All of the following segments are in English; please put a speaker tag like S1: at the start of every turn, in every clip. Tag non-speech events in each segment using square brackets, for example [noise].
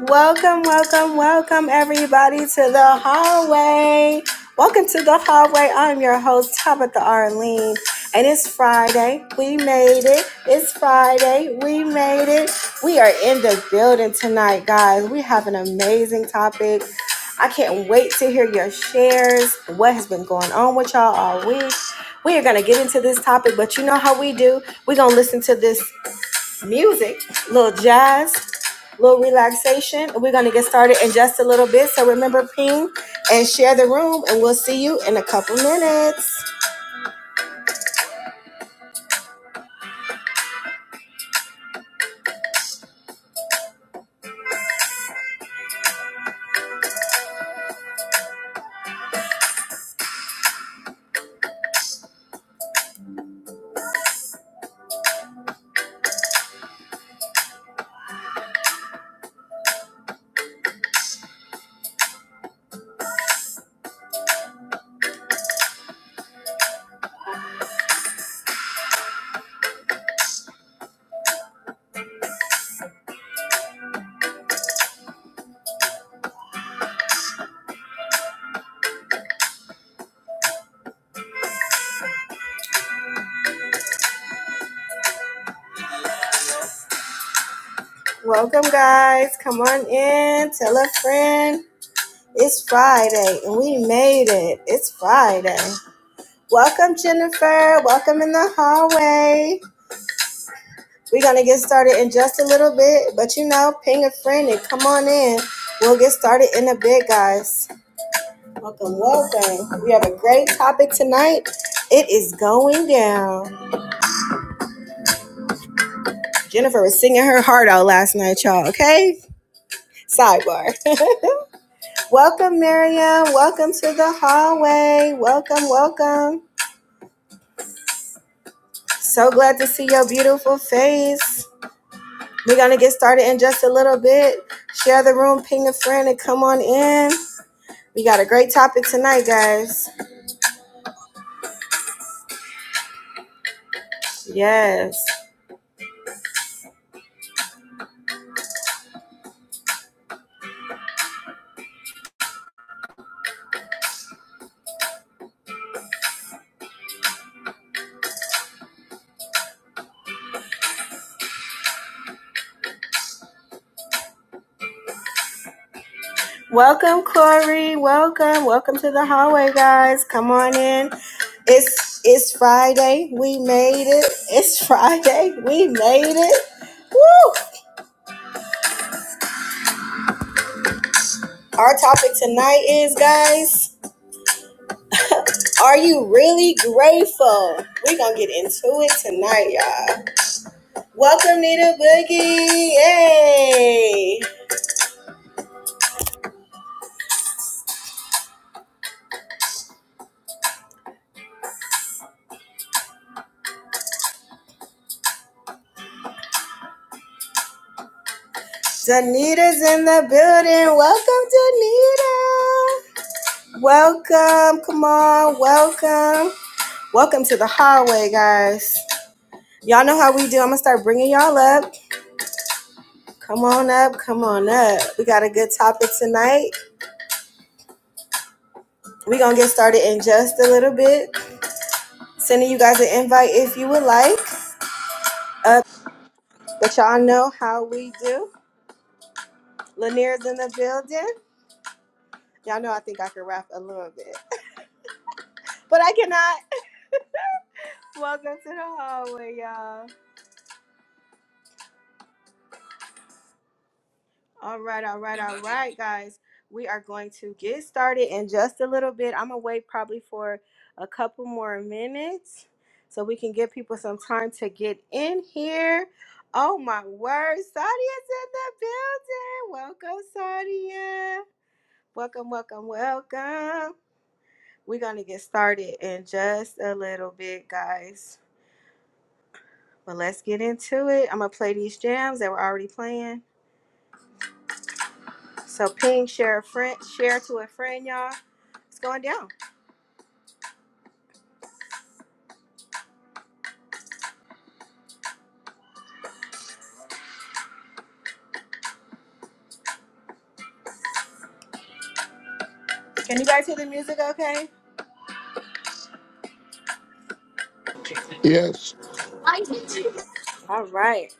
S1: Welcome, welcome, welcome, everybody, to the hallway. Welcome to the hallway. I'm your host, Tabitha Arlene, and it's Friday. We made it. It's Friday. We made it. We are in the building tonight, guys. We have an amazing topic. I can't wait to hear your shares, what has been going on with y'all all week. We are going to get into this topic, but you know how we do. We're going to listen to this music, a little jazz, a little relaxation. We're going to get started in just a little bit. So remember, ping and share the room, and we'll see you in a couple minutes. Welcome, guys. Come on in. Tell a friend. It's Friday, and we made it. It's Friday. Welcome, Jennifer. Welcome in the hallway. We're going to get started in just a little bit, but you know, ping a friend and come on in. We'll get started in a bit, guys. Welcome, welcome. We have a great topic tonight. It is going down. Jennifer was singing her heart out last night, y'all, okay? Sidebar. [laughs] welcome, Miriam. Welcome to the hallway. Welcome, welcome. So glad to see your beautiful face. We're going to get started in just a little bit. Share the room, ping a friend, and come on in. We got a great topic tonight, guys. Yes. Welcome, Corey. Welcome. Welcome to the hallway, guys. Come on in. It's it's Friday. We made it. It's [laughs] Friday. We made it. Woo! Our topic tonight is guys, are you really grateful? We're gonna get into it tonight, y'all. Welcome Nita Boogie. Yay! Danita's in the building. Welcome Danita. Welcome. Come on, welcome. Welcome to the hallway, guys. Y'all know how we do. I'm gonna start bringing y'all up. Come on up, come on up. We got a good topic tonight. We're gonna get started in just a little bit. Sending you guys an invite if you would like. Up, but y'all know how we do. Lanier's in the building. Y'all know I think I can rap a little bit, [laughs] but I cannot. Welcome to the hallway, y'all. All right, all right, all right, guys. We are going to get started in just a little bit. I'm gonna wait probably for a couple more minutes so we can give people some time to get in here. Oh my word, Sadia's in the building. Welcome, Sadia. Welcome, welcome, welcome. We're gonna get started in just a little bit, guys. But let's get into it. I'm gonna play these jams that we're already playing. So ping, share a friend, share to a friend, y'all. It's going down. Can you guys hear the music okay?
S2: Yes.
S1: All right.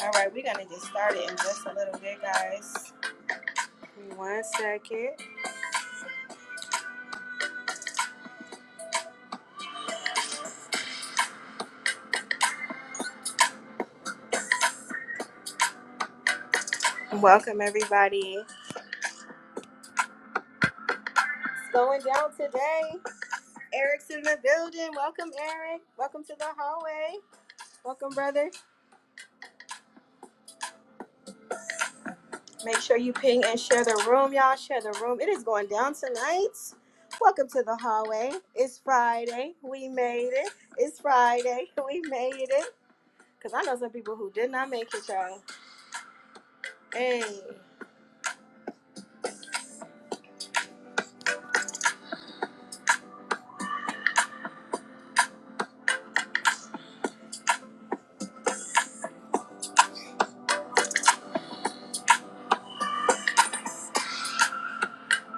S1: All right, we're gonna get started in just a little bit, guys. Give me One second. Welcome everybody. It's going down today. Eric's in the building. Welcome, Eric. Welcome to the hallway. Welcome, brother. Make sure you ping and share the room, y'all. Share the room. It is going down tonight. Welcome to the hallway. It's Friday. We made it. It's Friday. [laughs] We made it. Cause I know some people who did not make it, y'all. Hey,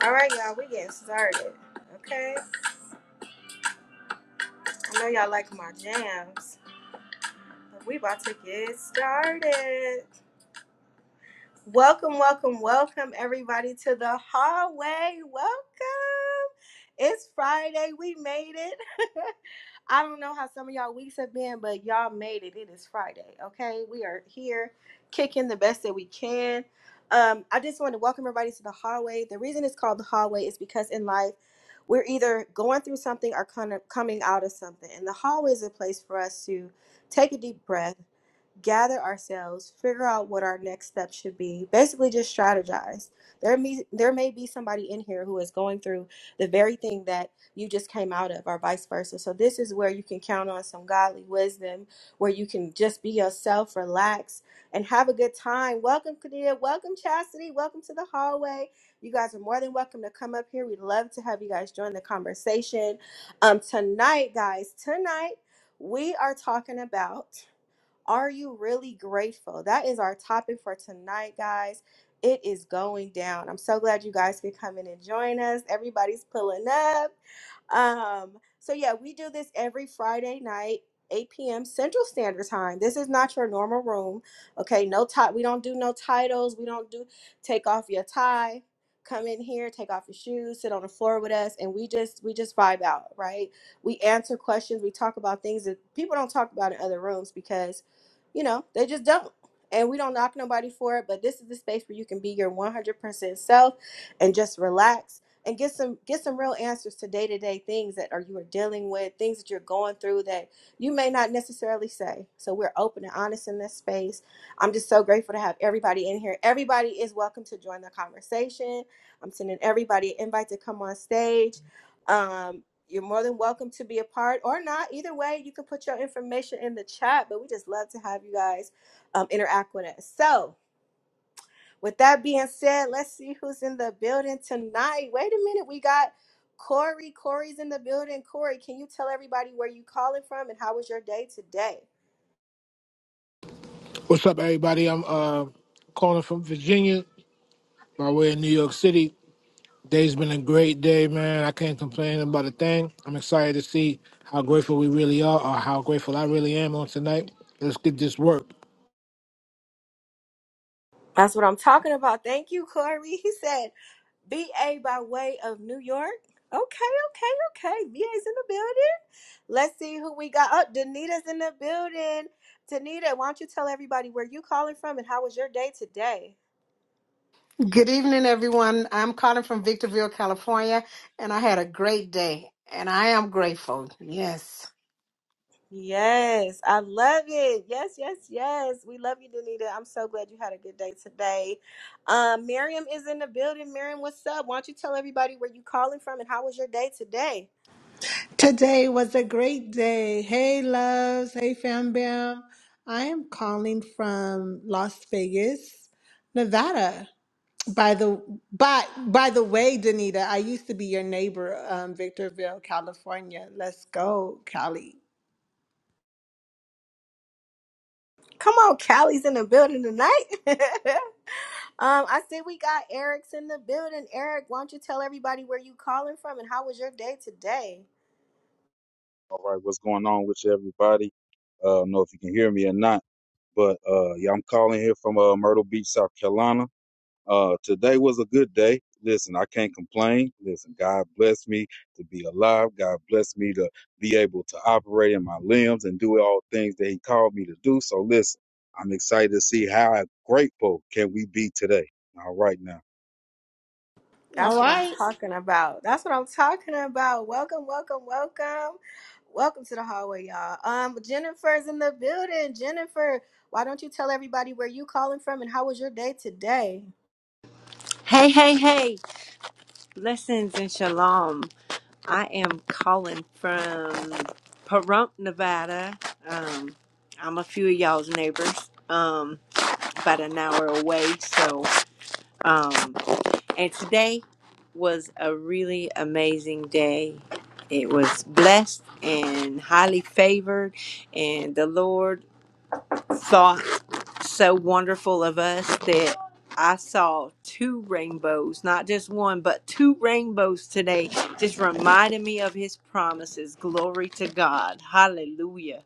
S1: all right, y'all, we getting started. Okay, I know y'all like my jams, but we about to get started. Welcome, welcome, welcome, everybody to the hallway. Welcome. It's Friday. We made it. [laughs] I don't know how some of y'all weeks have been, but y'all made it. It is Friday, okay? We are here kicking the best that we can. Um, I just want to welcome everybody to the hallway. The reason it's called the hallway is because in life, we're either going through something or kind of coming out of something. And the hallway is a place for us to take a deep breath, gather ourselves, figure out what our next step should be, basically just strategize. There may, there may be somebody in here who is going through the very thing that you just came out of, or vice versa. So, this is where you can count on some godly wisdom, where you can just be yourself, relax, and have a good time. Welcome, Kadia. Welcome, Chastity. Welcome to the hallway. You guys are more than welcome to come up here. We'd love to have you guys join the conversation. Um, tonight, guys, tonight we are talking about are you really grateful? That is our topic for tonight, guys. It is going down. I'm so glad you guys could come in and join us. Everybody's pulling up. [laughs] um, so yeah, we do this every Friday night, 8 p.m. Central Standard Time. This is not your normal room. Okay, no tie. We don't do no titles. We don't do take off your tie. Come in here, take off your shoes, sit on the floor with us, and we just we just vibe out, right? We answer questions, we talk about things that people don't talk about in other rooms because, you know, they just don't. And we don't knock nobody for it, but this is the space where you can be your 100% self and just relax and get some get some real answers to day-to-day things that are you are dealing with things that you're going through that you may not necessarily say so we're open and honest in this space i'm just so grateful to have everybody in here everybody is welcome to join the conversation i'm sending everybody an invite to come on stage um, you're more than welcome to be a part or not either way you can put your information in the chat but we just love to have you guys um, interact with us so with that being said, let's see who's in the building tonight. Wait a minute, we got Corey. Corey's in the building. Corey, can you tell everybody where you calling from and how was your day today?
S2: What's up, everybody? I'm uh, calling from Virginia, my way in New York City. Day's been a great day, man. I can't complain about a thing. I'm excited to see how grateful we really are, or how grateful I really am on tonight. Let's get this work.
S1: That's what I'm talking about. Thank you, Corey. [laughs] He said BA by way of New York. Okay, okay, okay. B A's in the building. Let's see who we got. Oh, Danita's in the building. Danita, why don't you tell everybody where you calling from and how was your day today?
S3: Good evening, everyone. I'm calling from Victorville, California, and I had a great day, and I am grateful. Yes.
S1: Yes, I love it. Yes, yes, yes. We love you, Danita. I'm so glad you had a good day today. Um, Miriam is in the building. Miriam, what's up? Why don't you tell everybody where you calling from and how was your day today?
S4: Today was a great day. Hey, loves. Hey, fam bam. I am calling from Las Vegas, Nevada. By the by, by the way, Danita, I used to be your neighbor, um, Victorville, California. Let's go, Cali.
S1: Come on, Callie's in the building tonight. [laughs] um, I see we got Eric's in the building. Eric, why don't you tell everybody where you calling from and how was your day today?
S5: All right, what's going on with you, everybody? Uh, I don't know if you can hear me or not, but uh, yeah, I'm calling here from uh, Myrtle Beach, South Carolina. Uh, today was a good day. Listen, I can't complain. Listen, God bless me to be alive. God bless me to be able to operate in my limbs and do all things that He called me to do. So, listen, I'm excited to see how grateful can we be today. All right, now.
S4: All
S1: That's what I'm
S4: right.
S1: talking about. That's what I'm talking about. Welcome, welcome, welcome. Welcome to the hallway, y'all. Um, Jennifer's in the building. Jennifer, why don't you tell everybody where you calling from and how was your day today?
S6: Hey, hey, hey! Blessings and shalom. I am calling from Pahrump, Nevada. Um, I'm a few of y'all's neighbors, um, about an hour away. So, um, and today was a really amazing day. It was blessed and highly favored, and the Lord saw. so wonderful of us that I saw two rainbows, not just one, but two rainbows today. Just reminded me of his promises. Glory to God. Hallelujah.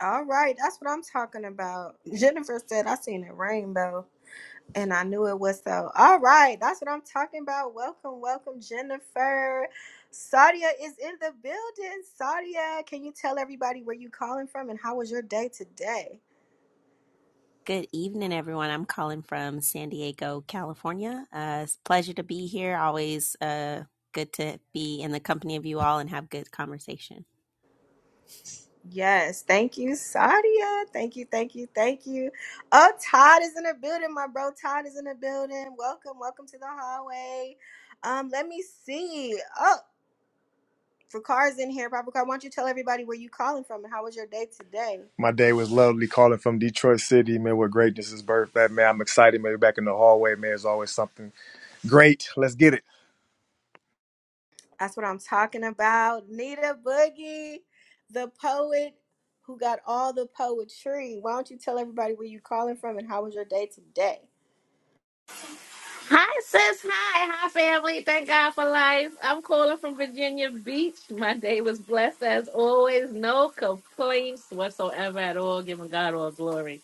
S1: All right, that's what I'm talking about. Jennifer said I seen a rainbow and I knew it was so. All right, that's what I'm talking about. Welcome, welcome, Jennifer. Sadia is in the building. Sadia, can you tell everybody where you calling from and how was your day today?
S7: Good evening, everyone. I'm calling from San Diego, California. Uh, it's a pleasure to be here. Always uh, good to be in the company of you all and have good conversation.
S1: Yes, thank you, Sadia. Thank you, thank you, thank you. Oh, Todd is in the building, my bro. Todd is in the building. Welcome, welcome to the hallway. Um, let me see. Oh, Fakar's in here. Papa Car, why don't you tell everybody where you calling from and how was your day today?
S8: My day was lovely calling from Detroit City, man, where greatness is birthed. That man, I'm excited, man. Back in the hallway, man, is always something great. Let's get it.
S1: That's what I'm talking about. Nita Boogie, the poet who got all the poetry. Why don't you tell everybody where you calling from and how was your day today?
S9: Hi, sis. Hi. Hi, family. Thank God for life. I'm calling from Virginia Beach. My day was blessed as always. No complaints whatsoever at all. Giving God all glory.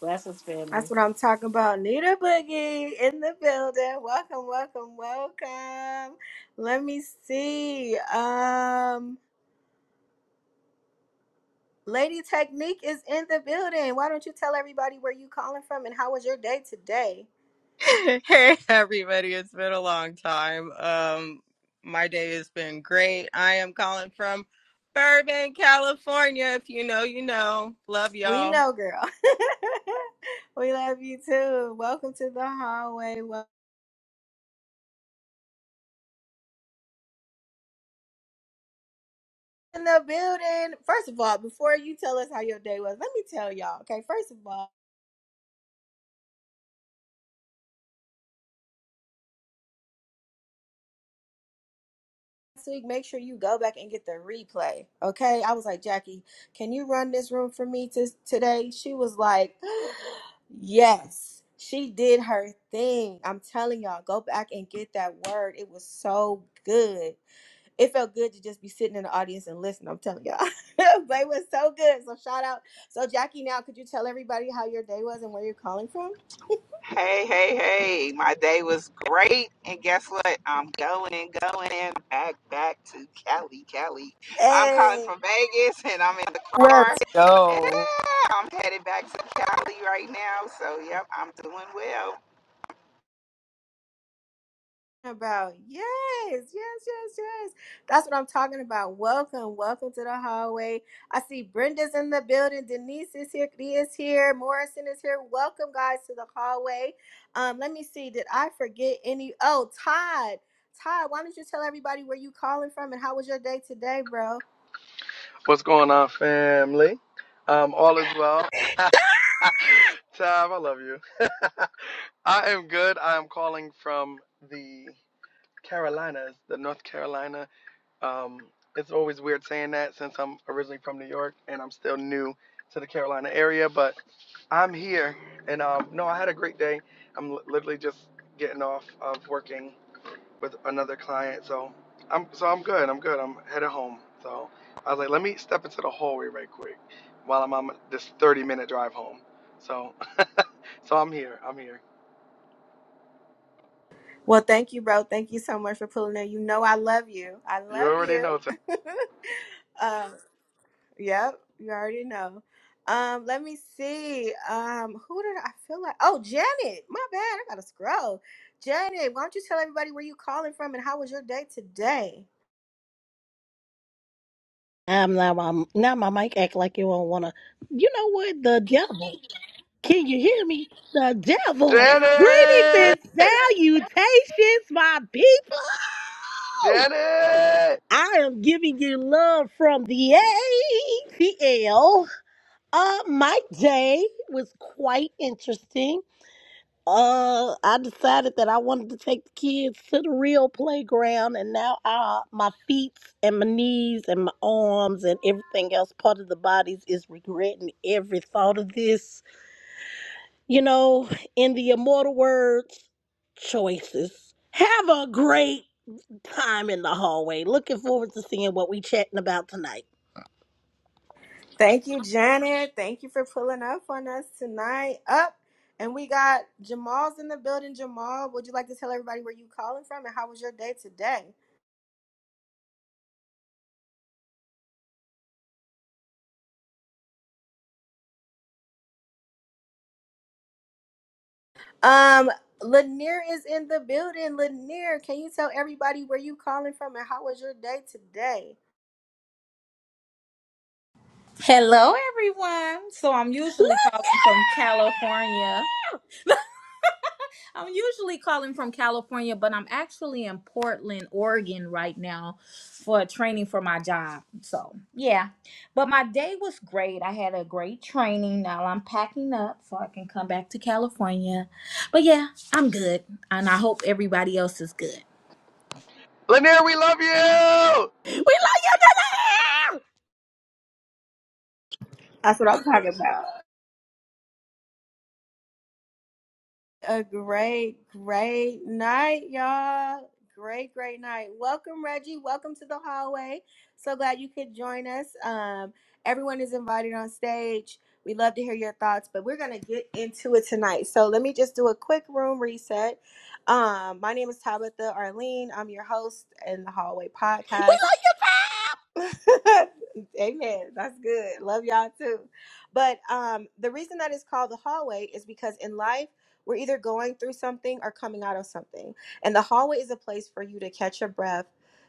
S9: Blessings, family.
S1: That's what I'm talking about. Nita Boogie in the building. Welcome, welcome, welcome. Let me see. Um, Lady Technique is in the building. Why don't you tell everybody where you calling from and how was your day today?
S10: [laughs] Hey everybody, it's been a long time. Um my day has been great. I am calling from Burbank, California. If you know, you know. Love
S1: We
S10: y'all.
S1: know, girl. [laughs] we love you too. Welcome to the hallway. Wel- In the building. First of all, before you tell us how your day was, let me tell y'all. Okay, first of all. week, make sure you go back and get the replay. Okay. I was like, Jackie, can you run this room for me to, today? She was like, [gasps] Yes. She did her thing. I'm telling y'all, go back and get that word. It was so good. It felt good to just be sitting in the audience and listen. I'm telling y'all. [laughs] but it was so good. So shout out. So Jackie, now could you tell everybody how your day was and where you're calling from?
S11: Hey, hey, hey. My day was great. And guess what? I'm going, going back, back to Cali, Cali. I'm calling
S1: Hey.
S11: from Vegas and I'm in the car.
S10: Let's
S11: Yeah,
S10: go.
S11: I'm headed back to Cali right now. So, yep, I'm doing well.
S1: about. Yes, yes, yes, yes. That's what I'm talking about. Welcome, welcome to the hallway. I see Brenda's in the building. Denise is here. Leah is here. Morrison is here. Welcome, guys, to the hallway. Um, let me see. Did I forget any? Oh, Todd. Todd, why don't you tell everybody where you calling from and how was your day today, bro?
S12: What's going on, family? Um, all is well. [laughs] Tab, I love you. [laughs] I am good. I am calling from the Carolinas, the North Carolina. Um, it's always weird saying that since I'm originally from New York and I'm still new to the Carolina area, but I'm here. And um, no, I had a great day. I'm li- literally just getting off of working with another client. So I'm so I'm good. I'm good. I'm headed home. So I was like, let me step into the hallway right quick while I'm on this 30 minute drive home. So so I'm here. I'm here.
S1: Well, thank you, bro. Thank you so much for pulling in. You know I love you. I
S12: You
S1: love
S12: already
S1: you.
S12: know. Ted.
S1: [laughs] um, Yep, you already know. Um, let me see. Um, who did I feel like? Oh, Janet. My bad. I gotta scroll. Janet, why don't you tell everybody where you calling from and how was your day today?
S13: I'm now my now my mic act like you don't wanna. You know what? The devil. Can you hear me? The devil. Greetings
S12: Janet,
S13: and salutations, my people.
S12: Janet,
S13: I am giving you love from the ATL. Uh, my day was quite interesting. Uh, I decided that I wanted to take the kids to the real playground, and now I, my feet and my knees and my arms and everything else part of the bodies is regretting every thought of this. You know, in the immortal words, choices. Have a great time in the hallway. Looking forward to seeing what we chatting about tonight.
S1: Thank you, Janet. Thank you for pulling up on us tonight. Up, and we got Jamal's in the building. Jamal, would you like to tell everybody where you calling from and how was your day today? Um, Lanier is in the building. Lanier, can you tell everybody where you calling from and how was your day today?
S14: Hello, everyone. So I'm usually calling from California. I'm usually calling from California, but I'm actually in Portland, Oregon right now for training for my job. So, yeah. But my day was great. I had a great training. Now I'm packing up so I can come back to California. But yeah, I'm good. And I hope everybody else is good.
S12: Lanier, we love you.
S13: We love you, Janelle!
S1: That's what I'm talking about. a great, great night, y'all. Great, great night. Welcome, Reggie. Welcome to the hallway. So glad you could join us. Um, everyone is invited on stage. We love to hear your thoughts, but we're gonna get into it tonight. So let me just do a quick room reset. Um, my name is Tabitha Arlene. I'm your host in the Hallway
S13: We
S1: Podcast.
S13: love you, Tab!
S1: [laughs] Amen. That's good. Love y'all too. But um, the reason that it's called the hallway is because in life, we're either going through something or coming out of something. And the hallway is a place for you to catch your breath,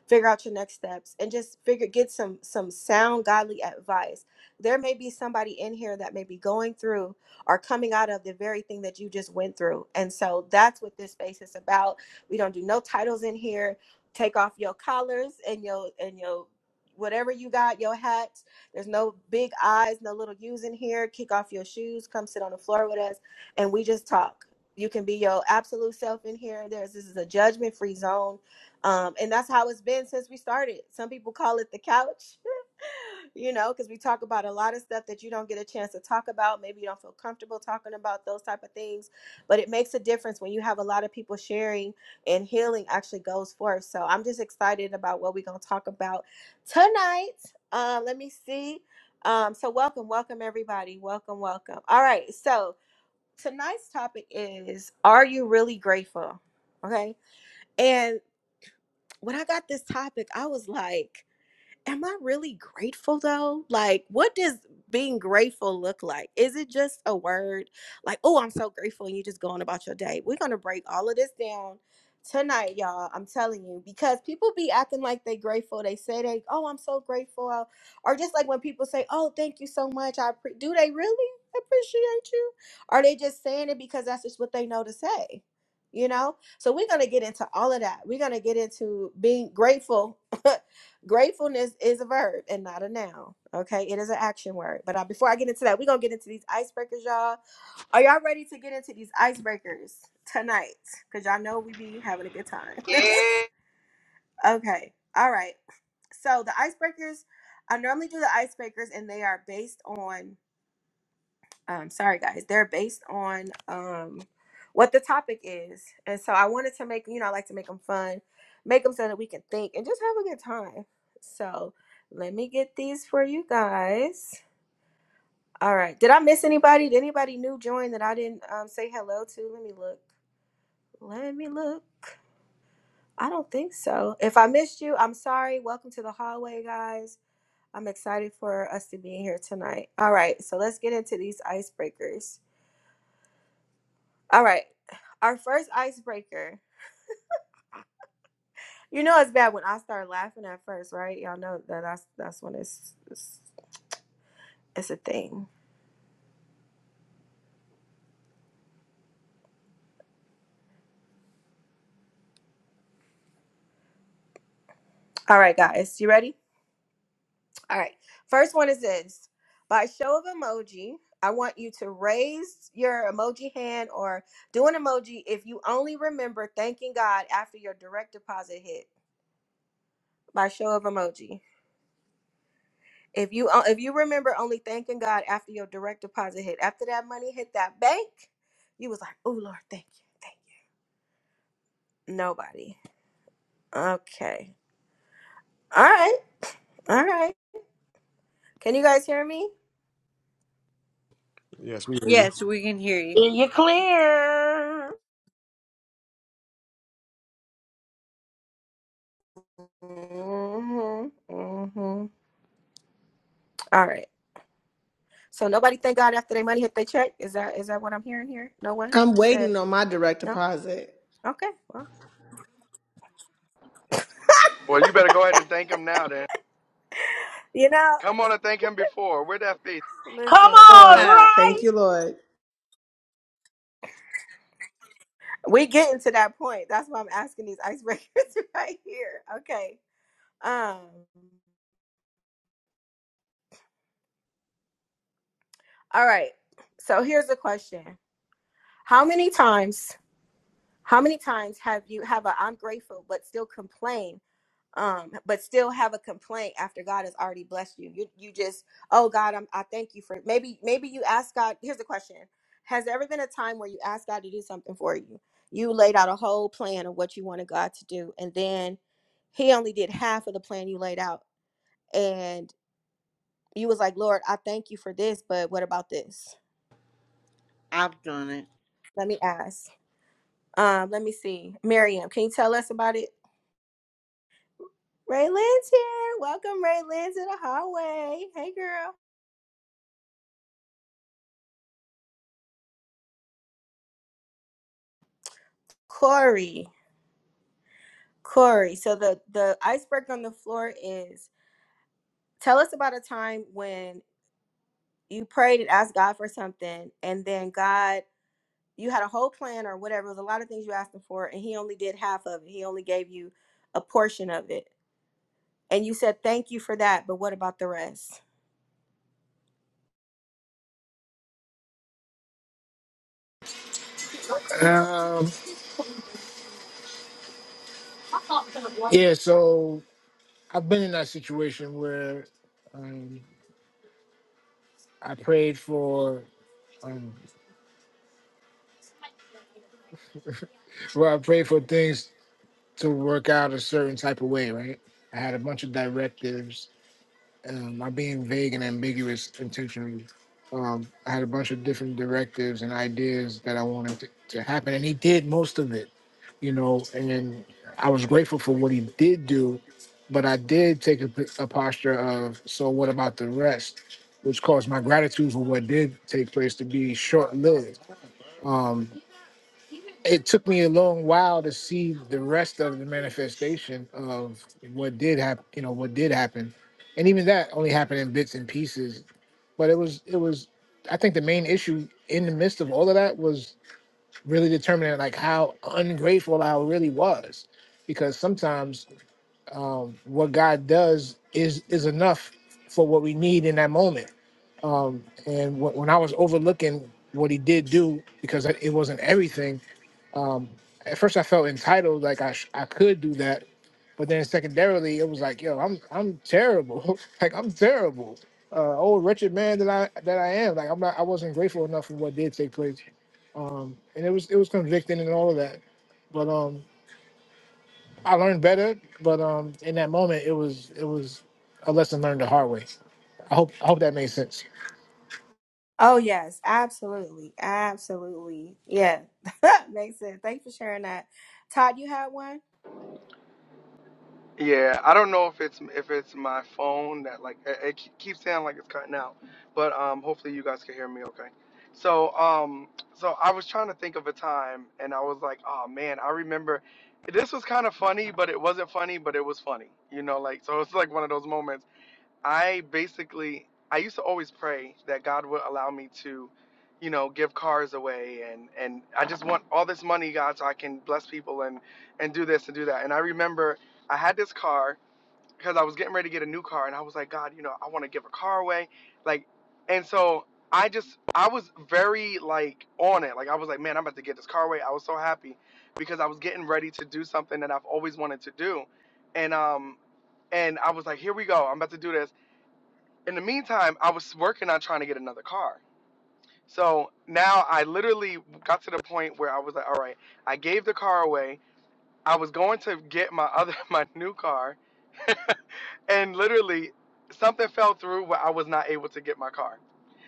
S1: figure out your next steps, and just figure get some some sound godly advice. There may be somebody in here that may be going through or coming out of the very thing that you just went through. And so that's what this space is about. We don't do no titles in here take off your collars and your and your whatever you got, your hats. There's no big eyes, no little U's in here. Kick off your shoes, come sit on the floor with us, and we just talk. You can be your absolute self in here. There's this is a judgment free zone, um, and that's how it's been since we started. Some people call it the couch, [laughs] you know, because we talk about a lot of stuff that you don't get a chance to talk about. Maybe you don't feel comfortable talking about those type of things, but it makes a difference when you have a lot of people sharing and healing actually goes forth. So I'm just excited about what we're gonna talk about tonight. Um, let me see. Um, so welcome, welcome everybody. Welcome, welcome. All right. So tonight's topic is Are you really grateful? Okay. And when I got this topic, I was like, am I really grateful though? Like, what does being grateful look like? Is it just a word like, oh, I'm so grateful, and you just going about your day? We're gonna break all of this down tonight, y'all. I'm telling you, because people be acting like they grateful. They say they, oh, I'm so grateful, or just like when people say, oh, thank you so much. I appre do they really appreciate you? Are they just saying it because that's just what they know to say? You know, so we're gonna get into all of that. We're gonna get into being grateful [laughs] Gratefulness is a verb and not a noun. Okay, it is an action word. But uh, before I get into that, we're gonna get into these icebreakers, y'all. Are y'all ready to get into these icebreakers tonight? Because y'all know we be having a good time. [laughs]
S11: Yeah.
S1: okay, all right. So the icebreakers, I normally do the icebreakers, and they are based on um, sorry guys they're based on um, what the topic is and so i wanted to make you know i like to make them fun make them so that we can think and just have a good time so let me get these for you guys all right did i miss anybody did anybody new join that i didn't um, say hello to let me look let me look i don't think so if i missed you i'm sorry welcome to the hallway guys i'm excited for us to be here tonight all right so let's get into these icebreakers All right. Our first icebreaker. You know it's bad when I start laughing at first, right? Y'all know that that's that's when it's it's, it's a thing. All right, guys, you ready? All right. First one is this. By show of emoji, I want you to raise your emoji hand or do an emoji if you only remember thanking God after your direct deposit hit. By show of emoji. If you uh, if you remember only thanking God after your direct deposit hit, after that money hit that bank, you was like, "Oh Lord, thank you, thank you." Nobody. Okay. All right. All right. Can you guys hear me?
S8: Yes, we hear you.
S6: Yes, we can hear you.
S13: And you're clear.
S1: Mhm. Mhm. All right. So nobody thank God after their money hit their check. Is that is that what I'm hearing here? No one
S4: I'm
S1: said
S4: waiting on my direct
S1: no.
S4: deposit.
S1: Okay. Well,
S12: Well, you better go ahead and thank him now. Then
S1: you know,
S12: come on and thank him before. Where'd that be?
S13: Come
S1: listen,
S13: on,
S4: Lord,
S6: Uh,
S4: thank
S13: right?
S4: you, Lord.
S1: we getting to that point. That's why I'm asking these icebreakers [laughs] right here. Okay. Um. All right. So here's the question. How many times, how many times have you have a I'm grateful but still complain, um, but still have a complaint after God has already blessed you? You you just, oh God, I'm I thank you for maybe maybe you ask God, here's the question. Has there ever been a time where you asked God to do something for you? You laid out a whole plan of what you wanted God to do, and then he only did half of the plan you laid out. And you was like, Lord, I thank you for this, but what about this?
S6: I've done it.
S1: Let me ask. Um, let me see. Miriam, can you tell us about it? Ray Lynn's here. Welcome, Ray Lynn, to the hallway. Hey, girl. Corey. Corey. So the the iceberg on the floor is tell us about a time when you prayed and asked God for something, and then God, you had a whole plan or whatever. It was a lot of things you asked him for, and he only did half of it. He only gave you a portion of it. And you said, Thank you for that, but what about the rest?
S2: Um, yeah. So I've been in that situation where um, I prayed for, um, where I prayed for things to work out a certain type of way, right? I had a bunch of directives Um, i being vague and ambiguous intentionally. Um, I had a bunch of different directives and ideas that I wanted to, to happen, and he did most of it, you know. And I was grateful for what he did do, but I did take a, p- a posture of, so what about the rest? Which caused my gratitude for what did take place to be short lived it took me a long while to see the rest of the manifestation of what did happen you know what did happen and even that only happened in bits and pieces but it was it was i think the main issue in the midst of all of that was really determining like how ungrateful i really was because sometimes um, what God does is is enough for what we need in that moment. Um, and wh- when I was overlooking what He did do, because it it wasn't everything. Um, at first, I felt entitled, like I sh- I could do that, but then secondarily, it was like, yo, I'm I'm terrible, [laughs] like I'm terrible. Uh, old wretched man that I that I am, like I'm not, I wasn't grateful enough for what did take place, um, and it was it was convicting and all of that, but um, I learned better, but um, in that moment, it was it was a lesson learned the hard way. I hope I hope that made sense.
S1: Oh yes, absolutely, absolutely. Yeah, [laughs] makes sense. Thanks for sharing that. Todd, you had one.
S12: Yeah, I don't know if it's if it's my phone that like it, it ke- keeps sounding like it's cutting out, but um, hopefully you guys can hear me okay. So um, so I was trying to think of a time, and I was like, oh man, I remember this was kind of funny, but it wasn't funny, but it was funny, you know, like so it's like one of those moments I basically I used to always pray that God would allow me to, you know, give cars away and and I just want all this money, God, so I can bless people and and do this and do that. And I remember I had this car because I was getting ready to get a new car and I was like, God, you know, I want to give a car away. Like and so I just I was very like on it. Like I was like, man, I'm about to get this car away. I was so happy because I was getting ready to do something that I've always wanted to do. And um and I was like, here we go. I'm about to do this in the meantime, I was working on trying to get another car. So now I literally got to the point where I was like, all right, I gave the car away. I was going to get my other [laughs] my new car, and literally something fell through where I was not able to get my car.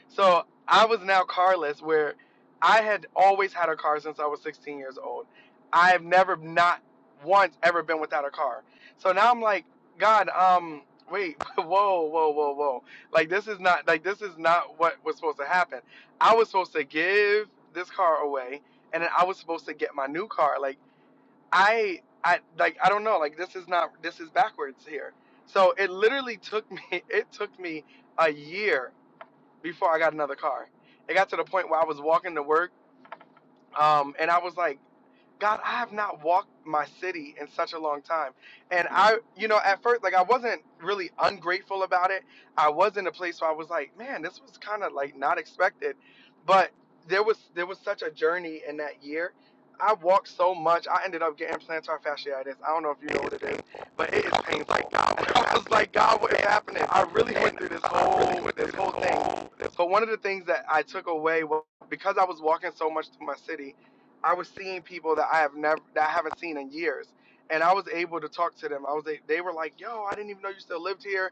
S12: So I was now carless, where I had always had a car since I was 16 years old. I have never not once ever been without a car. So now I'm like, God, um, wait, [laughs] whoa, whoa, whoa, whoa. Like this is not like this is not what was supposed to happen. I was supposed to give this car away, and then I was supposed to get my new car. Like I, I like I don't know. Like this is not this is backwards here. So it literally took me. [laughs] It took me a year before I got another car. It got to the point where I was walking to work, um, and I was like God, I have not walked my city in such a long time. And I, you know, at first, like, I wasn't really ungrateful about it. I was in a place where I was like, man, this was kind of like not expected. But there was there was such a journey in that year. I walked so much. I ended up getting plantar fasciitis. I don't know if you know what it is, but it is painful. [laughs] I was like, God, what is happening? I really went through this whole this whole thing. So one of the things that I took away was because I was walking so much through my city I was seeing people that I have never that I haven't seen in years, and I was able to talk to them. I was a- they were like, "Yo, I didn't even know you still lived here,"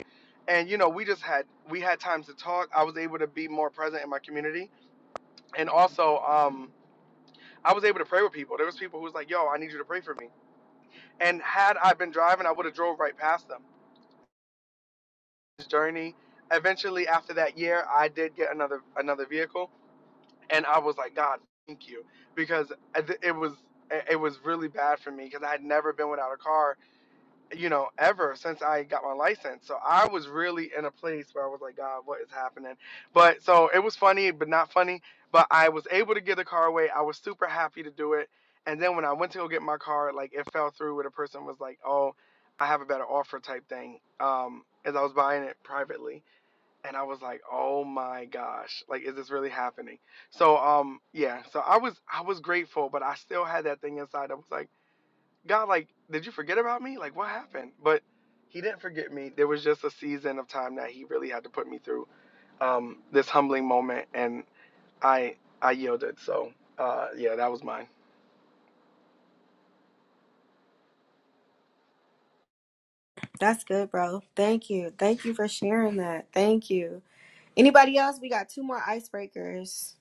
S12: and you know we just had we had times to talk. I was able to be more present in my community, and also um, I was able to pray with people. There was people who was like, "Yo, I need you to pray for me," and had I been driving, I would have drove right past them. This journey. Eventually, after that year, I did get another another vehicle, and I was like, "God, thank you," because it it was it it was really bad for me because I had never been without a car you know, ever since I got my license. So I was really in a place where I was like, God, what is happening? But so it was funny, but not funny. But I was able to get the car away. I was super happy to do it. And then when I went to go get my car, like it fell through where the person was like, Oh, I have a better offer type thing. Um, as I was buying it privately. And I was like, Oh my gosh, like is this really happening? So um yeah, so I was I was grateful, but I still had that thing inside. I was like God, like, did you forget about me? Like, what happened? But he didn't forget me. There was just a season of time that he really had to put me through um, this humbling moment, and I I yielded. So, uh, yeah, that was mine.
S1: That's good, bro. Thank you. Thank you for sharing that. Thank you. Anybody else? We got two more icebreakers.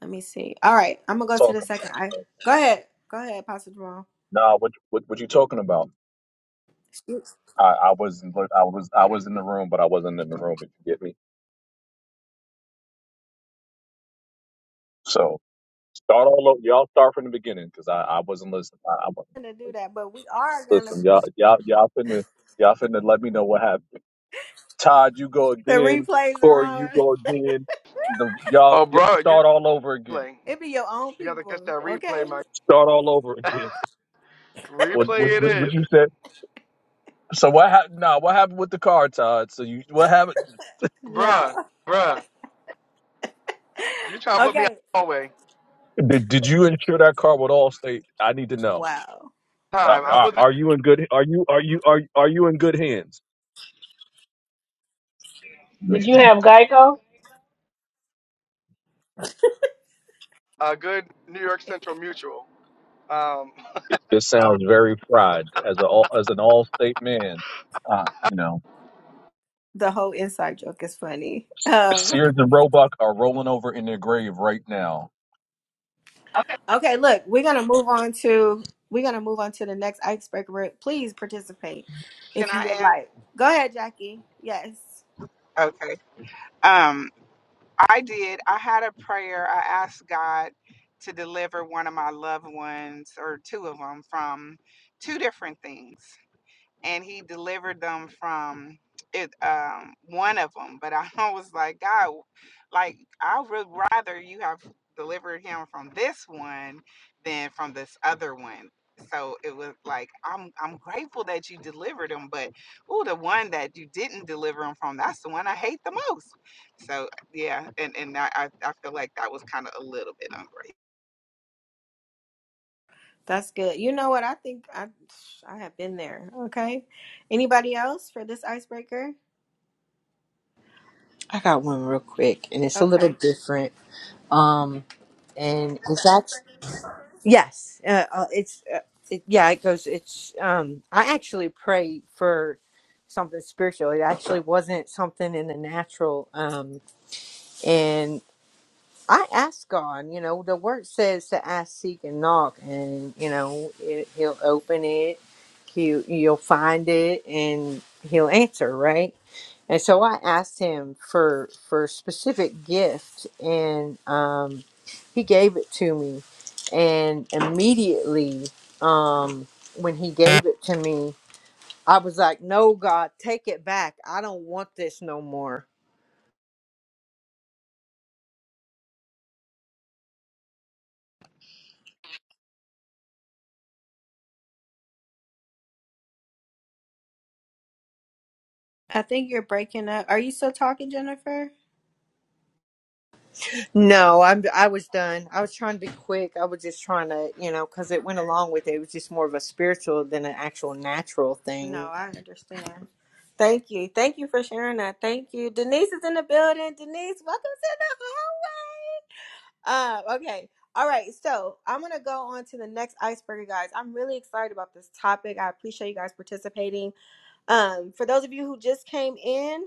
S1: Let me see. All right, I'm gonna go to the
S15: talking
S1: second. I
S15: about?
S1: go ahead. Go ahead, Pastor Jamal.
S15: Nah, what what what you talking about?
S1: You're
S15: I, I wasn't look, I was I was in the room, but I wasn't in the room. If you get me, so start all over. Y'all start from the beginning because I, I wasn't listening. I, I
S1: gonna do
S15: wasn't
S1: that, but we are gonna.
S15: listen. Y'all y'all y'all finna y'all finna let me know what happened. Todd, you go
S1: The
S15: again.
S1: replays are
S15: Corey, you
S1: on. [laughs]
S15: go again. The y'all
S12: Oh,
S15: y'all
S12: bro, you
S15: start all over again.
S12: playing?
S1: It be your own
S12: You gotta catch
S1: people,
S12: that replay,
S1: okay?
S12: Mike.
S15: Start all over
S12: [laughs]
S15: again. What what
S12: replay it
S15: what, what
S12: is,
S15: you said? So what happened? Nah, what happened with the car, Todd? So you what happened?
S12: bruh,
S1: No.
S12: bruh. You
S1: [laughs]
S12: trying to put me out
S1: Okay.
S12: the hallway?
S15: Did, did you insure that car with Allstate? I need to know.
S1: Wow.
S15: Uh,
S12: Time. I
S1: Lord.
S15: are,
S12: wasn't
S15: are you in good? Are you are you are are you in good hands? Man,
S9: Did you echo?
S12: a good New York
S1: [laughs]
S12: Central Mutual. Um,
S15: This sounds very fried as a all- as an all state man. Uh, you know,
S1: The whole inside joke is funny. Um,
S15: Sears and Roebuck are rolling over in their grave right now.
S1: okay, look, we're gonna move on to we're gonna move on to the next icebreaker. Please participate
S11: Can
S1: if you would
S11: I
S1: like. Go ahead, Jackie. Yes,
S11: add? Okay. Um, I did. I had a prayer. I asked God to deliver one of my loved ones or two of them from two different things. and he delivered them from it um one of them but i [laughs] was like god like i would rather you have delivered him from this one than from this other one so it was like i'm i'm grateful that you delivered him but oh the one that you didn't deliver him from that's the one i hate the most so yeah and and i i I feel like that was kind of a little bit ungrateful
S1: that's good. You know what? I think I I have been there. Okay. Anybody else for this icebreaker?
S6: I got one real quick, and
S1: Okay.
S6: it, Yes, uh, uh, it's uh, it, yeah. It goes. It's um. I actually prayed for something spiritual. It actually wasn't something in the natural. Um, and I ask God, you know, the word says to ask, seek, and knock, and you know, it, He'll open it, he'll, you'll find it, and He'll answer, right? And so I asked Him for for specific gift, and um, He gave it to me, and immediately um, when He gave it to me, I was like, "No, God, take it back. I don't want this no more."
S1: I think you're breaking up. Are you still talking, Jennifer?
S6: No, I'm. I was done. I was trying to be quick. I was just trying to, you know, because it went along with it. It was just more of a spiritual than an actual natural
S1: No,
S6: thing.
S1: I understand. Thank you. Thank you for sharing that. Thank you. Denise is in the building. Denise, welcome to the Um, okay. All right. So I'm going to go on to the next icebreaker, guys. I'm really excited about this topic. I appreciate you guys participating. Um, for those of you who just came in,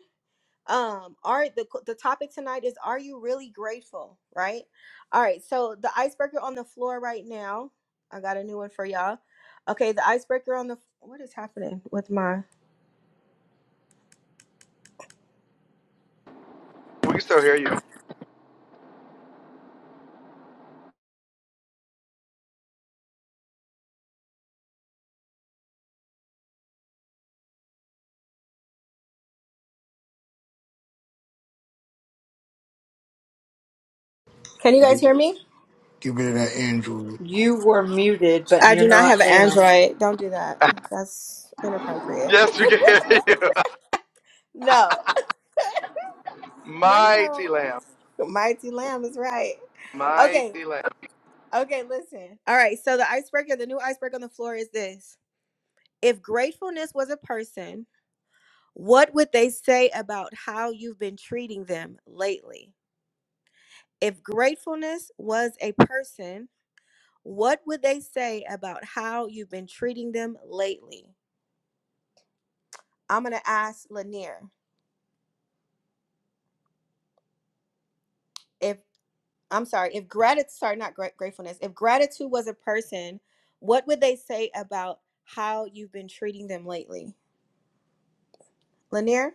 S1: um, all right, the, the topic tonight is Are you really grateful? Right? All right. So the icebreaker on the floor right now, I got a new one for y'all. Okay. The icebreaker on the, what is happening with my,
S12: we can still hear you.
S1: can you guys hear me?
S2: Get rid of that Android.
S6: You were muted, but
S1: I
S6: you're
S1: do not
S6: not
S1: have an
S6: now.
S1: Android. Don't do that. That's inappropriate.
S12: Yes, we can hear you.
S1: [laughs] no.
S12: [laughs]
S1: No, no.
S12: Mighty
S1: no.
S12: Lamb,
S1: Mighty Lamb is right. Okay.
S12: mighty Lamb.
S1: Okay, listen. All right. So the icebreaker, the new iceberg on the floor is this. If gratefulness was a person, what would they say about how you've been treating them lately? If gratefulness was a person, what would they say about how you've been treating them lately? I'm going to ask Lanier. If I'm sorry, if gratitude, sorry, not gra- gratefulness, if gratitude was a person, what would they say about how you've been treating them lately? Lanier,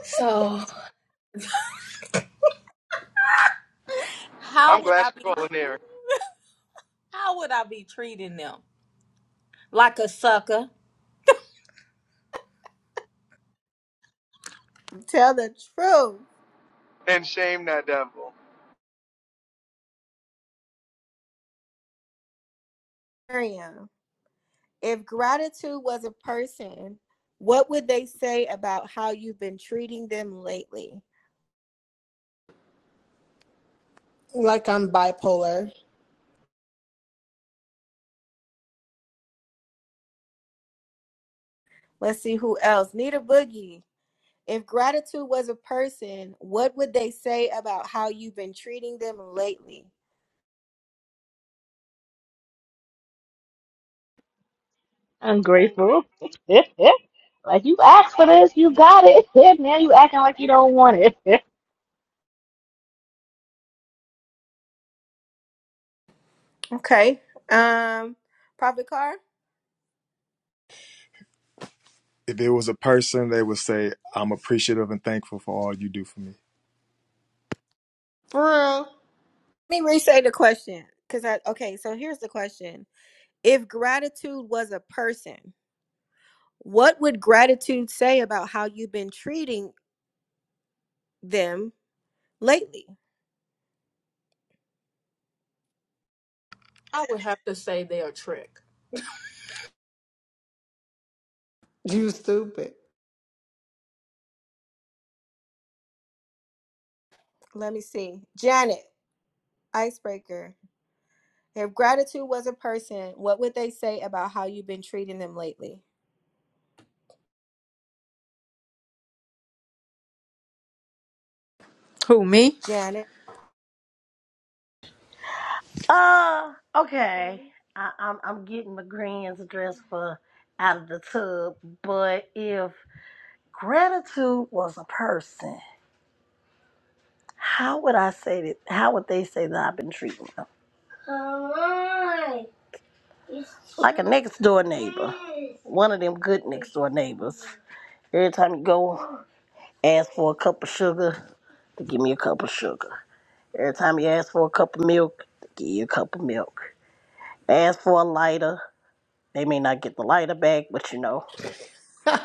S14: So,
S12: I'm
S14: how would I
S12: glad
S14: be?
S12: you're
S14: [laughs]
S12: going there
S14: How would I be treating them? Like a sucker.
S1: tell the truth.
S12: and shame that devil.
S1: Miriam, if gratitude was a person, what would they say about how you've been treating them lately?
S4: Like I'm bipolar.
S1: Let's see who else. Nita Boogie, if gratitude was a person, what would they say about how you've been treating them lately?
S9: Ungrateful. [laughs] like you asked for this, you got it. [laughs] now you acting like you don't want it.
S1: Okay. Um, Prophet Carr,
S8: If it was a person, they would say, I'm appreciative and thankful for all you do for me.
S4: For real.
S1: let me re-say the question. Cause I okay, so here's the question. If gratitude was a person, what would gratitude say about how you've been treating them lately?
S14: I would have to say they are trick.
S4: You stupid.
S1: Let me see. Janet, icebreaker. If gratitude was a person, what would they say about how you've been treating them lately?
S6: Who me? I
S1: Janet,
S13: Uh, okay. I, I'm I'm getting my grand's dress for out of the tub, but if gratitude was a person, how would I say that? How would they say that I've been treating them? Come on, it's Like a next door neighbor, one of them good next door neighbors. Every time you go ask for a cup of sugar, they give me a cup of sugar. Every time you ask for a cup of milk, they give you a cup of milk. Ask for a lighter, They may not get the lighter back, but you know,
S4: [laughs] I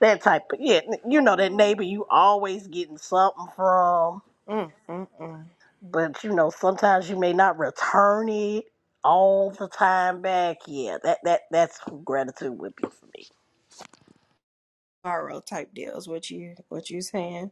S13: that type of, yeah, you know, that neighbor you always getting something from,
S1: mm, mm, mm.
S13: but you know, sometimes you may not return it all the time back. Yeah, that, that, that's what gratitude would be for me.
S1: borrow type deals. What you what you saying?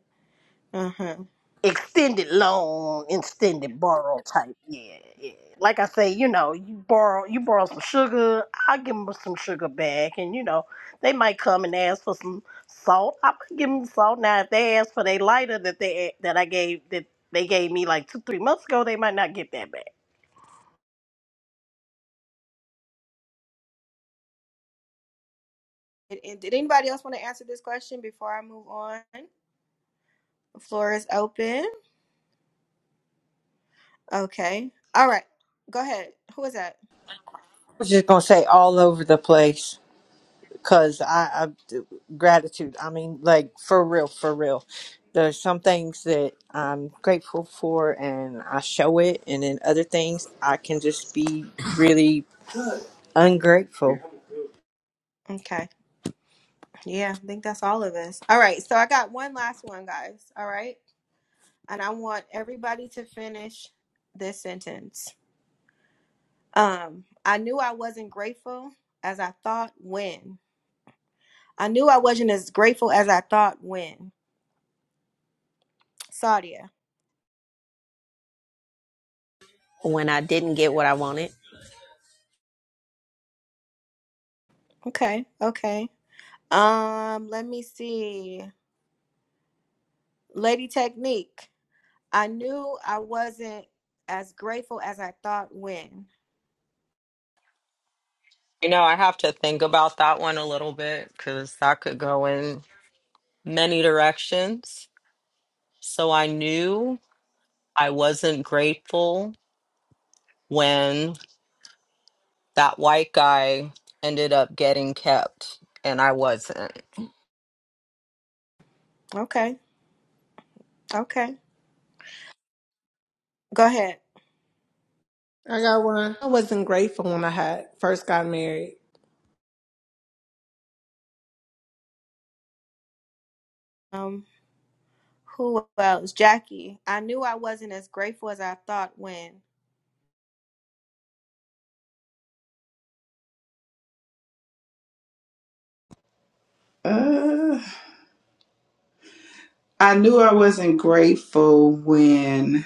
S1: Uh huh.
S13: extended loan, extended borrow type. Yeah, yeah. Like I say, you know, you borrow you borrow some sugar, i give them some sugar back, and you know, they might come and ask for some salt. I might give them salt. Now, if they ask for their lighter that they that I gave that they gave me like two three months ago, they might not get that back.
S1: And, and did anybody else want to answer this question before I move on? The floor is open. Okay. All right. Go ahead. Who is that?
S6: was just gonna say all over the place because I, I gratitude. I mean, like for real, for real. There's some things that I'm grateful for, and I show it, and then other things I can just be really ungrateful.
S1: Okay. Yeah, I think that's all of us. All right. So I got one last one, guys. All right. and I want everybody to finish this sentence. Um, I knew I wasn't grateful as I thought when. I knew I wasn't as grateful as I thought when. Sadia.
S7: When I didn't get what I wanted,
S1: Okay, okay. Um, let me see. Lady Technique. I knew I wasn't as grateful as I thought when.
S10: You know, I have to think about that one a little bit cuz that could go in many directions. So I knew I wasn't grateful when that white guy ended up getting kept and I wasn't.
S1: Okay, okay. Go ahead.
S4: got one. I wasn't grateful when I had first got married.
S1: Um, who else? Jackie. I knew I wasn't as grateful as I thought when.
S11: Uh, I knew I wasn't grateful when.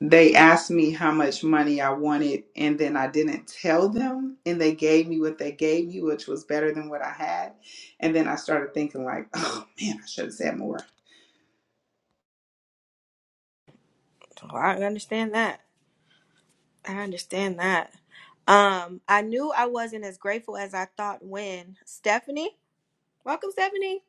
S11: they asked me how much money I wanted, and then I didn't tell them, and they gave me what they gave me, which was better than what I had. And then I started thinking, like, [laughs] oh man, I should have said more.
S1: Oh, I understand that. I understand that. Um, I knew I wasn't as grateful as I thought when Stephanie, welcome Stephanie.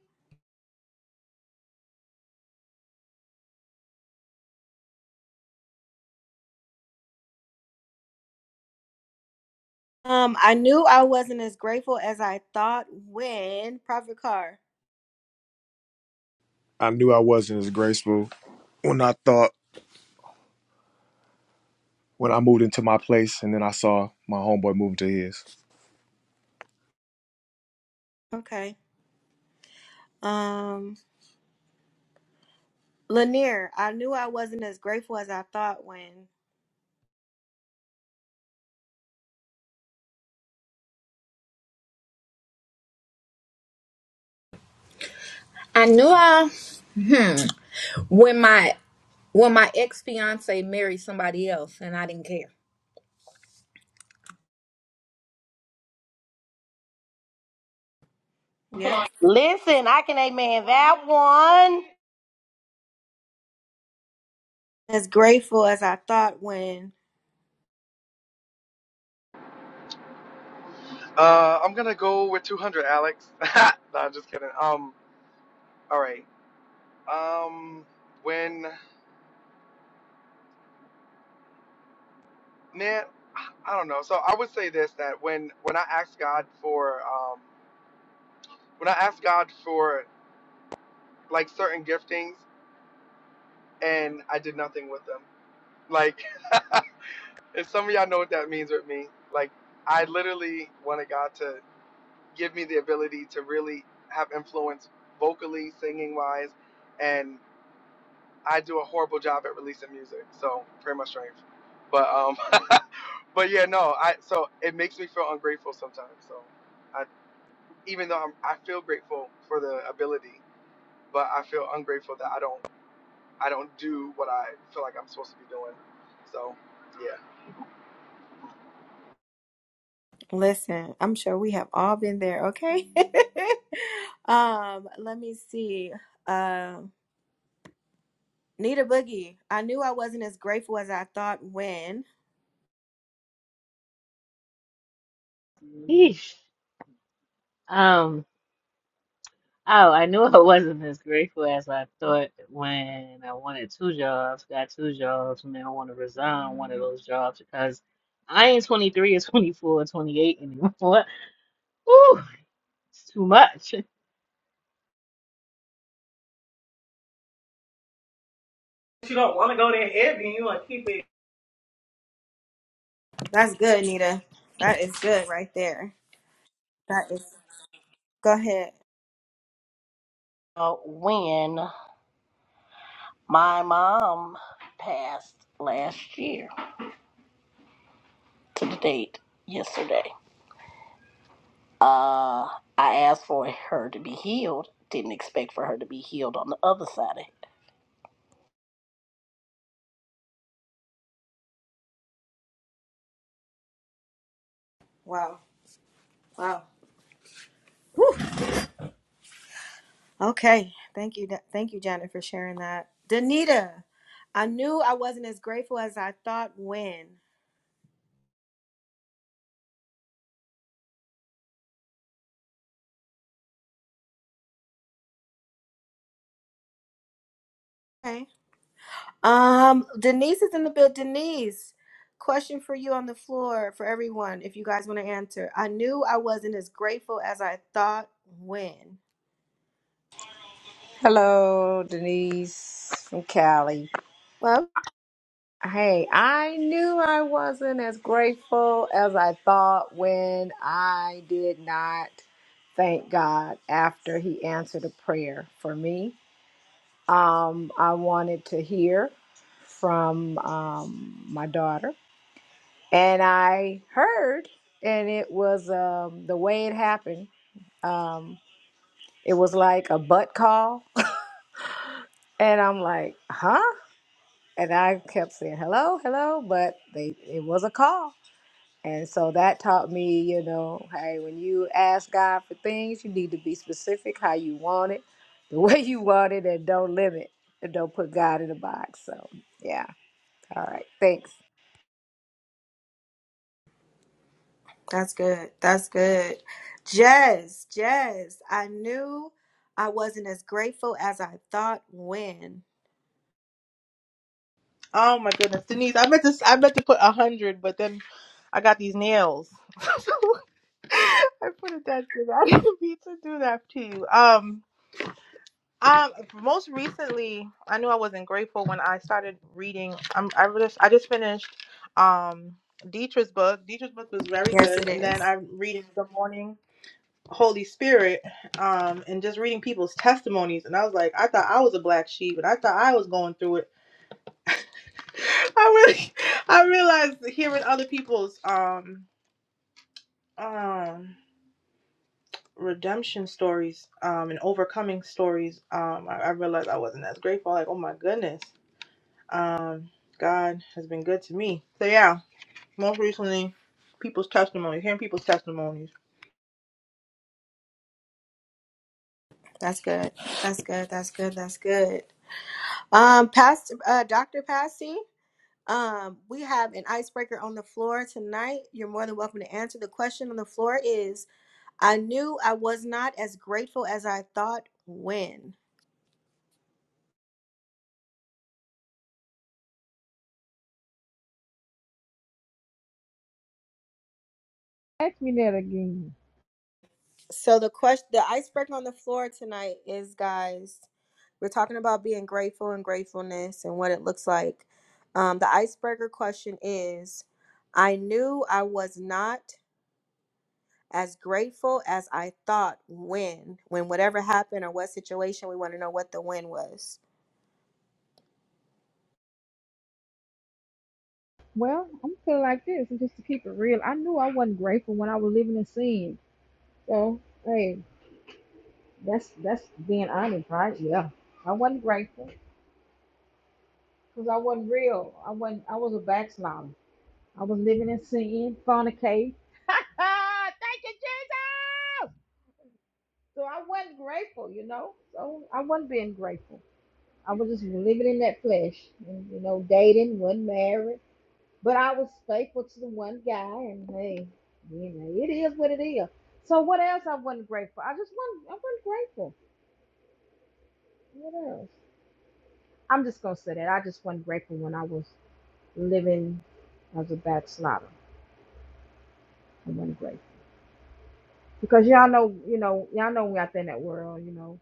S1: Um, I knew I wasn't as grateful as I thought when Prophet Carr.
S8: I knew I wasn't as graceful when I thought when I moved into my place and then I saw my homeboy moving to his.
S1: Okay. Um, Lanier, I knew I wasn't as grateful as I thought when.
S14: I knew I hmm when my when my ex fiance married somebody else and I didn't care.
S1: Yeah.
S13: Listen, I can amen that one.
S1: As grateful as I thought when.
S12: Uh, I'm gonna go with 200, Alex. [laughs] no, I'm just kidding. Um, all right. Um, when man, I don't know. So I would say this that when when I ask God for um when I asked God for like certain giftings and I did nothing with them, like [laughs] and some of y'all know what that means with me. Like I literally wanted God to. give me the ability to really have influence vocally, singing wise, and I do a horrible job at releasing music, so pretty much strength. But um, [laughs] but yeah, no, I so it makes me feel ungrateful sometimes. So I even though I'm, I feel grateful for the ability, but I feel ungrateful that I don't I don't do what I feel like I'm supposed to be doing. So yeah.
S1: Listen, I'm sure we have all been there. Okay. [laughs] um, let me see. Um. Nita Boogie, I knew I wasn't as grateful as I thought when.
S9: [laughs] Yeesh. Oh, I knew [laughs] I wasn't as grateful as I thought when I wanted two jobs, got two jobs, and then I want to resign one of those jobs because I ain't 23 or 24 or 28 anymore. [laughs] Ooh, it's too much.
S13: You don't want to go there heavy. You want to keep it.
S1: That's good, Nita. That is good right there. That is. Go ahead.
S13: Uh, when my mom passed last year to the date yesterday. Uh, I asked for her to be healed. Didn't expect for her to be healed on the other side of it.
S1: Wow. Wow. Whew. Okay. Thank you. Ja-, Thank you, Janet, for sharing that. Danita, I knew I wasn't as grateful as I thought when. Okay. Um, Denise is in the build. Denise, question for you on the floor for everyone, if you guys want to answer. I knew I wasn't as grateful as I thought when.
S16: Hello, Denise from Cali.
S1: Well,
S16: Hey, I knew I wasn't as grateful as I thought when I did not thank God after He answered a prayer for me. Um, I wanted to hear from um, my daughter, and I heard, and it was um, the way it happened. Um, it was like a butt call, [laughs] and I'm like, huh? and I kept saying hello, hello, but they it was a call. And so that taught me, you know, hey, when you ask God for things, you need to be specific how you want it, [laughs] the way you want it, and don't limit and don't put God in a box. So yeah. All right. Thanks.
S1: that's good. That's good. Jazz, jazz. I knew I wasn't as grateful as I thought when.
S17: Oh my goodness, Denise! I meant to I meant to put a hundred, but then I got these nails. [laughs] So I put it that good. I didn't [laughs] mean to do that to you. Um, um, most recently, I knew I wasn't grateful when I started reading. Um, I just I just finished um Dietrich's book. Dietrich's book was very
S1: Yes, it
S17: good, and then
S1: is.
S17: I'm reading Good Morning Holy Spirit, um, and just reading people's testimonies. And I was like, I thought I was a black sheep, and I thought I was going through it [laughs] I really, I realized that hearing other people's um um redemption stories um and overcoming stories um I, I realized I wasn't as grateful. Like, oh my goodness, um, God has been good to me. So yeah, most recently, people's testimonies, hearing people's testimonies.
S1: That's good. That's good. That's good. That's good. Um, Pastor, uh, Dr. Passy, um, we have an icebreaker on the floor tonight. You're more than welcome to answer. The question on the floor is I knew I was not as grateful as I thought when.
S18: Ask me that again.
S1: So the question, the icebreaker on the floor tonight is, guys, We're talking about being grateful and gratefulness and what it looks like. Um, the icebreaker question is I knew I was not as grateful as I thought when, when whatever happened or what situation, we want to know what the when was.
S18: Well, I'm feeling like this, and just to keep it real, I knew I wasn't grateful when I was living in sin. So, hey, that's that's being honest, right? Yeah, I wasn't grateful because I wasn't real. I wasn't. I was a backslider. I was living in sin, fornicate. [laughs] Thank you, Jesus. So I wasn't grateful, you know. So I wasn't being grateful. I was just living in that flesh, and, you know, dating, wasn't married But I was faithful to the one guy, and hey, you know, it is what it is. So what else I wasn't grateful? I just wasn't. I wasn't grateful. What else? I'm just gonna say that I just wasn't grateful when I was living as a backslider. I wasn't grateful because y'all know, you know, y'all know we out there in that world. You know,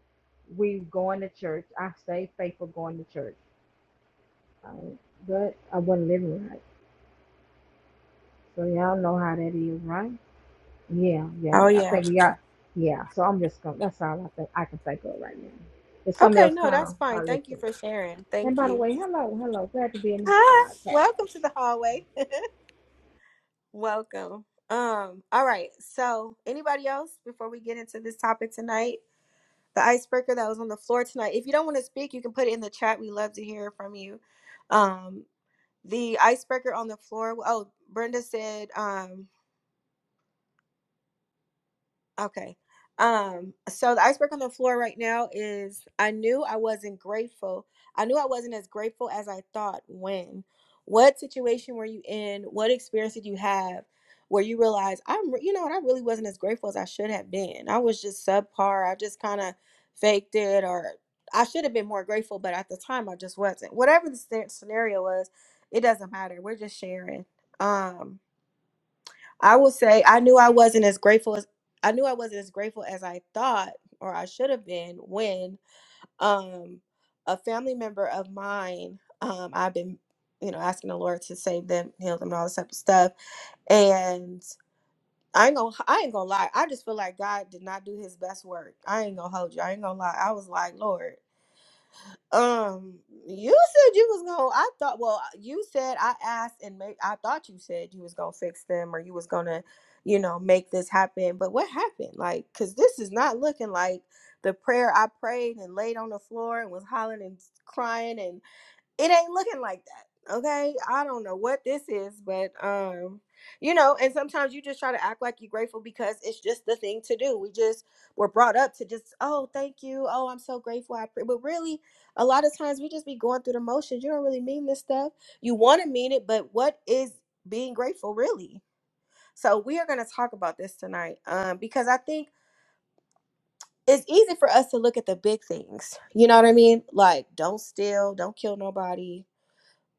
S18: we going to church. I stayed faithful going to church, right? but I wasn't living right. So y'all know how that is, right? Yeah, yeah,
S1: Oh,
S18: yeah. I
S1: yeah.
S18: think we got. Yeah, so I'm just gonna. That's all I think I can think of right now. If somebody
S1: Okay,
S18: else
S1: no, that's
S18: come,
S1: fine.
S18: I'll let
S1: Thank
S18: you
S1: you for
S18: know.
S1: sharing.
S18: And
S1: Thank
S18: by the
S1: you.
S18: way, hello, hello. Glad to be in the
S1: Hi. [laughs] Welcome
S18: podcast.
S1: to the hallway. [laughs] Welcome. Um, all right. So, anybody else before we get into this topic tonight? the icebreaker that was on the floor tonight. If you don't want to speak, you can put it in the chat. We love to hear from you. Um, the icebreaker on the floor. Oh, Brenda said. Um, Okay. Um, so the iceberg on the floor right now is I knew I wasn't grateful. I knew I wasn't as grateful as I thought when. What situation were you in? What experience did you have where you realized I'm, re- you know what, I really wasn't as grateful as I should have been. I was just subpar. I just kind of faked it or I should have been more grateful, but at the time I just wasn't. Whatever the sce- scenario was, it doesn't matter. We're just sharing. Um I will say I knew I wasn't as grateful as I knew I wasn't as grateful as I thought or I should have been when um a family member of mine um I've been you know asking the Lord to save them, heal them, and all this type of stuff. And I ain't gonna I ain't gonna lie. I just feel like God did not do His best work. I ain't gonna hold you. I ain't gonna lie. I was like Lord. Um, you said you was gonna. I thought. Well, uh, you said I asked, and make. I thought you said you was gonna fix them, or you was gonna, you know, make this happen. But what happened? Like, cause this is not looking like the prayer I prayed and laid on the floor and was hollering and crying and it ain't looking like that okay i don't know what this is but um you know and sometimes you just try to act like you're grateful because it's just the thing to do we just were brought up to just oh thank you oh i'm so grateful i pray. but really a lot of times we just be going through the motions you don't really mean this stuff you want to mean it but what is being grateful really so we are going to talk about this tonight um because i think it's easy for us to look at the big things you know what i mean like don't steal don't kill nobody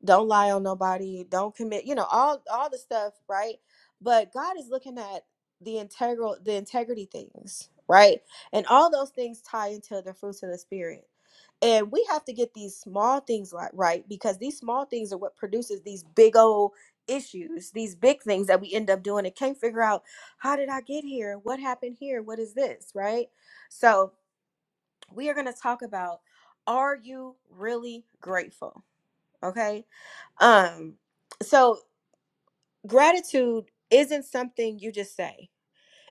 S1: don't lie on nobody don't commit you know all all the stuff right but god is looking at the integral the integrity things right and all those things tie into the fruits of the spirit and we have to get these small things like right because these small things are what produces these big old issues these big things that we end up doing and can't figure out how did i get here what happened here what is this right so we are going to talk about are you really grateful Okay. Um, so gratitude isn't something you just say.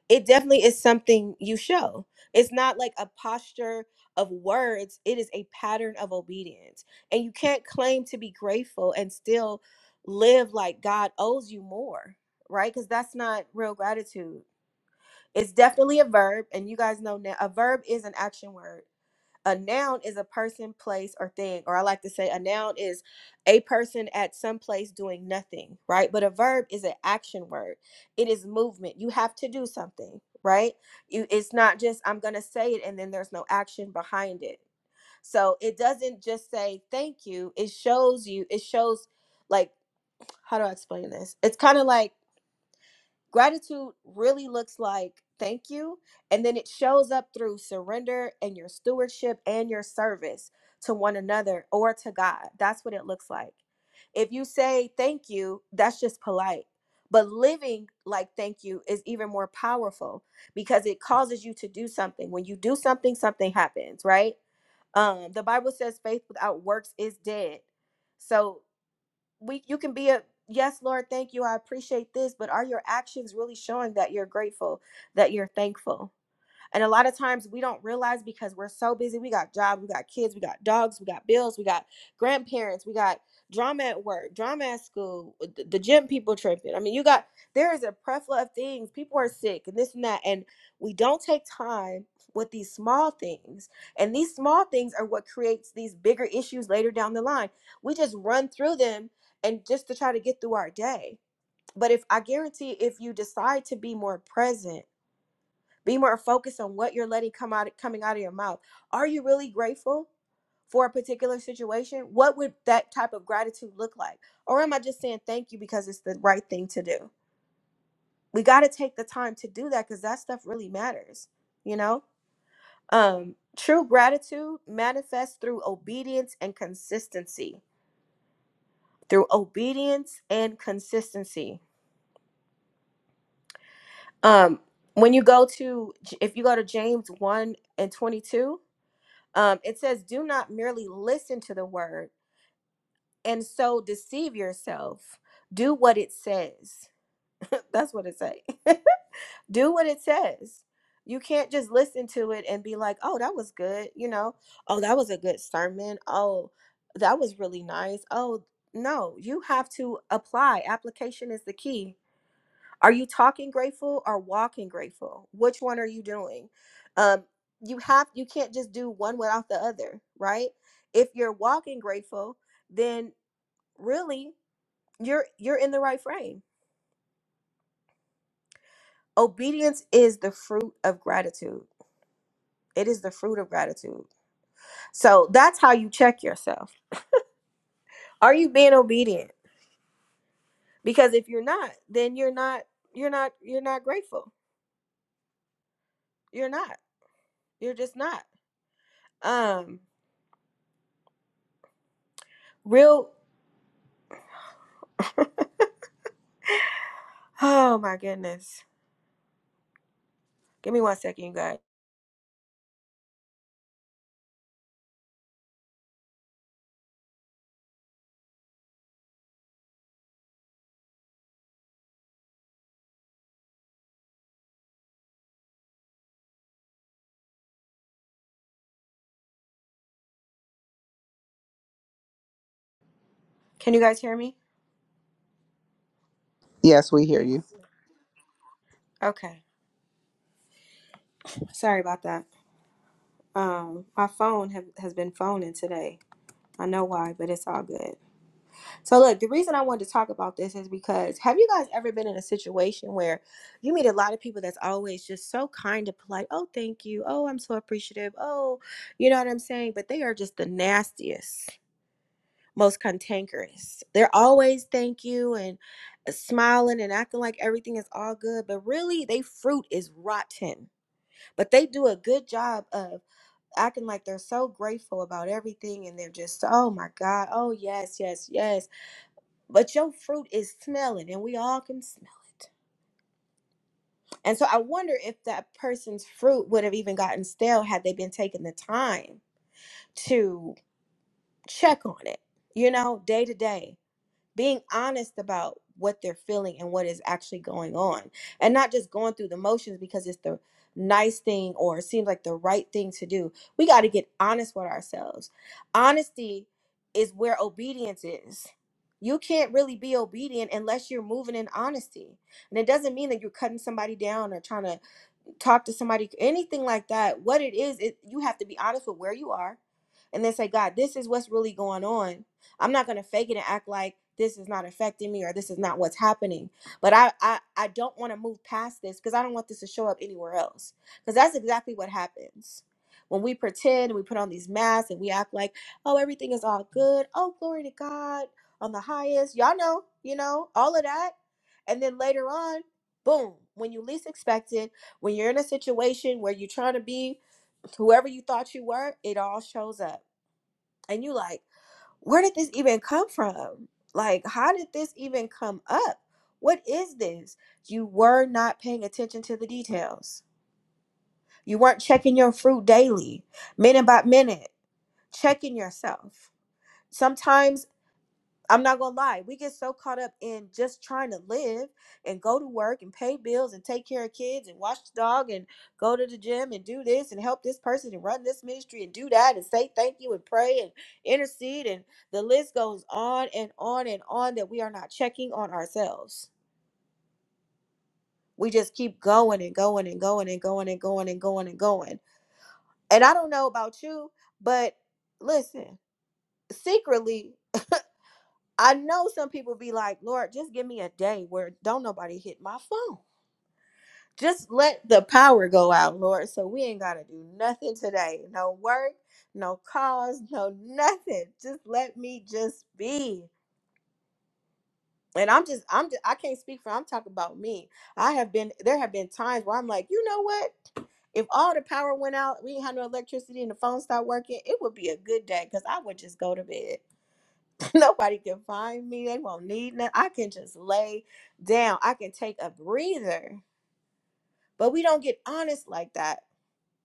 S1: It definitely is something you show. It's not like a posture of words, it is a pattern of obedience. And you can't claim to be grateful and still live like God owes you more, right? Because that's not real gratitude. It's definitely a verb, and you guys know now a verb is an action word a noun is a person, place, or thing. Or I like to say a noun is a person at some place doing nothing, right? But a verb is an action word. It is movement. You have to do something, right? You it's not just I'm going to say it and then there's no action behind it. So it doesn't just say thank you. It shows you it shows like how do I explain this? It's kind of like Gratitude really looks like thank you. And then it shows up through surrender and your stewardship and your service to one another or to God. That's what it looks like. If you say thank you, that's just polite. But living like thank you is even more powerful because it causes you to do something. When you do something, something happens, right? Um, the Bible says faith without works is dead. So we you can be a yes lord thank you i appreciate this but are your actions really showing that you're grateful that you're thankful and a lot of times we don't realize because we're so busy. We got jobs, we got kids, we got dogs, we got bills, we got grandparents, we got drama at work, drama at school, uh, the, the gym people tripping. I mean, you got there is a plethora of things. People are sick and this and that. And we don't take time with these small things. And these small things are what creates these bigger issues later down the line. We just run through them and just to try to get through our day. But if I guarantee if you decide to be more present, be more focused on what you're letting come out coming out of your mouth. Are you really grateful for a particular situation? What would that type of gratitude look like? Or am I just saying thank you because it's the right thing to do? We got to take the time to do that cuz that stuff really matters, you know? Um true gratitude manifests through obedience and consistency. Through obedience and consistency. Um when you go to if you go to James 1 and 22, Um, it says, Do not merely listen to the word and so deceive yourself. Do what it says. [laughs] That's what it says. [laughs] Do what it says. You can't just listen to it and be like, oh, that was good. You know, oh, that was a good sermon. Oh, that was really nice. Oh, no, you have to apply. Application is the key are you talking grateful or walking grateful? Which one are you doing? Um, you have you can't just do one without the other, right? If you're walking grateful, then really you're you're in the right frame. Obedience is the fruit of gratitude. It is the fruit of gratitude. So that's how you check yourself. Are you being obedient? Because if you're not, then you're not you're not you're not grateful. You're not. You're just not. Um real oh my goodness Give me one second, you guys. Can you guys hear me?
S11: Yes, we hear you.
S1: Okay. Sorry about that. Um, my phone have, has been phoning today. I know why, but it's all good. So look, the reason I wanted to talk about this is because have you guys ever been in a situation where you meet a lot of people that's always just so kind and polite? Oh, thank you. Oh, I'm so appreciative. Oh, you know what I'm saying? But they are just the nastiest, most cantankerous. They're always thank you and uh, smiling and acting like everything is all good, but really they fruit is rotten but they do a good job of acting like they're so grateful about everything and they're just oh my god oh yes yes yes but your fruit is smelling and we all can smell it and so i wonder if that person's fruit would have even gotten stale had they been taking the time to check on it you know day to day being honest about what they're feeling and what is actually going on and not just going through the motions because it's the nice thing or it seems like the right thing to do we got to get honest with ourselves honesty is where obedience is you can't really be obedient unless you're moving in honesty and it doesn't mean that you're cutting somebody down or trying to talk to somebody, anything like that, what it is, it, you have to be honest with where you are and then say, God, this is what's really going on. I'm not going to fake it and act like this is not affecting me or this is not what's happening. But I, I, I don't want to move past this because I don't want this to show up anywhere else. Because that's exactly what happens. When we pretend and we put on these masks and we act like, oh, everything is all good. Oh, glory to God on the highest. Y'all know, you know, all of that. And then later on, boom, when you least expect it, when you're in a situation where you're trying to be whoever you thought you were, it all shows up. And you like, where did this even come from? Like, how did this even come up? What is this? You were not paying attention to the details. You weren't checking your fruit daily, minute by minute, checking yourself. Sometimes I'm not gonna lie, we get so caught up in just trying to live and go to work and pay bills and take care of kids and watch the dog and go to the gym and do this and help this person and run this ministry and do that and say thank you and pray and intercede and the list goes on and on and on that we are not checking on ourselves. We just keep going and going and going and going and going and going and going. And I don't know about you, but listen, secretly I know some people be like, Lord, just give me a day where don't nobody hit my phone. Just let the power go out, Lord. So we ain't got to do nothing today. No work, no calls, no nothing. Just let me just be. And I'm just, I'm just, I can't speak for, I'm talking about me. I have been, there have been times where I'm like, you know what? If all the power went out, we didn't have no electricity and the phone stopped working, it would be a good day because I would just go to bed. [laughs] Nobody can find me. They won't need nothing. I can just lay down. I can take a breather. But we don't get honest like that.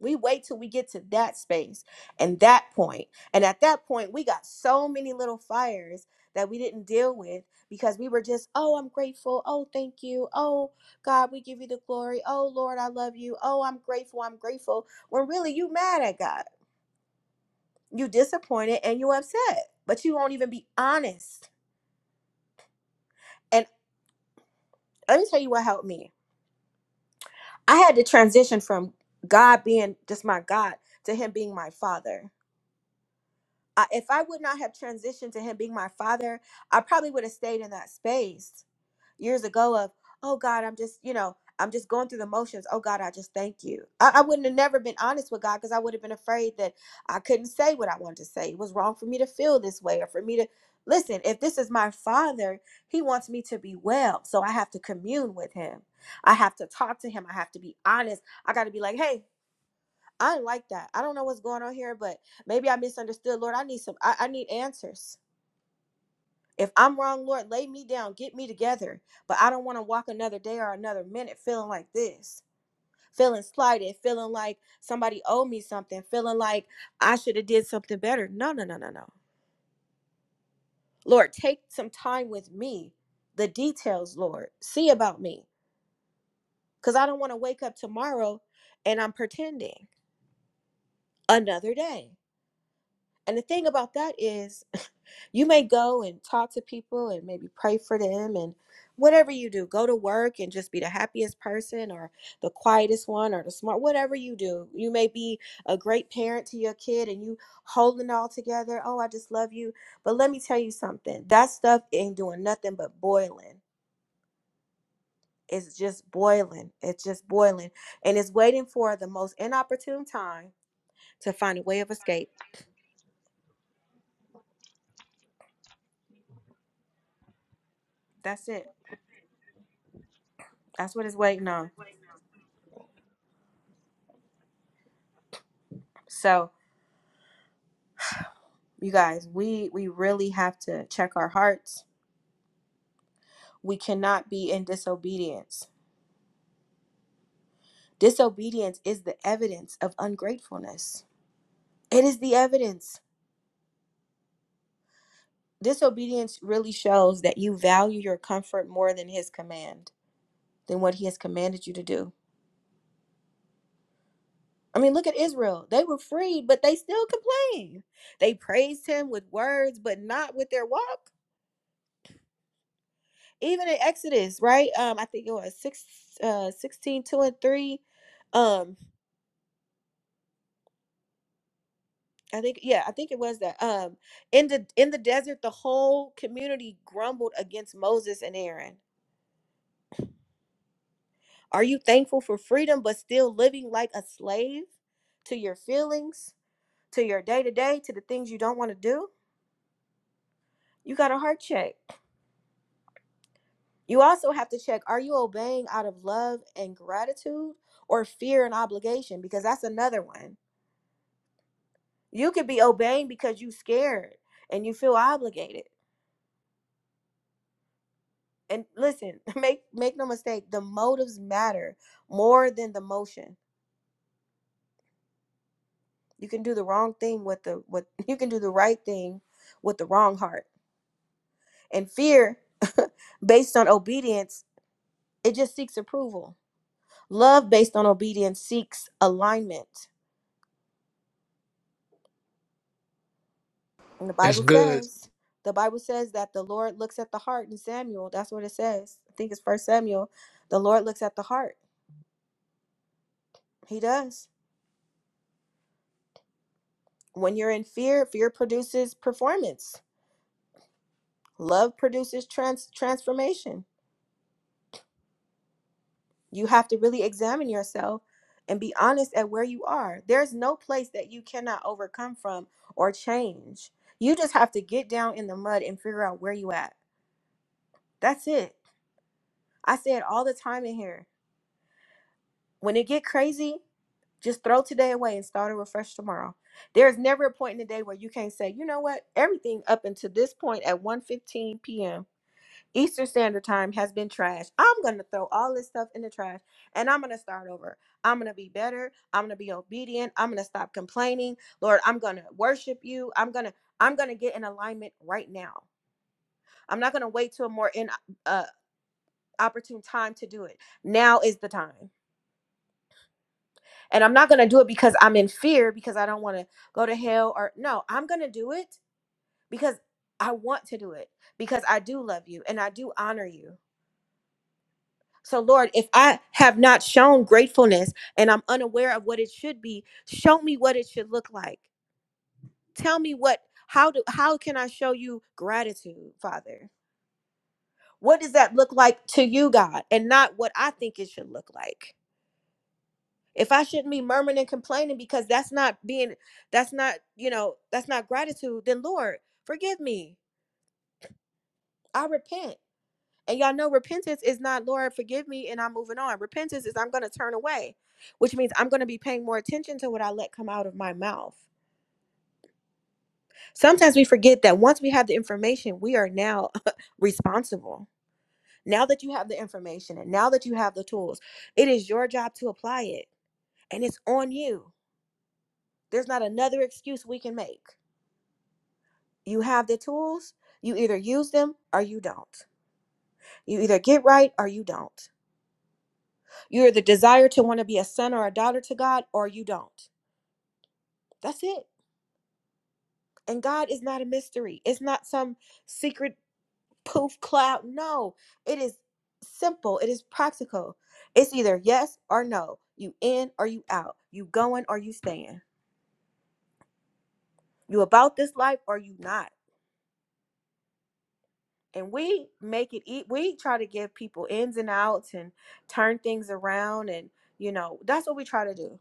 S1: We wait till we get to that space and that point. And at that point, we got so many little fires that we didn't deal with because we were just, oh, I'm grateful. Oh, thank you. Oh, God, we give you the glory. Oh, Lord, I love you. Oh, I'm grateful. I'm grateful. When really you mad at God, you disappointed and you upset, but you won't even be honest. and. Let me tell you what helped me. I had to transition from God being just my God to Him being my Father. I, if I would not have transitioned to Him being my Father, I probably would have stayed in that space years ago of, oh God, I'm just, you know, I'm just going through the motions. Oh God, I just thank you. I, I wouldn't have never been honest with God because I would have been afraid that I couldn't say what I wanted to say. It was wrong for me to feel this way or for me to listen. If this is my father, he wants me to be well. So I have to commune with him. I have to talk to him. I have to be honest. I got to be like, hey, I didn't like that. I don't know what's going on here, but maybe I misunderstood. Lord, I need some, I, I need answers. If I'm wrong, Lord, lay me down, get me together. But I don't want to walk another day or another minute feeling like this, feeling slighted, feeling like somebody owed me something, feeling like I should have did something better. No, no, no, no, no. Lord, take some time with me. The details, Lord, see about me, because I don't want to wake up tomorrow and I'm pretending another day. And the thing about that is, [laughs] you may go and talk to people and maybe pray for them and whatever you do, go to work and just be the happiest person or the quietest one or the smart, whatever you do. You may be a great parent to your kid and you holding it all together. Oh, I just love you. But let me tell you something that stuff ain't doing nothing but boiling. It's just boiling. It's just boiling. And it's waiting for the most inopportune time to find a way of escape. That's it. That's what it's waiting on. So, You guys, we we really have to check our hearts. We cannot be in disobedience. Disobedience is the evidence of ungratefulness. It is the evidence. Disobedience really shows that you value your comfort more than his command, than what he has commanded you to do. I mean, look at Israel. They were freed, but they still complained. They praised him with words, but not with their walk even in Exodus, right? Um, I think it was six, uh, 16, two and 3. Um, I think yeah, I think it was that um in the in the desert the whole community grumbled against Moses and Aaron. Are you thankful for freedom but still living like a slave to your feelings, to your day-to-day, to the things you don't want to do? You got a heart check. You also have to check are you obeying out of love and gratitude or fear and obligation because that's another one. You could be obeying because you scared and you feel obligated and listen [laughs] make make no mistake the motives matter more than the motion you can do the wrong thing with the with [laughs] you can do the right thing with the wrong heart and fear [laughs] based on obedience it just seeks approval love based on obedience seeks alignment and the
S2: That's
S1: bible
S2: good.
S1: says the bible says that the lord looks at the heart in samuel that's what it says i think it's first samuel the lord looks at the heart he does when you're in fear fear produces performance Love produces trans- transformation. You have to really examine yourself and be honest at where you are. There's no place that you cannot overcome from or change. You just have to get down in the mud and figure out where you at. That's it. I say it all the time in here. When it get crazy, just throw today away and start over fresh tomorrow. There's never a point in the day where you can't say, you know what, everything up until this point at 1:15 p.m. Eastern Standard Time has been trash. I'm going to throw all this stuff in the trash and I'm going to start over. I'm going to be better. I'm going to be obedient. I'm going to stop complaining. Lord, I'm going to worship you. I'm going to I'm going to get in alignment right now. I'm not going to wait till a more in uh opportune time to do it. Now is the time. And I'm not going to do it because I'm in fear because I don't want to go to hell or no, I'm going to do it because I want to do it because I do love you and I do honor you So, Lord, if I have not shown gratefulness and I'm unaware of what it should be, show me what it should look like. Tell me what, how do, how can I show you gratitude, Father? What does that look like to you, God, and not what I think it should look like? If I shouldn't be murmuring and complaining because that's not being, that's not, you know, that's not gratitude, then Lord, forgive me. I repent. And y'all know repentance is not, Lord, forgive me and I'm moving on. Repentance is I'm going to turn away, which means I'm going to be paying more attention to what I let come out of my mouth. Sometimes we forget that once we have the information, we are now [laughs] responsible. Now that you have the information and now that you have the tools, it is your job to apply it and it's on you. There's not another excuse we can make. You have the tools, you either use them or you don't. You either get right or you don't. You are the desire to want to be a son or a daughter to God, or you don't. That's it. And God is not a mystery. It's not some secret poof cloud. No, it is simple. It is practical. It's either yes or no. You in or you out. You going or you staying. You about this life or you not. And we make it. e- We try to give people ins and outs and turn things around. And you know that's what we try to do.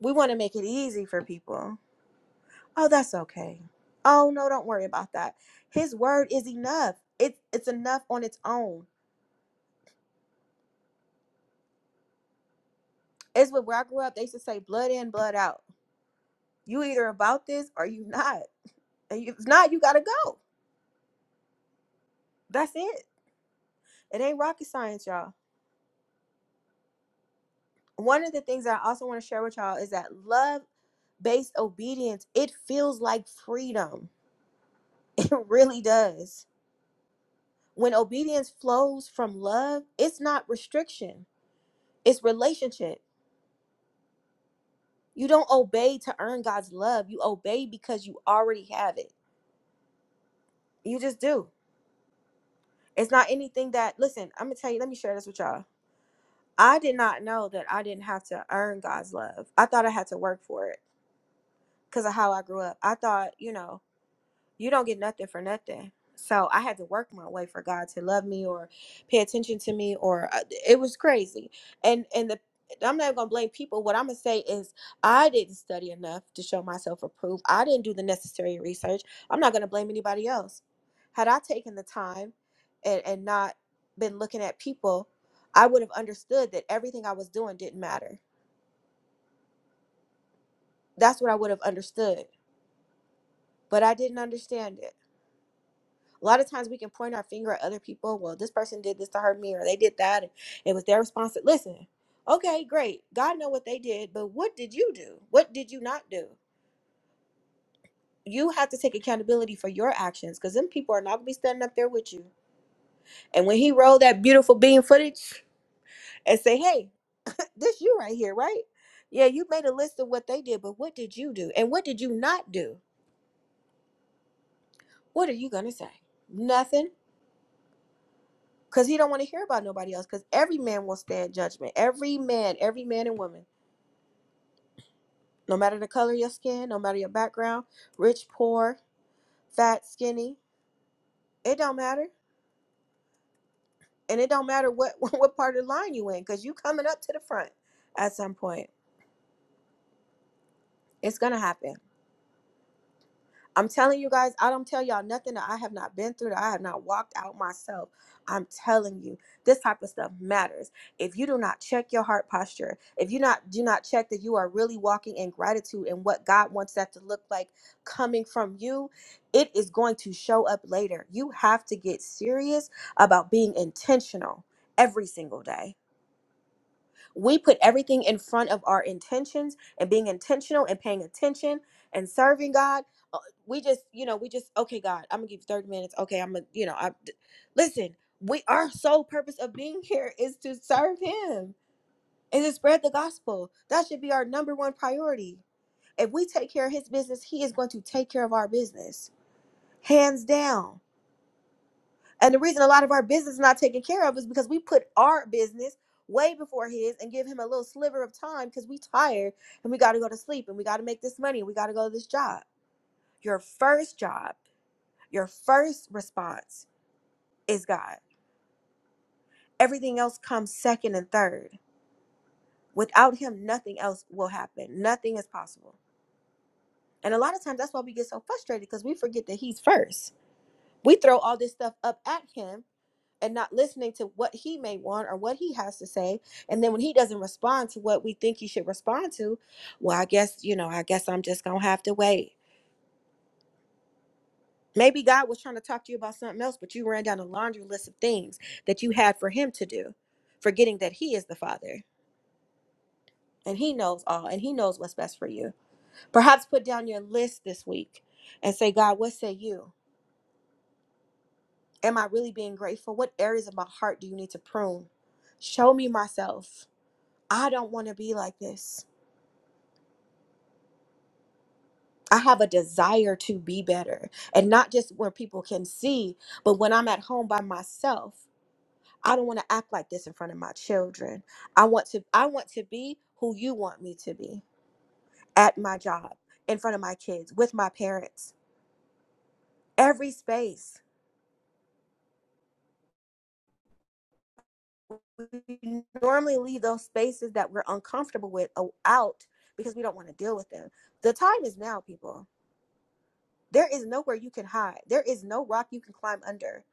S1: We want to make it easy for people Oh, that's okay. Oh, no, don't worry about that. His word is enough. It, it's enough on its own. It's what where I grew up, they used to say blood in, blood out. You either about this or you not. And you- if not, you gotta go. That's it. It ain't rocket science, y'all. One of the things that I also want to share with y'all is that love based obedience, it feels like freedom. [laughs] It really does. When obedience flows from love, it's not restriction, it's relationship You don't obey to earn God's love. You obey because you already have it. You just do. It's not anything that, listen, I'm going to tell you, let me share this with y'all. I did not know that I didn't have to earn God's love. I thought I had to work for it because of how I grew up. I thought, you know, you don't get nothing for nothing. So I had to work my way for God to love me or pay attention to me, or uh, it was crazy. And and the I'm not gonna blame people. What I'm gonna say is I didn't study enough to show myself approved. I didn't do the necessary research. I'm not gonna blame anybody else. Had I taken the time and, and not been looking at people, I would have understood that everything I was doing didn't matter. That's what I would have understood. But I didn't understand it. A lot of times we can point our finger at other people. Well, this person did this to hurt me, or they did that, and it was their response. Listen, okay, great. God know what they did, but what did you do? What did you not do? You have to take accountability for your actions, because them people are not gonna be standing up there with you. And when he rolled that beautiful bean footage and say, "Hey, [laughs] this you right here, right? Yeah, you made a list of what they did, but what did you do? And what did you not do? What are you gonna say? Nothing because he don't want to hear about nobody else because every man will stand judgment every man every man and woman no matter the color of your skin no matter your background rich poor fat skinny it don't matter and it don't matter what [laughs] what part of the line you in because you coming up to the front at some point it's gonna happen I'm telling you guys, I don't tell y'all nothing that I have not been through, that I have not walked out myself. I'm telling you, this type of stuff matters. If you do not check your heart posture, if you not do not check that you are really walking in gratitude and what God wants that to look like coming from you, it is going to show up later. You have to get serious about being intentional every single day we put everything in front of our intentions and being intentional and paying attention and serving God. Uh, We just, you know, we just okay, God, I'm gonna give you 30 minutes. Okay, I'm gonna, you know, I d- listen. We our sole purpose of being [laughs] here is to serve Him and to spread the gospel. That should be our number one priority. If we take care of His business, He is going to take care of our business, hands down and the reason a lot of our business is not taken care of is because we put our business way before his and give him a little sliver of time because we tired and we got to go to sleep and we got to make this money and we got to go to this job. Your first job, your first response is God. Everything else comes second and third. Without him, nothing else will happen. Nothing is possible. And a lot of times that's why we get so frustrated because we forget that he's first. We throw all this stuff up at him and not listening to what he may want or what he has to say. And then when he doesn't respond to what we think he should respond to, well, I guess, you know, I guess I'm just going to have to wait. Maybe God was trying to talk to you about something else, but you ran down a laundry list of things that you had for him to do, forgetting that he is the father and he knows all and he knows what's best for you. Perhaps put down your list this week and say, God, what say you? Am I really being grateful? What areas of my heart do you need to prune? Show me myself. I don't want to be like this. I have a desire to be better. And not just where people can see, but when I'm at home by myself, I don't want to act like this in front of my children. I want to I want to be who you want me to be at my job, in front of my kids, with my parents. Every space. We normally leave those spaces that we're uncomfortable with o- out because we don't want to deal with them. The time is now, people. There is nowhere you can hide. There is no rock you can climb under.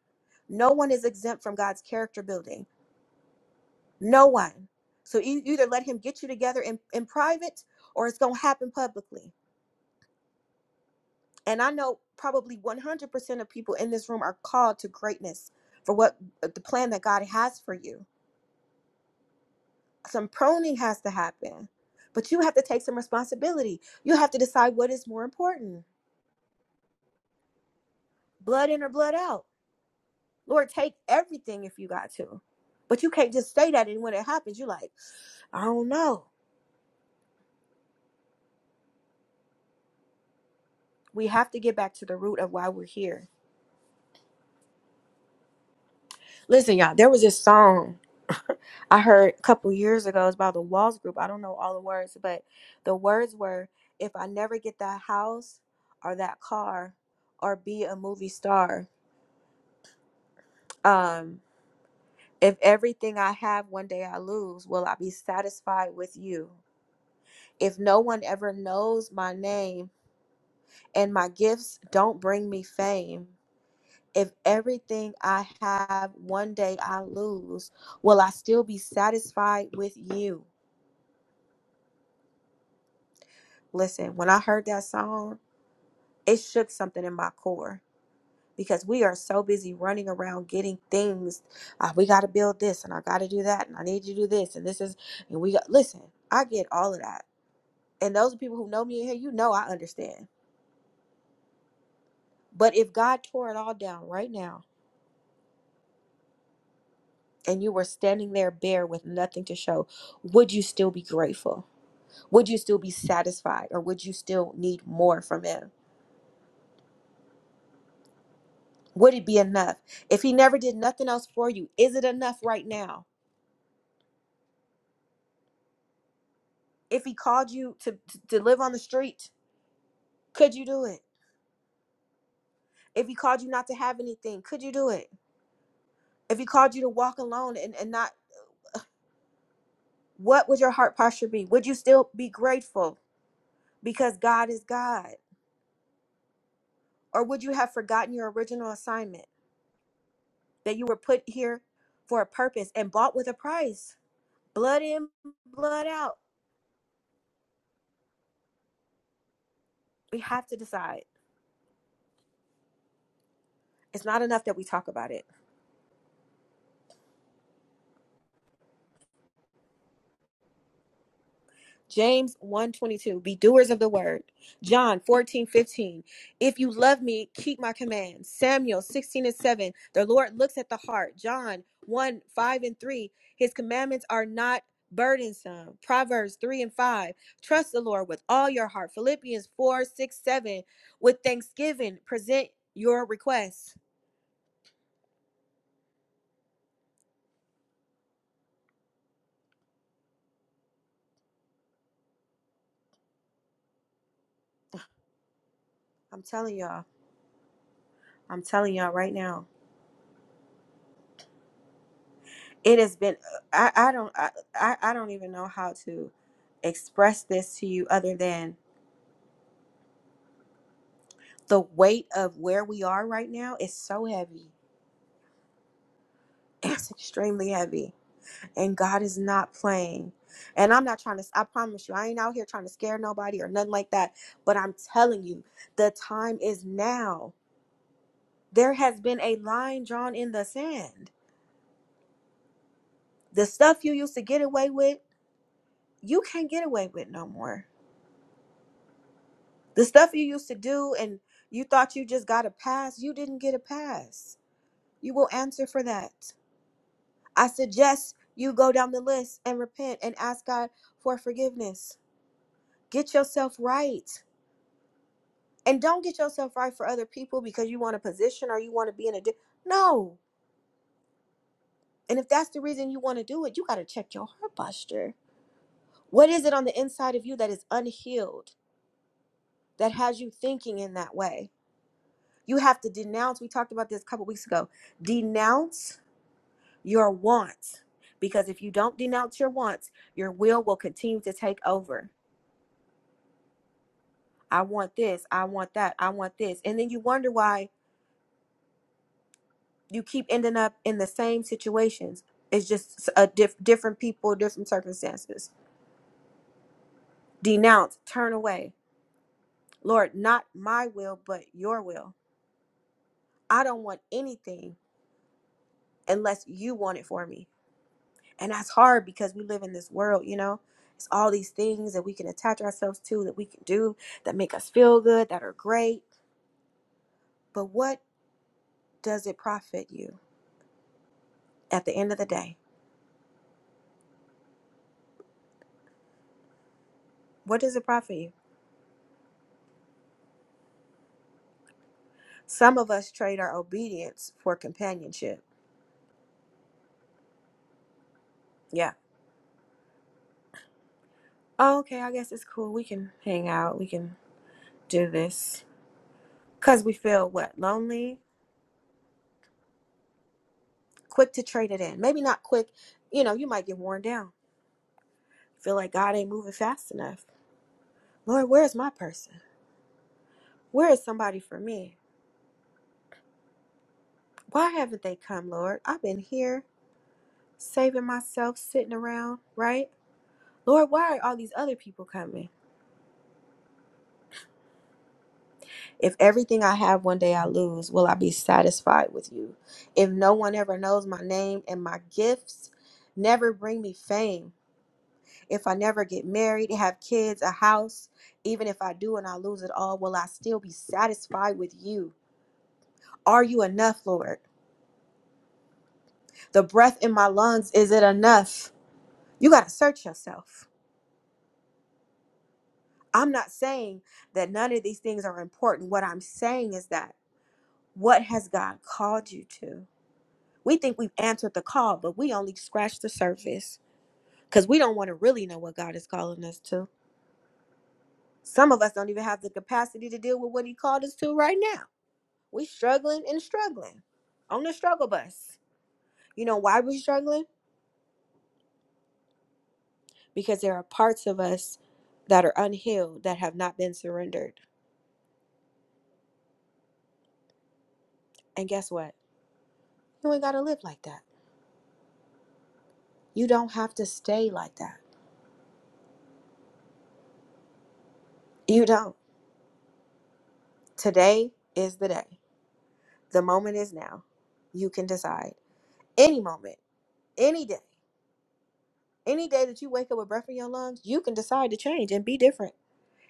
S1: No one is exempt from God's character building. No one. So you you either let him get you together in, in private or it's going to happen publicly. And I know probably 100% of people in this room are called to greatness for what uh, the plan that God has for you. Some proning has to happen, but you have to take some responsibility. You have to decide what is more important blood in or blood out. Lord, take everything if you got to. But you can't just say that. And when it happens, you're like, I don't know. We have to get back to the root of why we're here Listen, y'all, there was this song [laughs] I heard a couple years ago. It's by the Walls Group. I don't know all the words, but the words were If I never get that house or that car or be a movie star, um, if everything I have one day I lose, will I be satisfied with you? If no one ever knows my name and my gifts don't bring me fame, if everything I have one day I lose, will I still be satisfied with you? Listen, when I heard that song, it shook something in my core because we are so busy running around getting things. Uh, we got to build this, and I got to do that, and I need to do this, and this is, and we got. Listen, I get all of that, and those people who know me in here, you know, I understand. But if God tore it all down right now, and you were standing there bare with nothing to show, would you still be grateful? Would you still be satisfied, or would you still need more from Him? Would it be enough? If He never did nothing else for you, is it enough right now? If he called you to, to, to live on the street, could you do it? If he called you not to have anything, could you do it? If he called you to walk alone and, and not, what would your heart posture be? Would you still be grateful because God is God? Or would you have forgotten your original assignment that you were put here for a purpose and bought with a price? Blood in, blood out. We have to decide. It's not enough that we talk about it James one twenty two, Be doers of the word. John 14:15 If you love me, keep my commands. Samuel 16 and 7 The Lord looks at the heart. John 1 5 and 3 His commandments are not burdensome. Proverbs 3 and 5 Trust the Lord with all your heart. Philippians 4 6 7, With thanksgiving present your requests. I'm telling y'all. I'm telling y'all right now it has been uh, i, I don't I, I I don't even know how to express this to you other than the weight of where we are right now is so heavy [clears throat] it's extremely heavy and god is not playing and i'm not trying to i promise you i ain't out here trying to scare nobody or nothing like that but i'm telling you the time is now there has been a line drawn in the sand the stuff you used to get away with you can't get away with no more The stuff you used to do and you thought you just got a pass, you didn't get a pass. You will answer for that. I suggest you go down the list and repent and ask God for forgiveness. Get yourself right. And don't get yourself right for other people because you want a position or you want to be in a di- No. And if that's the reason you want to do it, you got to check your heart posture. What is it on the inside of you that is unhealed that has you thinking in that way? You have to denounce. We talked about this a couple weeks ago. Denounce your wants. Because if you don't denounce your wants, your will will continue to take over. I want this. I want that. I want this. And then you wonder why you keep ending up in the same situations. It's just a diff- different people, different circumstances. Denounce, turn away. Lord, not my will, but your will. I don't want anything unless you want it for me. And that's hard because we live in this world, you know? It's all these things that we can attach ourselves to, that we can do, that make us feel good, that are great. But what does it profit you at the end of the day? What does it profit you? Some of us trade our obedience for companionship. Yeah. Oh, okay, I guess it's cool. We can hang out, we can do this. Because we feel what? Lonely? Quick to trade it in. Maybe not quick. You know, you might get worn down. Feel like God ain't moving fast enough. Lord, where's my person? Where is somebody for me? Why haven't they come, Lord? I've been here saving myself, sitting around, right? Lord, why are all these other people coming? If everything I have one day I lose, will I be satisfied with you? If no one ever knows my name and my gifts never bring me fame, if I never get married, have kids, a house, even if I do and I lose it all, will I still be satisfied with you? Are you enough, Lord? The breath in my lungs, is it enough? You got to search yourself. I'm not saying that none of these things are important. What I'm saying is that what has God called you to? We think we've answered the call, but we only scratched the surface because we don't want to really know what God is calling us to. Some of us don't even have the capacity to deal with what He called us to right now. We're struggling and struggling on the struggle bus. You know why we're struggling? Because there are parts of us that are unhealed that have not been surrendered. And guess what? You ain't got to live like that. You don't have to stay like that. You don't. Today is the day. The moment is now. You can decide. Any moment, any day, any day that you wake up with breath in your lungs, you can decide to change and be different.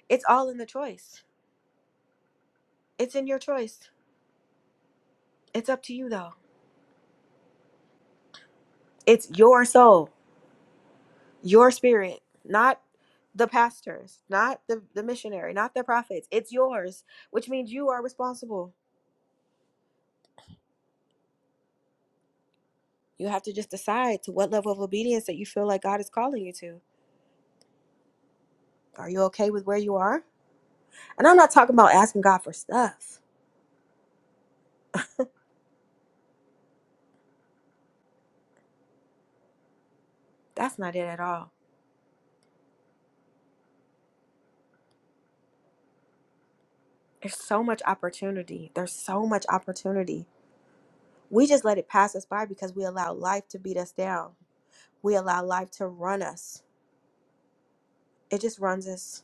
S1: It's all in the choice. It's in your choice. It's up to you, though. It's your soul, your spirit, not the pastors, not the, the missionary, not the prophets. It's yours, which means you are responsible. You have to just decide to what level of obedience that you feel like God is calling you to. Are you okay with where you are? And I'm not talking about asking God for stuff. That's not it at all. There's so much opportunity. There's so much opportunity. We just let it pass us by because we allow life to beat us down. We allow life to run us. It just runs us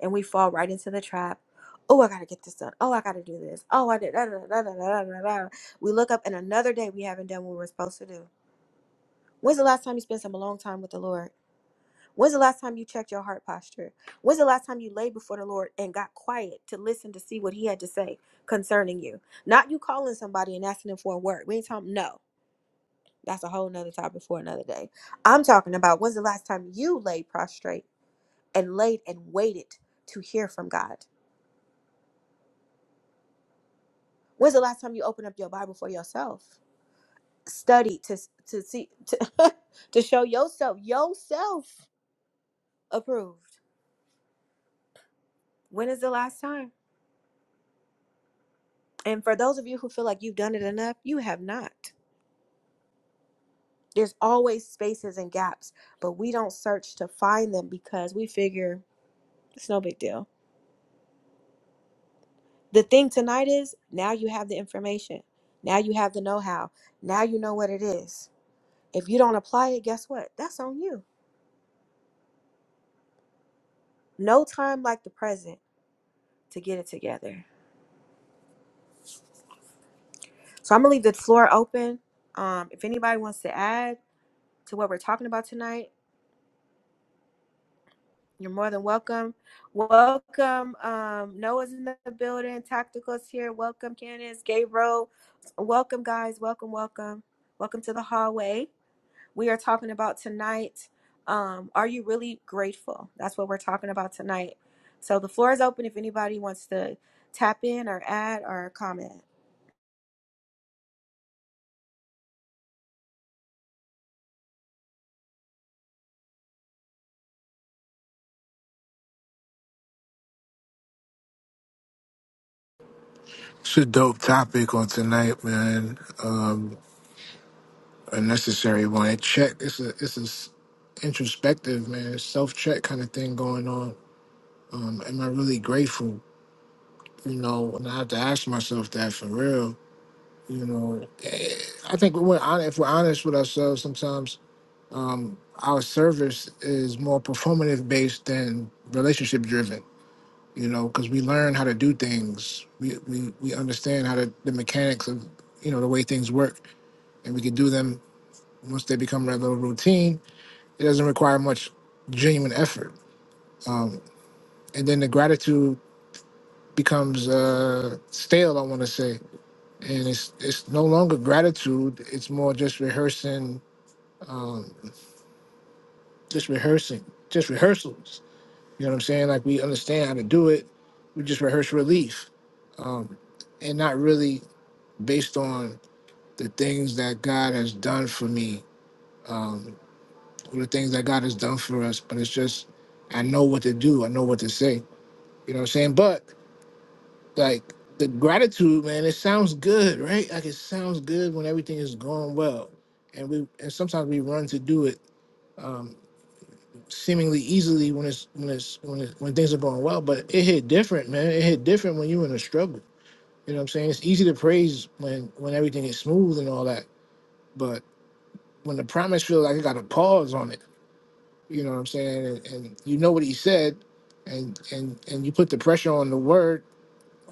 S1: and we fall right into the trap. Oh, I gotta get this done. Oh, I gotta do this. Oh, I did. Da, da, da, da, da, da, da. We look up and another day we haven't done what we were supposed to do. When's the last time you spent some alone time with the Lord? When's the last time you checked your heart posture? When's the last time you laid before the Lord and got quiet to listen to see what He had to say concerning you? Not you calling somebody and asking them for a word. We ain't talking, no. That's a whole nother topic for another day. I'm talking about when's the last time you laid prostrate and laid and waited to hear from God? When's the last time you opened up your Bible for yourself? study to to see to, [laughs] to show yourself yourself approved. When is the last time? And for those of you who feel like you've done it enough, you have not. There's always spaces and gaps, but we don't search to find them because we figure it's no big deal. The thing tonight is now you have the information. Now you have the know how. Now you know what it is. If you don't apply it, guess what? That's on you. No time like the present to get it together. So I'm going to leave the floor open. Um, if anybody wants to add to what we're talking about tonight, You're more than welcome. Welcome. Um, Noah's in the building. Tacticals here. Welcome, Candace, Gabriel. Welcome, guys. Welcome, welcome. Welcome to the hallway. We are talking about tonight. Um, are you really grateful? That's what we're talking about tonight. So the floor is open if anybody wants to tap in or add or comment.
S2: It's a dope topic on tonight, man. Um, a necessary one. It check. It's a. It's a s- introspective, man. Self check kind of thing going on. Um, am I really grateful? You know, and I have to ask myself that for real. You know, Eh, I think we we're hon- if we're honest with ourselves, sometimes our service is more performative based than relationship driven you know because we learn how to do things we, we we understand how to the mechanics of you know the way things work and we can do them once they become rather routine it doesn't require much genuine effort um, and then the gratitude becomes uh, stale i want to say and it's it's no longer gratitude it's more just rehearsing um, just rehearsing just rehearsals You know what I'm saying? Like we understand how to do it. We just rehearse relief, um, and not really based on the things that God has done for me um, or the things that God has done for us. But it's just I know what to do. I know what to say. You know what I'm saying? But like the gratitude, man, it sounds good, right? Like it sounds good when everything is going well, and we and sometimes we run to do it. Um, seemingly easily when it's when it's when it, when things are going well, but it hit different, man. It hit different when you in a struggle. You know what I'm saying? It's easy to praise when when everything is smooth and all that, but when the promise feels like it got a pause on it, you know what I'm saying? And, and you know what he said, and and and you put the pressure on the word,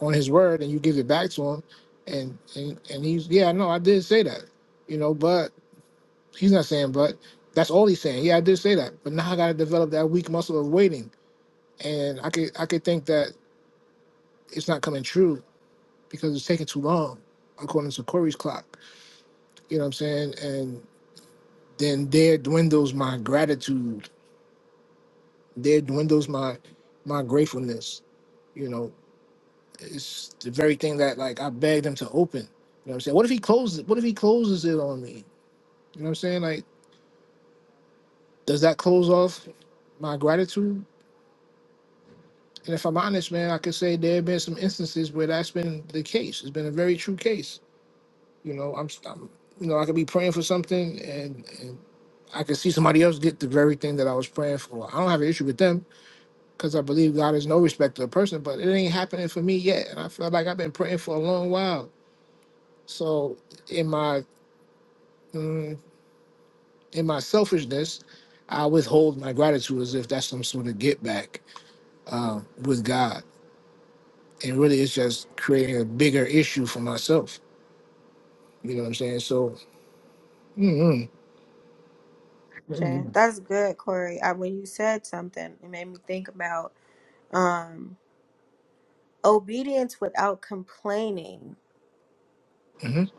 S2: on his word, and you give it back to him, and and and he's yeah, I know I did say that, you know, but he's not saying but. That's all he's saying. Yeah, I did say that, but now I got to develop that weak muscle of waiting and I could I could think that it's not coming true because it's taking too long, according to Corey's clock. You know what I'm saying? And then there dwindles my gratitude. There dwindles my my gratefulness. You know, it's the very thing that like I begged him to open. You know what I'm saying? What if he closes? What if he closes it on me? You know what I'm saying? Like, does that close off my gratitude? And if I'm honest, man, I could say there have been some instances where that's been the case. It's been a very true case You know, I'm, I'm you know, I could be praying for something and, and I could see somebody else get the very thing that I was praying for. I don't have an issue with them because I believe God is no respecter of person, but it ain't happening for me yet. And I feel like I've been praying for a long while. So in my mm, in my selfishness, I withhold my gratitude as if that's some sort of get back uh, with God. And really, it's just creating a bigger issue for myself. You know what I'm saying? So, mm mm
S1: Sure.
S2: mm,
S1: That's good, Corey. I, when you said something, it made me think about. um obedience without complaining
S2: mhm.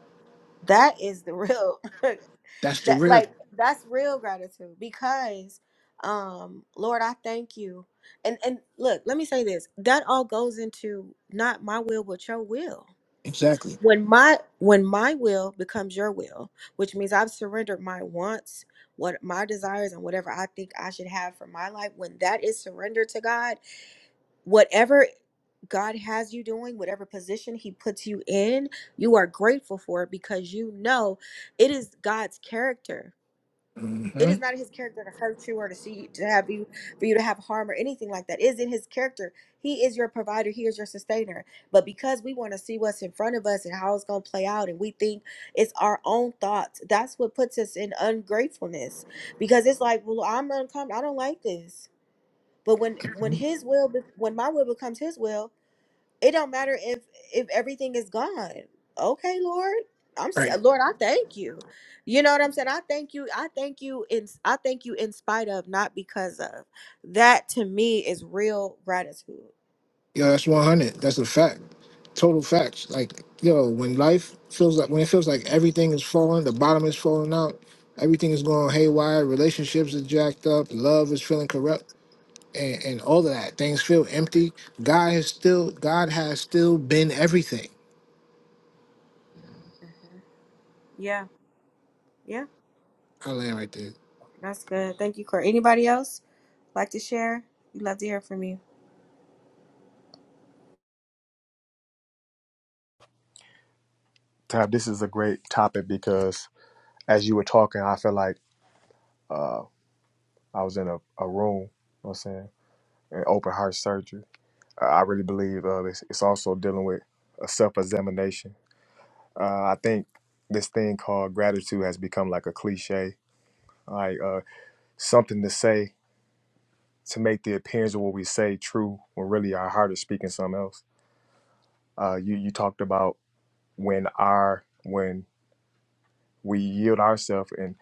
S1: that is the real [laughs] that
S2: that's the real.
S1: like that's real gratitude because um lord i thank you and and look let me say this that all goes into not my will but your will
S2: Exactly.
S1: when my when my will becomes your will which means i've surrendered my wants what my desires and whatever i think i should have for my life when that is surrendered to god whatever. God has you doing, whatever position He puts you in, you are grateful for it because you know it is God's character. It
S2: hmm
S1: is not His character to hurt you or to see to have you for you to have harm or anything like that. It is in His character. He is your provider. He is your sustainer. But because we want to see what's in front of us and how it's going to play out, and we think it's our own thoughts, that's what puts us in ungratefulness. Because it's like, well, I'm uncomfortable. I don't like this. But when when His will, be- when my will becomes His will it don't matter if if everything is gone. Okay, Lord. I'm
S2: Right.
S1: st- Lord, I thank you. You know what I'm saying? I thank you. I thank you in I thank you in spite of, not because of. That to me is real gratitude.
S2: Yeah, that's one hundred. That's a fact. Total facts. Like yo, when life feels like when it feels like everything is falling, the bottom is falling out, everything is going haywire, relationships are jacked up, love is feeling corrupt, and, and all of that. Things feel empty. God has still God has still been everything.
S1: Yeah. Yeah.
S2: I land right there.
S1: That's good. Thank you, Corey. Anybody else like to share? We love to hear from you.
S8: Tab, this is a great topic because as you were talking, I felt like uh, I was in a, a room, you know what I'm saying, an open heart surgery Uh, I really believe uh, it's, it's also dealing with a self examination. Uh, I think this thing called gratitude has become like a cliche, like uh, something to say to make the appearance of what we say true when really our heart is speaking something else. Uh, you, you talked about when our when we yield ourselves and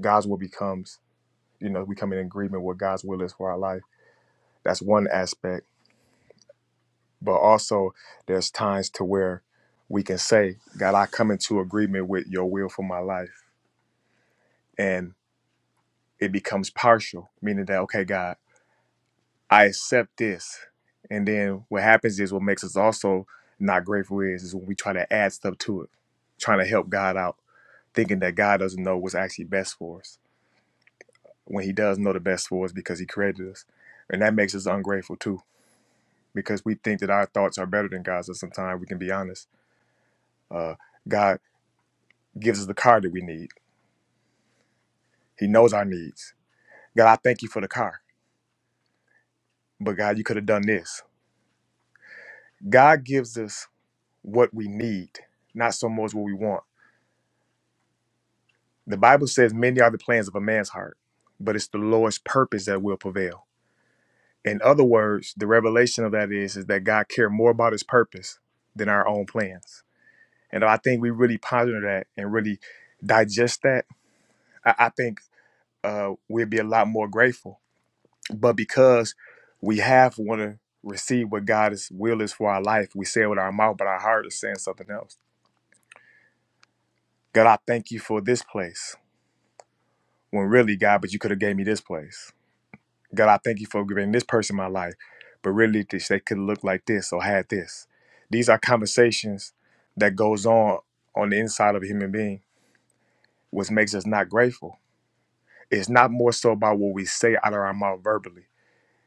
S8: God's will becomes, you know, we come in agreement with God's will is for our life. That's one aspect but also there's times to where we can say god i come into agreement with your will for my life and it becomes partial meaning that okay god i accept this and then what happens is what makes us also not grateful is is when we try to add stuff to it trying to help god out thinking that god doesn't know what's actually best for us when he does know the best for us because he created us and that makes us ungrateful too because we think that our thoughts are better than god's and sometimes we can be honest uh, god gives us the car that we need. He knows our needs. God, I thank you for the car, but God, you could have done this. God gives us what we need, not so much what we want. The Bible says many are the plans of a man's heart, but it's the Lord's purpose that will prevail. In other words, the revelation of that is, is that God cared more about his purpose than our own plans. And if I think we really ponder that and really digest that, I, I think uh, we'd be a lot more grateful But because we half want to receive what God's will is for our life, we say it with our mouth, but our heart is saying something else. God, I thank you for this place. When really, God, but you could have gave me this place. God, I thank you for giving this person my life, but really, this they could look like this or had this. These are conversations that goes on on the inside of a human being, which makes us not grateful. It's not more so about what we say out of our mouth verbally.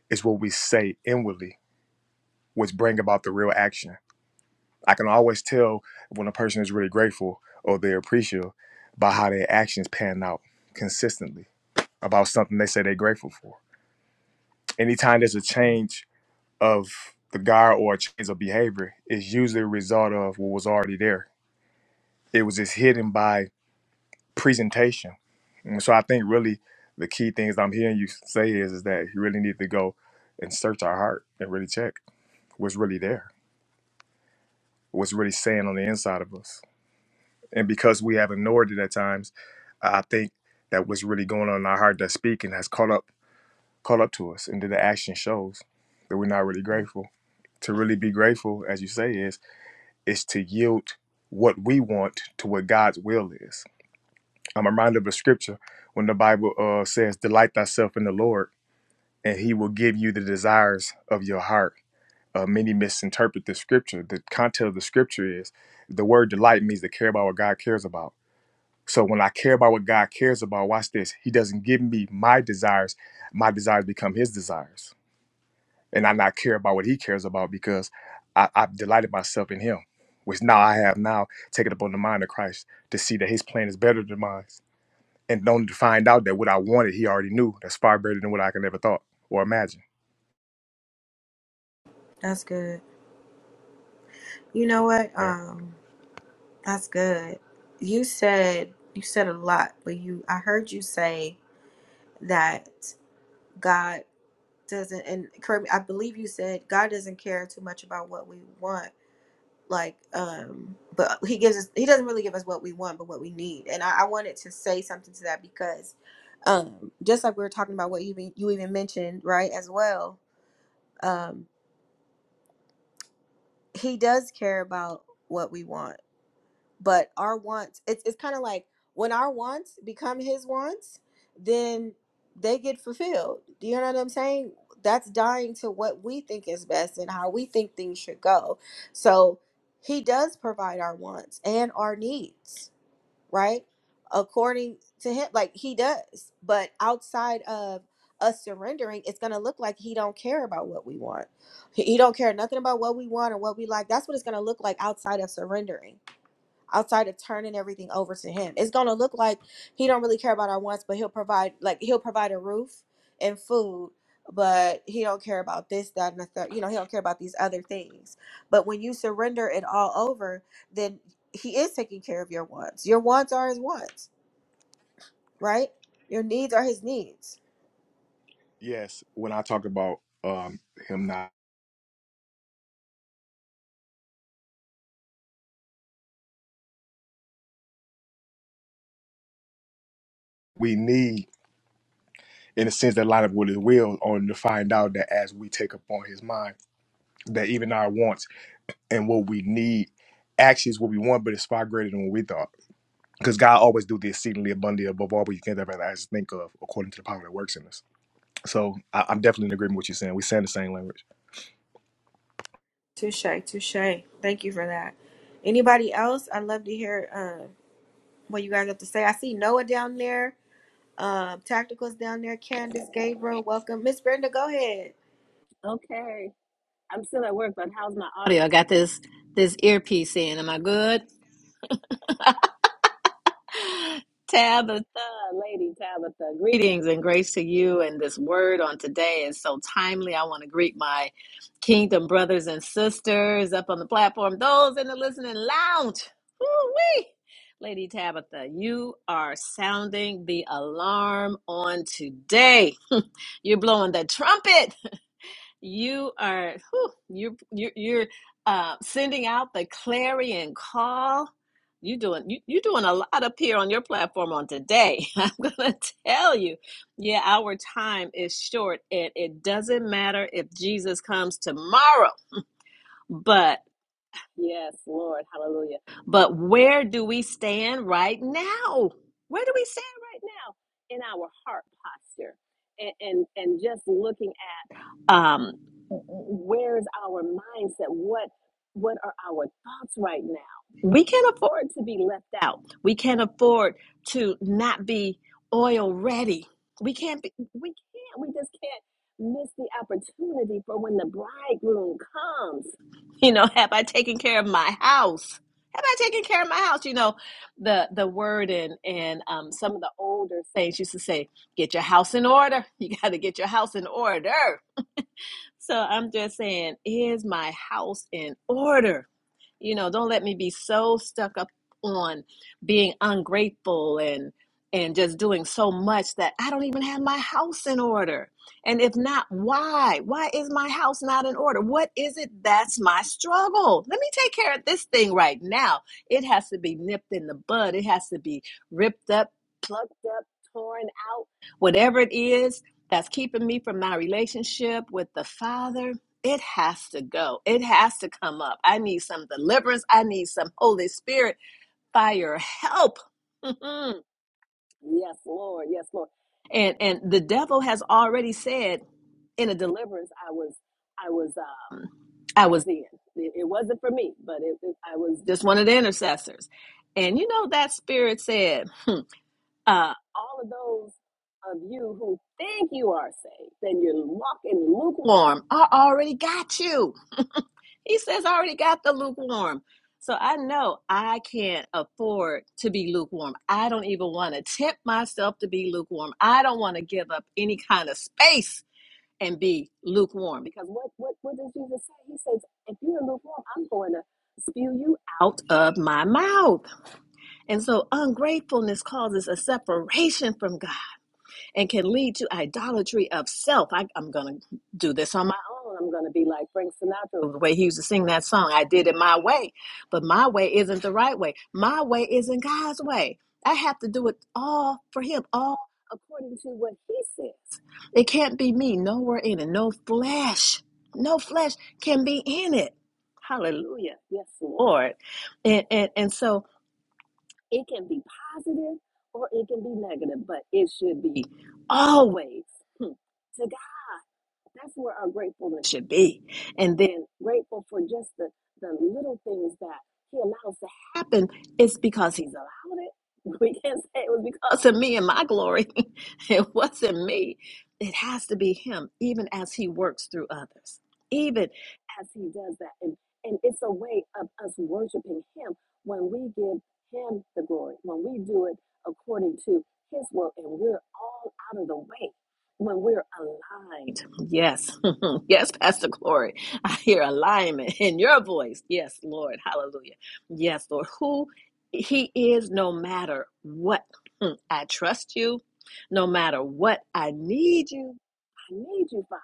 S8: It's what we say inwardly, which bring about the real action I can always tell when a person is really grateful or they're appreciative by how their actions pan out consistently about something they say they're grateful for. Anytime there's a change of the guard or a change of behavior, it's usually a result of what was already there. It was just hidden by presentation. And so I think really the key things I'm hearing you say is, is that you really need to go and search our heart and really check what's really there, what's really saying on the inside of us and because we have ignored it at times, I think that what's really going on in our heart that's speaking has caught up caught up to us, and then the action shows that we're not really grateful. To really be grateful, as you say, is is to yield what we want to what God's will is. I'm reminded of a scripture when the Bible uh, says, "Delight thyself in the Lord, and He will give you the desires of your heart." Uh, many misinterpret the scripture. The content of the scripture is the word delight means to care about what God cares about so when I care about what God cares about, watch this. He doesn't give me my desires. My desires become his desires. And I not care about what he cares about because I, I've delighted myself in him, which now I have now taken upon the mind of Christ to see that his plan is better than mine. And only to find out that what I wanted, he already knew. That's far better than what I could ever thought or imagine.
S1: That's good. You know what?
S8: There.
S1: Um, that's good. You said you said a lot, but you I heard you say that God. doesn't and correct me i believe you said god doesn't care too much about what we want like um but he gives us he doesn't really give us what we want but what we need and i, I wanted to say something to that because um just like we were talking about what you even you even mentioned right as well um he does care about what we want but our wants it's it's kind of like when our wants become his wants then they get fulfilled do you know what i'm saying that's dying to what we think is best and how we think things should go so he does provide our wants and our needs right according to him like he does but outside of us surrendering it's going to look like he don't care about what we want he, he don't care nothing about what we want or what we like that's what it's going to look like outside of surrendering outside of turning everything over to him. It's gonna look like he don't really care about our wants, but he'll provide like he'll provide a roof and food, but he don't care about this, that, and the third. You know, he don't care about these other things. But when you surrender it all over, then he is taking care of your wants. Your wants are his wants, right? Your needs are his needs.
S8: Yes, when I talk about um, him not, we need, in a sense, that line up with his will, only to find out that as we take upon his mind, that even our wants and what we need actually is what we want, but it's far greater than what we thought. Because God always do the exceedingly abundantly above all we can ever ask, think of, according to the power that works in us. So I, I'm definitely in agreement with what you are saying. We saying the same language.
S1: Touche, touche. Thank you for that. Anybody else? I'd love to hear uh, what you guys have to say. I see Noah down there. Um, Tacticals down there, Candace, Gabriel, welcome. Miss Brenda, go ahead.
S19: Okay. I'm still at work, but how's my audio? I got this this earpiece in. Am I good? [gasps] [sighs] Tabitha, Lady Tabitha, greetings and grace to you. And this word on today is so timely. I want to greet my kingdom brothers and sisters up on the platform, those in the listening lounge. Woo-wee. Lady Tabitha, you are sounding the alarm on today. [laughs] You're blowing the trumpet You are whew, you're you're, you're uh, sending out the clarion call. You doing you, you're doing a lot up here on your platform on today. [laughs] I'm gonna tell you, yeah, our time is short, and it doesn't matter if Jesus comes tomorrow. But yes, Lord, Hallelujah. But where do we stand right now? Where do we stand right now in our heart posture? and and and just looking um, where's our mindset what what are our thoughts right now we can't afford to be left out we can't afford to not be oil ready we can't be, we can't we just can't miss the opportunity for when the bridegroom comes you know have i taken care of my house have i taken care of my house you know the the word and and um, some of the older saints used to say get your house in order [laughs] you got to get your house in order so I'm just saying, is my house in order? You know, don't let me be so stuck up on being ungrateful and and just doing so much that I don't even have my house in order. And if not, why? Why is my house not in order? What is it that's my struggle? Let me take care of this thing right now. It has to be nipped in the bud. It has to be ripped up, plucked up, torn out, whatever it is that's keeping me from my relationship with the Father it has to go. It has to come up. I need some deliverance. I need some Holy Spirit fire help. [laughs] yes, Lord. Yes, Lord. And and the devil has already said in a deliverance I was I was um I was in. It, it wasn't for me, but it, it- I was just one of the intercessors. And you know that spirit said, uh, all of those of you who think you are saved, then you're walking lukewarm. I already got you. He says, I already got the lukewarm. So I know I can't afford to be lukewarm. I don't even want to tempt myself to be lukewarm. I don't want to give up any kind of space and be lukewarm. Because what, what, what does Jesus say? He says, if you're lukewarm, I'm going to spew you out of my mouth. And so ungratefulness causes a separation from God and can lead to idolatry of self. I, I'm going to do this on my own. I'm going to be like Frank Sinatra, the way he used to sing that song. I did it my way, but my way isn't the right way. My way isn't God's way. I have to do it all for Him, all according to what He says. It can't be me. Nowhere in it. No flesh. No flesh can be in it. Hallelujah. Yes, Lord. And, and, and so it can be positive or it can be negative, but it should be always to that's where our gratefulness should be. And then grateful for just the, the little things that he allows to happen. It's because he's allowed it. [laughs] We can't say it was because of me and my glory. [laughs] it wasn't me. It has to be him, even as he works through others, even as he does that. And, and it's a way of us worshiping him when we give him the glory, when we do it according to his will, and we're all out of the way, when we're aligned. Yes. [laughs] yes, Pastor Glory. I hear alignment [laughs] in your voice. Yes, Lord. Hallelujah. Yes, Lord. Who He is, no matter what. Mm, I trust you. No matter what, I need you. I need you, Father,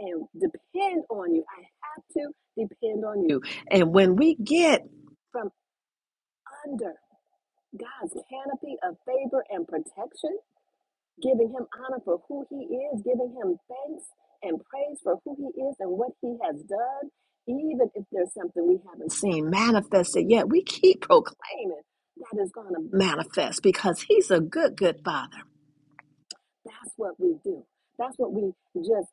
S19: and depend on you. I have to depend on you. And when we get from under God's canopy of favor and protection, giving him honor for who he is, giving him thanks and praise for who he is and what he has done, even if there's something we haven't seen manifested yet, we keep proclaiming that is going to manifest because he's a good, good father. That's what we do. That's what we just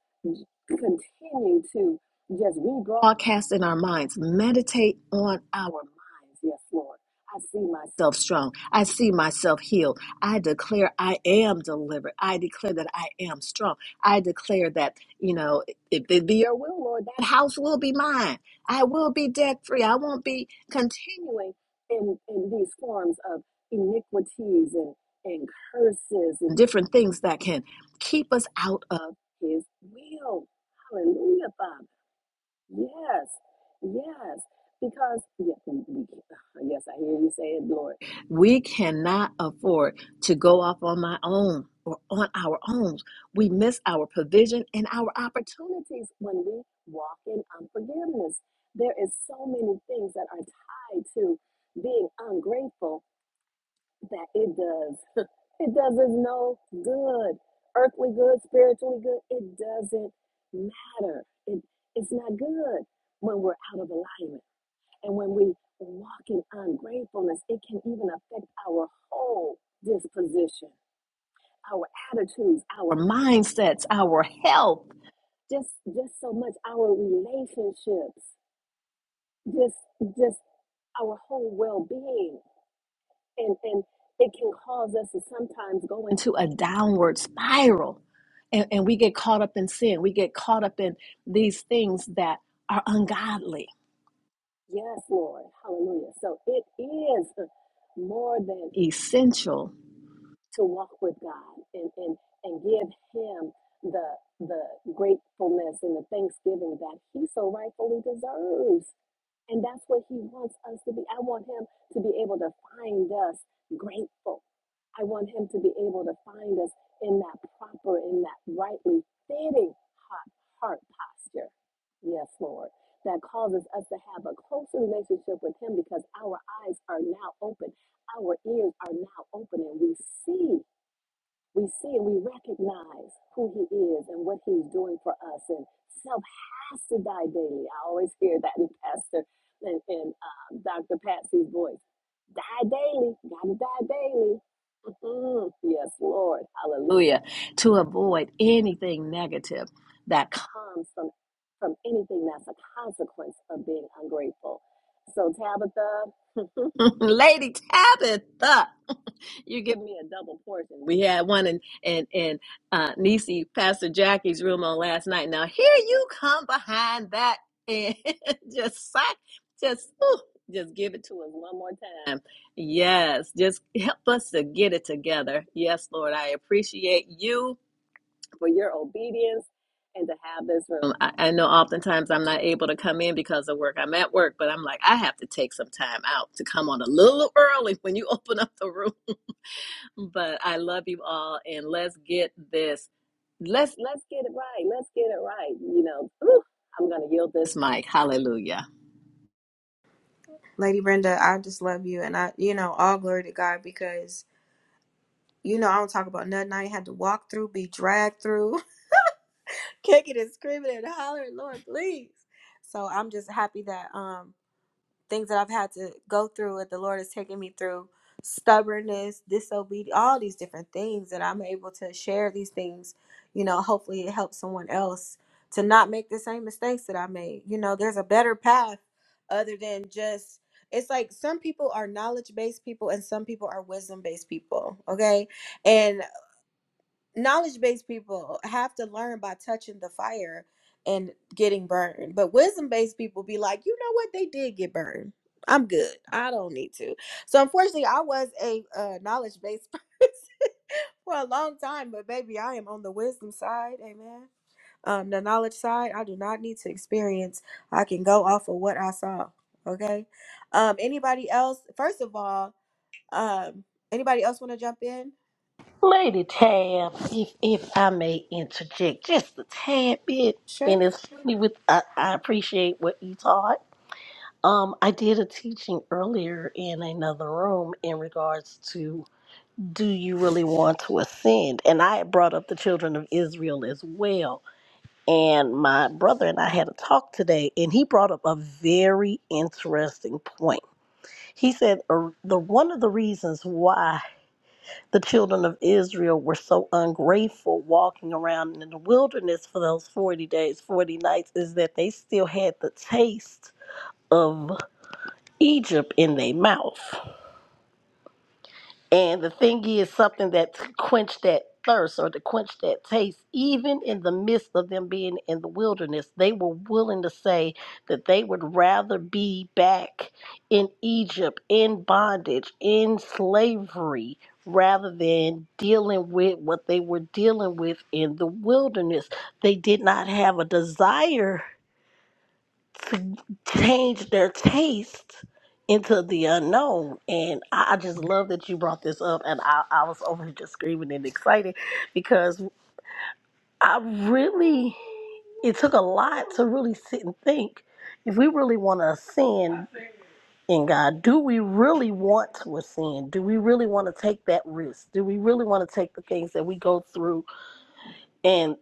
S19: continue to just rebroadcast in our minds. Meditate on our minds. Yes, Lord. I see myself strong. I see myself healed. I declare I am delivered. I declare that I am strong. I declare that, you know, if it be your will, Lord, that house will be mine. I will be debt free. I won't be continuing in, in these forms of iniquities and, and curses and different things that can keep us out of His will. Hallelujah, Father. Yes, yes. Because, yeah, [sighs] yes, I hear you say it, Lord. We cannot afford to go off on my own or on our own. We miss our provision and our opportunities when we walk in unforgiveness. There is so many things that are tied to being ungrateful that it does it does us no good. Earthly good, spiritually good, it doesn't matter. It, it's not good when we're out of alignment. And when we walk in ungratefulness, it can even affect our whole disposition, our attitudes, our mindsets, our health, just just so much our relationships, just just our whole well-being. and and it can cause us to sometimes go into a downward spiral and, and we get caught up in sin we get caught up in these things that are ungodly yes lord hallelujah so it is more than essential to walk with god and and, and give him the the gratefulness and the thanksgiving that he so rightfully deserves and that's what he wants us to be. I want him to be able to find us grateful. I want him to be able to find us in that proper, in that rightly fitting hot heart posture. Yes, Lord. That causes us to have a closer relationship with him because our eyes are now open, our ears are now open, and we see. We see and we recognize who he is and what he's doing for us. And self has to die daily. I always hear that in Pastor and, and um, Dr. Patsy's voice. Die daily. Gotta die daily. Mhm. Yes, Lord. Hallelujah. To avoid anything negative that comes from from anything that's a consequence of being ungrateful. So Tabitha, [laughs] Lady Tabitha. You give me a double portion. We had one in in in uh, Nisi Pastor Jackie's room on last night. Now here you come behind that and [laughs] just sack, just ooh, just give it to us one more time. Yes, just help us to get it together. Yes, Lord, I appreciate you for your obedience and to have this room. I, I know oftentimes I'm not able to come in because of work. I'm at work, but I'm like I have to take some time out to come on a little early when you [laughs] open up the room but I love you all, and let's get this. Let's let's get it right. Let's get it right. You know, Ooh, I'm gonna yield this mic. Hallelujah.
S1: Lady Brenda, I just love you. And I, you know, all glory to God because, you know, I don't talk about nothing I ain't had to walk through, be dragged through, [laughs] kicking and screaming and hollering, Lord, please. So I'm just happy that, um, things that I've had to go through, what the Lord has taken me through, stubbornness, disobedience, all these different things that I'm able to share these things. You know, hopefully it helps someone else to not make the same mistakes that I made. You know, there's a better path other than just it's like some people are knowledge based people and some people are wisdom based people, okay? and knowledge based people have to learn by touching the fire and getting burned. But wisdom based people be like, you know what? They did get burned. I'm good. I don't need to. So unfortunately, I was a uh, knowledge based [laughs] person for a long time, but baby, I am on the wisdom side. Amen. Um, the knowledge side, I do not need to experience. I can go off of what I saw. Okay. Um, anybody else? First of all, um, anybody else want to jump in?
S13: Lady Tab, if if I may interject just a tad bit,
S1: Sure.
S13: and it's funny with I, I appreciate what you taught. Um, I did a teaching earlier in another room in regards to do you really want to ascend? And I had brought up the children of Israel as well. And my brother and I had a talk today, and he brought up a very interesting point He said uh, the one of the reasons why the children of Israel were so ungrateful walking around in the wilderness for those 40 days, 40 nights is that they still had the taste of Egypt in their mouth. And the thing is, something that to quench that thirst or to quench that taste, even in the midst of them being in the wilderness, they were willing to say that they would rather be back in Egypt, in bondage, in slavery, rather than dealing with what they were dealing with in the wilderness. They did not have a desire to change their taste into the unknown. And I I just love that you brought this up. And I, I was over here just screaming and excited because I really, it took a lot to really sit and think. If we really want to ascend in God, do we really want to ascend? Do we really want to take that risk? Do we really want to take the things that we go through and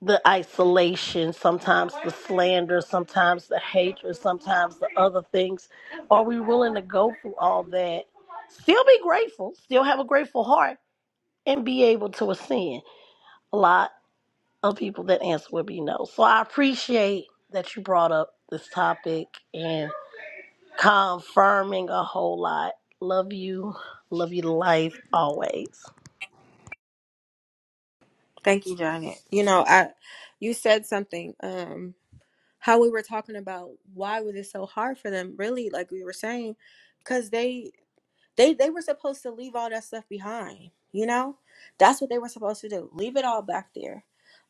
S13: the isolation, sometimes the slander, sometimes the hatred, sometimes the other things. Are we willing to go through all that? Still be grateful, still have a grateful heart, and be able to ascend. A lot of people that answer would be no. So I appreciate that you brought up this topic and confirming a whole lot. Love you. Love you to life always.
S1: Thank you, Janet. You know, I you said something um how we were talking about why was it so hard for them really like we were saying cuz they they they were supposed to leave all that stuff behind, you know? That's what they were supposed to do. Leave it all back there.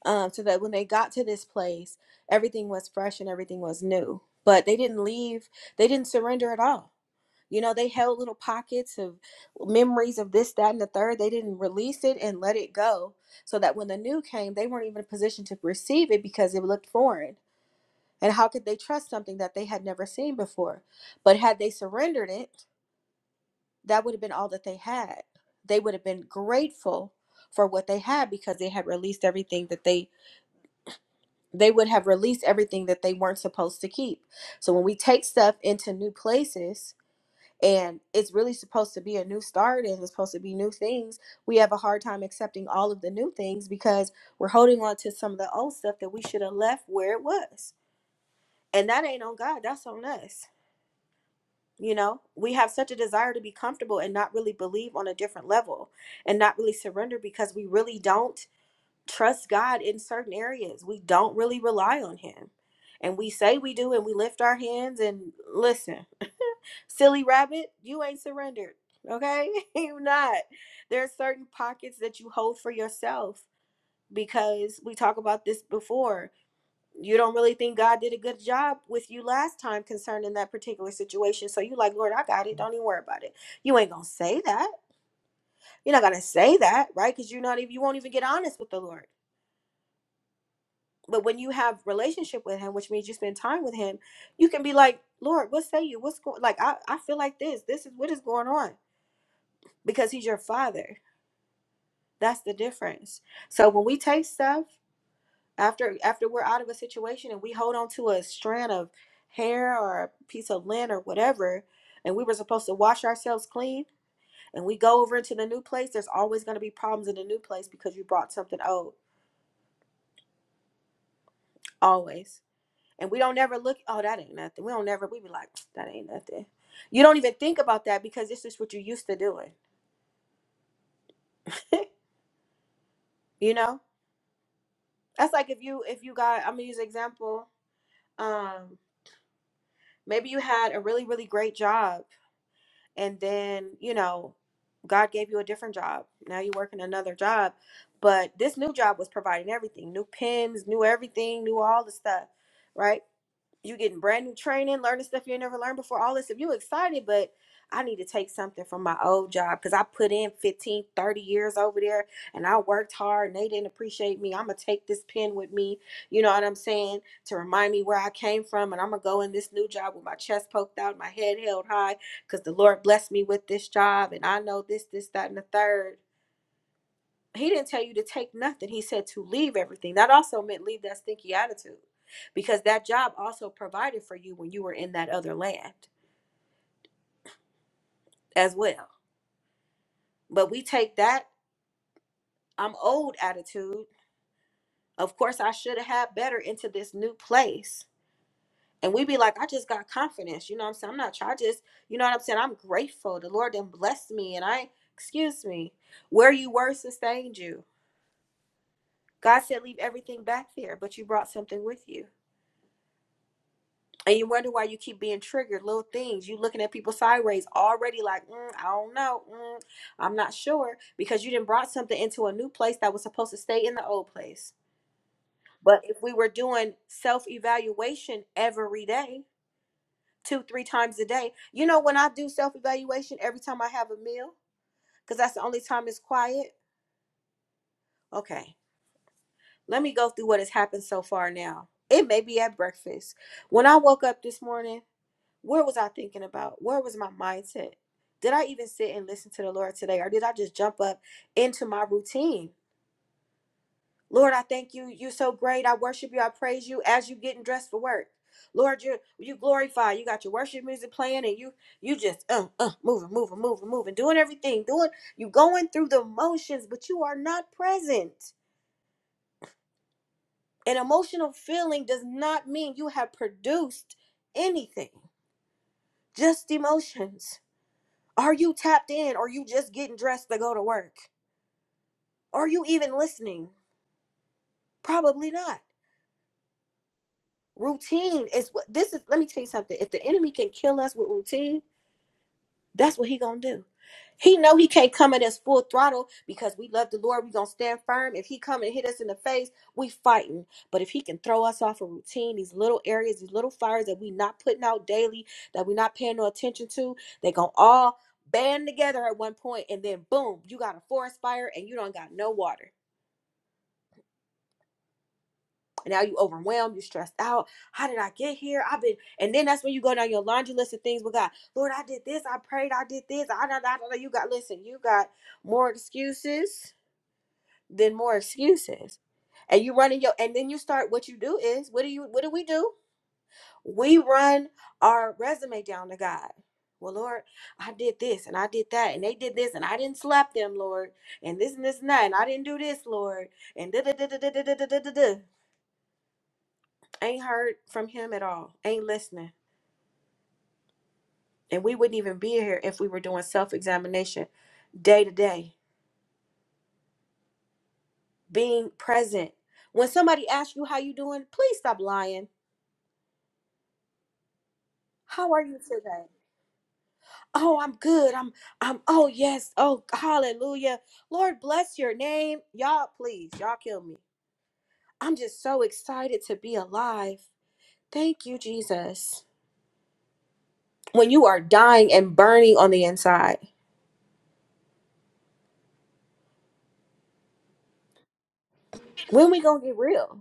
S1: Um so that when they got to this place, everything was fresh and everything was new. But they didn't leave. They didn't surrender at all you know, they held little pockets of memories of this, that, and the third. They didn't release it and let it go so that when the new came, they weren't even in a position to receive it because it looked foreign. And how could they trust something that they had never seen before? But had they surrendered it, that would have been all that they had. They would have been grateful for what they had because they had released everything that they they would have released everything that they weren't supposed to keep. So when we take stuff into new places, and it's really supposed to be a new start and it's supposed to be new things we have a hard time accepting all of the new things because we're holding on to some of the old stuff that we should have left where it was and that ain't on god that's on us you know we have such a desire to be comfortable and not really believe on a different level and not really surrender because we really don't trust god in certain areas we don't really rely on him and we say we do and we lift our hands and listen silly rabbit, you ain't surrendered. Okay? [laughs] you not. There are certain pockets that you hold for yourself because we talk about this before. You don't really think God did a good job with you last time concerning that particular situation. So you like, Lord, I got it. Don't even worry about it. You ain't gonna say that. You're not gonna say that, right? Because you're not even you won't even get honest with the Lord. But when you have relationship with him, which means you spend time with him, you can be like, Lord, what say you? What's going like I, I feel like this. This is what is going on because he's your father. That's the difference. So when we take stuff after after we're out of a situation and we hold on to a strand of hair or a piece of lint or whatever, and we were supposed to wash ourselves clean and we go over into the new place, there's always gonna be problems in the new place because you brought something old. Always. And we don't never look, oh, that ain't nothing. We don't never we be like, that ain't nothing. You don't even think about that because it's just what you used to doing. [laughs] you know? That's like if you if you got I'm gonna use an example. Um Maybe you had a really, really great job, and then, you know, God gave you a different job. Now you're working another job, but this new job was providing everything new pens, new everything, new all the stuff, right? you getting brand new training, learning stuff you ain't never learned before, all this. If you excited, but I need to take something from my old job because I put in 15, 30 years over there and I worked hard and they didn't appreciate me. I'm going to take this pen with me, you know what I'm saying, to remind me where I came from. And I'm going to go in this new job with my chest poked out, my head held high because the Lord blessed me with this job and I know this, this, that, and the third. He didn't tell you to take nothing. He said to leave everything. That also meant leave that stinky attitude because that job also provided for you when you were in that other land as well. But we take that I'm old attitude. Of course, I should have had better into this new place. And we be like, I just got confidence. You know what I'm saying? I'm not trying. I just, you know what I'm saying? I'm grateful. The Lord then blessed me. And I, excuse me, where you were sustained you. God said, leave everything back there, but you brought something with you. and you wonder why you keep being triggered little things you looking at people sideways already like mm, i don't know mm, i'm not sure because you didn't brought something into a new place that was supposed to stay in the old place but if we were doing self-evaluation every day two three times a day you know when i do self-evaluation every time i have a meal because that's the only time it's quiet okay let me go through what has happened so far now it may be at breakfast when i woke up this morning Where was I thinking about? Where was my mindset? Did I even sit and listen to the Lord today, or did I just jump up into my routine? Lord, I thank you. You're so great. I worship you. I praise you as you getting dressed for work. Lord, you you glorify. You got your worship music playing, and you you just uh uh moving, moving, moving, moving, doing everything, doing you going through the motions, but you are not present. An emotional feeling does not mean you have produced anything, just emotions. Are you tapped in? Are you just getting dressed to go to work? Are you even listening? Probably not. Routine is what this is. Let me tell you something. If the enemy can kill us with routine, That's what he gonna do. He know he can't come at us full throttle because we love the Lord. We gonna stand firm. If he come and hit us in the face, we fighting. But if he can throw us off a routine, these little areas, these little fires that we not putting out daily, that we not paying no attention to, they gonna all band together at one point, and then boom, you got a forest fire and you don't got no water. And now you overwhelmed, you stressed out. How did I get here? I've been, and then that's when you go down your laundry list of things with God. Lord, I did this, I prayed, I did this, I don't know. You got listen, you got more excuses than more excuses. And you running your and then you start what you do is what do you what do we do? We run our resume down to God. Well, Lord, I did this and I did that, and they did this, and I didn't slap them, Lord, and this and this and that, and I didn't do this, Lord, and da da da da da da da da da. Ain't heard from him at all. Ain't listening. And we wouldn't even be here if we were doing self examination day to day, being present. When somebody asks you how you doing, please stop lying. How are you today? Oh, I'm good. I'm I'm oh yes. Oh, hallelujah. Lord bless your name. Y'all please, y'all kill me. I'm just so excited to be alive. Thank you, Jesus. When you are dying and burning on the inside, when we going to get real?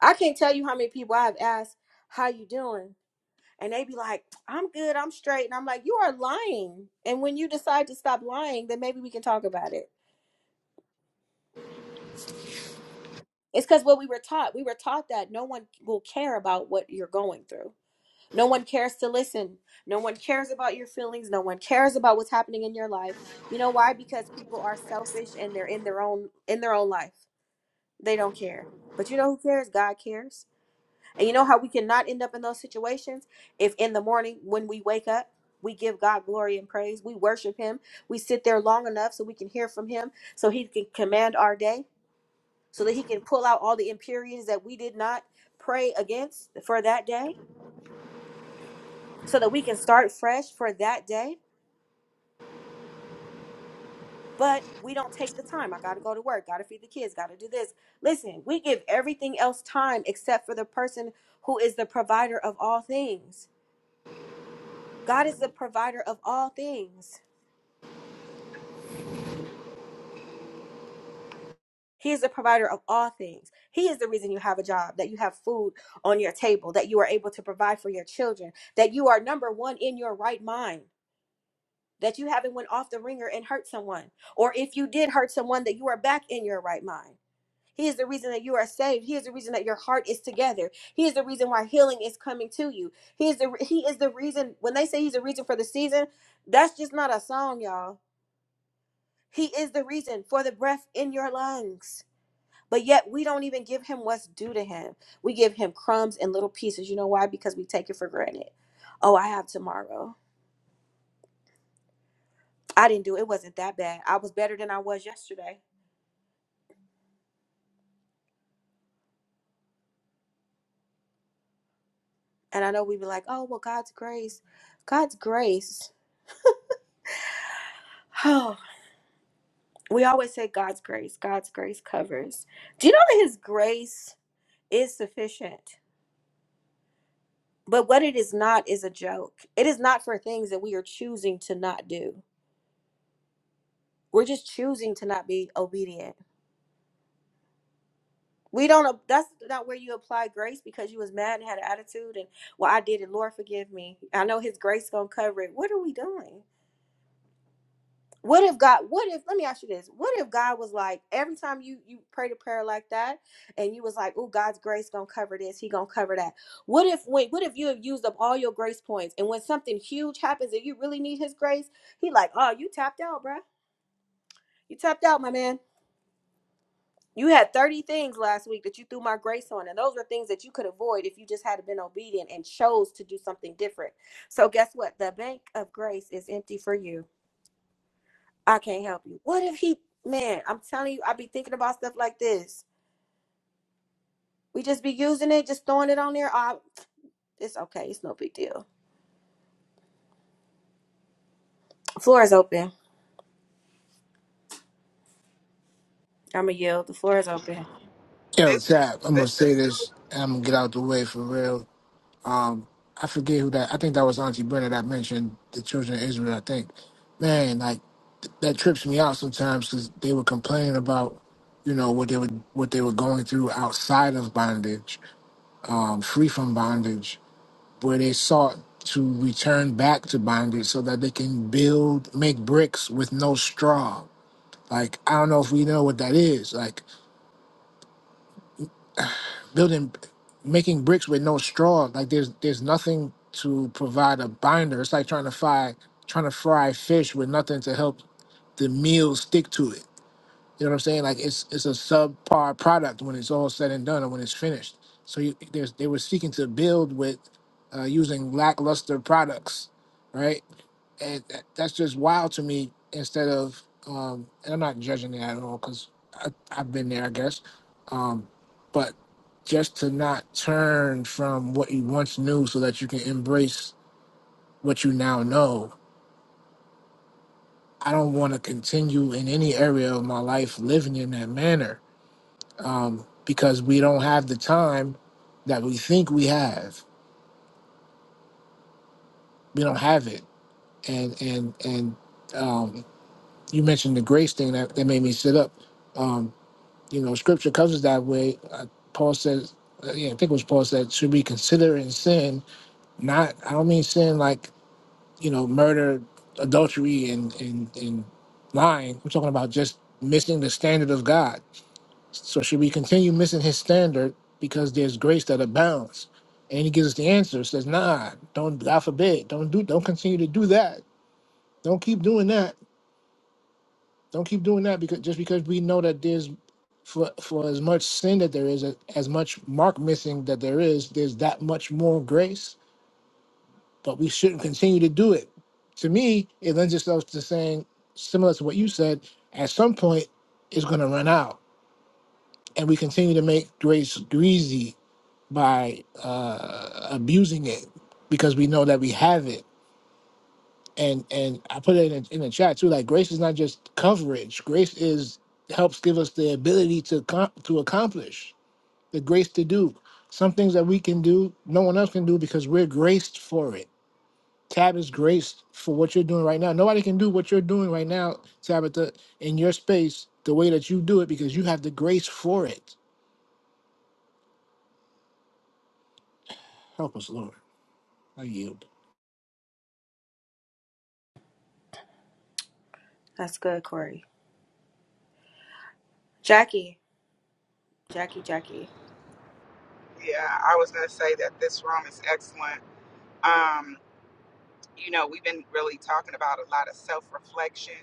S1: I can't tell you how many people I've asked, "How you doing?" and they be like, "I'm good, I'm straight," and I'm like, "You are lying." And when you decide to stop lying, then maybe we can talk about it. It's because what we were taught. We were taught that no one will care about what you're going through. No one cares to listen. No one cares about your feelings. No one cares about what's happening in your life. You know why? Because people are selfish and they're in their own in their own life. They don't care. But you know who cares? God cares. And you know how we cannot end up in those situations? If in the morning when we wake up, we give God glory and praise, we worship Him, we sit there long enough so we can hear from Him, so He can command our day, so that He can pull out all the impurities that we did not pray against for that day, so that we can start fresh for that day. But we don't take the time. I got to go to work, got to feed the kids, got to do this. Listen, we give everything else time except for the person who is the provider of all things. God is the provider of all things. He is the provider of all things. He is the reason you have a job, that you have food on your table, that you are able to provide for your children, that you are number one in your right mind, that you haven't went off the ringer and hurt someone, or if you did hurt someone, that you are back in your right mind. He is the reason that you are saved. He is the reason that your heart is together. He is the reason why healing is coming to you. He is the he is the reason when they say he's the reason for the season, that's just not a song, y'all. He is the reason for the breath in your lungs. But yet we don't even give him what's due to him. We give him crumbs and little pieces. You know why? Because we take it for granted. Oh, I have tomorrow. I didn't do it. It wasn't that bad. I was better than I was yesterday. And I know we be like, oh well, God's grace. God's grace. [sighs] Oh, we always say God's grace. God's grace covers. Do you know that his grace is sufficient? But what it is not is a joke. It is not for things that we are choosing to not do. We're just choosing to not be obedient We don't. That's not where you apply grace because you was mad and had an attitude. And well, I did it. Lord, forgive me. I know His grace gonna cover it. What are we doing? What if God? What if? Let me ask you this. What if God was like every time you you prayed a prayer like that, and you was like, "Oh, God's grace gonna cover this. He gonna cover that." What if when? What if you have used up all your grace points, and when something huge happens and you really need His grace, He like, "Oh, you tapped out, bruh. You tapped out, my man." You had 30 things last week that you threw my grace on, and those were things that you could avoid if you just had been obedient and chose to do something different. So, guess what? The bank of grace is empty for you. I can't help you. What if he, man, I'm telling you, I be thinking about stuff like this. We just be using it, just throwing it on there. Oh, it's okay. It's no big deal. Floor is open. I'm going to yield. The floor is open.
S2: Yo,
S11: This
S2: Tap, I'm gonna
S11: this
S2: say
S11: is
S2: this and I'm gonna get out the way for real. I forget who that. I think that was Auntie Brenda that mentioned the children of Israel. I think, man, like th- that trips me out sometimes because they were complaining about, you know, what they were what they were going through outside of bondage, um, free from bondage, where they sought to return back to bondage so that they can build, make bricks with no straw. Like I don't know if we know what that is. Like building making bricks with no straw like there's there's nothing to provide a binder it's like trying to fry trying to fry fish with nothing to help the meal stick to it you know what i'm saying like it's it's a subpar product when it's all said and done or when it's finished so you, there's they were seeking to build with uh, using lackluster products right and that, that's just wild to me instead of um and i'm not judging it at all because i've been there i guess um but just to not turn from what you once knew so that you can embrace what you now know i don't want to continue in any area of my life living in that manner um because we don't have the time that we think we have we don't have it and and and um you mentioned the grace thing that, that made me sit up um, You know, Scripture covers that way. Uh, Paul says, uh, yeah, I think it was Paul said, should we consider in sin? Not, I don't mean sin like you know, murder, adultery, and and and lying. I'm talking about just missing the standard of God. So should we continue missing His standard because there's grace that abounds? And He gives us the answer. Says, nah, don't. God forbid, don't do, don't continue to do that. Don't keep doing that Don't keep doing that because just because we know that there's for for as much sin that there is, as much mark missing that there is, there's that much more grace. But we shouldn't continue to do it. To me, it lends itself to saying similar to what you said. At some point, it's going to run out, and we continue to make grace greasy by uh, abusing it because we know that we have it and and I put it in in the chat too. Like grace is not just coverage. Grace is helps give us the ability to com- to accomplish the grace to do some things that we can do, no one else can do because we're graced for it. Tab is graced for what you're doing right now. Nobody can do what you're doing right now, Tabitha, in your space the way that you do it because you have the grace for it. Help us, Lord. I yield.
S1: That's good, Corey. Jackie, Jackie, Jackie.
S11: yeah. I was gonna say that this room is excellent. Um, you know, we've been really talking about a lot of self reflection.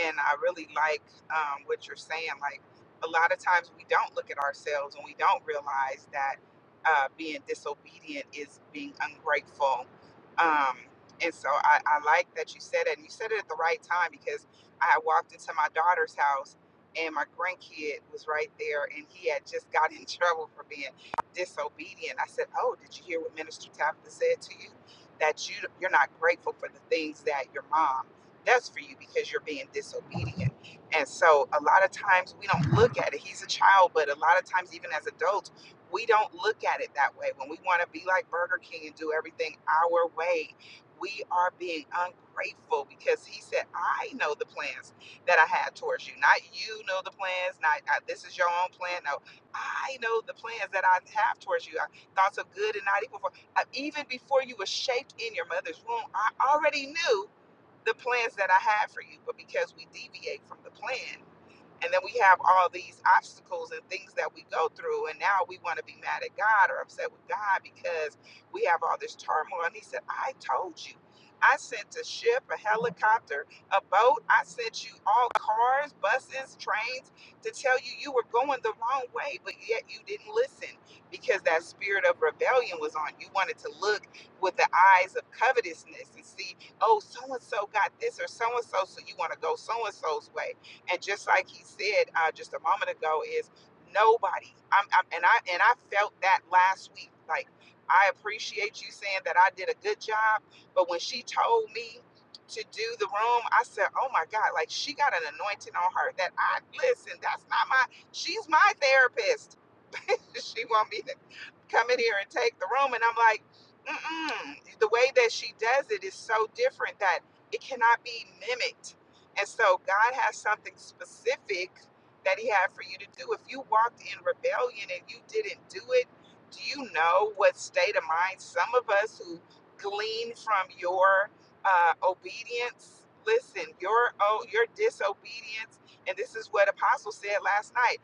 S11: And I really like um, what you're saying. Like, a lot of times we don't look at ourselves and we don't realize that uh, being disobedient is being ungrateful. Um, and so I, I like that you said it. And you said it at the right time because I had walked into my daughter's house and my grandkid was right there and he had just got in [laughs] trouble for being disobedient. I said, Oh, did you hear what Minister Tabitha said to you? that you you're not grateful for the things that your mom does for you because you're being disobedient. And so a lot of times we don't look at it. He's a child, but a lot of times even as adults, we don't look at it that way. When we want to be like Burger King and do everything our way, we are being ungrateful because he said, I know the plans that I had towards you. Not you know the plans, not uh, this is your own plan. No, I know the plans that I have towards you. I, thoughts of good and not evil uh, even before you were shaped in your mother's womb, I already knew the plans that I had for you. But because we deviate from the plan, and then we have all these obstacles and things that we go through. And now we want to be mad at God or upset with God because we have all this turmoil. And he said, I told you. I sent a ship, a helicopter, a boat. I sent you all cars, buses, trains to tell you you were going the wrong way, but yet you didn't listen because that spirit of rebellion was on. You wanted to look with the eyes of covetousness and see, oh, so and so got this or so and so, so you want to go so and so's way and just like he said uh, just a moment ago, is nobody. I'm, I'm and I and I felt that last week. Like I appreciate you saying that I did a good job, but when she told me to do the room, I said, "Oh my God!" Like she got an anointing on her that I listen. That's not my. She's my therapist [laughs] she want me to come in here and take the room and i'm like Mm-mm. the way that she does it is so different that it cannot be mimicked and so God has something specific that He had for you to do. If you walked in rebellion and you didn't do it, do you know what state of mind some of us who glean from your uh, obedience? Listen, your oh, your disobedience, and this is what Apostle said last night.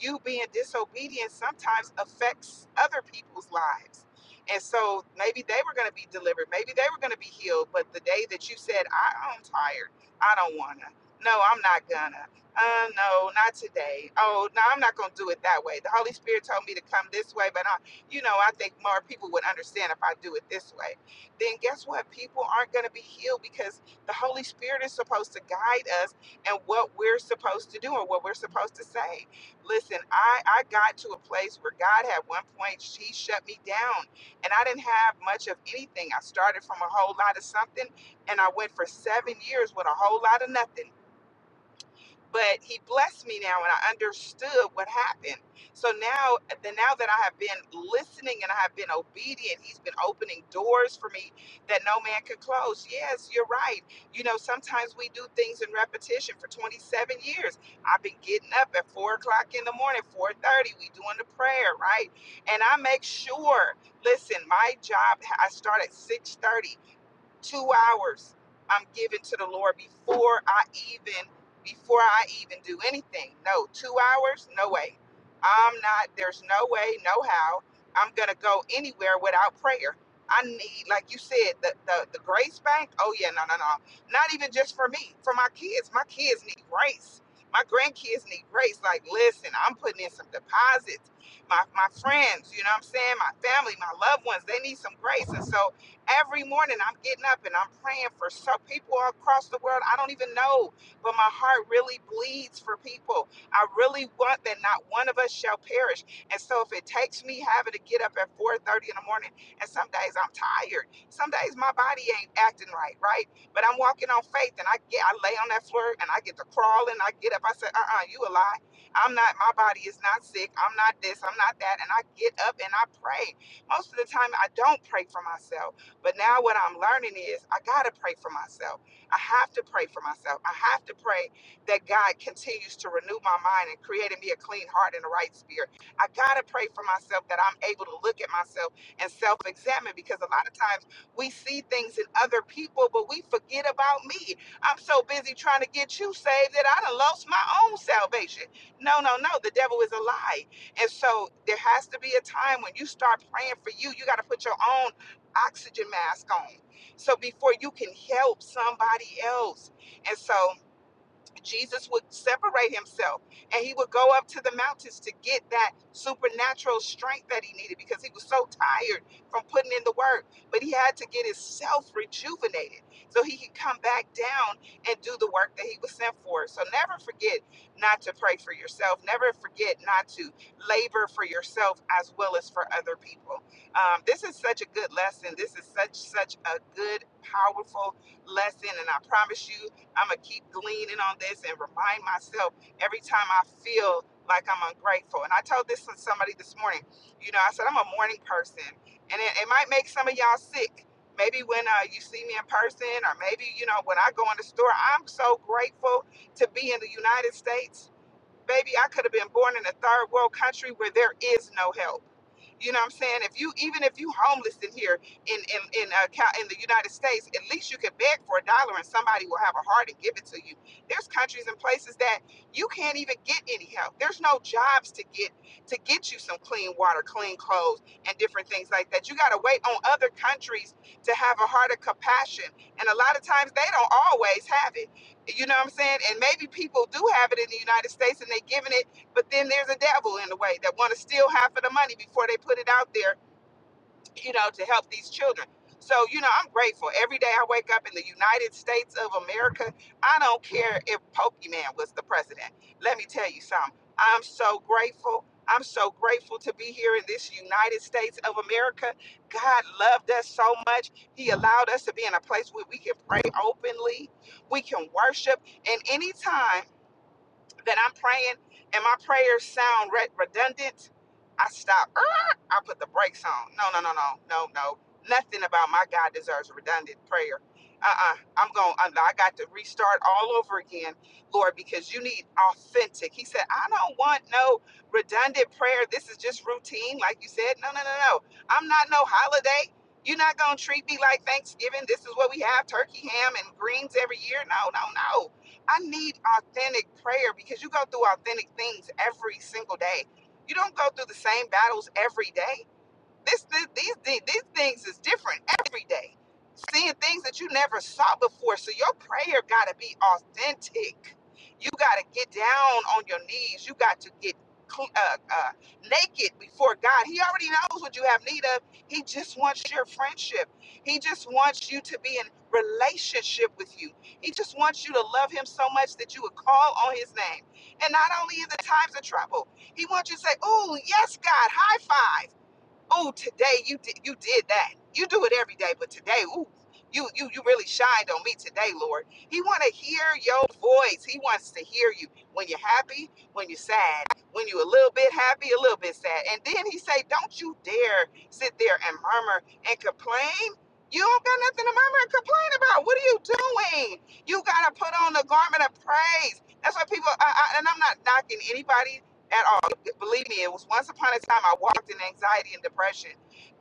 S11: You being disobedient sometimes affects other people's lives. And so maybe they were going to be delivered, maybe they were going to be healed, but the day that you said, "I, "I'm tired," I don't wanna. No, I'm not gonna. Uh, no, not today. Oh, no, I'm not gonna do it that way. The Holy Spirit told me to come this way, but I, you know, I think more people would understand if I do it this way. Then guess what? People aren't gonna be healed because the Holy Spirit is supposed to guide us and what we're supposed to do and what we're supposed to say. Listen, I I got to a place where God had one point she shut me down, and I didn't have much of anything. I started from a whole lot of something and I went for seven years with a whole lot of nothing. But he blessed me now, and I understood what happened. So now, the now that I have been listening and I have been obedient, he's been opening doors for me that no man could close. Yes, you're right. You know, sometimes we do things in repetition for 27 years. I've been getting up at four o'clock in the morning, 4:30. We doing the prayer, right? And I make sure. Listen, my job. I start at 6:30 two hours I'm giving to the Lord before I even before I even do anything. No, two hours, no way. I'm not, there's no way, no how. I'm gonna go anywhere without prayer. I need, like you said, the, the, the grace bank. Oh yeah, no, no, no. Not even just for me, for my kids. My kids need grace. My grandkids need grace. Like, listen, I'm putting in some deposits. My my friends, you know what I'm saying? My family, my loved ones, they need some grace. And so Every morning I'm getting up and I'm praying for so people across the world. I don't even know, but my heart really bleeds for people. I really want that not one of us shall perish. And so if it takes me having to get up at 4:30 in the morning, and some days I'm tired. Some days my body ain't acting right, right? But I'm walking on faith and I get I lay on that floor and I get to crawling. I get up. I said, uh-uh, you a lie. I'm not my body is not sick. I'm not this, I'm not that. And I get up and I pray. Most of the time I don't pray for myself. But now what I'm learning is I got to pray for myself. I have to pray for myself. I have to pray that God continues to renew my mind and create in me a clean heart and a right spirit. I got to pray for myself that I'm able to look at myself and self examine because a lot of times we see things in other people, but we forget about me. I'm so busy trying to get you saved that I done lost my own salvation. No, no, no. The devil is a lie. And so there has to be a time when you start praying for you. You got to put your own oxygen mask on. So before you can help somebody else. And so Jesus would separate himself and he would go up to the mountains to get that supernatural strength that he needed because he was so tired from putting in the work. But he had to get himself rejuvenated so he could come back down and do the work that he was sent for. So never forget not to pray for yourself. Never forget not to labor for yourself as well as for other people. Um, this is such a good lesson. This is such, such a good, powerful lesson. And I promise you, I'm gonna keep gleaning on this and remind myself every time I feel like I'm ungrateful. And I told this to somebody this morning. You know, I said I'm a morning person, and it, it might make some of y'all sick. Maybe when uh, you see me in person, or maybe you know when I go in the store. I'm so grateful to be in the United States. Baby, I could have been born in a third world country where there is no help you know what I'm saying? If you even if you homeless in here in in in uh, Cal- in the United States, at least you can beg for a dollar and somebody will have a heart and give it to you. There's countries and places that you can't even get any help. There's no jobs to get to get you some clean water, clean clothes, and different things like that. You got to wait on other countries to have a heart of compassion, and a lot of times they don't always have it. You know what I'm saying? And maybe people do have it in the United States and they're giving it but then there's a devil in the way that want to steal half of the money before they put it out there, you know, to help these children. So, you know, I'm grateful. Every day I wake up in the United States of America, I don't care if Pokemon was the president. Let me tell you something. I'm so grateful. I'm so grateful to be here in this United States of America. God loved us so much. He allowed us to be in a place where we can pray openly, we can worship, and anytime that I'm praying and my prayers sound re- redundant, I stop. "Ah," I put the brakes on. No, no, no, no, no, no. Nothing about my God deserves a redundant prayer. Uh-uh. I'm going. I got to restart all over again, Lord, because you need authentic. He said, I don't want no redundant prayer. This is just routine, like you said. No, no, no, no. I'm not no holiday. You're not gonna treat me like Thanksgiving. This is what we have: turkey, ham, and greens every year. No, no, no. I need authentic prayer because you go through authentic things every single day. You don't go through the same battles every day. This, this these these things is different every day. Seeing things that you never saw before. So your prayer gotta be authentic. You gotta get down on your knees. You got to get cl- uh, uh, naked before God. He already knows what you have need of. He just wants your friendship. He just wants you to be in relationship with you. He just wants you to love Him so much that you would call on His name. And not only in the times of trouble, He wants you to say, "Oh yes, God, high five." Ooh, today you did you did that you do it every day but today ooh you you you really shined on me today lord he want to hear your voice he wants to hear you when you're happy when you're sad when you're a little bit happy a little bit sad and then he say don't you dare sit there and murmur and complain you don't got nothing to murmur and complain about what are you doing you got to put on the garment of praise that's why people I, I, and i'm not knocking anybody at all believe me, it was once upon a time I walked in anxiety and depression.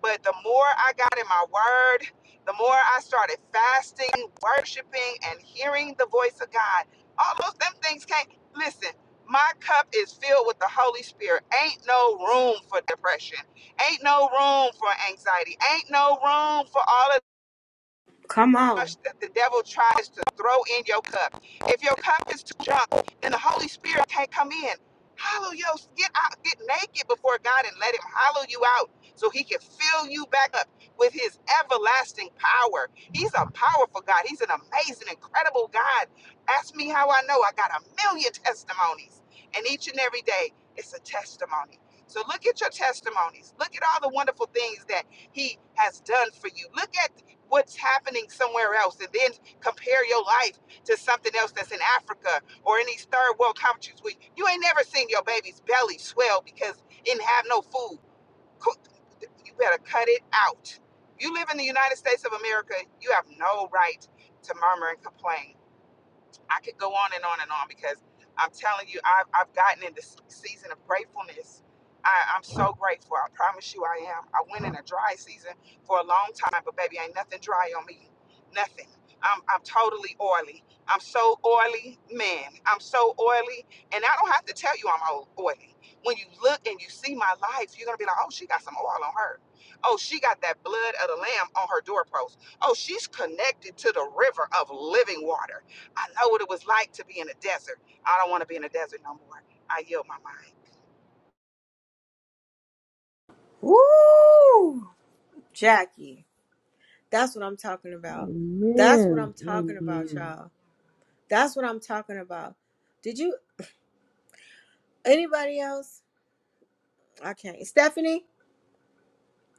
S11: But the more I got in my word, the more I started fasting, worshiping, and hearing the voice of God. All those them things can't listen. My cup is filled with the Holy Spirit. Ain't no room for depression. Ain't no room for anxiety. Ain't no room for all of
S1: Come
S11: much
S1: on.
S11: that the devil tries to throw in your cup. If your cup is too drunk, then the Holy Spirit can't come in. Hollow your get out, get naked before God and let him hollow you out so he can fill you back up with his everlasting power. He's a powerful God. He's an amazing, incredible God. Ask me how I know. I got a million testimonies. And each and every day, it's a testimony. So look at your testimonies. Look at all the wonderful things that he has done for you. Look at what's happening somewhere else and then compare your life to something else that's in Africa or in these third world countries where you ain't never seen your baby's belly swell because it didn't have no food. You better cut it out. You live in the United States of America, you have no right to murmur and complain. I could go on and on and on because I'm telling you, I've, I've gotten in this season of gratefulness. I, I'm so grateful. I promise you I am. I went in a dry season for a long time, but baby, ain't nothing dry on me. Nothing. I'm, I'm totally oily. I'm so oily, man. I'm so oily. And I don't have to tell you I'm o- oily. When you look and you see my life, you're going to be like, oh, she got some oil on her. Oh, she got that blood of the lamb on her doorpost. Oh, she's connected to the river of living water. I know what it was like to be in a desert. I don't want to be in a desert no more. I yield my mind.
S1: Woo! Jackie. That's what I'm talking about. That's what I'm
S18: Amen.
S1: talking about,
S18: Amen.
S1: y'all. That's what I'm talking about. Did you anybody else? I can't. Stephanie?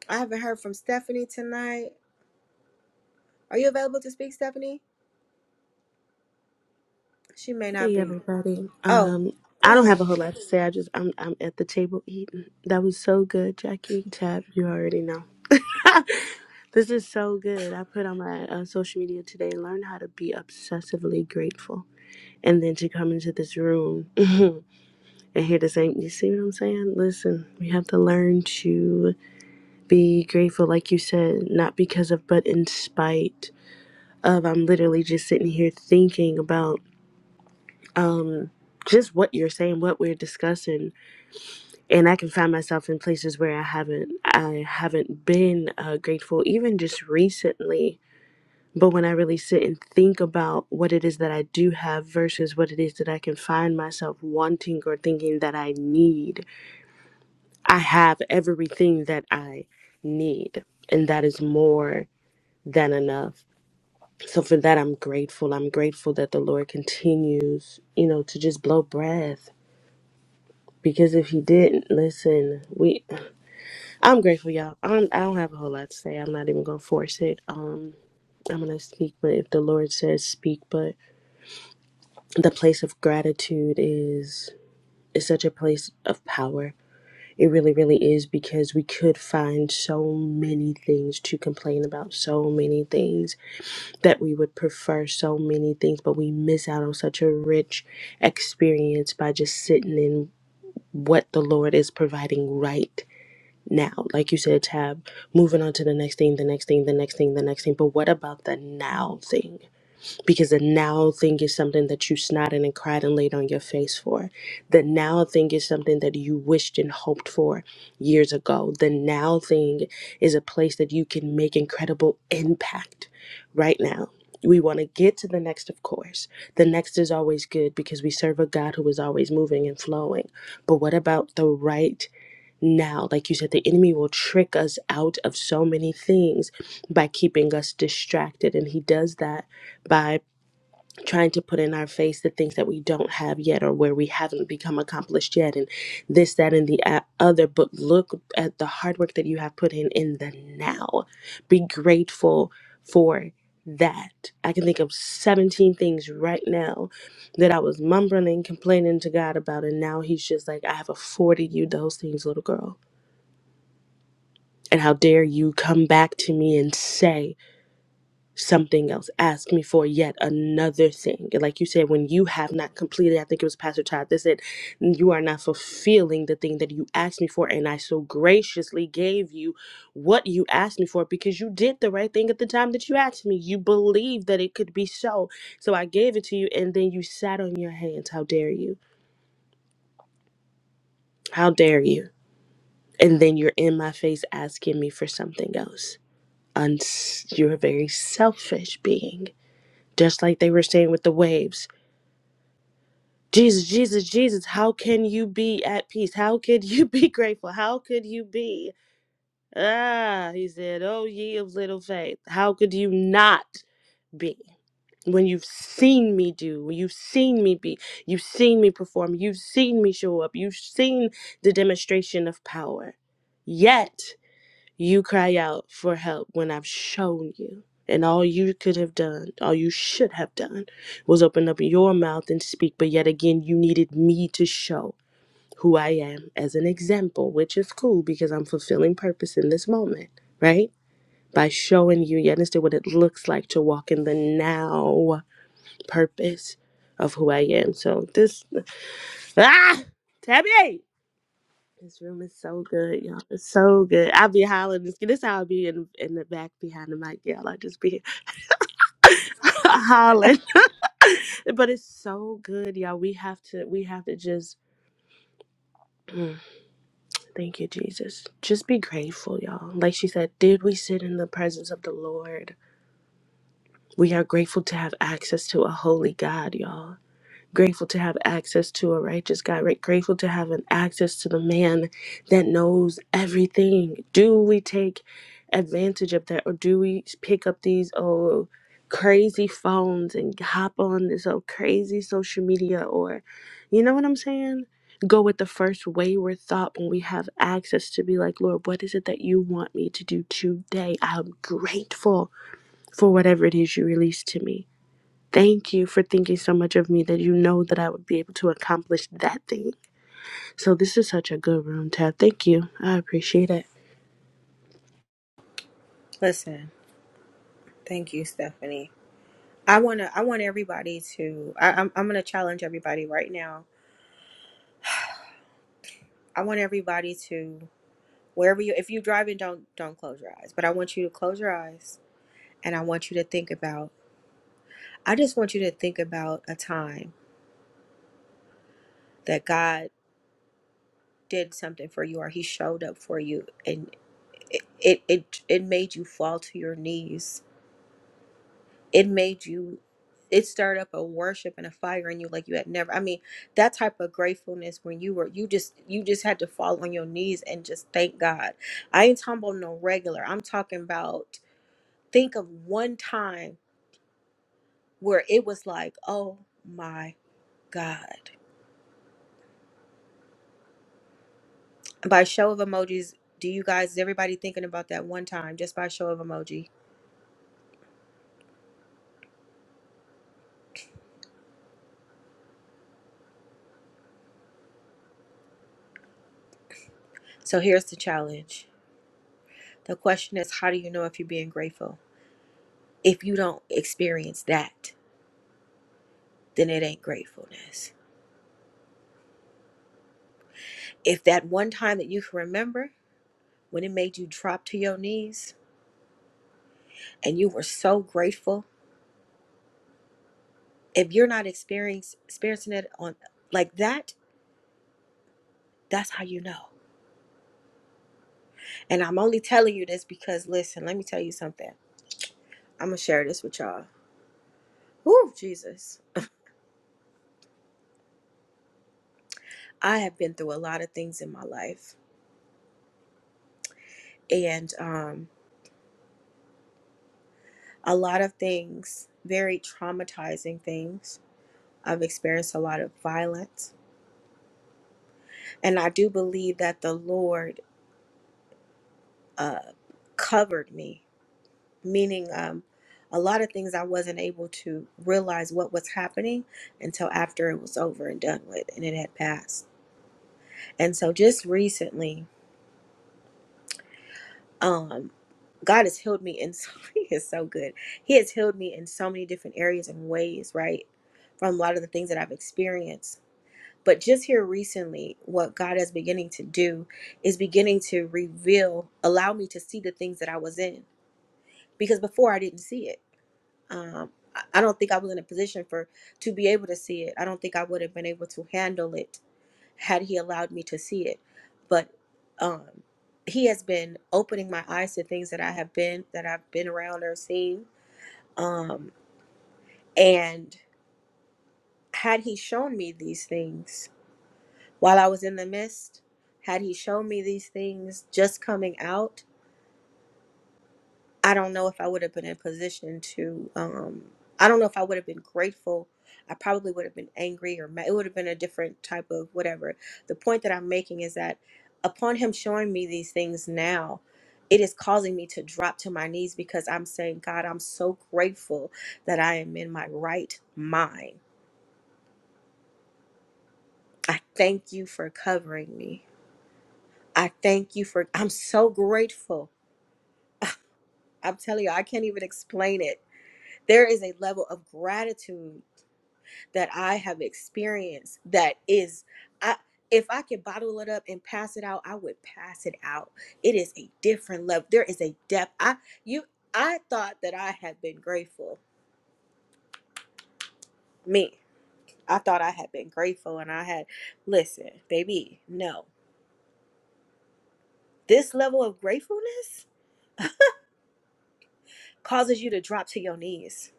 S1: I haven't heard from Stephanie tonight. Are you available to speak, Stephanie? She may not
S20: Hey
S1: be.
S20: everybody.
S1: Oh,
S20: Um,
S1: go
S20: I don't have
S1: ahead.
S20: a whole lot to say. I just I'm I'm at the table eating. That was so good, Jackie. Tab, you already know. [laughs] this is so good. I put on my uh, social media today. Learn how to be obsessively grateful, and then to come into this room [laughs] and hear the same. You see what I'm saying? Listen, we have to learn to be grateful, like you said, not because of, but in spite of. I'm literally just sitting here thinking about um just what you're saying what we're discussing and i can find myself in places where i haven't i haven't been uh, grateful even just recently but when i really sit and think about what it is that i do have versus what it is that i can find myself wanting or thinking that i need i have everything that i need and that is more than enough so for that i'm grateful i'm grateful that the lord continues you know to just blow breath Because if he didn't listen, we I'm grateful, y'all. I'm, I don't have a whole lot to say. I'm not even gonna force it. Um, I'm gonna speak, but if the Lord says speak, but the place of gratitude is is such a place of power. It really, really is because we could find so many things to complain about, so many things that we would prefer, so many things, but we miss out on such a rich experience by just sitting in what the Lord is providing right now. Like you said, Tab, moving on to the next thing, the next thing, the next thing, the next thing. But what about the now thing? Because the now thing is something that you snotted and cried and laid on your face for. The now thing is something that you wished and hoped for years ago. The now thing is a place that you can make incredible impact right now. We want to get to the next, of course. The next is always good because we serve a God who is always moving and flowing. But what about the right? now. Like you said, the enemy will trick us out of so many things by keeping us distracted. And he does that by trying to put in our face the things that we don't have yet or where we haven't become accomplished yet. And this, that, and the a- other. But look at the hard work that you have put in in the now. Be grateful for that. I can think of 17 things right now that I was mumbling and complaining to God about. And now he's just like, I have afforded you those things, little girl and how dare you come back to me and say something else, ask me for yet another thing. And Like you said, when you have not completed, I think it was Pastor Todd that said, You are not fulfilling the thing that you asked me for. And I so graciously gave you what you asked me for because you did the right thing at the time that you asked me. You believed that it could be so. So I gave it to you, and then you sat on your hands. How dare you? How dare you? And then you're in my face asking me for something else. uns- you're a very selfish being. Just like they were saying with the waves. Jesus, Jesus, Jesus, how can you be at peace? How could you be [laughs] grateful? How could you be? Ah, he said, Oh, ye of little faith, how could you not be? When you've seen me do, when you've seen me be, you've seen me perform, you've seen me show up, you've seen the demonstration of power. Yet, You cry out for help when I've shown you. And all you could have done, all you should have done, was open up your mouth and speak. But yet again, you needed me to show who I am as an example, which is cool because I'm fulfilling purpose in this moment, right? By showing you, you understand what it looks like to walk in the now purpose of who I am. So this, [laughs] ah, Tabby! This room is so good, y'all. It's so good. I be hollering. This, this how I be in in the back behind the mic, y'all. I just be [laughs] hollering, [laughs] but it's so good, y'all. We have to we have to just thank you, Jesus. Just be grateful, y'all. Like she said, did we sit in the presence of the Lord? We are grateful to have access to a holy God, y'all. grateful to have access to a righteous God, right? Grateful to have an access to the man that knows everything. Do we take advantage of that or do we pick up these oh crazy phones and hop on this oh crazy social media or you know what I'm saying? Go with the first wayward thought when we have access to be like, Lord, what is it that you want me to do today? I'm grateful for whatever it is you release to me. Thank you for thinking so much of me that you know that I would be able to accomplish that thing. So this is such a good room, Tab. Thank you. I appreciate it.
S1: Listen, thank you, Stephanie. I wanna I want everybody to I, I'm I'm gonna challenge everybody right now. I want everybody to wherever you if you're driving, don't don't close your eyes. But I want you to close your eyes and I want you to think about I just want you to think about a time that God did something for you or he showed up for you and it it it, it made you fall to your knees. It made you it stirred up a worship and a fire in you like you had never I mean that type of gratefulness when you were you just you just had to fall on your knees and just thank God. I ain't talking about no regular. I'm talking about think of one time where it was like, "Oh my God." by show of emojis do you guys is everybody thinking about that one time just by show of emoji so here's the challenge the question is how do you know if you're being grateful if you don't experience that then it ain't gratefulness if that one time that you can remember when it made you drop to your knees and you were so grateful if you're not experience, experiencing it on like that that's how you know and i'm only telling you this because listen let me tell you something i'm gonna share this with y'all Woo, jesus I have been through a lot of things in my life and um, a lot of things, very traumatizing things. I've experienced a lot of violence. And I do believe that the Lord uh, covered me, meaning um, a lot of things I wasn't able to realize what was happening until after it was over and done with and it had passed. And so just recently, um, God has healed me in so [laughs] he is so good. He has healed me in so many different areas and ways, right? From a lot of the things that I've experienced. But just here recently, what God is beginning to do is beginning to reveal, allow me to see the things that I was in. Because before I didn't see it. Um, I I don't think I was in a position for to be able to see it. I don't think I would have been able to handle it had he allowed me to see it. But um, he has been opening my eyes to things that I have been that I've been around or seen. Um, and had he shown me these things while I was in the mist, had he shown me these things just coming out, I don't know if I would have been in position to um I don't know if I would have been grateful. I probably would have been angry or ma- it would have been a different type of whatever. The point that I'm making is that upon him showing me these things now, it is causing me to drop to my knees because I'm saying, God, I'm so grateful that I am in my right mind. I thank you for covering me. I thank you for I'm so grateful. [sighs] I'm telling you, I can't even explain it. There is a level of gratitude that I have experienced that is I if I could bottle it up and pass it out, I would pass it out. It is a different level. There is a depth. I you I thought that I had been grateful. Me. I thought I had been grateful and I had listen, baby, no. This level of gratefulness causes you to drop to your knees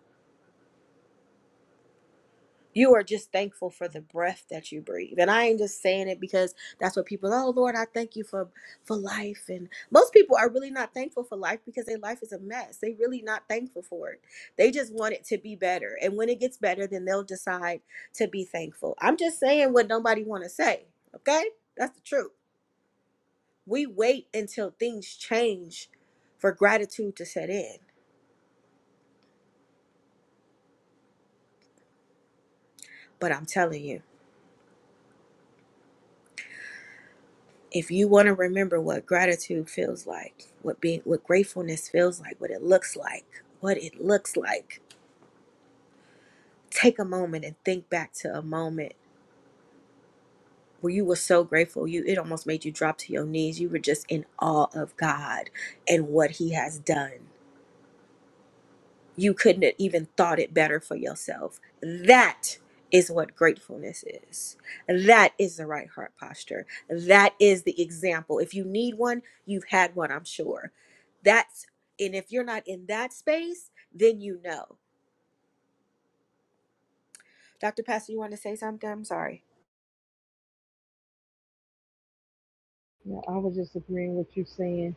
S1: you are just thankful for the breath that you breathe. And I ain't just saying it because that's what people, oh Lord, I thank you for for life. And most people are really not thankful for life because their life is a mess. They really not thankful for it. They just want it to be better. And when it gets better, then they'll decide to be thankful. I'm just saying what nobody want to say. Okay? That's the truth. We wait until things change for gratitude to set in. But I'm telling you. if you want to remember what gratitude feels like, what being what gratefulness feels like, what it looks like, what it looks like, take a moment and think back to a moment where you were so grateful you it almost made you drop to your knees. You were just in awe of God and what he has done. you couldn't have even thought it better for yourself. That is what gratefulness is. That is the right heart posture. That is the example. If you need one, you've had one, I'm sure. That's, and if you're not in that space, then you know. Dr. Pastor, you want to say something? I'm sorry.
S18: Yeah, I was just agreeing with you saying.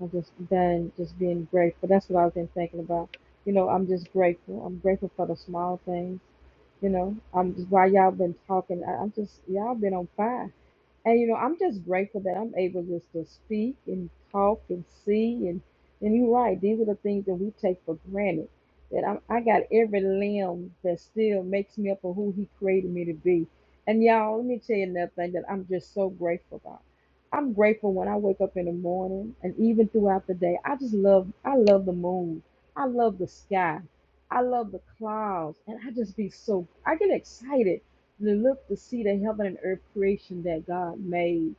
S18: I'm just done just being grateful. That's what I've been thinking about. You know, I'm just grateful. I'm grateful for the small things. You know, I'm just while y'all been talking, I, I'm just y'all been on fire. And you know, I'm just grateful that I'm able just to speak and talk and see and and you're right, these are the things that we take for granted. That I'm, I got every limb that still makes me up for who He created me to be. And y'all, let me tell you another thing that I'm just so grateful about. I'm grateful when I wake up in the morning and even throughout the day. I just love, I love the moon. I love the sky. I love the clouds, and I just be so. I get excited to look to see the heaven and earth creation that God made.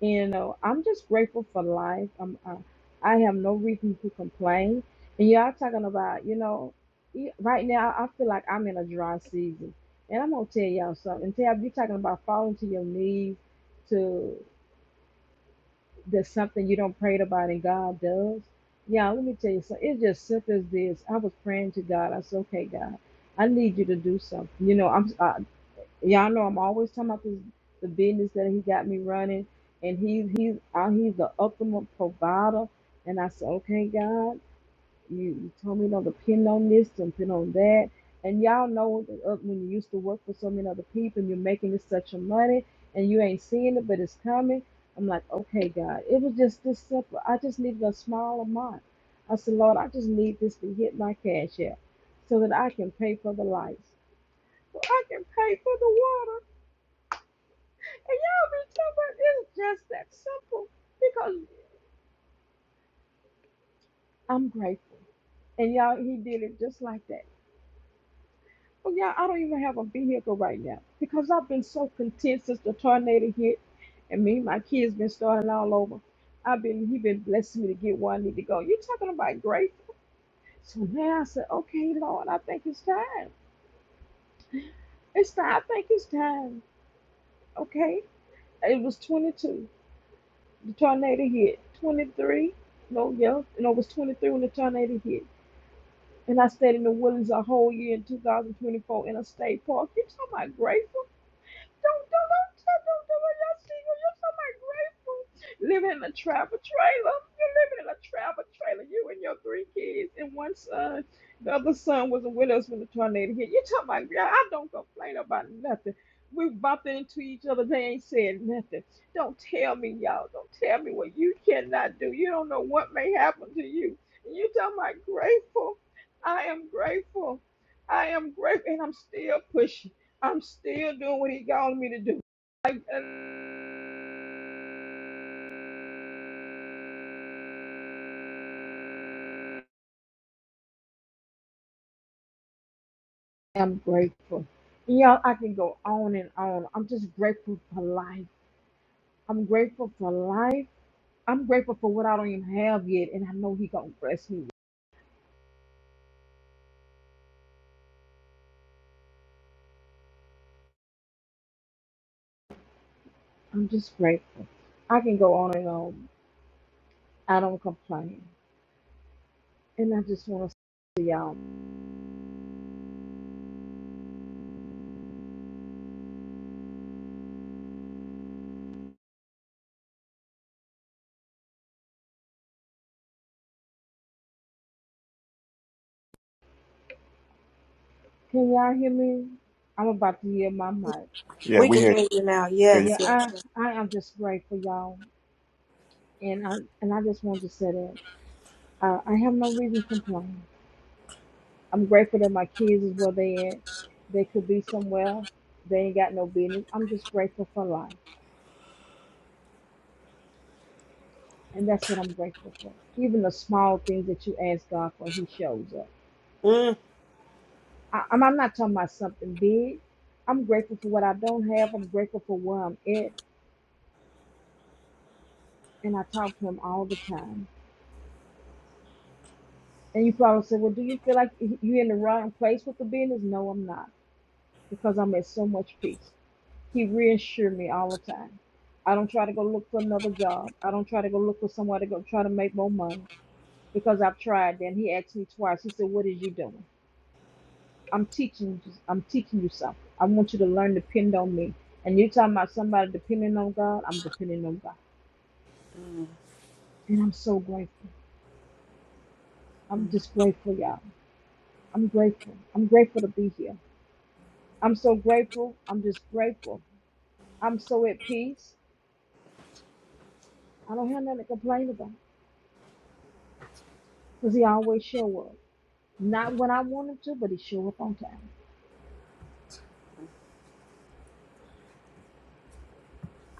S18: You know, I'm just grateful for life. I'm, uh, I have no reason to complain. And y'all talking about, you know, e- right now I feel like I'm in a dry season. And I'm gonna tell y'all something. Tab, you're talking about falling to your knees to there's something you don't prayed about and God does. Yeah, let me tell you something. It's just simple as this. I was praying to God. I said, okay, God, I need you to do something. You know, I'm. uh, Y'all know I'm always talking about this the business that he got me running, and he's he's uh, he's the ultimate provider. And I said, okay, God, you, you told me not to depend on this, to depend on that. And y'all know that, uh, when you used to work for so many other people, and you're making this such a money, and you ain't seeing it, but it's coming. I'm like, okay, God, it was just this simple. I just needed a small amount. I said, Lord, I just need this to hit my cash app so that I can pay for the lights, so I can pay for the water. And y'all be talking about it's just that simple because I'm grateful. And y'all, he did it just like that. Well, y'all, I don't even have a vehicle right now because I've been so content since the tornado hit and me and my kids been starting all over. I've been, he been blessing me to get where I need to go. you talking about grateful. So now I said, okay, Lord, I think it's time. It's time. I think it's time. Okay. It was 22. The tornado hit. 23. No, yeah. No, it was 23 when the tornado hit. And I stayed in the Woodlands a whole year in 2024 in a state park. You talking about grateful? Don't don't don't stop, don't do it. Y'all single. You're so much grateful. Living in a travel trailer. You're living in a travel trailer. You and your three kids and one son. The other son was with us when the tornado hit. You talking about girl, I don't complain about nothing. We bumped into each other. They ain't said nothing. Don't tell me, y'all. Don't tell me what you cannot do. You don't know what may happen to you. And you talking about grateful. I am grateful. I am grateful and I'm still pushing. I'm still doing what he called me to do. Like, and I'm grateful. Y'all, I can go on and on. I'm just grateful for life. I'm grateful for life. I'm grateful for what I don't even have yet, and I know he gonna bless me. I'm just grateful. I can go on and on. I don't complain, and I just want to say to y'all, can y'all hear me? I'm about to hear my mic.
S8: Yeah,
S1: We
S8: we
S1: can
S8: hear you.
S1: hear you now.
S8: hear you.
S1: Yes,
S18: Yeah,
S1: yes.
S18: I I am just grateful, y'all, and I and I just want to say that uh, I have no reason to complain. I'm grateful that my kids is where they at. They could be somewhere. They ain't got no business. I'm just grateful for life. And that's what I'm grateful for. Even the small things that you ask God for, He shows up.
S1: Mm.
S18: I, I'm, I'm not talking about something big. I'm grateful for what I don't have. I'm grateful for where I'm at. And I talk to Him all the time. And you probably say, Well, do you feel like you're in the wrong place with the business? No, I'm not. Because I'm at so much peace. He reassured me all the time. I don't try to go look for another job. I don't try to go look for somewhere to go try to make more money because I've tried. Then he asked me twice. He said, "What is you doing?" I'm teaching. you- I'm teaching you something. I want you to learn to depend on me. And you're talking about somebody depending on God. I'm depending on God,
S1: Mm,
S18: and I'm so grateful. I'm
S1: mm.
S18: just grateful, y'all. I'm grateful. I'm grateful to be here. I'm so grateful. I'm just grateful. I'm so at peace. I don't have nothing to complain about because He always show up. Not when I wanted to, but he showed up on time.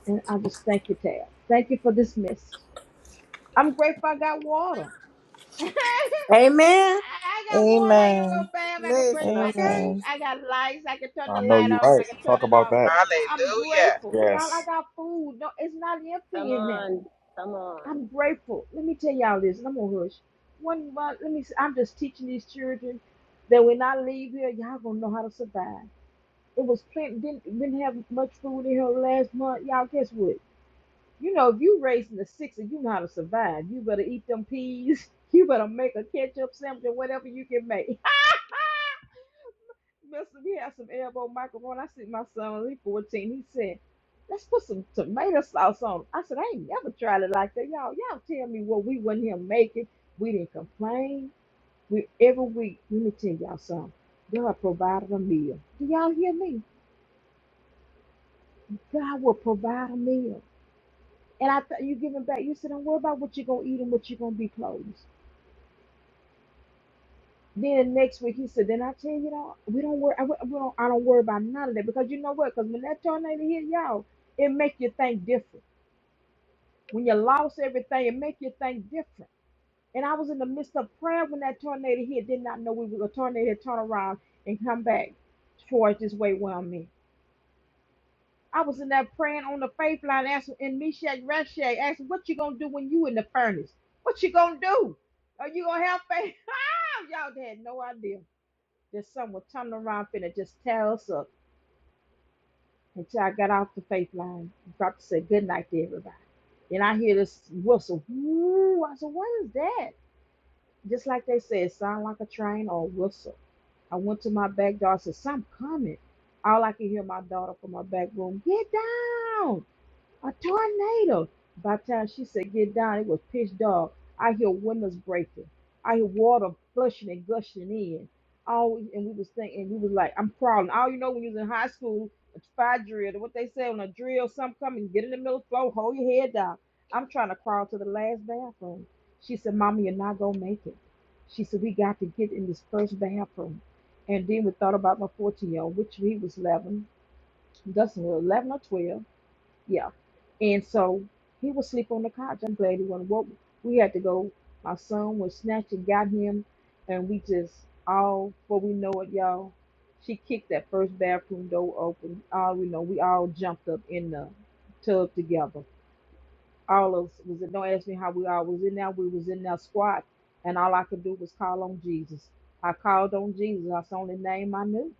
S18: And I just thank you, Tab. Thank you for this message. I'm grateful I got water. [laughs] I
S1: Amen.
S18: got water. I can go
S17: Amen.
S18: bath. I can brush
S1: Listen,
S18: my
S1: okay?
S18: teeth.
S17: Amen.
S18: I got lights. I can turn
S8: I
S18: the
S8: know
S18: light
S8: you're
S18: on.
S8: right.
S18: I can turn
S8: Talk
S18: it
S8: about
S18: off.
S8: that.
S18: I- I'm
S11: Hallelujah.
S18: grateful. Y'all, I
S8: Yes.
S18: got food. No, it's not
S19: Come
S18: empty in there.
S19: on, come on.
S18: I'm grateful. Let me tell y'all this, and I'm gonna hush. One, one let me. i I'm just teaching these children that when I leave here, y'all gonna know how to survive. It was plenty didn't didn't have much food in her last month. Y'all guess what? You know, if you raising a six and you know how to survive, you better eat them peas. [laughs] You better make a ketchup sandwich or whatever you can make. [laughs] Mister, we have some elbow macaroni. I see my son, he 14. He said, let's put some tomato sauce on. it." I said, I ain't never tried it like that. Y'all, y'all tell me what we wasn't here making. We didn't complain. We every week, let me tell y'all something. God provided a meal. Do y'all hear me? God will provide a meal. And I thought you giving back. You said, don't worry about what you're gonna eat and what you're gonna be clothes. Then the next week he said, then I tell you though, we don't worry. I, we we don't. I don't worry about none of that because you know what? Because when that tornado hit y'all, it make you think different. When you lost everything, it make you think different. And I was in the midst of prayer when that tornado hit. Did not know we were a tornado had turn around and come back towards this way where I'm at. I was in there praying on the faith line, asking in Meshach Rashag, asking, "What you gonna do when you in the furnace? What you gonna do? Are you gonna have faith?" [laughs] Ah, Y'all had no idea that someone turning around finna just tear us up until I got off the faith line. I'm About to say good night to everybody, and I hear this whistle. Woo! I said, "What is that?" Just like they said, sound like a train or a whistle. I went to my back door. I said, "Something coming." All I could hear my daughter from my back room, "Get down!" a tornado. By the time she said get down, it was pitch dark. I hear windows breaking. I hear water flushing and gushing in. All and we was thinking, we was like, I'm crawling. All you know when you was in high school, a fire drill, what they say on a drill, something coming, get in the middle floor, hold your head down. I'm trying to crawl to the last bathroom. She said, Mama, you're not gonna make it. She said, We got to get in this first bathroom. And then we thought about my 14 year old, which he was 11, Dustin was 11 or 12. Yeah. And so he was sleep on the couch. I'm glad he wasn't woke. We had to go. My son was snatched and got him. And we just, all, before we know it, y'all, she kicked that first bathroom door open. All we know, we all jumped up in the tub together. All of us was in, don't ask me how we all was in there. We was in there squat. And all I could do was call on Jesus. I called on Jesus. That's the only name I knew.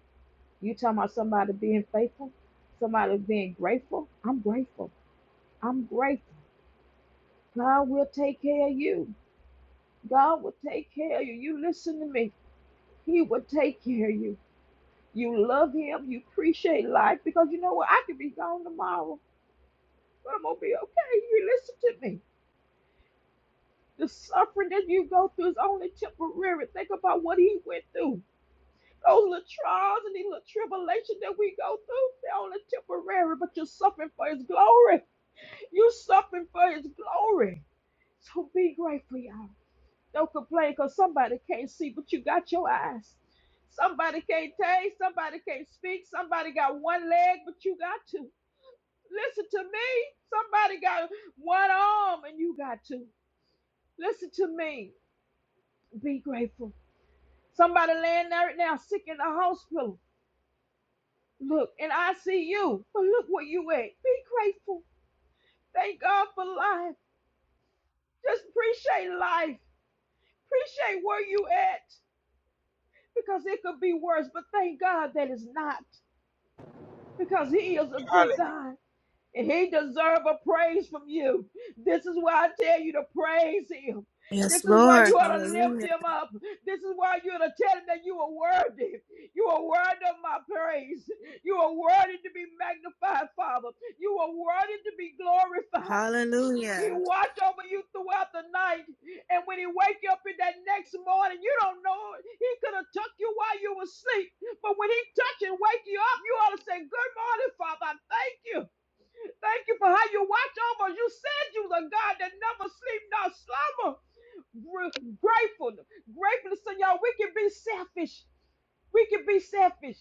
S18: You talking about somebody being faithful, somebody being grateful? I'm grateful. I'm grateful. God will take care of you. God will take care of you. You listen to me. He will take care of you. You love him. You appreciate life because you know what? I could be gone tomorrow, but I'm going to be okay. You listen to me. The suffering that you go through is only temporary. Think about what he went through. Those little trials and these little tribulations that we go through, they're only temporary, but you're suffering for his glory. You're suffering for his glory. So be grateful, y'all. Don't complain because somebody can't see, but you got your eyes. Somebody can't taste, somebody can't speak, somebody got one leg, but you got two. Listen to me. Somebody got one arm and you got two. Listen to me. Be grateful. Somebody laying there right now sick in the hospital. Look, and I see you, but look where you at. Be grateful. Thank God for life. Just appreciate life. Appreciate where you at because it could be worse, but thank God that it's not. because he is a good
S11: Hallelujah.
S18: God and he deserve a praise from you. This is why I tell you to praise him.
S1: Yes,
S18: This is why
S1: Lord.
S18: you ought to lift
S1: Hallelujah.
S18: him up. This is why you ought to tell him that you are worthy. You are worthy of my praise. You are worthy to be magnified, Father. You are worthy to be glorified. He
S1: Hallelujah.
S18: watch over you throughout the night. And when he wake you up in that next morning, you don't know it. He could have took you while you were asleep. But when he touch and wake you up, you ought to say, good morning, Father. I Thank you. Thank you for how you watch over. us. You said you was a God that never sleep nor slumber. Gr- Grateful. Grateful, so y'all, we can be selfish. We can be selfish.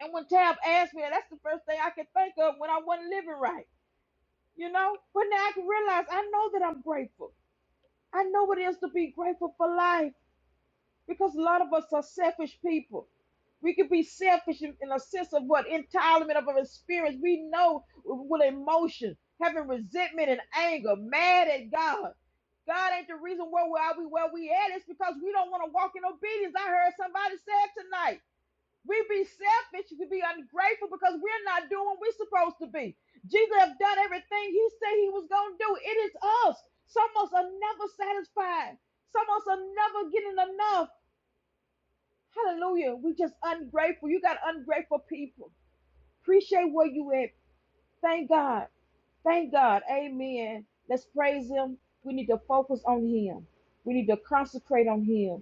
S18: And when Tab asked me, that's the first thing I could think of when I wasn't living right. You know, but now I can realize I know that I'm grateful. I know what it is to be grateful for life because a lot of us are selfish people. We can be selfish in, in a sense of what entitlement of an experience. We know with emotion, having resentment and anger, mad at God. God ain't the reason why we are we where we at. It's because we don't want to walk in obedience. I heard somebody say it tonight. We be selfish, we be ungrateful because we're not doing what we're supposed to be. Jesus have done everything he said he was gonna do. It is us. Some of us are never satisfied. Some of us are never getting enough. Hallelujah. We just ungrateful. You got ungrateful people. Appreciate where you at. Thank God. Thank God. Amen. Let's praise him. We need to focus on him. We need to consecrate on him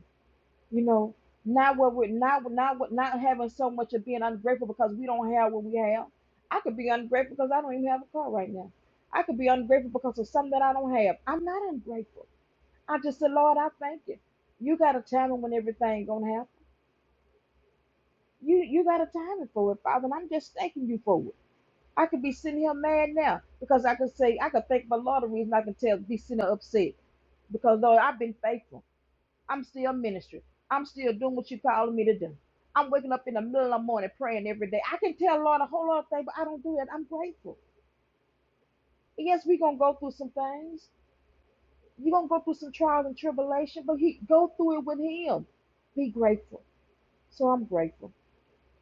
S18: you know, not what we're not not what not having so much of being ungrateful because we don't have what we have. I could be ungrateful because I don't even have a car right now. I could be ungrateful because of something that I don't have. I'm not ungrateful. I just said, Lord, I thank you. You got a timing when everything gonna happen. You you got a timing for it, Father, and I'm just thanking you for it. I could be sitting here mad now because I could say I could thank my Lord the reason I can tell be sitting here upset because Lord, I've been faithful. I'm still ministry. I'm still doing what you calling me to do. I'm waking up in the middle of the morning praying every day. I can tell Lord a whole lot of things, but I don't do it. I'm grateful. And yes, we're gonna go through some things. You're gonna go through some trials and tribulation, but he go through it with him. Be grateful. So I'm grateful.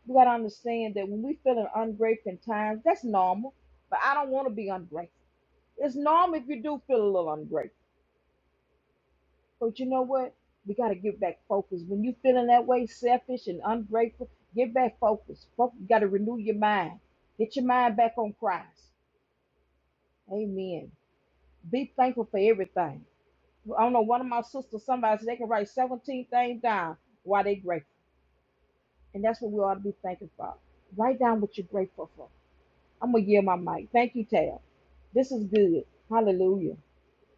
S18: We gotta understand that when we feeling ungrateful in times, that's normal. But I don't want to be ungrateful. It's normal if you do feel a little ungrateful. But you know what? We got to get back focused. When you feeling that way, selfish and ungrateful, get back focused. Fo- You got to renew your mind. Get your mind back on Christ. Amen. Be thankful for everything. I don't know, one of my sisters, somebody said they can write 17 things down while they grateful. And that's what we ought to be thankful for. Write down what you're grateful for. I'm going to yield my mic. Thank you, Tab. This is good. Hallelujah.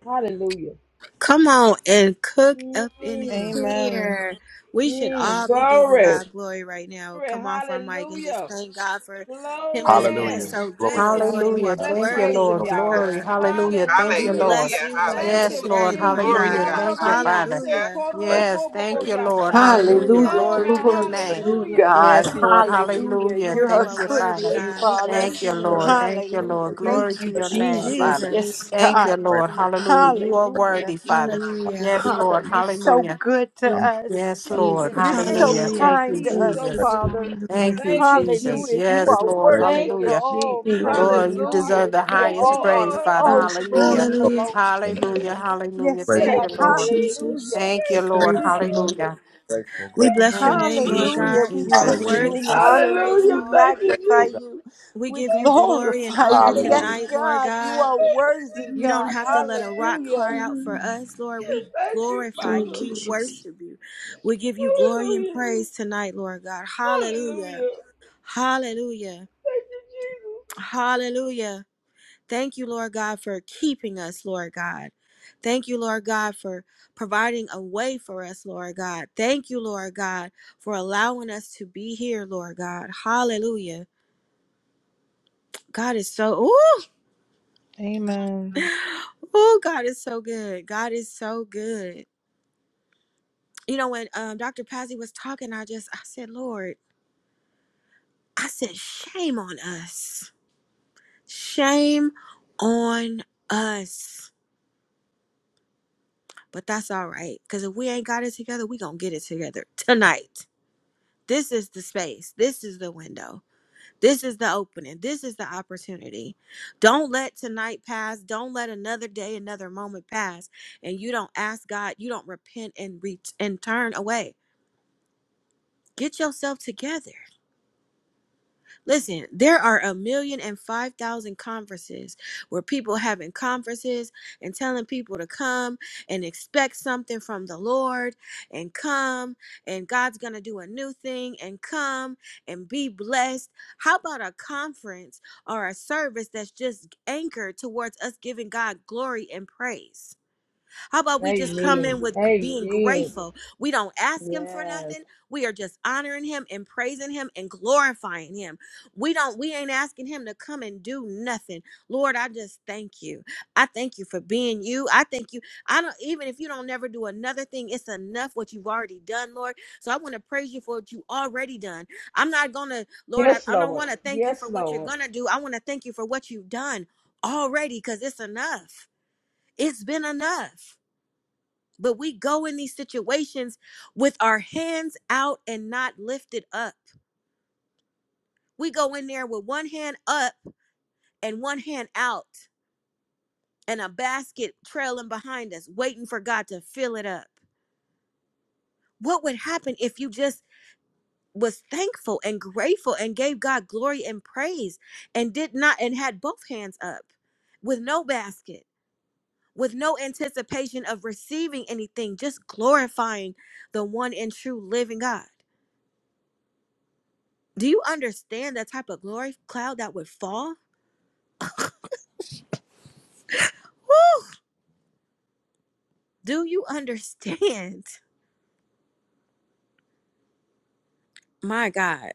S18: Hallelujah.
S1: Come on and cook up in
S18: Mm,
S17: Amen.
S1: here. We should
S18: mm,
S1: all be giving
S18: glory.
S1: God glory right now.
S18: Glory.
S1: Come off our mic and just
S18: Hallelujah.
S1: thank God for Him
S17: Yeah.
S1: just being
S8: Hallelujah.
S18: Glory.
S1: so
S8: Glory
S18: Thank
S8: to
S1: good.
S18: you,
S1: Lord,
S17: hallelujah.
S1: you
S18: Jesus.
S1: are
S3: Hallelujah.
S8: God.
S18: Let's
S3: Thank you,
S18: praise
S1: worthy,
S18: him,
S3: Lord.
S8: Glory
S1: Lord
S8: to
S18: y'all.
S3: Glory.
S1: God.
S3: Hallelujah. Thank
S1: We
S3: you,
S18: Hallelujah.
S3: Lord.
S1: bless
S11: Hallelujah.
S1: you,
S8: God.
S1: Lord,
S18: Thank you,
S3: Yes,
S11: Hallelujah.
S1: today,
S3: Lord.
S1: Lord
S18: Jesus.
S11: Glory to
S3: Hallelujah.
S1: God.
S11: God.
S3: Thank you, Father.
S18: Halababayase,
S11: Hallelujah.
S1: Hallelujah.
S8: Grateful.
S3: Yes. Thank
S8: Grateful.
S3: you, Lord.
S18: koroboboboyasa.
S3: Hallelujah.
S8: I'm
S6: Hallelujah.
S1: Hallelujah.
S18: Glory.
S3: Glory to your
S6: Glory to
S3: name.
S8: grateful.
S6: you,
S18: Hallelujah.
S6: God.
S18: Thank
S3: Yes,
S18: you,
S3: Lord.
S18: Jesus.
S6: Hallelujah.
S3: Hallelujah.
S1: Lord,
S6: You're
S1: you
S6: a
S3: Thank
S1: are
S3: you,
S6: good,
S1: worthy,
S3: Father.
S6: good
S8: Grateful.
S1: God. We
S8: I'm
S6: Father.
S3: Thank
S1: bless
S3: you,
S1: you,
S8: grateful.
S3: Lord.
S1: Lord.
S3: Thank you,
S8: I'm
S6: Hallelujah.
S3: Lord.
S8: grateful.
S3: Glory
S6: Thank
S3: to
S6: you,
S3: your
S8: Grateful, God.
S3: name,
S6: Jesus.
S3: Father.
S6: Yes,
S1: Jesus.
S3: Thank you,
S6: God.
S3: Lord.
S8: grateful.
S3: Hallelujah. You are
S6: Hallelujah.
S3: worthy, Father.
S8: I'm
S1: Hallelujah.
S3: Yes,
S8: grateful.
S3: Lord.
S6: Father, you're
S3: Hallelujah.
S6: so good to
S8: I'm
S6: us.
S3: Yes,
S18: He
S3: Lord.
S18: is.
S20: Jesus.
S6: You're
S18: Yes, he
S6: so
S3: Hallelujah.
S1: Hallelujah.
S18: is.
S3: Thank you,
S6: kind
S18: He
S6: to
S18: is
S6: us,
S20: Thank
S18: so
S3: Jesus.
S8: grateful,
S20: you.
S18: good.
S6: Father.
S3: Thank
S1: Hallelujah.
S3: you,
S18: Thank you,
S3: Jesus.
S6: Hallelujah.
S18: Jesus.
S6: You
S3: Yes,
S6: are
S3: Lord.
S8: grateful,
S6: worthy
S18: Thank
S6: of
S18: you,
S8: grateful,
S3: Hallelujah.
S6: all
S18: Jesus.
S8: grateful. Glory
S20: Thank
S8: to
S20: you,
S3: Lord,
S6: praise.
S20: Lord.
S3: you
S18: Hallelujah.
S3: deserve the
S6: Hallelujah.
S18: Thank
S3: highest
S18: you,
S6: All
S3: praise,
S6: honor,
S18: Lord.
S3: Father.
S8: God.
S6: all
S20: Thank you,
S6: glory
S3: Hallelujah.
S20: Lord.
S8: Glory
S1: Hallelujah.
S8: to
S6: belongs to
S8: your name, God.
S6: you.
S18: Thank
S3: Hallelujah. Hallelujah.
S6: Yes,
S3: Thank
S8: Grateful,
S6: God.
S3: you,
S8: grateful,
S20: Thank
S18: you,
S20: you,
S3: Lord.
S18: Jesus.
S20: Jesus.
S6: Hallelujah.
S3: Thank
S20: We're
S3: you,
S18: Thank you,
S3: Lord.
S20: grateful,
S18: Father.
S20: Lord.
S3: Hallelujah.
S8: grateful,
S1: We
S8: grateful.
S18: Thank you,
S1: bless your
S3: Oh,
S1: name, Lord
S6: Hallelujah.
S3: Jesus,
S1: God.
S6: We
S1: You are
S3: Jesus,
S20: Thank
S6: bless
S8: Hallelujah.
S6: you
S18: Jesus.
S1: worthy
S6: and
S1: to
S3: Jesus.
S1: be
S6: honor you.
S1: praised,
S6: We
S18: Hallelujah.
S1: Lord.
S18: Thank you,
S6: magnify
S8: Grateful,
S18: Jesus.
S8: God.
S6: you.
S1: We
S6: We
S1: give you glory and
S6: glorify
S1: honor
S6: you.
S20: you,
S6: Yes,
S8: Hallelujah.
S20: grateful.
S1: tonight, Lord
S6: God, you
S1: God.
S6: are worthy,
S1: You don't
S6: God.
S1: have to let a rock cry out for us, Lord.
S20: Yeah.
S1: We
S18: Thank you,
S1: glorify you.
S20: Thank
S18: Father.
S20: you,
S1: We
S20: Jesus.
S1: worship you. We give you glory and
S18: Hallelujah.
S1: praise tonight, Lord God. Hallelujah.
S18: Hallelujah.
S1: Hallelujah.
S18: Thank you,
S1: Hallelujah. Thank you, Lord God, for keeping us, Lord God. Thank you, Lord God, for providing a way for us, Lord God. Thank you, Lord God, for allowing us to be here, Lord God. Hallelujah. God is so ooh,
S17: Amen.
S1: [sighs] ooh, God is so good. God is so good. You know, when um, Dr. Pazzi was talking, I just I said, Lord, I said, shame on us. Shame on us. But that's all right. Because if we ain't got it together, we gonna get it together tonight. This is the space. This is the window. This is the opening. This is the opportunity. Don't let tonight pass. Don't let another day, another moment pass and you don't ask God, you don't repent and reach and turn away. Get yourself together. Listen, there are a million and five thousand conferences where people having conferences and telling people to come and expect something from the Lord and come and God's gonna do a new thing and come and be blessed. How about a conference or a service that's just anchored towards us giving God glory and praise? How about
S18: Jesus.
S1: we just come in
S18: Amen.
S1: with g- being
S18: Amen.
S1: grateful? We don't ask him for
S19: Yes.
S1: nothing. We are just honoring him and praising him and glorifying him. We don't we ain't asking him to come and do nothing. Lord, I just thank you. I thank you for being you. I thank you. I don't even if you don't never do another thing, it's enough what you've already done, Lord. So I want to praise you for what you already done. I'm not gonna, Lord, I,
S18: Yes,
S1: I don't
S18: Lord.
S1: want to thank you
S18: Yes,
S1: for what you're
S18: Lord.
S1: gonna do. I want to thank you for what you've done already because it's enough. It's been enough. But we go in these situations with our hands out and not lifted up. We go in there with one hand up and one hand out and a basket trailing behind us, waiting for God to fill it up. What would happen if you just was thankful and grateful and gave God glory and praise and did not and had both hands up with no basket, with no anticipation of receiving anything, just glorifying the one and true living God? Do you understand the type of glory cloud that would fall? Do you [laughs] understand? My God,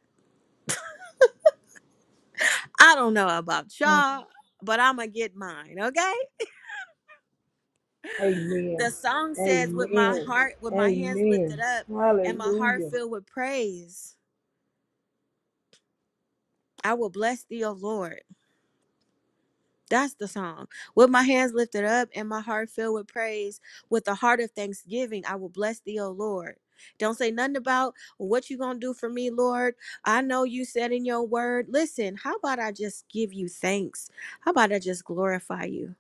S1: I don't know about
S17: Amen.
S1: y'all, but I'm going to get mine, okay? The
S18: Amen.
S1: song says, With my
S18: Amen.
S1: heart, with my hands lifted
S18: Amen.
S1: up, and my heart
S18: Hallelujah.
S1: filled with praise, I will bless thee, O Lord. That's the song. With my hands lifted up and my heart filled with praise, with a heart of thanksgiving, I will bless thee, O Lord. Don't say nothing about "Well, what you gonna do for me, Lord. I know you said in your word. Listen, how about I just give you thanks? How about I just glorify you?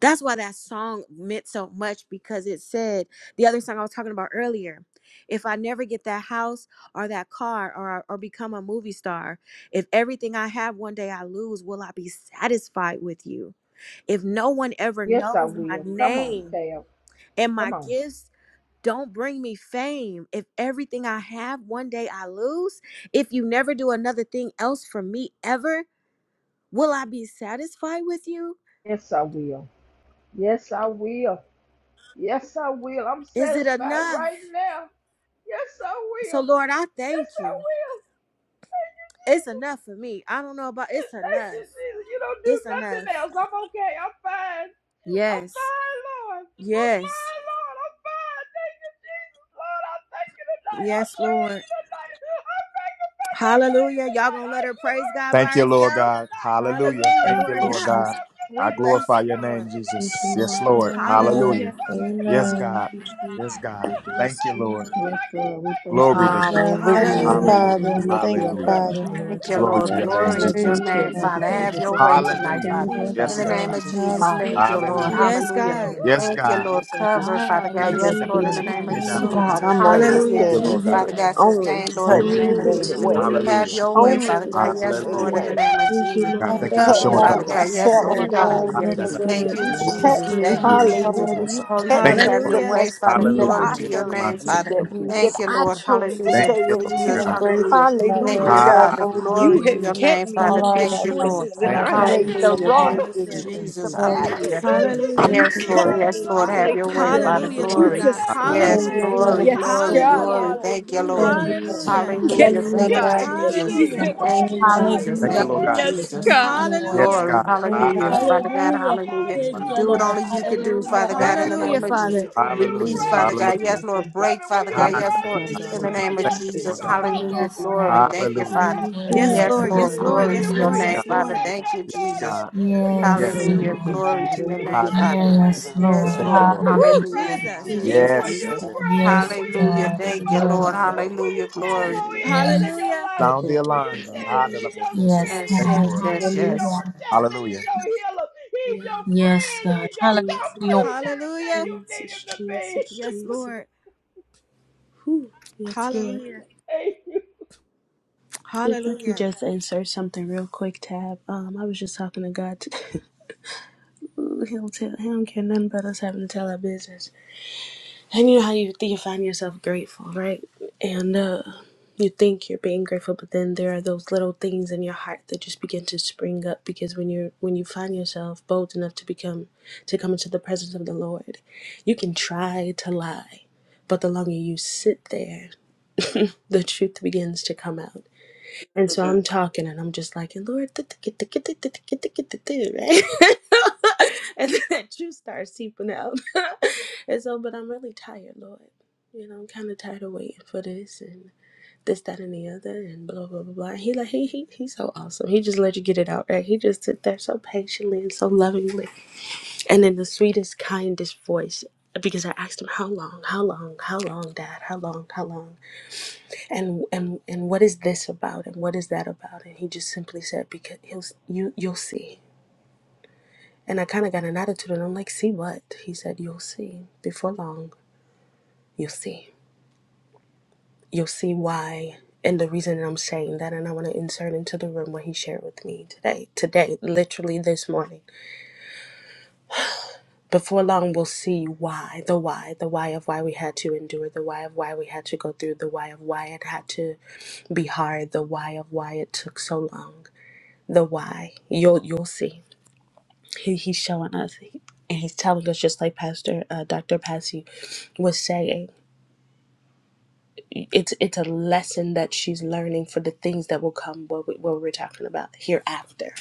S1: That's why that song meant so much because it said the other song I was talking about earlier. If I never get that house or that car or or become a movie star, if everything I have one day I lose, will I be satisfied with you? If no one ever
S18: Yes, I
S1: knows my
S18: will. Come on,
S1: name
S18: Tab.
S1: and
S18: Come
S1: my
S18: on.
S1: gifts don't bring me fame, if everything I have one day I lose, if you never do another thing else for me ever, will I be satisfied with you?
S18: Yes, I will. Yes, I will. Yes, I will. I'm
S1: Is it
S18: satisfied
S1: enough?
S18: right now. Yes, I
S1: So,
S18: will.
S1: Lord, I thank
S18: Yes, I
S1: you.
S18: will. Thank you,
S1: It's
S18: Jesus.
S1: enough for me. I don't know about it's
S18: Thank you,
S1: enough.
S18: Jesus. You don't do
S1: It's
S18: nothing
S1: enough.
S18: else. I'm okay. I'm fine. I'm
S1: Yes.
S18: fine, Lord. I'm
S1: Yes.
S18: fine, Lord. I'm fine. Thank you, Jesus. Lord, I thank you tonight. I
S1: Yes,
S18: praise
S1: Lord.
S18: you tonight. I magnify your name
S1: Hallelujah. Y'all
S18: tonight.
S1: gonna
S18: I
S1: let her praise God
S18: glorify
S1: by
S8: Thank you,
S18: your
S8: Lord
S18: name
S1: herself?
S8: God.
S18: tonight.
S8: Hallelujah.
S18: Lord,
S1: Hallelujah,
S18: I
S8: Thank
S20: Thank
S8: you,
S1: Lord
S20: you,
S1: [laughs]
S18: lift
S8: Lord
S18: you
S1: God.
S20: Jesus.
S8: God.
S18: up
S8: I
S1: We
S18: tonight,
S1: bless
S8: glorify
S18: Father
S1: you,
S8: your
S18: God,
S8: name,
S1: Lord.
S18: that you
S20: Thank you,
S8: Jesus.
S18: are
S8: Yes,
S20: Lord.
S18: worthy
S8: Lord.
S18: to be
S20: Bless
S18: praised,
S8: Hallelujah.
S1: Hallelujah.
S18: Father
S20: you,
S18: God.
S8: Yes,
S18: I
S20: Jesus.
S17: Amen.
S8: God.
S18: thank
S20: We
S18: you
S20: bless
S8: Yes,
S18: tonight.
S8: God.
S20: you, Jesus.
S18: I
S20: We bless
S8: Thank you,
S20: you,
S8: Lord.
S20: Lord.
S19: Yeah,
S18: Lord, I can't thank you
S20: Thank
S8: Glory to
S19: we
S18: enough.
S8: God.
S17: Yeah,
S20: you,
S18: I
S17: thank
S6: Hallelujah.
S20: Father,
S18: can't
S17: you,
S1: Hallelujah.
S18: praise
S8: Hallelujah.
S18: you
S17: Father.
S18: enough,
S17: Thank
S18: oh
S17: you,
S8: Hallelujah.
S18: Father
S17: Father.
S18: God.
S20: great
S3: Thank you,
S20: and
S8: Glory
S18: But
S8: to
S3: Lord.
S8: your
S17: Yes, we
S18: tonight
S8: name,
S20: glorious
S3: Glory
S18: I
S3: to
S17: praise
S20: God.
S3: your
S18: bow
S8: Jesus.
S20: you are.
S17: you,
S18: down
S3: name,
S18: to
S17: Lord.
S3: Father.
S18: you.
S3: Have
S20: Thank you,
S3: your
S18: I
S3: way
S18: bow down
S3: tonight,
S8: Hallelujah.
S18: and
S3: Father.
S18: worship
S8: Yes,
S20: thank
S3: In
S20: you,
S3: the
S18: you,
S8: God.
S3: name of
S18: God.
S20: Jesus.
S3: Jesus.
S18: I
S17: Hallelujah.
S20: Thank
S3: Thank
S18: tell
S3: you,
S18: you that
S3: Lord.
S6: Hallelujah.
S20: you,
S18: I
S8: Hallelujah.
S20: Jesus.
S1: Yes,
S18: love
S3: Hallelujah.
S18: you.
S1: God.
S8: Yes,
S18: I
S3: Thank you,
S18: tell
S8: God.
S18: you
S3: Lord.
S18: that I
S3: Cover,
S18: love
S3: Father
S18: you,
S3: God.
S18: Lord.
S8: Yes,
S3: Yes,
S18: I
S20: Hallelujah
S3: Lord, in the
S18: tell
S20: to
S18: you
S20: your
S1: Rabbani
S3: name of
S8: Thank
S18: that I
S20: name, oh
S3: Jesus.
S18: love
S6: God,
S20: God.
S18: you,
S6: I'm only
S18: Lord.
S3: Hallelujah.
S1: Hallelujah.
S8: you,
S3: Keep,
S6: standing
S8: Lord God.
S3: Father
S6: here
S3: God.
S6: only
S3: Sustain, Lord,
S8: Thank
S3: in the
S6: because
S8: you,
S6: you
S3: name of
S8: Lord
S20: Glory
S6: made
S8: God.
S6: a
S20: to
S3: Jesus.
S20: your
S6: way.
S20: name,
S3: Have
S8: Hallelujah.
S3: your way,
S6: Only
S3: Father
S20: Jesus.
S3: God.
S6: because you
S3: Yes,
S6: made a
S3: Lord,
S8: Hallelujah.
S3: in
S20: Yeah.
S6: way.
S3: the name of
S20: Thank you,
S3: Jesus.
S18: Hallelujah.
S8: God,
S17: I
S20: Lord.
S6: You
S8: thank you for
S17: thank
S6: kept
S17: you,
S3: Cover,
S6: me
S8: showing up.
S3: Father
S6: from
S17: Father.
S3: God.
S18: Hallelujah.
S3: Yes,
S17: You
S6: myself,
S17: are
S3: Lord.
S20: Yeah.
S6: God.
S8: Ah,
S17: good.
S3: Hallelujah.
S17: You
S20: That
S8: da,
S17: are
S20: is
S8: da,
S17: good. to-
S3: Thank
S20: good.
S3: you,
S6: You
S20: God,
S8: oh, my
S6: kept
S20: thank
S8: son.
S3: Jesus.
S20: you.
S6: me,
S3: Thank
S8: You
S3: you,
S8: did it.
S18: Hallelujah.
S17: You
S20: Hallelujah.
S17: are
S3: Jesus.
S17: worthy
S8: Oh,
S6: hallelujah.
S8: son.
S6: You
S3: Holy
S6: kept me
S8: Thank
S3: Spirit,
S8: you,
S18: Hallelujah.
S3: have
S6: through
S3: your
S6: the
S8: Lord
S1: Hallelujah.
S3: way,
S6: mess
S8: God.
S3: Father.
S6: that
S3: Glory
S8: Hallelujah.
S6: I
S3: to
S8: Yeah,
S3: your
S6: fell
S8: I'm
S3: name,
S8: on
S6: into,
S3: Father.
S8: the
S6: that,
S17: to
S8: Lord,
S17: be used.
S8: oh,
S6: that
S3: Thank you,
S8: son.
S6: I
S3: Lord.
S6: chose to
S8: Thank
S6: stay
S18: Thank
S3: Hallelujah.
S18: you,
S8: you,
S17: We
S8: Lord
S3: Jesus,
S6: into.
S20: Thank
S8: God.
S17: embrace you
S18: Jesus.
S3: hallelujah.
S17: tonight,
S20: you,
S3: Thank
S6: Hallelujah,
S17: Lord.
S3: you,
S20: Jesus.
S17: You
S1: Hallelujah.
S17: are
S6: God.
S3: Father.
S8: Hallelujah.
S17: worthy
S6: You
S3: Glory to
S6: have
S3: your
S8: Oh, my
S6: kept
S3: name,
S8: son.
S17: of
S6: me
S17: all
S3: Father.
S6: through
S20: Thank you, Jesus. Thank you,
S17: our
S6: the
S3: Thank you,
S20: Jesus.
S17: attention,
S3: Lord.
S6: choices that
S20: Thank
S8: Thank
S17: our
S6: I
S8: you,
S20: you,
S18: Thank
S6: made,
S8: Lord.
S17: affection,
S18: you,
S20: Jesus.
S6: the
S17: Lord
S3: Hallelujah.
S6: wrong
S17: God.
S3: Thank
S18: Jesus.
S3: you,
S1: Hallelujah.
S8: Hallelujah.
S6: decisions,
S8: Oh,
S6: the
S3: Jesus.
S8: son.
S17: Lord,
S8: Thank
S6: bad
S20: Yes,
S8: you, Lord.
S17: thank
S3: Hallelujah.
S20: Lord.
S17: you.
S18: Thank
S6: decisions.
S18: you,
S6: You
S1: Hallelujah.
S3: Yes,
S18: Jesus.
S3: Lord.
S6: kept
S8: Thank
S17: Thank
S8: you.
S3: Yes,
S6: me,
S3: Lord. Have
S18: Hallelujah.
S3: your way,
S6: hallelujah.
S3: Father.
S20: Glory
S1: Hallelujah,
S20: to
S6: You
S1: Lord
S3: Glory.
S17: you.
S20: your
S1: God.
S17: Lord.
S18: Thank you,
S20: name.
S8: Hallelujah.
S6: sustained
S3: Yes,
S17: Are you
S1: Hallelujah.
S6: me,
S18: Jesus.
S3: glory,
S17: available?
S6: yes,
S3: glory,
S17: Thank you.
S6: God,
S3: glory.
S1: Hallelujah.
S3: Thank you,
S8: Thank
S3: Lord.
S6: hallelujah.
S17: Thank
S8: you.
S17: you,
S20: Glory
S17: Lord.
S20: to your
S1: Hallelujah.
S17: Thank
S8: Yeah,
S20: name.
S3: Hallelujah.
S17: you
S6: Yes,
S17: for your
S8: thank you,
S3: Thank
S18: [laughs]
S14: Hallelujah.
S8: Lord.
S3: you,
S6: God.
S18: Thank
S14: Thank
S17: breath.
S18: you,
S14: you,
S3: Jesus.
S6: You
S18: Jesus. He
S14: Jesus.
S1: Hallelujah.
S6: have,
S3: Thank you,
S18: worthy,
S17: Amen.
S18: y'all. He's
S3: Jesus.
S18: so
S8: Thank
S14: Hallelujah.
S8: you,
S6: hallelujah,
S3: Thank
S20: Glory
S8: Lord
S3: you,
S8: God.
S14: Father.
S18: worthy.
S6: yes,
S20: to your
S14: Thank
S3: Jesus.
S20: name,
S14: you,
S6: God.
S14: Lord.
S8: Yes,
S20: God.
S1: Hallelujah.
S3: Glory.
S8: God.
S18: He's
S3: Hallelujah.
S17: Amen.
S8: Hallelujah.
S18: so
S3: Father God,
S18: worthy,
S14: Hallelujah.
S18: y'all.
S3: hallelujah.
S18: He's
S14: Thank
S18: so
S14: you,
S3: Do what
S14: Lord.
S3: only you
S18: worthy.
S3: could
S18: He's
S3: do,
S18: so
S3: Father
S14: Hallelujah.
S8: Thank
S3: God,
S8: you,
S3: in the
S18: worthy.
S8: Lord.
S1: Hallelujah,
S3: name of
S1: Father.
S3: Jesus.
S18: Will you
S8: Hallelujah.
S3: Release, Father
S18: praise him
S3: God.
S18: in
S8: Hallelujah.
S18: the
S3: Yes, Lord.
S18: midst of
S3: Break,
S18: it? Will
S3: Father
S20: We
S18: you
S8: Ha-
S3: God.
S20: Thank
S8: da-
S20: you,
S3: Yes,
S8: da-
S3: Lord.
S18: praise him?
S8: da-
S3: In the
S20: Jesus.
S8: da-
S18: Baba
S3: name of
S8: Thank
S20: Yeah,
S8: you,
S18: Yasi
S8: Lord
S3: Jesus.
S8: God.
S20: yeah.
S3: Hallelujah.
S14: Yes,
S18: Kodapopo
S14: God.
S3: Glory.
S18: Yasi
S3: Thank you,
S18: Lala
S8: Hallelujah.
S3: Father.
S14: You're
S19: measure from
S20: Mm-hmm.
S1: Yes,
S19: the
S3: Yes,
S14: worthy.
S8: Thank
S18: Yasi.
S1: Lord.
S19: crown of
S8: you,
S3: Lord.
S19: her
S1: Yes,
S8: Lord.
S19: head
S1: Lord.
S19: to
S18: Will
S3: Glory
S19: the
S18: you
S1: Yes,
S3: to your
S19: soles
S1: Lord.
S19: of
S8: Yes,
S14: Hallelujah.
S19: her
S3: name,
S8: God.
S1: Yes,
S18: praise him
S19: feet,
S18: when
S3: Father.
S1: Lord.
S19: Lord
S18: ain't
S3: Thank
S19: God.
S3: you,
S18: nothing
S8: Yes,
S18: going
S3: Jesus.
S18: on?
S8: God.
S18: Will you
S19: Let
S14: Yes,
S19: her
S8: Yes.
S18: praise
S19: know
S18: him
S20: Mm-hmm.
S3: Hallelujah.
S19: that
S18: in
S19: you're
S18: the
S14: Lord.
S19: there.
S3: Glory
S18: bad?
S19: Let
S3: to
S19: her
S18: Will
S3: your
S19: know
S18: you
S19: that
S3: name,
S19: you
S8: Ha- da-
S19: haven't
S8: da-
S18: praise
S3: Father.
S8: da-
S18: him when
S19: forgotten
S18: it's
S14: Yes,
S18: in
S19: about her,
S18: the
S8: da-
S3: Yes,
S14: Lord.
S19: Father.
S8: Thank
S18: good?
S8: you,
S3: Lord.
S8: Lord.
S18: Will you
S19: Touch
S1: Woo,
S14: Hallelujah.
S19: right
S3: Hallelujah.
S18: praise
S19: now,
S1: Jesus.
S18: him?
S19: Lord
S20: Thank you,
S3: Jesus,
S19: God.
S8: Yes.
S18: Will
S1: Jesus.
S8: Say
S20: Father.
S18: you
S3: Jesus.
S8: that,
S19: Touch
S8: da-
S18: praise him?
S14: Yes,
S19: right
S18: Will you
S8: da-
S3: Hallelujah.
S18: lift
S14: God.
S19: now,
S18: him
S8: da-
S3: Thank
S8: da-
S3: you,
S8: da.
S18: up?
S3: Lord.
S19: Lord
S8: People of
S18: Will
S19: God.
S3: Hallelujah.
S18: you
S8: the
S18: tell
S8: time.
S18: him
S3: Glory.
S18: who he
S19: Hallelujah.
S18: is in
S14: Yes,
S18: your
S1: Hallelujah.
S14: yes.
S18: life?
S8: Sound the
S19: Glory
S18: Will you
S19: to
S8: alarm,
S19: your
S8: God.
S18: tell
S8: Ha-
S19: name.
S18: him
S8: da-
S20: You
S8: da-
S18: he's
S8: da-
S18: your
S8: da.
S14: Yes,
S18: strength,
S14: God.
S3: Yes,
S18: he's
S8: Thank you,
S18: your
S3: yes,
S8: Lord.
S18: shield,
S20: know,
S3: yes,
S18: he's your
S3: yes.
S14: Hallelujah.
S18: protector,
S8: Hallelujah.
S18: he's your healer, he's
S20: Yeah,
S18: your
S14: Yes,
S18: friend,
S14: God.
S18: he's your
S20: Jesus,
S18: comfort,
S14: Hallelujah.
S18: he's everything
S1: Hallelujah.
S18: you
S20: Jesus,
S18: need him to be. [laughs]
S20: Jesus,
S1: Yes,
S20: Jesus.
S1: Lord.
S20: Whew. Yes, Lord.
S1: Hallelujah.
S20: If I can
S1: Hallelujah.
S20: just insert something real quick, Tab. Um, I was just talking to God. [laughs] Ooh, he don't tell. He don't care nothing about us having to tell our business. And you know how you you find yourself grateful, right? And uh, you think you're being grateful, but then there are those little things in your heart that just begin to spring up because when you're when you find yourself bold enough to become to come into the presence of the Lord, you can try to lie, but the longer you sit there, the truth begins to come out. And so I'm talking and I'm just like, Lord, [laughs] right? [laughs] And then that juice starts seeping out. [laughs] And so, but I'm really tired, Lord. You know, I'm kind of tired of waiting for this and this, that, and the other, and blah, blah, blah, blah. And he, like, he, he, he's so awesome. He just let you get it out, right? He just sit there so patiently and so lovingly and in the sweetest, kindest voice. Because I asked him, How long, how long, how long, Dad, how long, how long? and and and what is this about and what is that about and he just simply said because he'll you you'll see and i kind of got an attitude and i'm like see what he said you'll see before long you'll see you'll see why and the reason that i'm saying that and i want to insert into the room what he shared with me today today literally this morning before long we'll see why the why the why of why we had to endure the why of why we had to go through the why of why it had to be hard the why of why it took so long the why. You'll you'll see. He, he's showing us, and he's telling us just like Pastor uh, Dr. Passy was saying. It's it's a lesson that she's learning for the things that will come what, we, what we're talking about hereafter.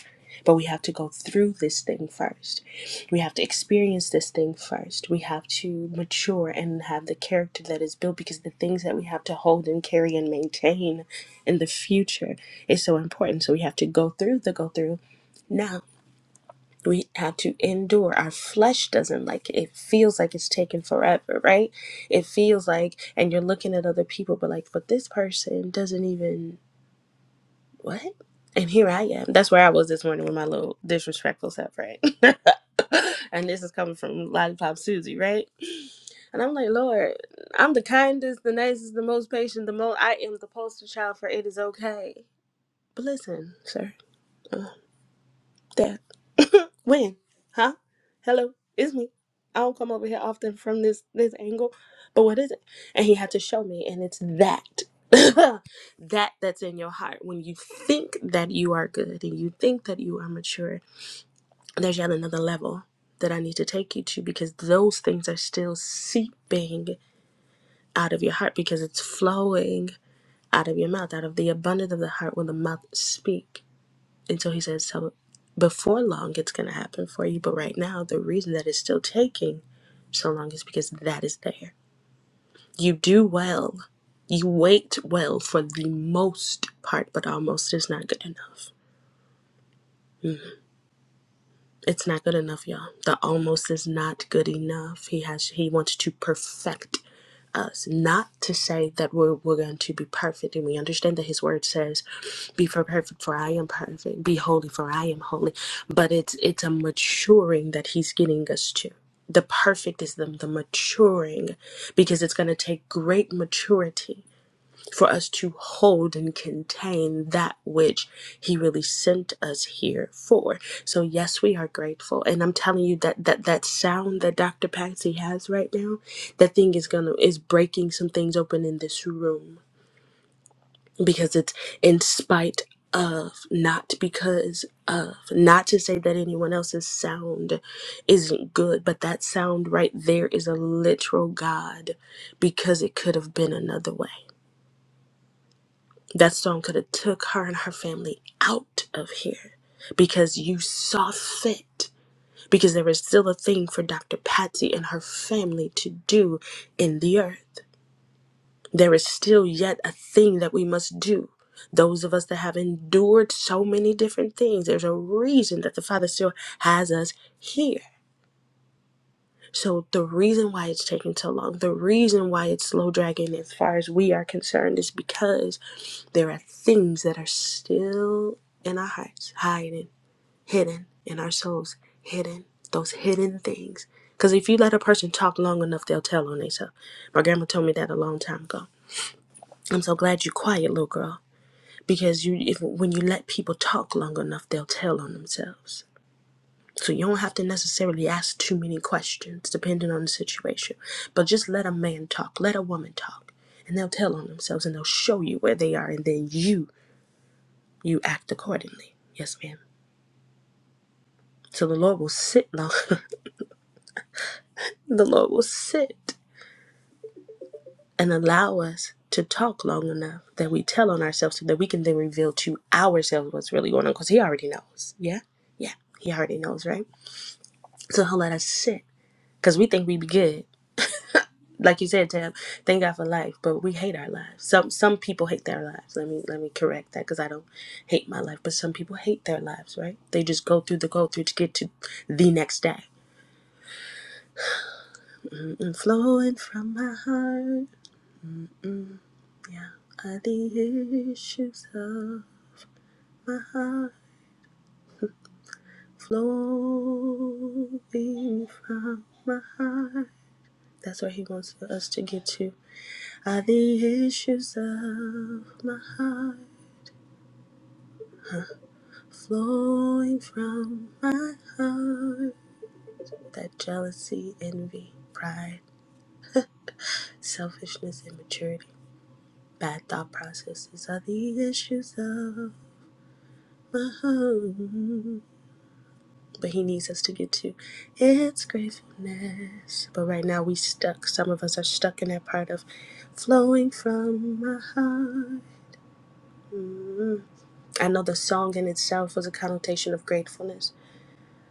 S20: But we have to go through this thing first. We have to experience this thing first. We have to mature and have the character that is built because the things that we have to hold and carry and maintain in the future is so important. So we have to go through the go through now we have to endure our flesh doesn't like it it feels like it's taking forever right it feels like and you're looking at other people but like but this person doesn't even what and here i am that's where i was this morning with my little disrespectful self right [laughs] and this is coming from lollipop susie right and i'm like lord i'm the kindest the nicest the most patient the most i am the poster child for it is okay but listen sir that. When? Huh? Hello, it's me. I don't come over here often from this this angle, but what is it? And he had to show me, and it's that. [laughs] that that's in your heart when you think that you are good and you think that you are mature there's yet another level that i need to take you to because those things are still seeping out of your heart because it's flowing out of your mouth out of the abundance of the heart will the mouth speak and so he says, so before long, it's going to happen for you. But right now, the reason that it's still taking so long is because that is there. You do well. You wait well for the most part, but almost is not good enough. It's not good enough, y'all. The almost is not good enough. He has he wants to perfect us. Not to say that we're, we're going to be perfect, and we understand that His Word says, "Be for perfect, for I am perfect; be holy, for I am holy." But it's it's a maturing that He's getting us to. The perfect is the, the maturing, because it's going to take great maturity for us to hold and contain that which he really sent us here for. So yes, we are grateful. And I'm telling you that that that sound that Dr. Patsy has right now, that thing is going to is breaking some things open in this room because it's in spite of not because of not to say that anyone else's sound isn't good but that sound right there is a literal god because it could have been another way that storm could have took her and her family out of here because you saw fit. Because there was still a thing for Dr. Patsy and her family to do in the earth. There is still yet a thing that we must do. Those of us that have endured so many different things, there's a reason that the Father still has us here so the reason why it's taking so long, the reason why it's slow dragging as far as we are concerned is because there are things that are still in our hearts, hiding, hidden in our souls, hidden, those hidden things. Because if you let a person talk long enough, they'll tell on themselves. My grandma told me that a long time ago. I'm so glad you're quiet, little girl, because you, if, when you let people talk long enough, they'll tell on themselves. So you don't have to necessarily ask too many questions depending on the situation. But just let a man talk, let a woman talk, and they'll tell on themselves and they'll show you where they are and then you you act accordingly. Yes, ma'am. So the Lord will sit long [laughs] the Lord will sit and allow us to talk long enough that we tell on ourselves so that we can then reveal to ourselves what's really going on because he already knows. Yeah? Yeah. He already knows, right? So he'll let us sit. Because we think we be good like you said, Tam, thank God for life, but we hate our lives. Some some people hate their lives. Let me let me correct that because I don't hate my life, but some people hate their lives, right? They just go through the go through to get to the next day. Mm-mm, flowing from my heart are the issues of my heart. Flowing from my heart. That's where he wants for us to get to. Are the issues of my heart. flowing from my heart. That jealousy, envy, pride, [laughs] selfishness, immaturity, bad thought processes are the issues of my home. But he needs us to get to its gratefulness. But right now we stuck. Some of us are stuck in that part of flowing from my heart. Mm. I know the song in itself was a connotation of gratefulness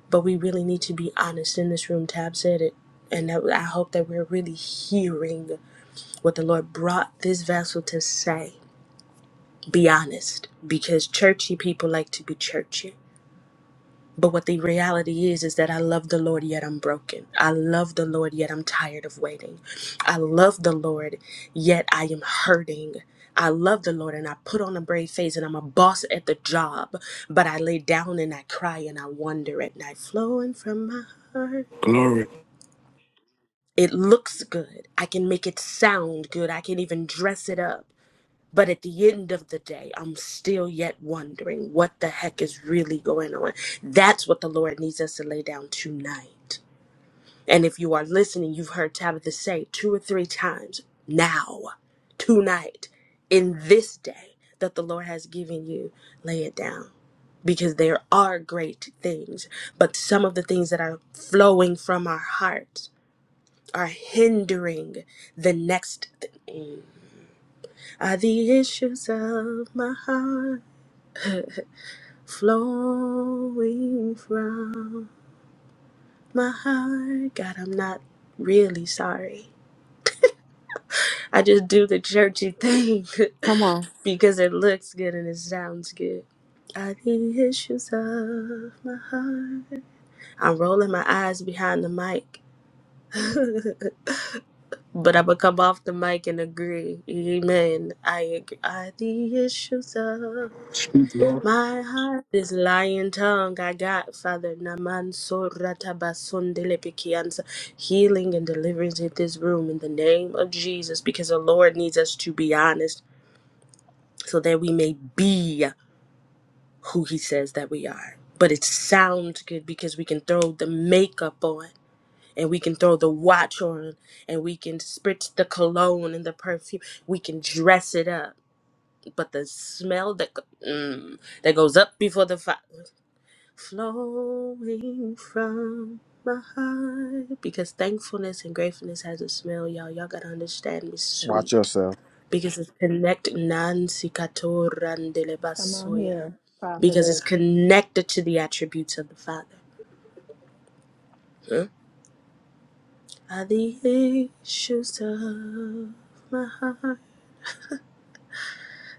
S20: but we really need to be honest in this room. Tab said it. And that, I hope that we're really hearing what the Lord brought this vessel to say. Be honest, because churchy people like to be churchy. But what the reality is, is that I love the Lord, yet I'm broken. I love the Lord, yet I'm tired of waiting. I love the Lord, yet I am hurting. I love the Lord and I put on a brave face and I'm a boss at the job, but I lay down and I cry and I wonder at night, flowing from my heart.
S2: Glory.
S20: It looks good. I can make it sound good. I can even dress it up. But at the end of the day, I'm still yet wondering what the heck is really going on. That's what the Lord needs us to lay down tonight. And if you are listening, you've heard Tabitha say two or three times now, tonight, in this day that the Lord has given you, lay it down. Because there are great things, but some of the things that are flowing from our hearts are hindering the next thing. Are the issues of my heart [laughs] flowing from my heart? God, I'm not really sorry. I just do the churchy thing
S1: Come on.
S20: [laughs] because it looks good and it sounds good. Are the issues of my heart? I'm rolling my eyes behind the mic. [laughs] But I'm gonna come off the mic and agree. Amen. I agree. I the issues of
S2: Speak, Lord.
S20: my heart. This lying tongue I got, Father Naman Soratabasundilepikiansa. Healing and deliverance in this room in the name of Jesus, because the Lord needs us to be honest so that we may be who He says that we are. But it sounds good because we can throw the makeup on and we can throw the watch on and we can spritz the cologne and the perfume we can dress it up but the smell that go- mm, that goes up before the fire flowing from my heart because thankfulness and gratefulness has a smell y'all y'all gotta understand it's
S8: Watch
S20: sweet
S8: yourself.
S20: because it's connected nancy Katoran de la basoya because it's connected to the attributes of the father Huh? By the issues of my heart.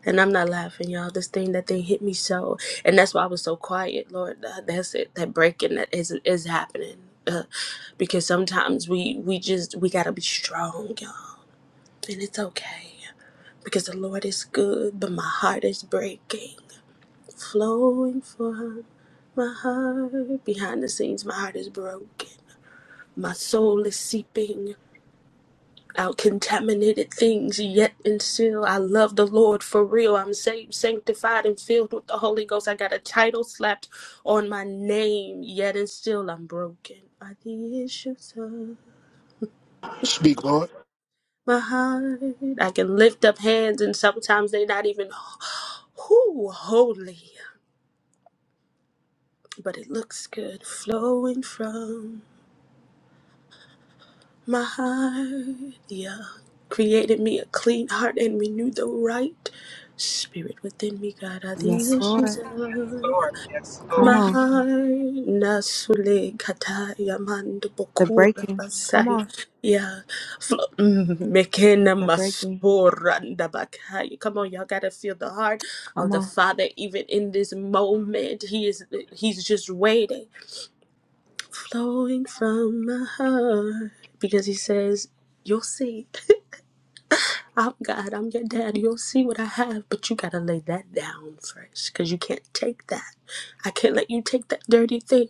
S20: And I'm not laughing, y'all. This thing, that thing hit me so. And that's why I was so quiet, Lord. Uh, That's it. That breaking that is, is happening. Uh, because sometimes we, we just, we got to be strong, y'all. And it's okay. Because the Lord is good, but my heart is breaking. Flowing from my heart. Behind the scenes, my heart is broken. My soul is seeping. out contaminated things, yet and still I love the Lord for real. I'm saved, sanctified, and filled with the Holy Ghost. I got a title slapped on my name, yet and still I'm broken by the issues of
S2: Speak, Lord.
S20: my heart. I can lift up hands, and sometimes they're not even whoo, holy, but it looks good flowing from. My heart, yeah, created me a clean heart and renewed the right spirit within me. God, are
S1: Yes,
S20: the issues
S1: Lord.
S20: of
S11: Yes, Lord. Yes,
S1: Come
S20: my
S11: Lord.
S1: on.
S20: heart. Nasule kataya mando
S1: The
S20: bokura
S1: breaking. Come
S20: basaya.
S1: on.
S20: Yeah, Flo- mm, mekena
S1: The breaking.
S20: masoranda bakaya. Come on, y'all gotta feel the heart of
S1: Come
S20: the
S1: on.
S20: Father even in this moment. He is, he's just waiting flowing from my heart because he says, You'll see. [laughs] I'm God, I'm your dad. You'll see what I have, but you gotta lay that down first because you can't take that. I can't let you take that dirty thing.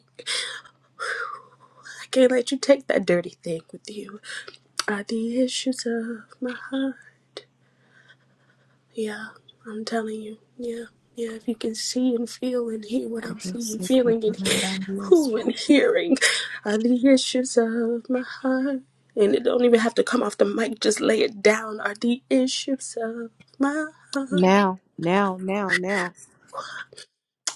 S20: I can't let you take that dirty thing with you. Are the issues of my heart. Yeah, I'm telling you. Yeah, yeah. If you can see and feel and hear what I'm seeing, feeling, and who and hearing are the issues of my heart. And it don't even have to come off the mic, just lay it down. Are the issues of my heart?
S1: Now, now, now, now.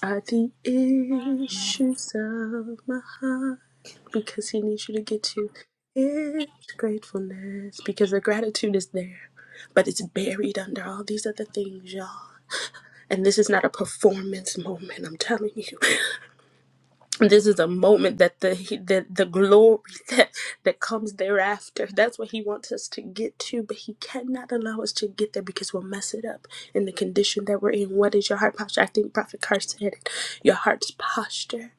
S20: Are the issues of my heart? Because he needs you to get to it. Gratefulness. Because the gratitude is there, but it's buried under all these other things, y'all. And this is not a performance moment, I'm telling you. [laughs] This is a moment that the he- that the glory [laughs] that that comes thereafter. That's what he wants us to get to, but he cannot allow us to get there because we'll mess it up in the condition that we're in. What is your heart posture? I think Prophet Carr said it. Your heart's posture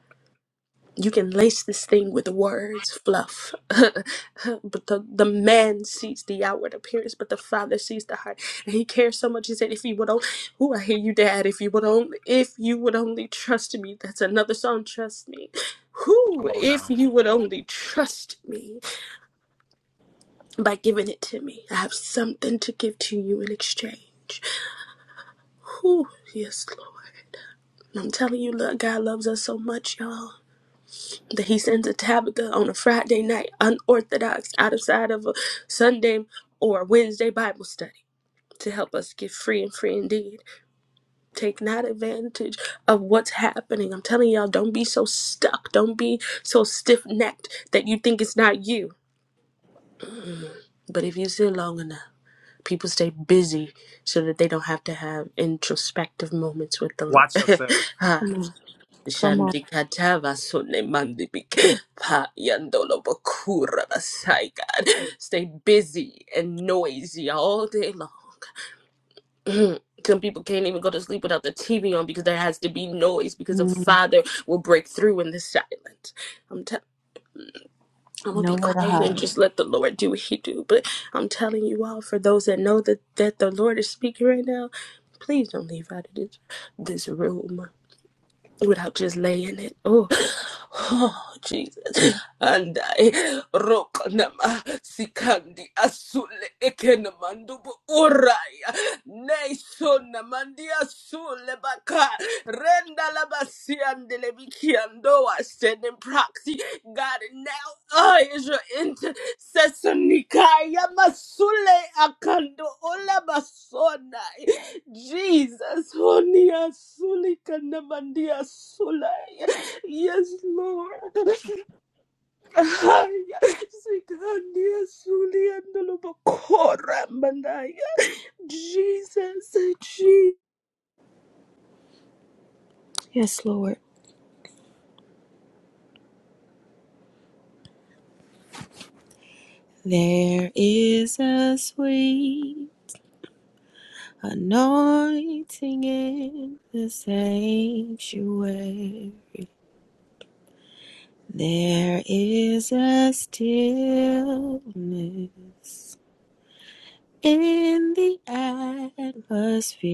S20: you can lace this thing with words, fluff. [laughs] but the, the man sees the outward appearance, but the father sees the heart. And he cares so much. He said, if you would only, ooh, I hear you, dad. If you would only, if you would only trust me. That's another song, Trust Me.
S8: Come
S20: Who,
S8: on
S20: if
S8: now.
S20: you would only trust me by giving it to me, I have something to give to you in exchange. Who, yes, Lord. I'm telling you, look, God loves us so much, y'all. that he sends a Tabitha on a Friday night, unorthodox, outside of a Sunday or Wednesday Bible study to help us get free and free indeed. Take not advantage of what's happening. I'm telling y'all, don't be so stuck. Don't be so stiff necked that you think it's not you. Mm. But if you sit long enough, people stay busy so that they don't have to have introspective moments with the
S8: Watch
S20: Lord. [laughs]
S8: yourself.
S20: Ah,
S1: Come on. Come on.
S20: Shandikatava Sune Mandibik Pa Yandolo Bakura Basai God. Stay busy and noisy all day long. Some people can't even go to sleep without the TV on because there has to be noise because a
S1: Mm,
S20: father will break through in the silence. I'm t- I'm gonna be
S1: nowhere to
S20: quiet and
S1: hide.
S20: just let the Lord do what He do. But I'm telling you all, for those that know that that the Lord is speaking right now, please don't leave out of this this room without just laying it. Oh, Oh, Jesus. And I rokanama sikandi asule ekene mandubu uraya. Nei sona mandi asule baka. Renda la basi andele biki andoa sending proxy. God, now I is your intercessor nikaya masule akando ola basonai. Jesus, honi asuli kanamandi asule. kanamandia sulai. Yes, Lord. Sikhandiya suliandolo bakora mandaya. Jesus, Jesus.
S1: Yes, Lord. There is a sweet anointing in the sanctuary. There is a stillness in the atmosphere.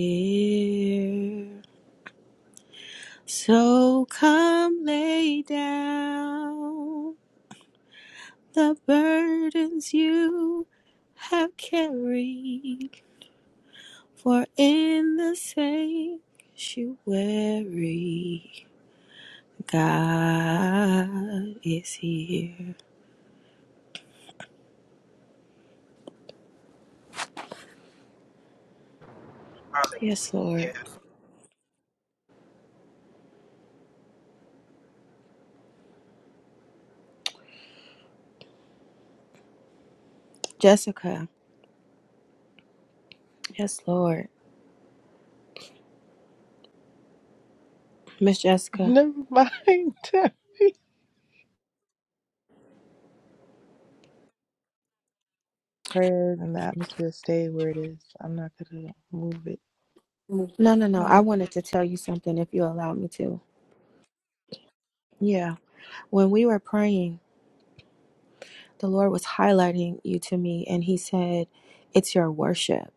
S1: So come lay down the burdens you have carried, for in the sanctuary, God is here. Yes, Lord.
S11: Hallelujah.
S1: Jessica. Yes, Lord. Miss
S17: [laughs]
S1: Jessica.
S17: Never mind. [laughs] Prayer and the atmosphere stay where it is. I'm not going to move
S1: No, no, no.
S17: it.
S1: I wanted to tell you something if you allow me to. Yeah. When we were praying, the Lord was highlighting you to me, and He said, It's your worship,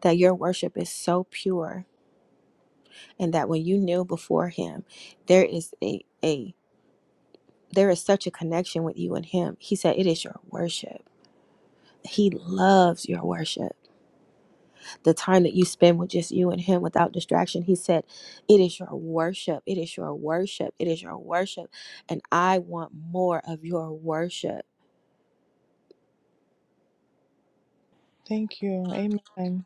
S1: that your worship is so pure, and that when you kneel before Him, there is a, a there is such a connection with you and Him. He said, It is your worship. He loves your worship. The time that you spend with just you and Him without distraction, He said, It is your worship. It is your worship. It is your worship. And I want more of your worship.
S17: Thank you. Amen.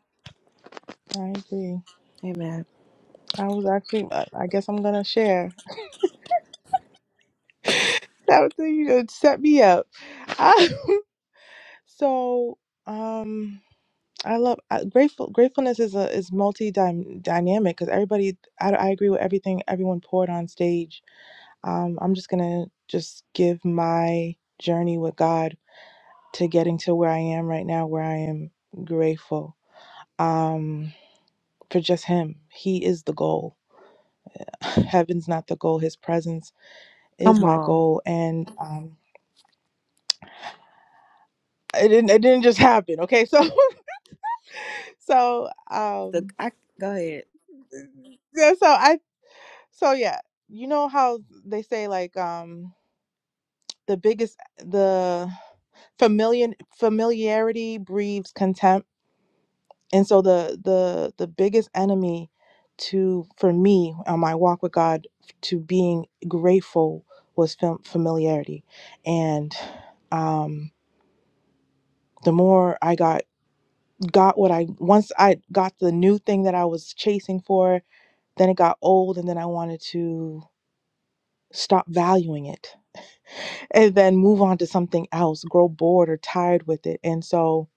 S17: I agree.
S1: Amen.
S17: I was actually, I I guess I'm going to share. [laughs] That was you just set me up. I- [laughs] so, um, I love I, grateful. Gratefulness is a is multi dynamic because everybody. I, I agree with everything everyone poured on stage. Um, I'm just gonna just give my journey with God to getting to where I am right now, where I am grateful um, for just Him. He is the goal. [laughs] Heaven's not the goal. His presence is
S1: Come
S17: my
S1: on.
S17: goal and um it didn't it didn't just happen okay so [laughs] so
S1: The,
S17: um
S1: I, go ahead.
S17: yeah so i so yeah you know how they say like um the biggest the familiar familiarity breeds contempt and so the the the biggest enemy to for me on my walk with god to being grateful was fam- familiarity and um the more i got got what I once I got the new thing that I was chasing for, then it got old and then I wanted to stop valuing it and then move on to something else, grow bored or tired with it. And so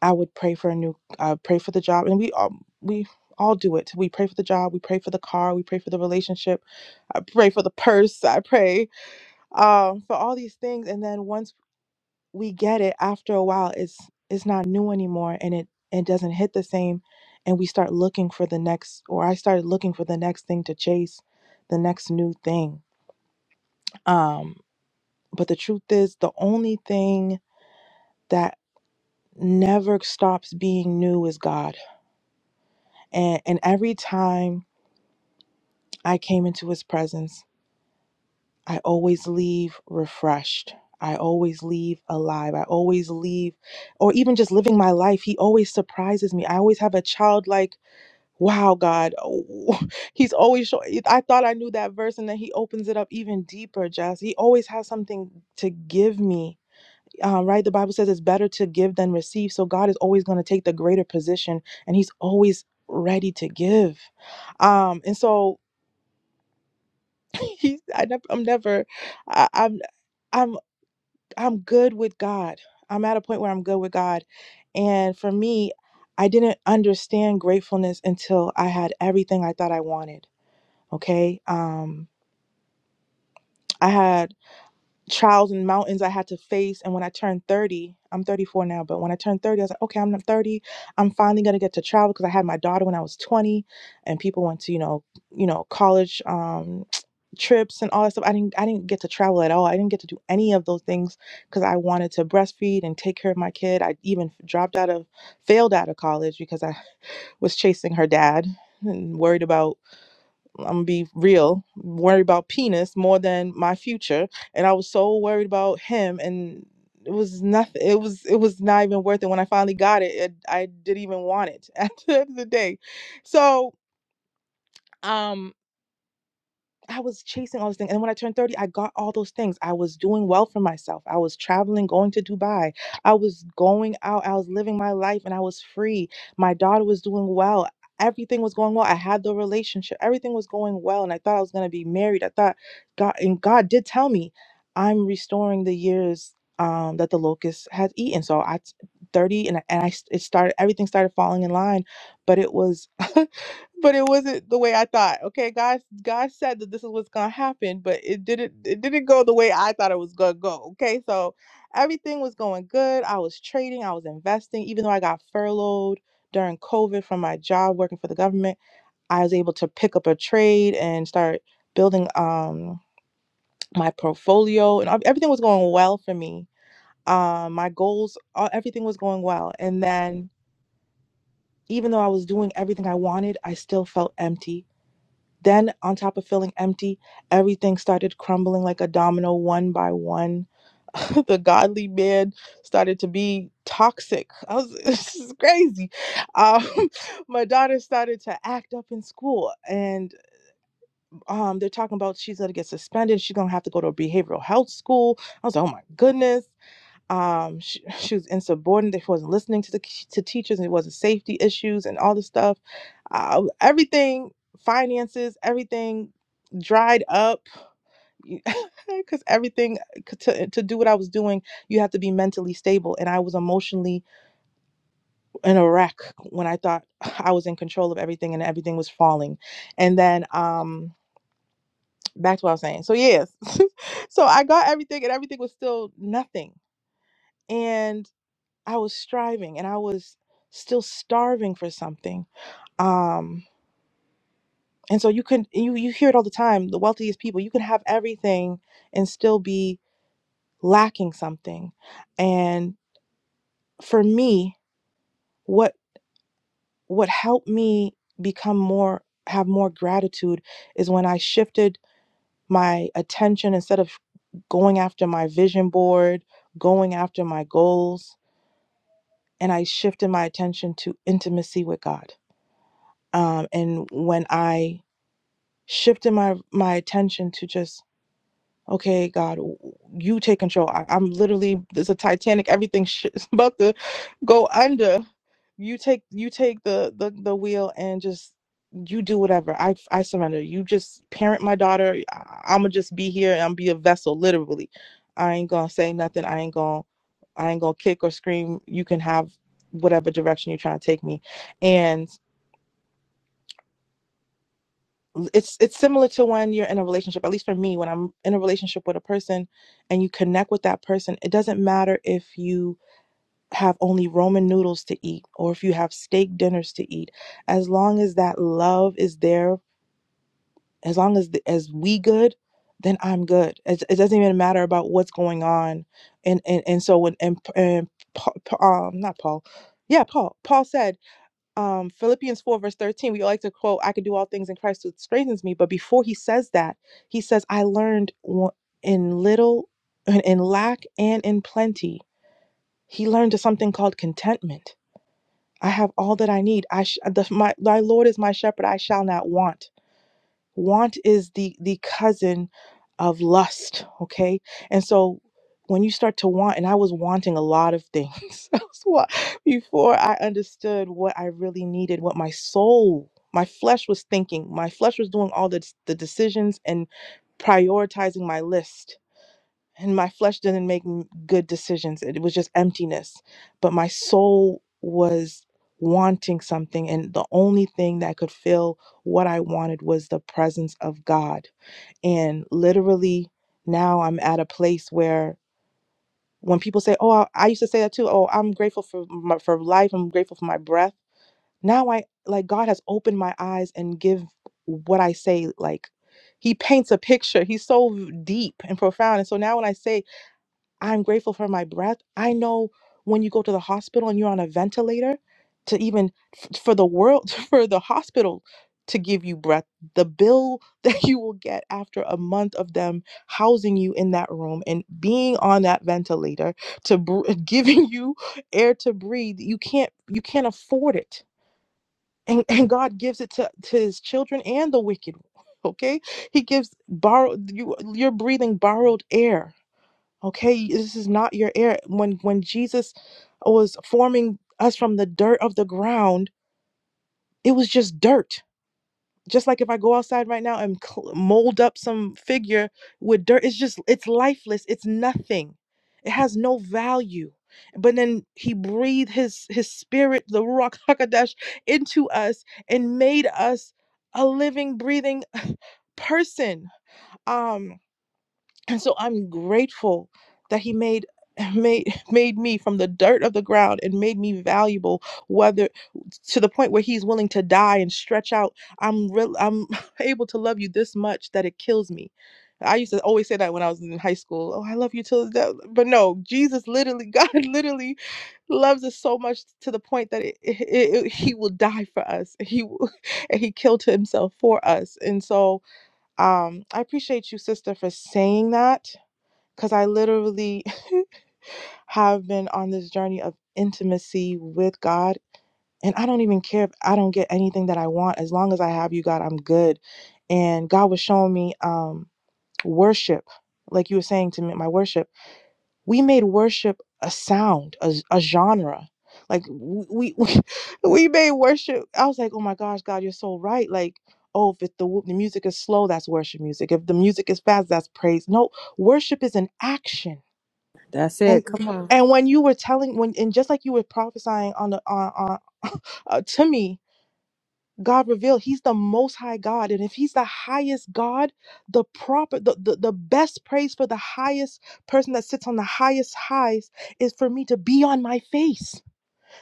S17: I would pray for a new uh, pray for the job and we all we all do it. We pray for the job, we pray for the car, we pray for the relationship, I pray for the purse, I pray um for all these things and then once we get it after a while it's it's not new anymore and it it doesn't hit the same and we start looking for the next or i started looking for the next thing to chase the next new thing um but the truth is the only thing that never stops being new is god and and every time i came into his presence i always leave refreshed i always leave alive i always leave or even just living my life he always surprises me i always have a childlike Wow, God. Oh, [laughs] he's always show- I thought I knew that verse, and then he opens it up even deeper, Jess. He always has something to give me. Um, right? The Bible says it's better to give than receive. So God is always going to take the greater position, and he's always ready to give. Um, and so [laughs] he's I never I'm never I, I'm I'm I'm good with God. I'm at a point where I'm good with God. And for me, I didn't understand gratefulness until I had everything I thought I wanted Okay. Um, I had trials and mountains I had to face. And when I turned 30, I'm 34 now, but when I turned 30, I was like, okay, I'm not 30. I'm finally gonna get to travel because I had my daughter when I was 20 and people went to, you know, you know, college um [tsk] trips and all that stuff. I didn't I didn't get to travel at all. I didn't get to do any of those things because I wanted to breastfeed and take care of my kid. I even dropped out of failed out of college because I was chasing her dad and worried about I'm gonna be real, worry about penis more than my future. And I was so worried about him and it was nothing it was it was not even worth it. When I finally got it, it I didn't even want it [laughs] at the end of the day. So um I was chasing all these things. And when I turned 30, I got all those things. I was doing well for myself. I was traveling, going to Dubai. I was going out. I was living my life and I was free. My daughter was doing well. Everything was going well. I had the relationship. Everything was going well. And I thought I was going to be married. I thought God, and God did tell me, I'm restoring the years um, that the locust has eaten. So I, 30, and, I- and I, it started, everything started falling in line. But it was. [laughs] but it wasn't the way I thought. Okay, God, God said that this is what's gonna happen, but it didn't. It didn't go the way I thought it was gonna go. Okay, so everything was going good. I was trading. I was investing. Even though I got furloughed during COVID from my job working for the government, I was able to pick up a trade and start building um my portfolio, and ev- everything was going well for me. Um, my goals, all, everything was going well, and then even though I was doing everything I wanted, I still felt empty Then, on top of feeling empty, everything started crumbling like a domino one by one. [laughs] the godly man started to be toxic. I was, [laughs] this is crazy. Um, [laughs] my daughter started to act up in school, and um, they're talking about she's going to get suspended. She's going to have to go to a behavioral health school. I was like, oh my goodness um she, [laughs] she was insubordinate she wasn't listening to the to teachers and it wasn't safety issues and all this stuff uh, everything finances everything dried up [laughs] because everything uh, to, to do what i was doing you have to be mentally stable and i was emotionally in a wreck when i thought [sighs] i was in control of everything and everything was falling and then um back to what i was saying so yes [laughs] so i got everything and everything was still nothing and. I was striving and I was still starving for something. Um, and so you can you you hear it all the time. The wealthiest people, you can have everything and still be lacking something. And for me, what what helped me become more have more gratitude is when I shifted my attention instead of going after my vision board, going after my goals, and I shifted my attention to intimacy with God. Um, and when I shifting my my attention to just okay god you take control I, i'm literally there's a titanic everything sh- [laughs] is about to go under you take you take the, the the wheel and just you do whatever i i surrender you just parent my daughter I, i'ma just be here and i'm be a vessel literally i ain't gonna say nothing i ain't gonna i ain't gonna kick or scream you can have whatever direction you're trying to take me and. it's it's similar to when you're in a relationship at least for me when i'm in a relationship with a person and you connect with that person it doesn't matter if you have only ramen noodles to eat or if you have steak dinners to eat as long as that love is there as long as as we good then i'm good it, it doesn't even matter about what's going on and and, and so when and, and Pa- Pa- um not paul yeah paul paul said um, Philippians 4, verse 13, we like to quote, I can do all things in Christ who strengthens me. But before he says that, he says, I learned wa- in little, in in lack, and in plenty. He learned something called contentment. I have all that I need. I sh- the, my, thy Lord is my shepherd. I shall not want want is the the cousin of lust okay and so when you start to want and i was wanting a lot of things [laughs] I was wa- before i understood what i really needed what my soul my flesh was thinking my flesh was doing all the, the decisions and prioritizing my list and my flesh didn't make m- good decisions it was just emptiness but my soul was wanting something and the only thing that could fill what i wanted was the presence of god and literally now i'm at a place where when people say oh i, I used to say that too oh i'm grateful for my, for life i'm grateful for my breath now i like god has opened my eyes and give what i say like he paints a picture he's so deep and profound and so now when i say I'm grateful for my breath. I know when you go to the hospital and you're on a ventilator, to even f- for the world, [laughs] for the hospital to give you breath, the bill [laughs] that you will get after a month of them housing you in that room and being on that ventilator to br- [laughs] giving you air to breathe, you can't you can't afford it. And, [laughs] and God gives it to, to his children and the wicked. [laughs] Okay? He gives borrowed you you're breathing borrowed air okay this is not your air when when jesus was forming us from the dirt of the ground it was just dirt just like if i go outside right now and cl- mold up some figure with dirt it's just it's lifeless it's nothing it has no value but then he breathed his his spirit the ruach [laughs] hakodesh into us and made us a living breathing [laughs] person um and so i'm grateful that he made [laughs] made made me from the dirt of the ground and made me valuable whether to the point where he's willing to die and stretch out i'm real i'm [laughs] able to love you this much that it kills me i used to always say that when i was in high school oh i love you till the death but no jesus literally [laughs] god literally loves us so much to the point that it, it, it, it- he will die for us he will- [laughs] and he killed himself for us and so um i appreciate you sister for saying that because I literally [laughs] have been on this journey of intimacy with God. And I don't even care if I don't get anything that I want. As long as I have you, God, I'm good. And God was showing me um, worship, like you were saying to me, my worship. We made worship a sound, a, a genre. Like we, we [laughs] we made worship. I was like, oh my gosh, God, you're so right. Like, oh, if the the music is slow, that's worship music. If the music is fast, that's praise. No, worship is an action
S1: That's it.
S17: and
S1: Come on.
S17: and when you were telling when and just like you were prophesying on the on, on [laughs] uh, to me, God revealed He's the Most High God, and if He's the highest God, the proper the, the the best praise for the highest person that sits on the highest highs is for me to be on my face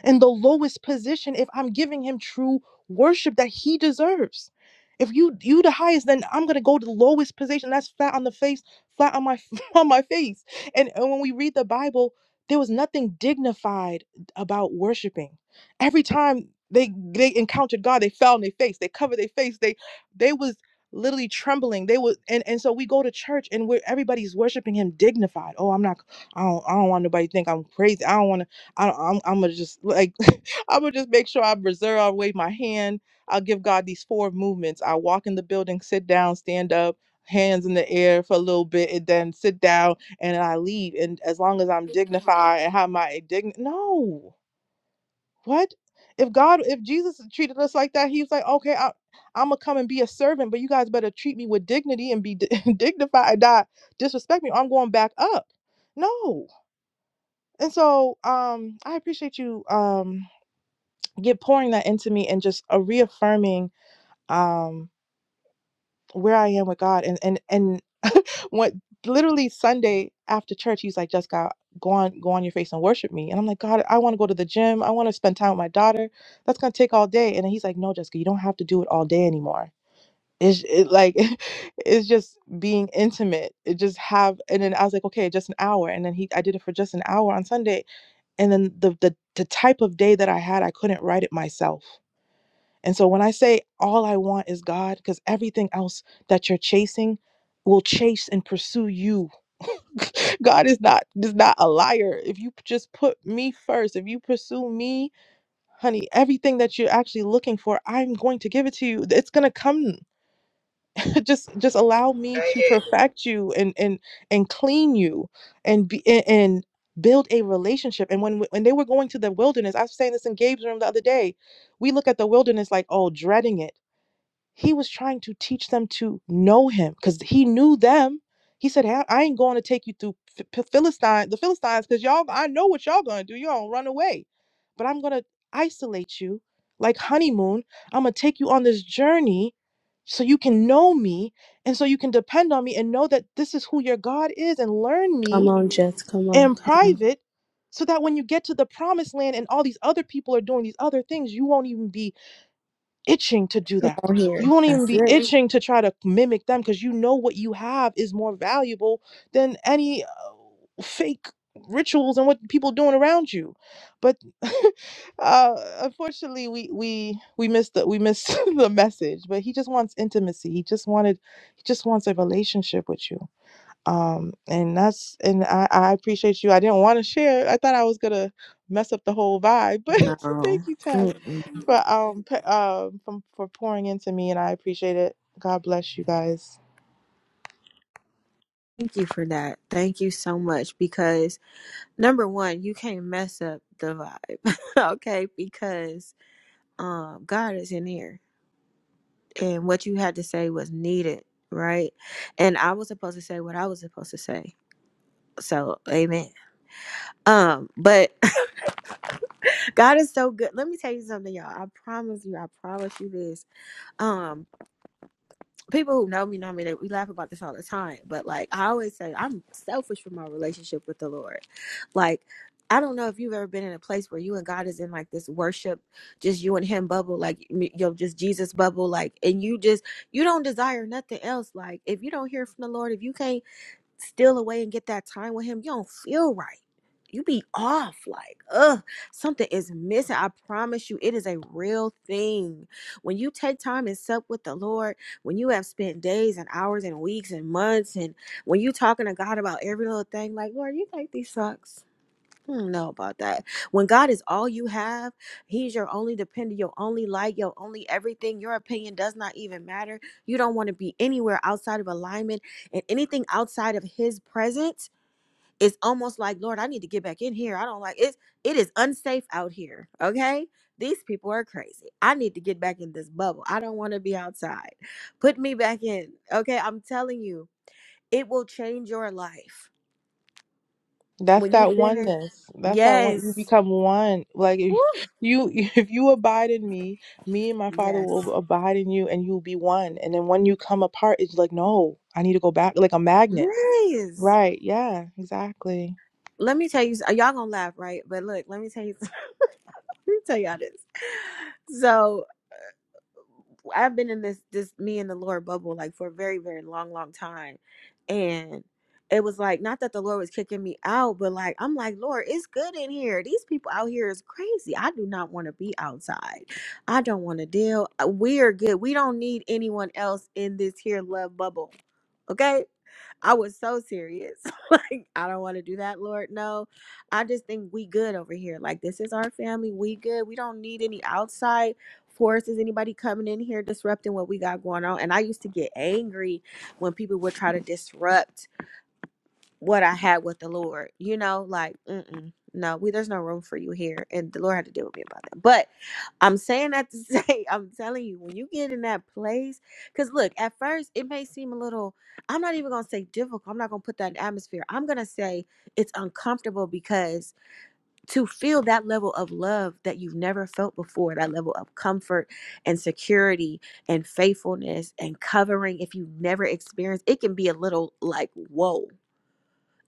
S17: in the lowest position if I'm giving him true worship that he deserves. If you you the highest, then I'm gonna go to the lowest position. That's flat on the face, flat on my [laughs] on my face. And, and when we read the Bible, there was nothing dignified about worshiping. Every time they they encountered God, they fell on their face, they covered their face, they they was literally trembling. They were and, and so we go to church and we're everybody's worshiping him dignified. Oh, I'm not I don't I don't want nobody to think I'm crazy. I don't want to I, I'm, I'm gonna just like [laughs] I'm gonna just make sure I reserve. I'll wave my hand. I'll give God these four movements. I walk in the building, sit down, stand up, hands in the air for a little bit, and then sit down, and I leave. And as long as I'm dignified and have my dign, no, what if God, if Jesus treated us like that, He was like, okay, I, I'm gonna come and be a servant, but you guys better treat me with dignity and be di- [laughs] dignified, not disrespect me. I'm going back up. No, and so um, I appreciate you. Um, get pouring that into me and just a reaffirming um where I am with God and and and [laughs] what literally Sunday after church he's like Jessica go on go on your face and worship me and I'm like God I want to go to the gym I want to spend time with my daughter that's gonna take all day and then he's like no Jessica you don't have to do it all day anymore it's it, like [laughs] it's just being intimate it just have and then I was like okay just an hour and then he I did it for just an hour on Sunday and then the the, the type of day that I had I couldn't write it myself and so when I say all I want is God, because everything else that you're chasing will chase and pursue you. [laughs] God is not is not a liar. If you just put me first, if you pursue me, honey, everything that you're actually looking for, I'm going to give it to you. It's gonna come. [laughs] just just allow me
S11: Say
S17: to
S11: it.
S17: perfect you and and and clean you and be and, and build a relationship. And when when they were going to the wilderness, I was saying this in Gabe's room the other day. We look at the wilderness like, oh, dreading it he was trying to teach them to know him because he knew them. He said, "Hey, I ain't going to take you through Ph- Philistine, the Philistines, because y'all, I know what y'all gonna do. Y'all gonna run away, but I'm gonna isolate you like honeymoon. I'm gonna take you on this journey so you can know me and so you can depend on me and know that this is who your God is and learn
S20: Come
S17: me
S20: on, Jets. Come on.
S17: in Mhm.
S20: Come on.
S17: private so that when you get to the promised land and all these other people are doing these other things, you won't even be itching to do that.
S1: on here.
S17: You won't even
S1: That's
S17: be Mhm.
S1: it.
S17: itching to try to mimic them because you know what you have is more valuable than any uh, fake rituals and what people doing around you. But [laughs] uh, unfortunately, we we we missed the we missed [laughs] the message. But he just wants intimacy. He just wanted he just wants a relationship with you um and that's and i i appreciate you i didn't want to share i thought i was gonna mess up the whole vibe [laughs] but
S1: No.
S17: thank you tab
S1: Mm-mm.
S17: for um p- um from, for pouring into me and i appreciate it god bless you guys
S1: Thank you for that. Thank you so much because number one, you can't mess up the vibe, [laughs] okay? Because um, God is in here, and what you had to say was needed, right? And I was supposed to say what I was supposed to say. So, amen. Um, but [laughs] God is so good. Let me tell you something, y'all. I promise you. I promise you this. Um. people who know me know me that we laugh about this all the time but like i always say i'm selfish for my relationship with the lord like i don't know if you've ever been in a place where you and god is in like this worship just you and him bubble like you know just jesus bubble like and you just you don't desire nothing else like if you don't hear from the lord if you can't steal away and get that time with him, you don't feel right. You be off like, ugh, something is missing. I promise you, it is a real thing. When you take time and sup with the Lord, when you have spent days and hours and weeks and months, and when you talking to God about every little thing, like, Lord, you think these sucks? don't know about that. When God is all you have, He's your only dependent, your only light, your only everything. Your opinion does not even matter. You don't want to be anywhere outside of alignment, and anything outside of His presence is almost like, Lord, I need to get back in here. I don't like it. It is unsafe out here. Okay. These people are crazy. I need to get back in this bubble. I don't want to be outside. Put me back in. Okay. I'm telling you, it will change your life
S17: That's
S1: when you've
S17: that
S1: been in.
S17: oneness. That's that one. You
S1: Yes.
S17: become one. Like if
S1: Woo.
S17: you, [laughs] if you abide in me, me and my Father
S1: Yes.
S17: will abide in you, and you'll be one. And then when you come apart, it's like, no, I need to go back, like a magnet.
S1: Yes.
S17: Right? Yeah. Exactly.
S1: Let me tell you, y'all gonna laugh, right? But look, let me tell you, [laughs] let me tell y'all this. So, I've been in this this me and the Lord bubble like for a very very long long time, and it was like not that the Lord was kicking me out, but like I'm like Lord, it's good in here. These people out here is crazy. I do not want to be outside. I don't want to deal. uh, We are good. We don't need anyone else in this here love bubble. Okay I was so serious. [laughs] like, I don't want to do that, Lord. No. I just think we good over here. Like, this is our family. We good. We don't need any outside forces, anybody coming in here disrupting what we got going on. And I used to get angry when people would try to disrupt what I had with the Lord. You know, like, mm-mm. No, we there's no room for you here, and the Lord had to deal with me about that. I'm saying that to say, [laughs] I'm telling you, when you get in that place, because look, at first it may seem a little, I'm not even going to say difficult. I'm not going to put that in atmosphere. I'm going to say it's uncomfortable because to feel that level of love that you've never felt before, that level of comfort and security and faithfulness and covering, if you've never experienced, it can be a little like, whoa.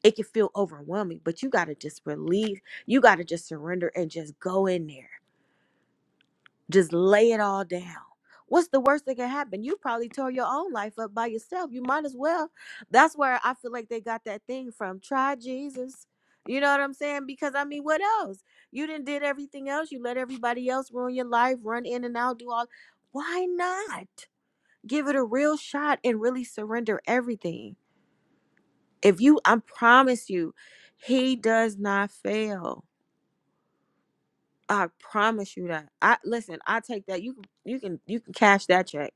S1: It can feel overwhelming, but you got to just release. You got to just surrender and just go in there just lay it all down. What's the worst that can happen? You probably tore your own life up by yourself. You might as well. That's where I feel like they got that thing from. Try Jesus. You know what I'm saying? Because I mean, what else? You didn't did everything else. You let everybody else ruin your life, run in and out, do all. Why not give it a real shot and really surrender everything? If you, I promise you, he does not fail. I promise you that. I listen. I take that. You can you can you can cash that check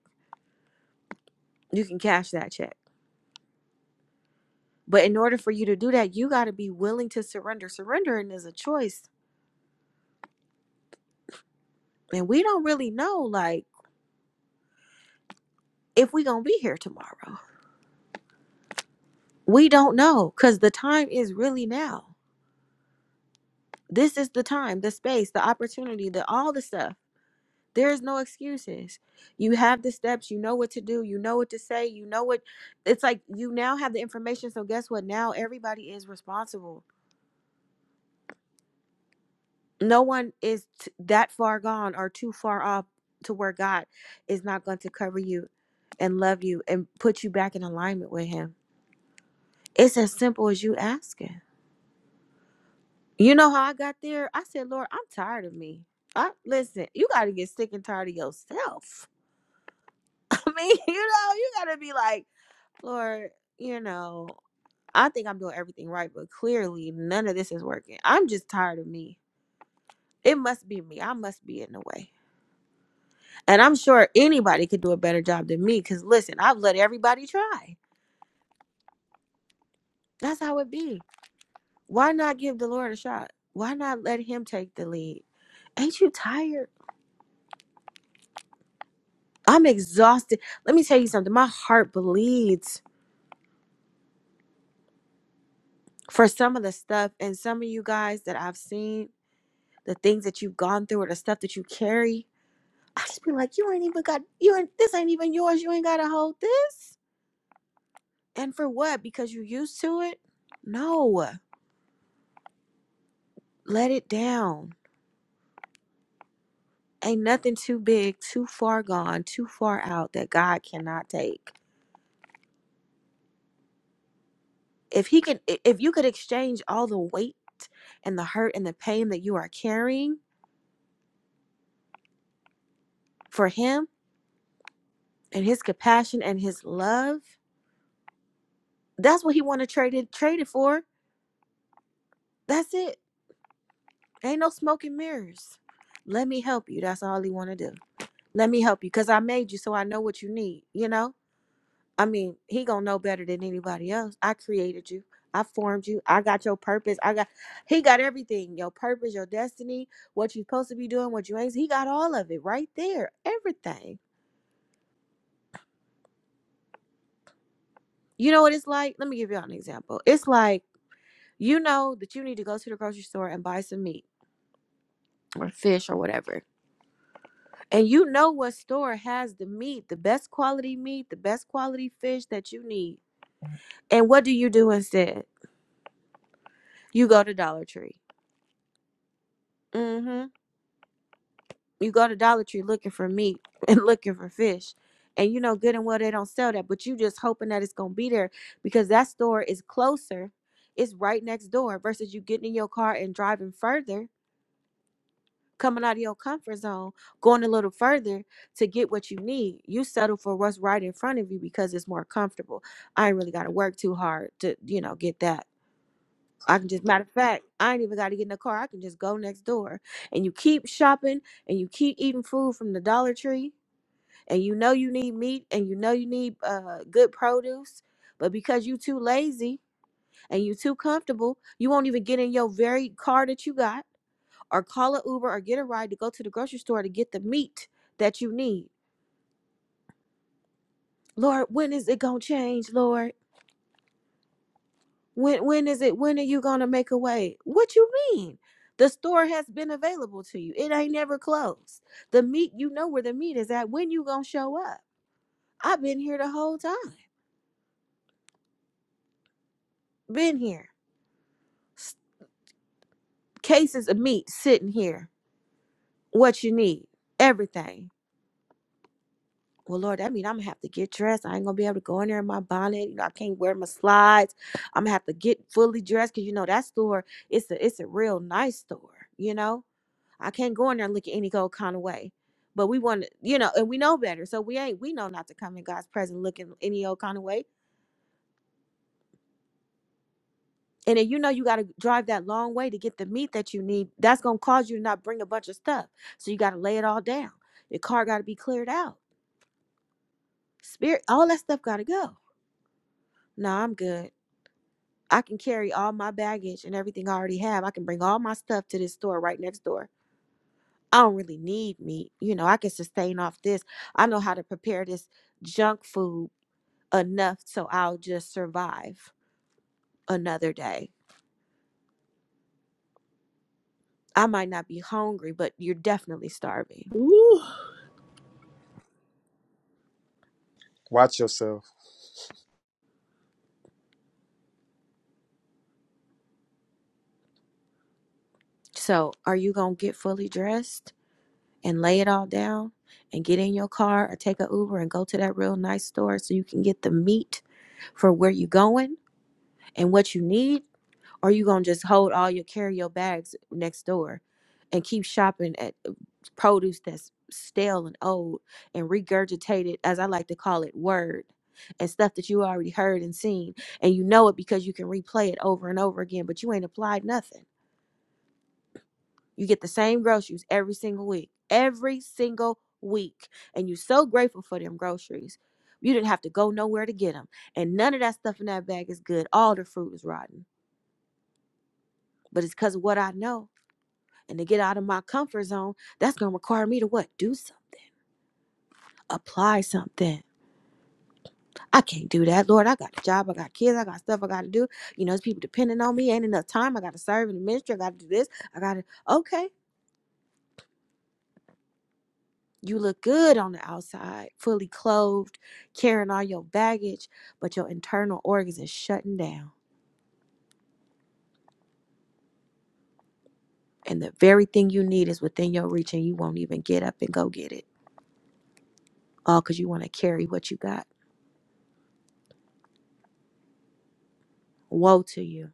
S1: You can cash that check. But in order for you to do that, you got to be willing to surrender. Surrendering is a choice. And we don't really know, like, if we are going to be here tomorrow. We don't know because the time is really now. This is the time, the space, the opportunity, the all the stuff. There's no excuses. You have the steps. You know what to do. You know what to say. You know what. It's like you now have the information. So, guess what? Now everybody is responsible no one is t- that far gone or too far off to where God is not going to cover you and love you and put you back in alignment with Him. It's as simple as you asking. You know how I got there? I said, Lord, I'm tired of me. I, listen, you got to get sick and tired of yourself. [laughs] I mean, you know, you got to be like, Lord, you know, I think I'm doing everything right, but clearly none of this is working. I'm just tired of me. It must be me. I must be in the way. And I'm sure anybody could do a better job than me because listen, I've let everybody try. That's how it be. Why not give the Lord a shot? Why not let Him take the lead? Ain't you tired? I'm exhausted. Let me tell you something. My heart bleeds for some of the stuff and some of you guys that I've seen, the things that you've gone through or the stuff that you carry. I just be like, you ain't even got, you ain't, this ain't even yours. You ain't got to hold this. And for what? Because you used to it? No, let it down Ain't nothing too big, too far gone, too far out that God cannot take. If he can i- if you could exchange all the weight and the hurt and the pain that you are carrying for him and his compassion and his love, that's what he want to trade it trade it for. That's it. Ain't no smoke and mirrors. Let me help you. That's all he want to do. Let me help you cuz I made you so I know what you need, you know? I mean, he gonna know better than anybody else. I created you. I formed you. I got your purpose. I got he got everything. Your purpose, your destiny, what you're supposed to be doing, what you ain't. He got all of it right there. Everything. You know what it's like? Let me give y'all an example. It's like you know that you need to go to the grocery store and buy some meat or fish or whatever. And you know what store has the meat, the best quality meat, the best quality fish that you need. And what do you do instead? You go to Dollar Tree. Mm-hmm. you go to Dollar Tree looking for meat [laughs] and looking for fish. And you know good and well they don't sell that, but you just hoping that it's gonna be there because that store is closer, it's right next door versus you getting in your car and driving further, coming out of your comfort zone, going a little further to get what you need. You settle for what's right in front of you because it's more comfortable. I ain't really gotta work too hard to, you know, get that. I can just matter of fact, I ain't even gotta get in the car. I can just go next door. And you keep shopping and you keep eating food from the Dollar Tree and you know you need meat and you know you need uh, good produce but because you too lazy and you too comfortable you won't even get in your very car that you got or call an uber or get a ride to go to the grocery store to get the meat that you need lord when is it gonna change lord when when is it when are you gonna make a way what you mean the store has been available to you it ain't never closed the meat you know where the meat is at when you gonna show up i've been here the whole time been here cases of meat sitting here. What you need, everything. Well, Lord, that means I'm gonna have to get dressed. I ain't gonna be able to go in there in my bonnet. You know, I can't wear my slides. I'm gonna have to get fully dressed because you know that store. It's a it's a real nice store. You know, I can't go in there and looking any old kind of way. But we want to, you know, and we know better, so we ain't. We know not to come in God's presence looking any old kind of way and then you know you got to drive that long way to get the meat that you need that's going to cause you to not bring a bunch of stuff so you got to lay it all down your car got to be cleared out spirit all that stuff got to go no i'm good i can carry all my baggage and everything i already have i can bring all my stuff to this store right next door i don't really need meat you know i can sustain off this i know how to prepare this junk food enough so i'll just survive another day i might not be hungry but you're definitely starving
S20: Ooh.
S8: Watch yourself.
S1: So, are you going to get fully dressed and lay it all down and get in your car or take a Uber and go to that real nice store so you can get the meat for where you're going and what you need? Or you going to just hold all your carry your bags next door and keep shopping at uh, produce that's stale and old and regurgitated, as I like to call it, word and stuff that you already heard and seen? And you know it because you can replay it over and over again, but you ain't applied nothing You get the same groceries every single week, every single week. And you're so grateful for them groceries. You didn't have to go nowhere to get them. And none of that stuff in that bag is good. All the fruit is rotten. But it's because of what I know. And to get out of my comfort zone, that's going to require me to what? Do something, apply something. I can't do that, Lord. I got a job. I got kids. I got stuff I got to do. You know, there's people depending on me. Ain't enough time. I got to serve in the ministry. I got to do this. I got to, okay. You look good on the outside, fully clothed, carrying all your baggage, but your internal organs is shutting down. And the very thing you need is within your reach, and you won't even get up and go get it. All because you want to carry what you got. Woe to you.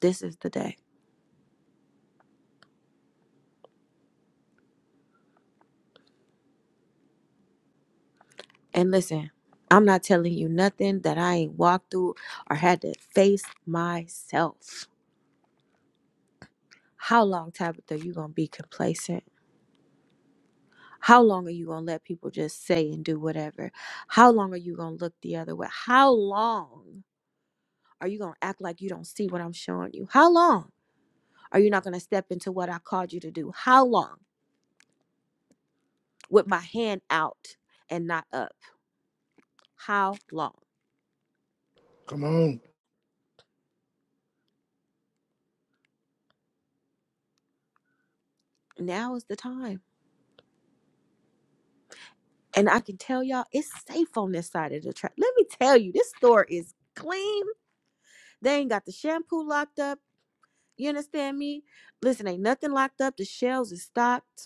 S1: This is the day. And listen, I'm not telling you nothing that I ain't walked through or had to face myself. How long, Tabitha, you gonna be complacent? How long are you going to let people just say and do whatever? How long are you going to look the other way? How long are you going to act like you don't see what I'm showing you? How long are you not going to step into what I called you to do? How long with my hand out and not up? How long?
S2: Come on.
S1: Now is the time. And I can tell y'all it's safe on this side of the track. Let me tell you, this store is clean. They ain't got the shampoo locked up. You understand me? Listen, ain't nothing locked up. The shelves is stocked.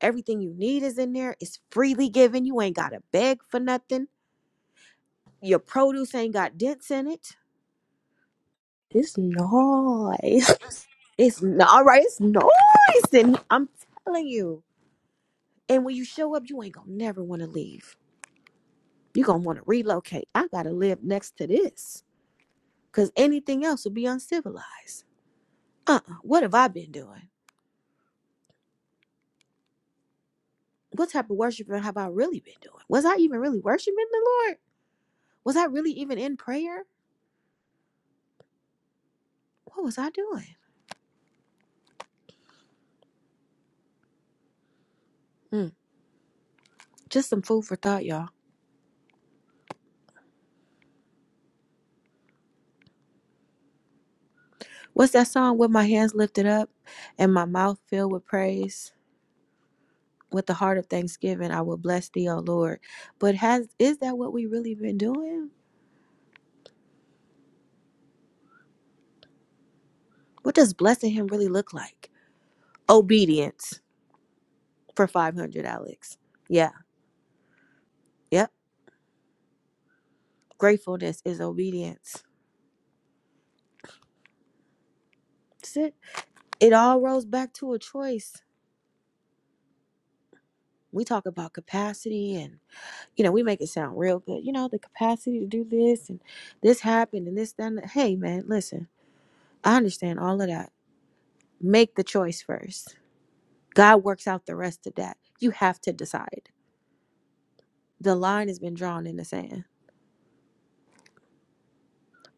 S1: Everything you need is in there. It's freely given. You ain't got to beg for nothing. Your produce ain't got dents in it.
S20: This n-
S1: It's not, all right. It's nice. And I'm telling you. And when you show up, you ain't going to never want to leave. you going to want to relocate. I got to live next to this because anything else would be uncivilized. Uh-uh. What have I been doing? What type of worshiping have I really been doing? Was I even really worshiping the Lord? Was I really even in prayer? What was I doing? Mm, just some food for thought, y'all. What's that song? With my hands lifted up and my mouth filled with praise, with the heart of thanksgiving, I will bless thee, O Lord. But has is that what we really been doing? What does blessing him really look like? Obedience for 500, Alex. Yeah, yep. Gratefulness is obedience. That's it. It all rolls back to a choice. We talk about capacity and, you know, we make it sound real good. You know, the capacity to do this and this happened and this, that. and that. Hey, man, listen, I understand all of that make the choice first. God works out the rest of that. You have to decide. The line has been drawn in the sand.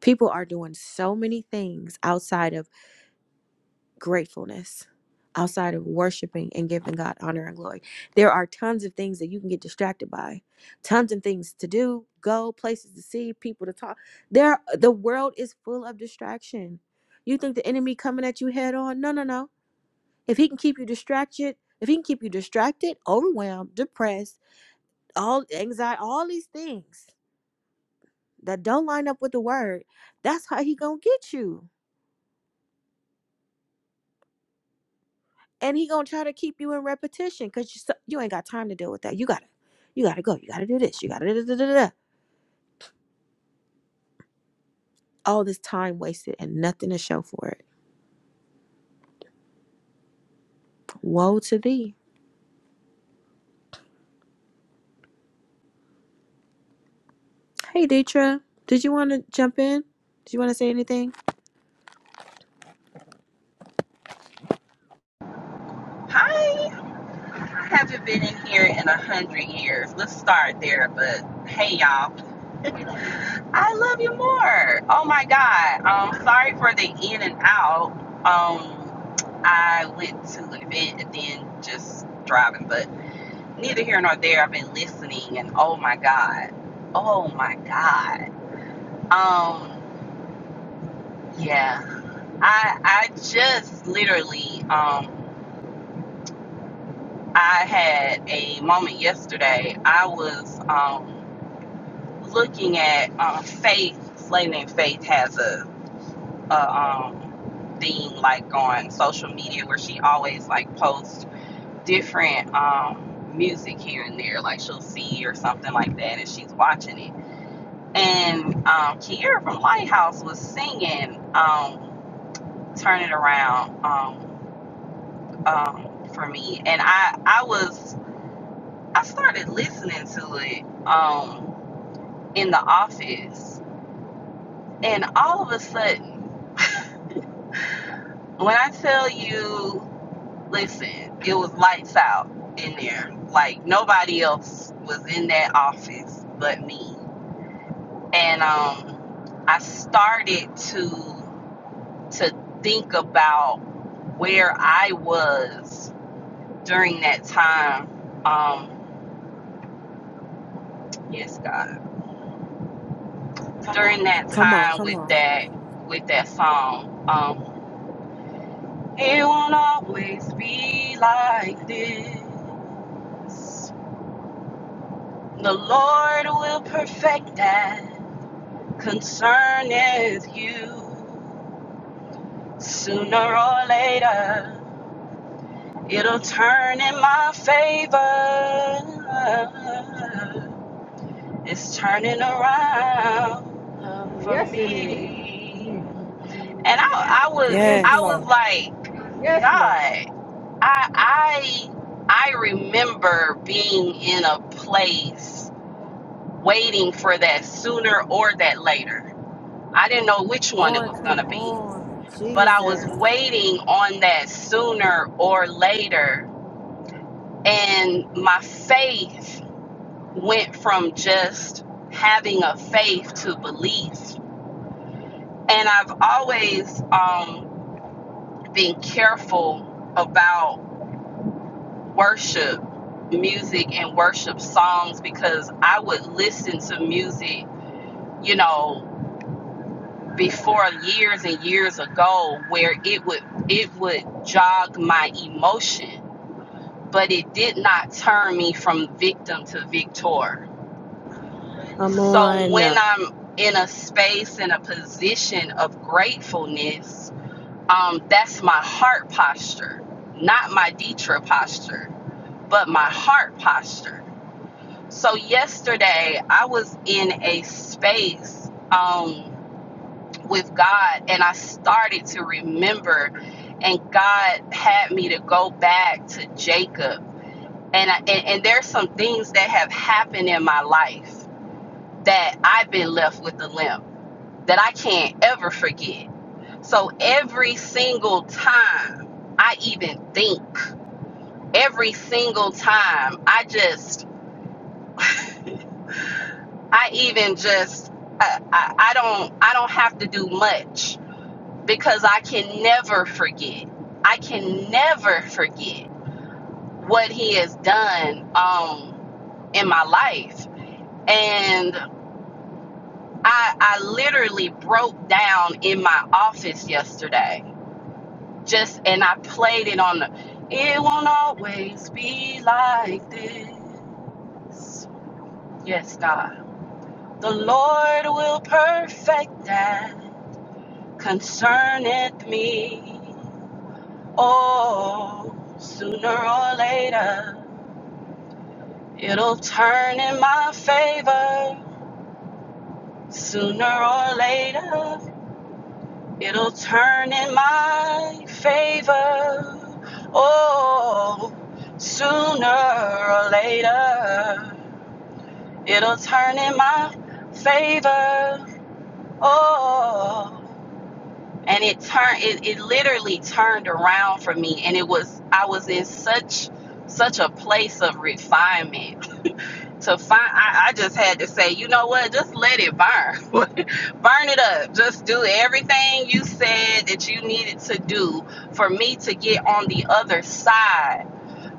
S1: People are doing so many things outside of gratefulness, outside of worshiping and giving God honor and glory. There are tons of things that you can get distracted by, tons of things to do, go, places to see, people to talk. There the world is full of distraction. You think the enemy coming at you head on? No, no, no. If he can keep you distracted, if he can keep you distracted, overwhelmed, depressed, all anxiety, all these things that don't line up with the word, that's how he gonna get you, and he gonna try to keep you in repetition because you so- you ain't got time to deal with that. You gotta, you gotta go. You gotta do this. You gotta da da da da. da. All this time wasted and nothing to show for it. Woe to thee. Hey, Deetra, did you want to jump in? Did you want to say anything?
S21: Hi, I haven't been in here in a hundred years. Let's start there. But hey, y'all, I love you more. Oh my God. Um, sorry for the in and out. Um, I went to an event and then just driving, but neither here nor there. I've been listening, and oh my God, oh my God. Um, yeah, I I just literally um I had a moment yesterday. I was um looking at um, faith, Slayton and Faith has a, a um, thing like on social media where she always like posts different um, music here and there, like she'll see or something like that, and she's watching it. And um, Kiera from Lighthouse was singing um, "Turn It Around" um, um, for me, and I I was I started listening to it um, in the office, and all of a sudden. When I tell you, listen, it was lights out in there. Like nobody else was in that office but me. And um I started to to think about where I was during that time. Um yes, God. During that
S1: Come on,
S21: time
S1: come
S21: with
S1: on.
S21: that with that song. Um it won't always be like this. The Lord will perfect that concerneth you. Sooner or later, it'll turn in my favor. It's turning around
S18: Um,
S21: for
S18: yes, it is.
S21: me. And
S18: Mhm.
S21: I, I was,
S18: yes,
S21: I
S1: Yes.
S21: was
S18: Lord.
S21: like,
S18: Yes, Lord.
S21: God, I, I, I remember being in a place waiting for that sooner or that later I didn't know which one it
S1: On,
S21: was going
S1: come
S21: to be,
S1: on,
S21: but I was
S1: Jesus.
S21: waiting on that sooner or later. And my faith went from just having a faith to belief. And I've always um, been careful about worship music and worship songs because I would listen to music, you know. before years and years ago where it would it would jog my emotion but it did not turn me from victim to victor
S20: Come
S21: so when
S20: on.
S21: i'm in a space in a position of gratefulness um, that's my heart posture not my ditra posture but my heart posture so yesterday i was in a space um, with God and I started to remember and God had me to go back to Jacob and I, and, and there's some things that have happened in my life that I've been left with a limp that I can't ever forget. So every single time I even think, every single time I just I even just I, I, I don't I don't have to do much because I can never forget. I can never forget what he has done um in my life. And I I literally broke down in my office yesterday. Just and I played it on the it won't always be like this. Yes, God. The Lord will perfect that concerneth me. Oh, sooner or later, it'll turn in my favor. Sooner or later, it'll turn in my favor. Oh, sooner or later, it'll turn in my favor. Oh, and it turned, it, it literally turned around for me. And it was, I was in such, such a place of refinement to find I, I just had to say you know what just let it burn [laughs] burn it up just do everything you said that you needed to do for me to get on the other side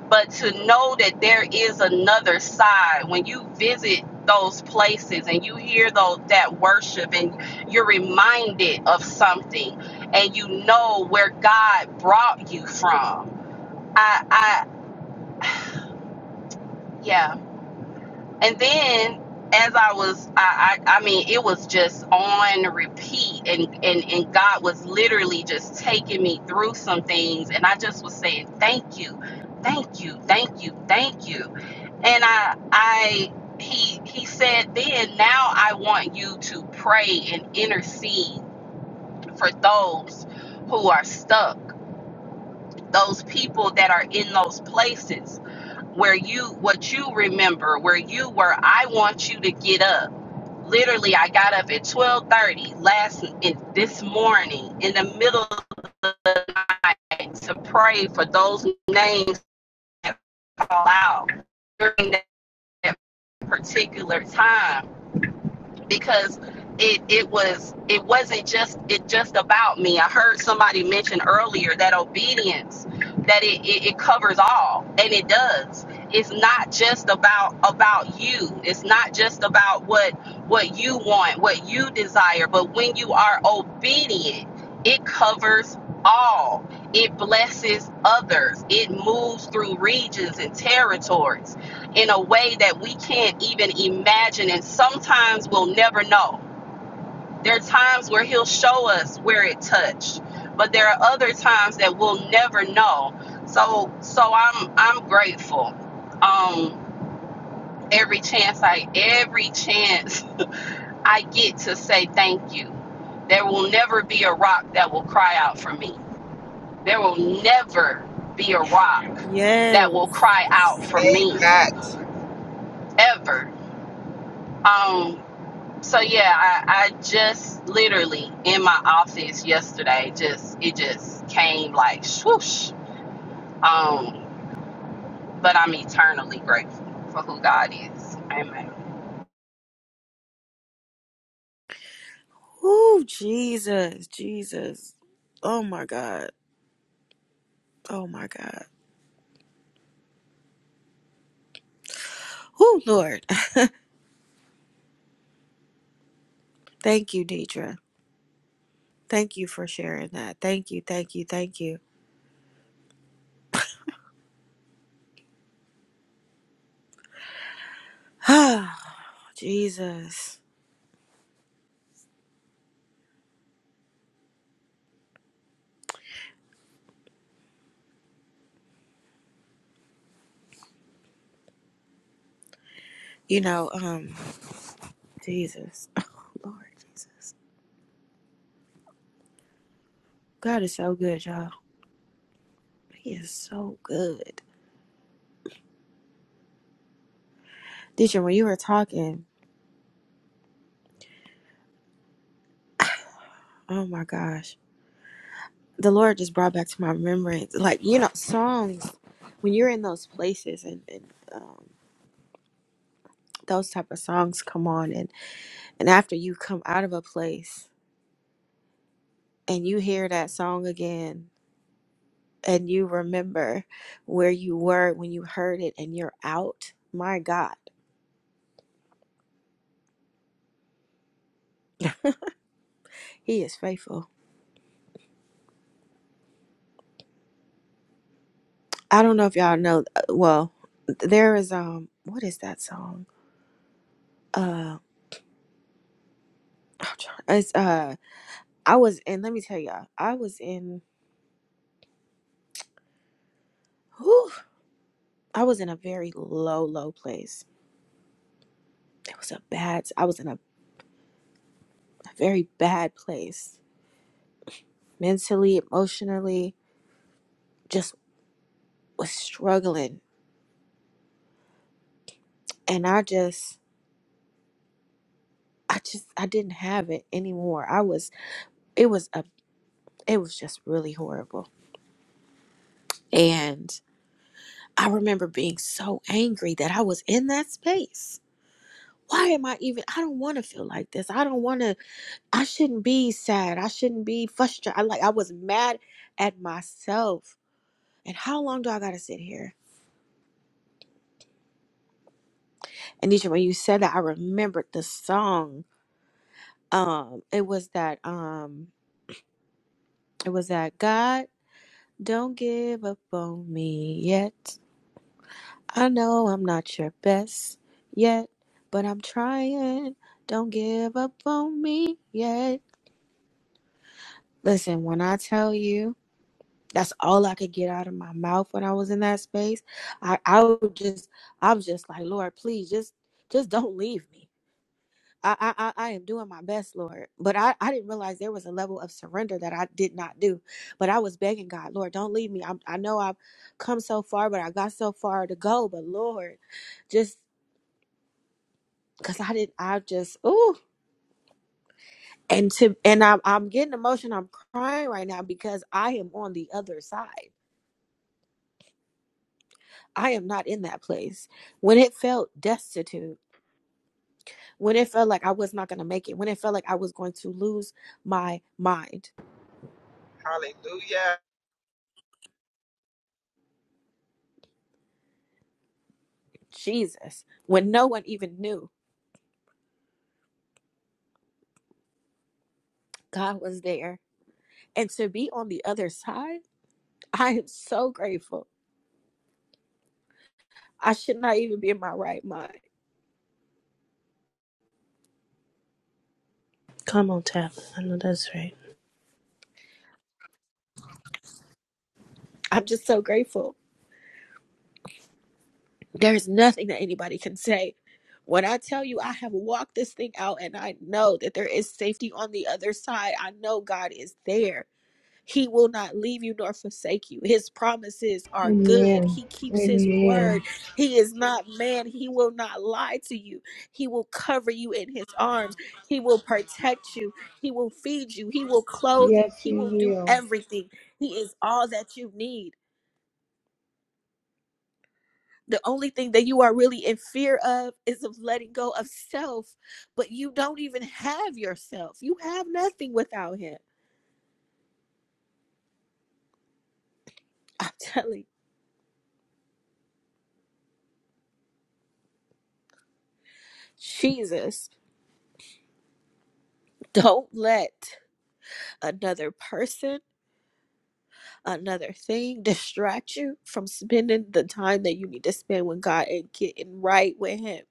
S21: but to know that there is another side when you visit those places and you hear those that worship and you're reminded of something and you know where god brought you from i i yeah And then as I was, I, I, I mean, it was just on repeat, and, and and God was literally just taking me through some things, and I just was saying, "Thank you, thank you, thank you, thank you." And I, I, he, he said, "Then now I want you to pray and intercede for those who are stuck, those people that are in those places where you, what you remember, where you were. I want you to get up." Literally, I got up at 12:30 last in, this morning in the middle of the night to pray for those names that fall out during that particular time because it it was it wasn't just it just about me. I heard somebody mention earlier that obedience that it, it, it covers all and it does. It's not just about about you. It's not just about what what you want, what you desire, but when you are obedient, it covers all. It blesses others. It moves through regions and territories in a way that we can't even imagine, and sometimes we'll never know. There are times where He'll show us where it touched, but there are other times that we'll never know. So, so I'm I'm grateful. Um, every chance I every chance I get to say thank you. There will never be a rock that will cry out for me. There will never be a rock that will
S1: Yes.
S21: cry out for
S11: Say
S21: me
S11: that.
S21: ever. Um, So yeah, I, I just literally in my office yesterday, just it just came like swoosh. Um, but I'm eternally grateful for who God is. Amen.
S1: Ooh, Jesus, Jesus. Oh my God. Oh my God. Oh Lord. [sighs] [laughs] Thank you, Deidre. Thank you for sharing that. Thank you, thank you, thank you. [sighs] Oh, Jesus. You know, um, Jesus. [laughs] Oh Lord Jesus. God is so good, y'all. He is so good. Deidre, when you were talking, [sighs] oh my gosh. The Lord just brought back to my remembrance, like, you know, songs. When you're in those places and, and um, those type of songs come on, and, and after you come out of a place, and you hear that song again and you remember where you were when you heard it and you're out, my God, [laughs] he is faithful. I don't know if y'all know. uh, Well, there is um, what is that song? Uh, I'm trying- it's uh, I was in. Let me tell y'all, I was in. Whew, I was in a very low, low place. It was a bad. I was in a, a very bad place mentally, emotionally. Just was struggling, and I just I just I didn't have it anymore. I was it was a it was just really horrible. And I remember being so angry that I was in that space. Why am I even I don't want to feel like this. I don't want to I shouldn't be sad. I shouldn't be frustrated. I like I was mad at myself. And how long do I got to sit here? And Nisha, when you said that I remembered the song. Um it was that um it was that God don't give up on me yet. I know I'm not your best yet, but I'm trying. Don't give up on me yet. Listen, when I tell you, that's all I could get out of my mouth when I was in that space. I, I would just, I was just like, Lord, please, just, just don't leave me. I, I, I I am doing my best, Lord. But I, I didn't realize there was a level of surrender that I did not do. But I was begging God, Lord, don't leave me. I, I know I've come so far, but I got so far to go. But Lord, just because I did. not I just ooh, and to and I'm I'm getting emotional. I'm crying right now because I am on the other side. I am not in that place. When it felt destitute, when it felt like I was not going to make it, when it felt like I was going to lose my mind,
S11: Hallelujah.
S1: Jesus, when no one even knew God was there, and to be on the other side, I am so grateful. I should not even be in my right mind.
S20: Come on, tap. I know that's right.
S1: I'm just so grateful There's nothing that anybody can say. When I tell you I have walked this thing out and I know that there is safety on the other side, I know God is there. He will not leave you nor forsake you. His promises are good.
S18: Amen.
S1: He keeps his
S18: Amen.
S1: word. He is not man. He will not lie to you. He will cover you in his arms. He will protect you. He will feed you. He will clothe you.
S18: Yes,
S1: He will do
S18: He will.
S1: everything. He is all that you need. the only thing that you are really in fear of is of letting go of self but you don't even have yourself you have nothing without him [laughs] i'm telling you, jesus don't let another person another thing distract you from spending the time that you need to spend with god and getting right with him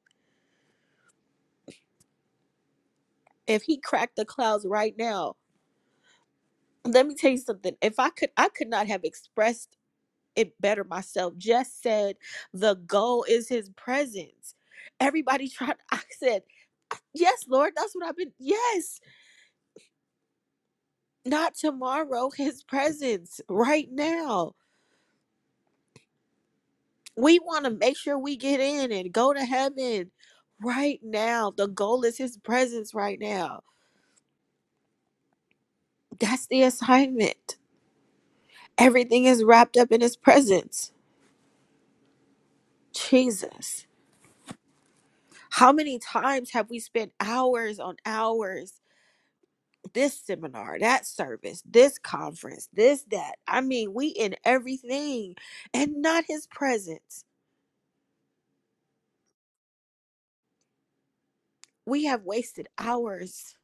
S1: if he cracked the clouds right now let me tell you something if i could i could not have expressed it better myself. Just said the goal is his presence. Everybody [laughs] tried. I said, Yes, Lord, that's what I've been. Yes, not tomorrow, his presence right now. We want to make sure we get in and go to heaven right now. The goal is his presence right now. That's the assignment. Everything is wrapped up in his presence. Jesus. How many times have we spent hours on hours? this seminar, that service, this conference, this, that. I mean, we in everything and not his presence. We have wasted hours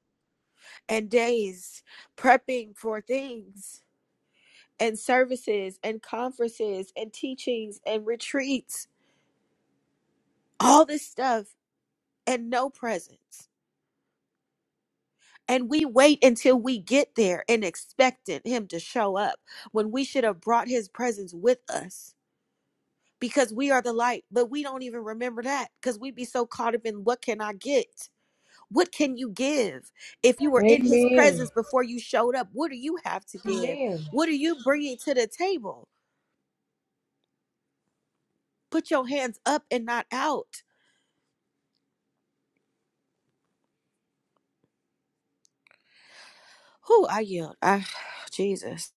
S1: and days prepping for things and services and conferences and teachings and retreats, all this stuff and no presence. And we wait until we get there and expecting him to show up when we should have brought his presence with us because we are the light, but we don't even remember that because we be so caught up in what can I get? What can you give? If you were in his presence
S18: Amen.
S1: before you showed up, what do you have to give?
S18: Amen.
S1: What are you bringing to the table? Put your hands up and not out. Who I yield. I [sighs] Jesus.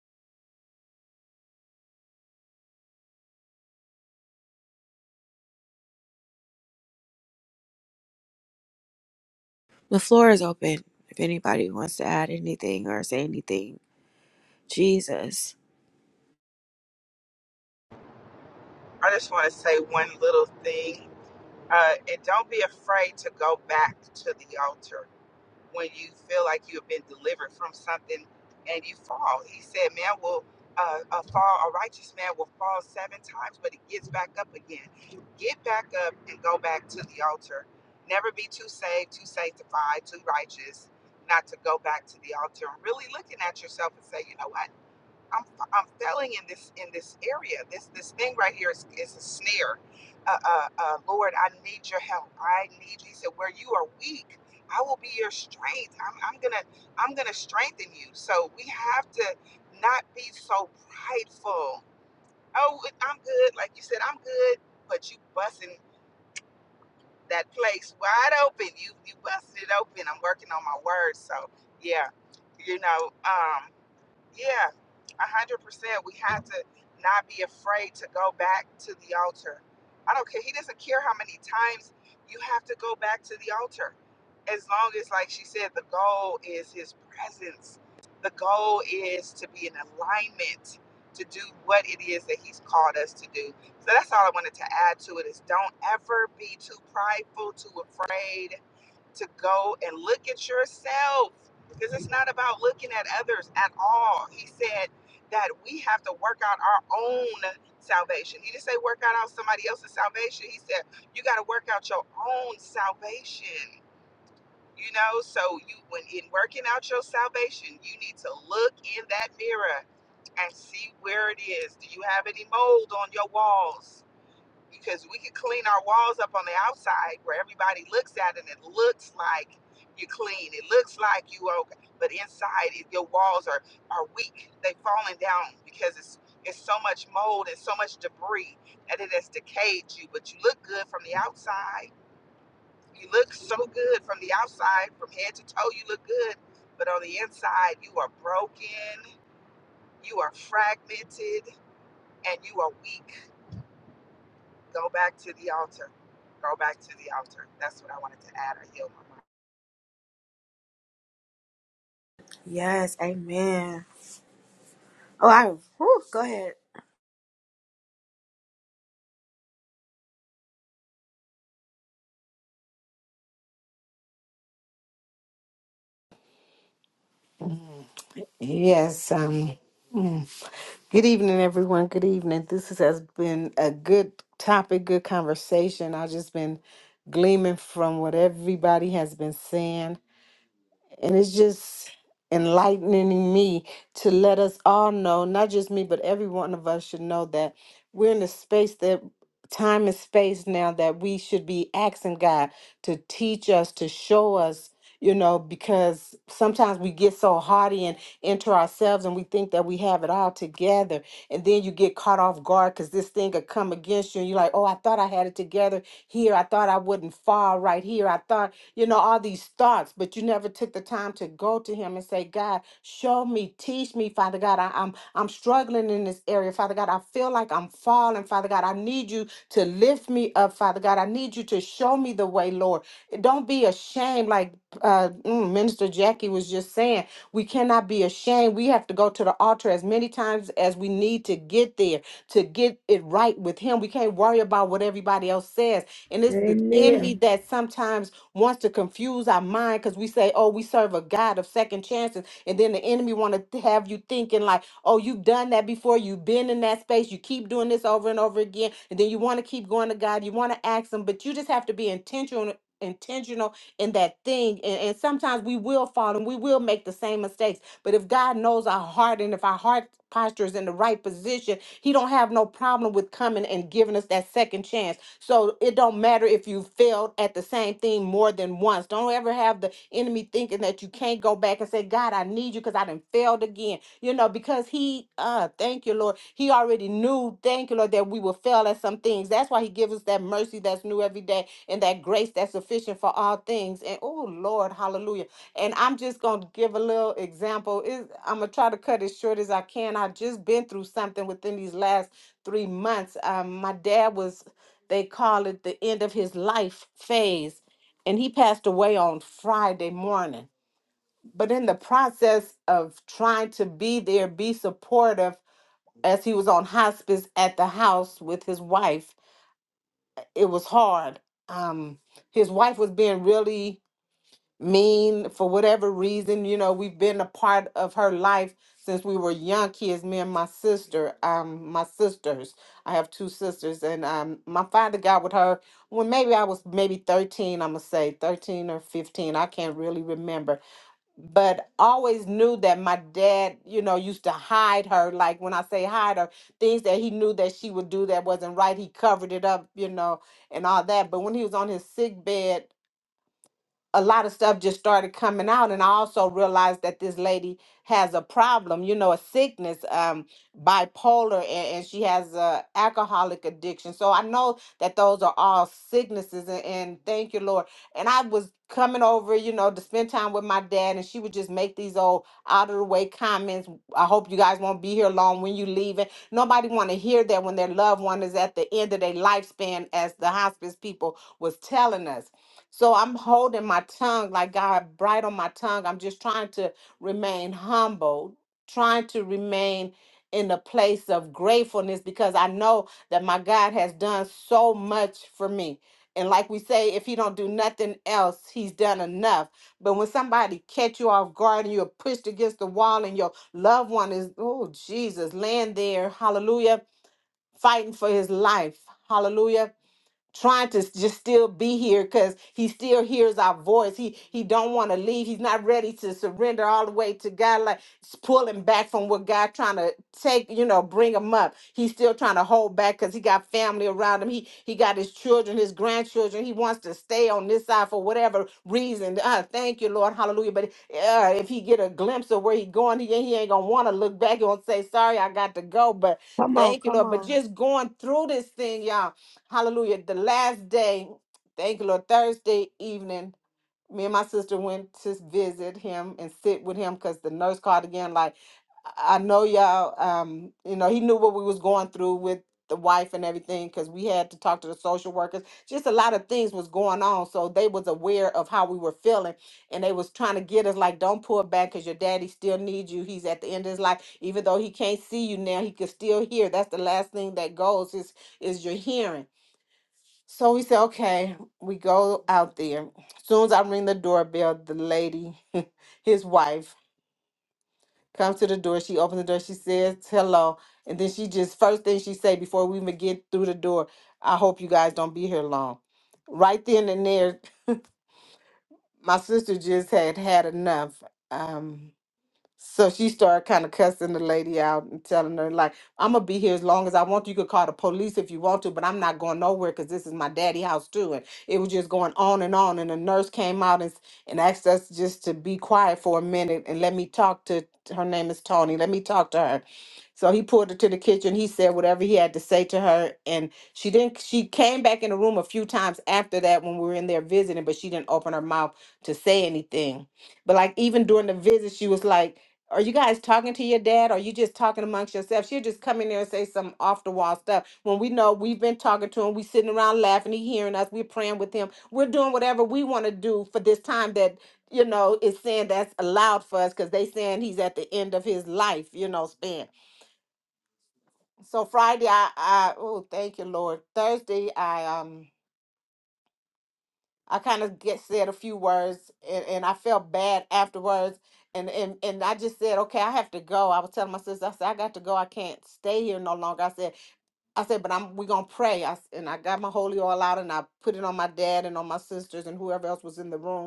S1: The floor is open if anybody wants to add anything or say anything. Jesus.
S11: I just want to say one little thing. Uh, and don't be afraid to go back to the altar. when you feel like you have been delivered from something and you fall. He said, Man will uh, uh, fall, a righteous man will fall seven times, but he gets back up again. Get back up and go back to the altar. Never be too saved, too sanctified, too righteous, not to go back to the altar and really looking at yourself and say, You know what? I'm, I'm failing in this in this area. This this thing right here is, is a snare. Uh, uh, uh, Lord, I need your help. I need you. He said, where you are weak, I will be your strength. I'm, I'm gonna I'm gonna strengthen you. So we have to not be so prideful. Oh, I'm good. Like you said, I'm good. But you busting that place wide open. You you busted it open. I'm working on my words. So yeah, you know. Um, yeah, a hundred percent. We have to not be afraid to go back to the altar. I don't care. He doesn't care how many times you have to go back to the altar. As long as, like she said, the goal is his presence. The goal is to be in alignment to do what it is that he's called us to do. So that's all I wanted to add to it is don't ever be too prideful, too afraid to go and look at yourself because it's not about looking at others at all. He said that we have to work out our own salvation. He didn't say work out out somebody else's salvation. He said you got to work out your own salvation. You know, so you when in working out your salvation, you need to look in that mirror and see where it is. Do you have any mold on your walls? because we could clean our walls up on the outside where everybody looks at it and it looks like you're clean. It looks like you are okay. But inside, it- your walls are, are weak. They've fallen down because it's, it's so much mold and so much debris that it has decayed you. But you look good from the outside. You look so good from the outside, from head to toe, you look good. But on the inside, you are broken, you are fragmented, and you are weak Go back to the altar. Go back to the altar. That's what I wanted to add. I yield.
S1: Yes, amen. Oh, I whew, go ahead.
S3: Yes. Um, mm. good evening, everyone. Good evening. This is- has been a good topic, good conversation. I've just been gleaming from what everybody has been saying. And it's just enlightening me to let us all know, not just me, but every one of us should know that we're in a space that time and space now that we should be asking God to teach us, to show us, you know, because sometimes we get so hardy and into ourselves and we think that we have it all together. And then you get caught off guard because this thing could come against you and you're like, oh, I thought I had it together here. I thought I wouldn't fall right here. I thought you know, all these thoughts, but you never took the time to go to him and say, God, show me, teach me, Father God. I, I'm I'm struggling in this area, Father God. I feel like I'm falling, Father God. I need you to lift me up, Father God. I need you to show me the way, Lord. Don't be ashamed, like uh, mm, Minister Jackie was just saying. We cannot be ashamed. We have to go to the altar as many times as we need to get there, to get it right with Him. We can't worry about what everybody else says. And it's the enemy
S18: Amen.
S3: that sometimes wants to confuse our mind because we say, oh, we serve a God of second chances. And then the enemy want to have you thinking like, oh, you've done that before. You've been in that space. You keep doing this over and over again. And then you want to keep going to God. You want to ask him, but you just have to be intentional intentional in that thing and, and sometimes we will fall and we will make the same mistakes but if god knows our heart and if our heart posture is in the right position he don't have no problem with coming and giving us that second chance so it don't matter if you failed at the same thing more than once. Don't ever have the enemy thinking that you can't go back and say, God, I need you because I done failed again. You know, because he uh thank you, Lord. He already knew, thank you, Lord, that we will fail at some things. That's why he gives us that mercy that's new every day and that grace that's sufficient for all things. And oh Lord, hallelujah. And I'm just gonna give a little example. Is I'm gonna try to cut as short as I can. I've just been through something within these last three months. Um, my dad was they call it the end of his life phase. And he passed away on Friday morning. But in the process of trying to be there, be supportive, as he was on hospice at the house with his wife, it was hard. Um, his wife was being really mean for whatever reason you know we've been a part of her life since we were young kids me and my sister um my sisters i have two sisters and um my father got with her when maybe i was maybe 13 i'm gonna say 13 or 15 i can't really remember but always knew that my dad you know used to hide her like when i say hide her things that he knew that she would do that wasn't right he covered it up you know and all that but when he was on his sick bed a lot of stuff just started coming out and i also realized that this lady has a problem you know a sickness um bipolar and, and she has a alcoholic addiction so i know that those are all sicknesses and, and thank you lord and i was coming over you know to spend time with my dad and she would just make these old out of the way comments i hope you guys won't be here long when you leave it nobody want to hear that when their loved one is at the end of their lifespan as the hospice people was telling us so I'm holding my tongue like God bright on my tongue. I'm just trying to remain humble, trying to remain in a place of gratefulness because I know that my God has done so much for me. And like we say, if he don't do nothing else, he's done enough. But when somebody catch you off guard and you're pushed against the wall and your loved one is, oh Jesus, laying there, hallelujah, fighting for his life. Hallelujah trying to s- just still be here because he still hears our voice he he don't want to leave he's not ready to surrender all the way to god like s- pull him back from what god trying to take you know bring him up he's still trying to hold back because he got family around him he he got his children his grandchildren he wants to stay on this side for whatever reason uh, thank you lord hallelujah but uh, if he get a glimpse of where he going he, he ain't gonna want to look back He and say sorry i got to go but
S1: Come on,
S3: thank you
S1: come
S3: lord but
S1: on.
S3: just going through this thing y'all Hallelujah. The last day, thank you, Lord, Thursday evening, me and my sister went to visit him and sit with him because the nurse called again, like, I I know y'all, um, you know, he knew what we was going through with the wife and everything because we had to talk to the social workers. Just a lot of things was going on. So they was aware of how we were feeling and they was trying to get us like, don't pull back because your daddy still needs you. He's at the end of his life. Even though he can't see you now, he can still hear. That's the last thing that goes is is your hearing. So we said, okay, we go out there. Soon as I ring the doorbell, the lady, [laughs] his wife, comes to the door. She opens the door. She says hello, and then she just first thing she say before we even get through the door, I hope you guys don't be here long. Right then and there, my sister just had had enough. Um, so she started kind of cussing the lady out and telling her, like, I'm gonna be here as long as I want. You could call the police if you want to, but I'm not going nowhere because this is my daddy house too. And it was just going on and on. And the nurse came out and, s- and asked us just to be quiet for a minute and let me talk to her name is Tony. Let me talk to her. So he pulled her to the kitchen. He said whatever he had to say to her, and she didn't. She came back in the room a few times after that when we were in there visiting, but she didn't open her mouth to say anything. But like even during the visit, she was like, "Are you guys talking to your dad? Or are you just talking amongst yourselves?" She'll just come in there and say some off the wall stuff when we know we've been talking to him. We sitting around laughing. He hearing us. We're praying with him. We're doing whatever we want to do for this time that you know, is saying that's allowed for us because they saying he's at the end of his life, you know, span so Friday I, I oh thank you Lord. Thursday I um I kind of get said a few words and, and I felt bad afterwards and, and and I just said okay I have to go. I was telling my sister I said I got to go. I can't stay here no longer. I said I said but I'm we're gonna pray. I s- and I got my holy oil out and I put it on my dad and on my sisters and whoever else was in the room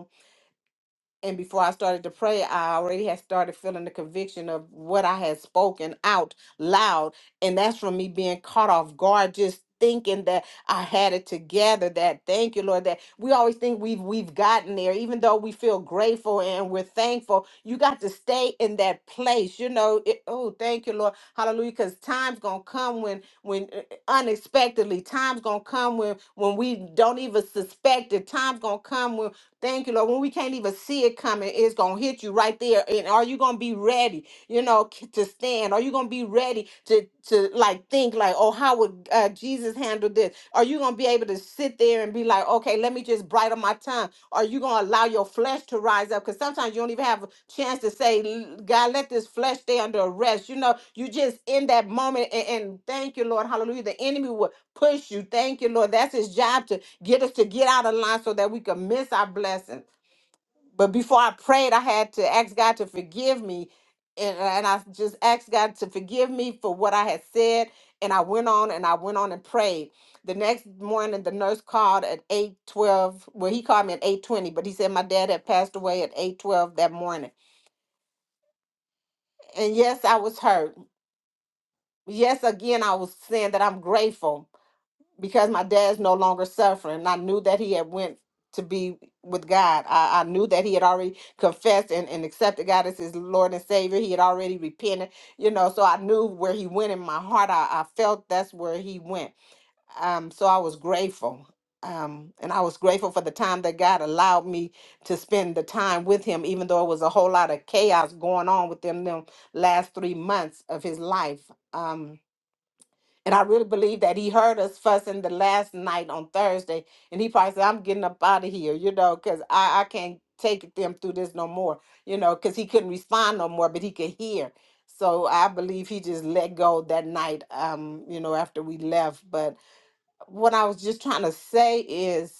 S3: and before I started to pray, I already had started feeling the conviction of what I had spoken out loud. And that's from me being caught off guard, just thinking that I had it together. That thank you, Lord, that we always think we've we've gotten there, even though we feel grateful and we're thankful. You got to stay in that place. You know, it, oh, thank you, Lord. Hallelujah. Because time's gonna come when when uh, unexpectedly, time's gonna come when when we don't even suspect it. Time's gonna come when Thank you, Lord. When we can't even see it coming, it's going to hit you right there. And are you going to be ready, you know, k- to stand? Are you going to be ready to, to like think like, oh, how would uh, Jesus handle this? Are you going to be able to sit there and be like, okay, let me just bridle my tongue? Are you going to allow your flesh to rise up? Because sometimes you don't even have a chance to say, "L- God, let this flesh stay under arrest. You know, you just in that moment. And, and thank you, Lord. Hallelujah. The enemy will push you. Thank you, Lord. That's his job to get us to get out of line so that we could miss our blessings. But before I prayed, I had to ask God to forgive me. And, and I just asked God to forgive me for what I had said. And I went on and I went on and prayed. The next morning, the nurse called at 812. Well, he called me at 820, but he said my dad had passed away at 812 that morning. And yes, I was hurt. Yes, again, I was saying that I'm grateful because my dad's no longer suffering and i knew that he had went to be with god i, I knew that he had already confessed and, and accepted god as his lord and savior he had already repented you know so i knew where he went in my heart i, I felt that's where he went um, so i was grateful um, and i was grateful for the time that god allowed me to spend the time with him even though it was a whole lot of chaos going on with them them last three months of his life Um. And I really believe that he heard us fussing the last night on Thursday. And he probably said, I'm getting up out of here, you know, because I, I can't take them through this no more, you know, because he couldn't respond no more, but he could hear. So I believe he just let go that night, um, you know, after we left. But what I was just trying to say is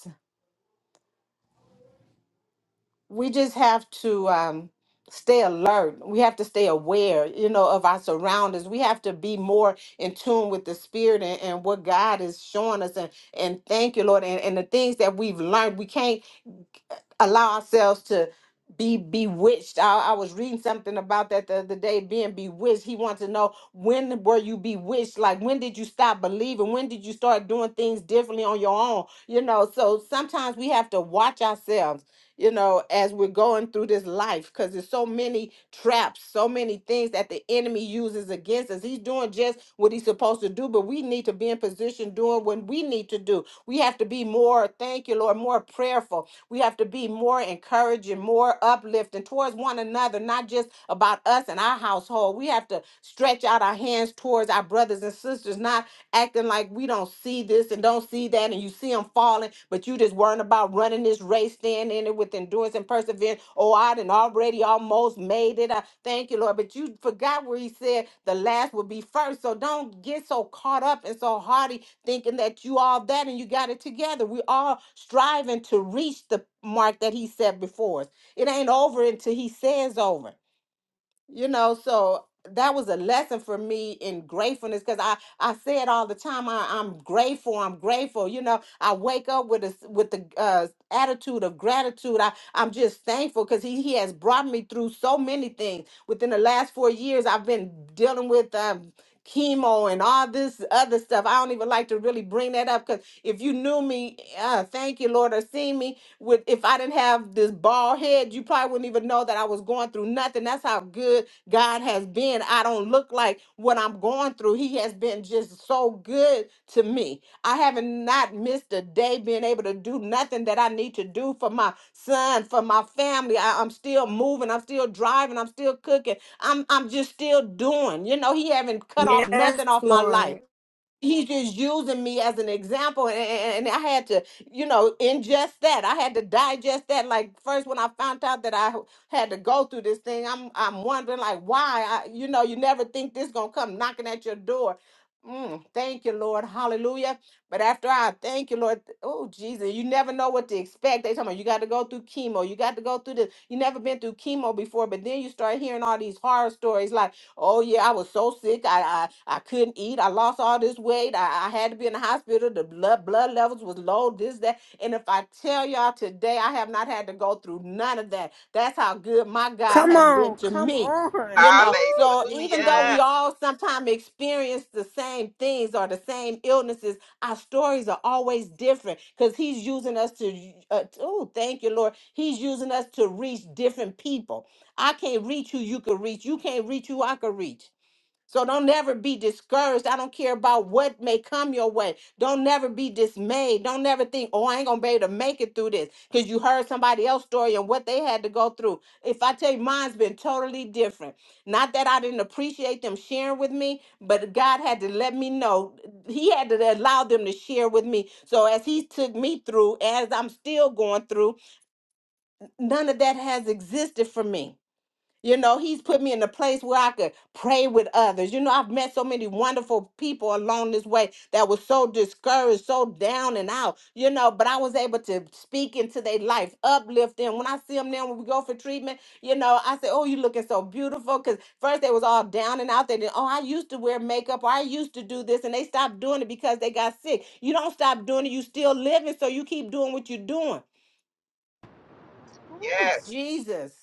S3: we just have to um, stay alert. We have to stay aware, you know, of our surroundings. We have to be more in tune with the spirit and, and what God is showing us. And, and thank you, Lord. And, and the things that we've learned, we can't allow ourselves to be bewitched. I, I was reading something about that the other day, being bewitched. He wants to know when were you bewitched? Like when did you stop believing? When did you start doing things differently on your own? You know, so sometimes we have to watch ourselves, you know, as we're going through this life because there's so many traps, so many things that the enemy uses against us. He's doing just what he's supposed to do, but we need to be in position doing what we need to do. We have to be more, thank you, Lord, more prayerful we have to be more encouraging, more uplifting towards one another, not just about us and our household. We have to stretch out our hands towards our brothers and sisters, not acting like we don't see this and don't see that, and you see them falling, but you just worrying about running this race, staying in it with endurance and perseverance. Oh, I done already almost made it. I thank you, Lord. But you forgot where he said the last would be first. So don't get so caught up and so haughty thinking that you all that and you got it together. We all striving to reach the mark that he set before us. It ain't over until he says over you know so that was a lesson for me in gratefulness because i i say it all the time I, i'm grateful i'm grateful you know i wake up with a s- with the uh attitude of gratitude i i'm just thankful because he, he has brought me through so many things within the last four years i've been dealing with um chemo and all this other stuff i don't even like to really bring that up because if you knew me uh thank you lord or seen me with if I didn't have this bald head, you probably wouldn't even know that I was going through nothing. That's how good God has been. I don't look like what I'm going through. He has been just so good to me. I haven't not missed a day being able to do nothing that I need to do for my son, for my family. I, I'm still moving, I'm still driving, I'm still cooking. I'm I'm just still doing. You know, he haven't cut off
S1: Yes,
S3: nothing off my life
S1: Lord.
S3: he's just using me as an example and, and and i had to you know ingest that i had to digest that like first when i found out that i had to go through this thing i'm i'm wondering like why I, you know you never think this gonna come knocking at your door Mm, thank you, Lord. Hallelujah. But after I thank you, Lord. Oh, Jesus, you never know what to expect. They talking about you got to go through chemo. You got to go through this. You never been through chemo before, but then you start hearing all these horror stories like Oh yeah, I was so sick. I I, I couldn't eat. I lost all this weight. I, I had to be in the hospital. The blood blood levels was low. This that. And if I tell y'all today, I have not had to go through none of that. That's how good my God
S1: Come
S3: has been
S1: on,
S3: to
S1: come
S3: me.
S11: my-
S1: on.
S3: You
S1: [laughs]
S3: know,
S1: Woo,
S3: so even though we
S11: Hallelujah.
S1: Jesus.
S3: all sometimes experience the same things or the same illnesses, our stories are always different because He's using us to, uh, oh, thank you, Lord. He's using us to reach different people I can't reach who you can reach. You can't reach who I can reach. So don't never be discouraged. I don't care about what may come your way. Don't never be dismayed. Don't never think, oh, I ain't gonna be able to make it through this. Because you heard somebody else's story and what they had to go through. If I tell you mine's been totally different. Not that I didn't appreciate them sharing with me, but God had to let me know. He had to allow them to share with me. So as he took me through, as I'm still going through, none of that has existed for me. You know, he's put me in a place where I could pray with others. You know, I've met so many wonderful people along this way that was so discouraged, so down and out, you know, but I was able to speak into their life, uplift them. When I see them now, when we go for treatment, you know, I say, Oh, you looking so beautiful. Because first they was all down and out. They did, Oh, I used to wear makeup or I used to do this. And they stopped doing it because they got sick. You don't stop doing it. You still living. So you keep doing what you're doing. Oh,
S11: Yes.
S3: Jesus.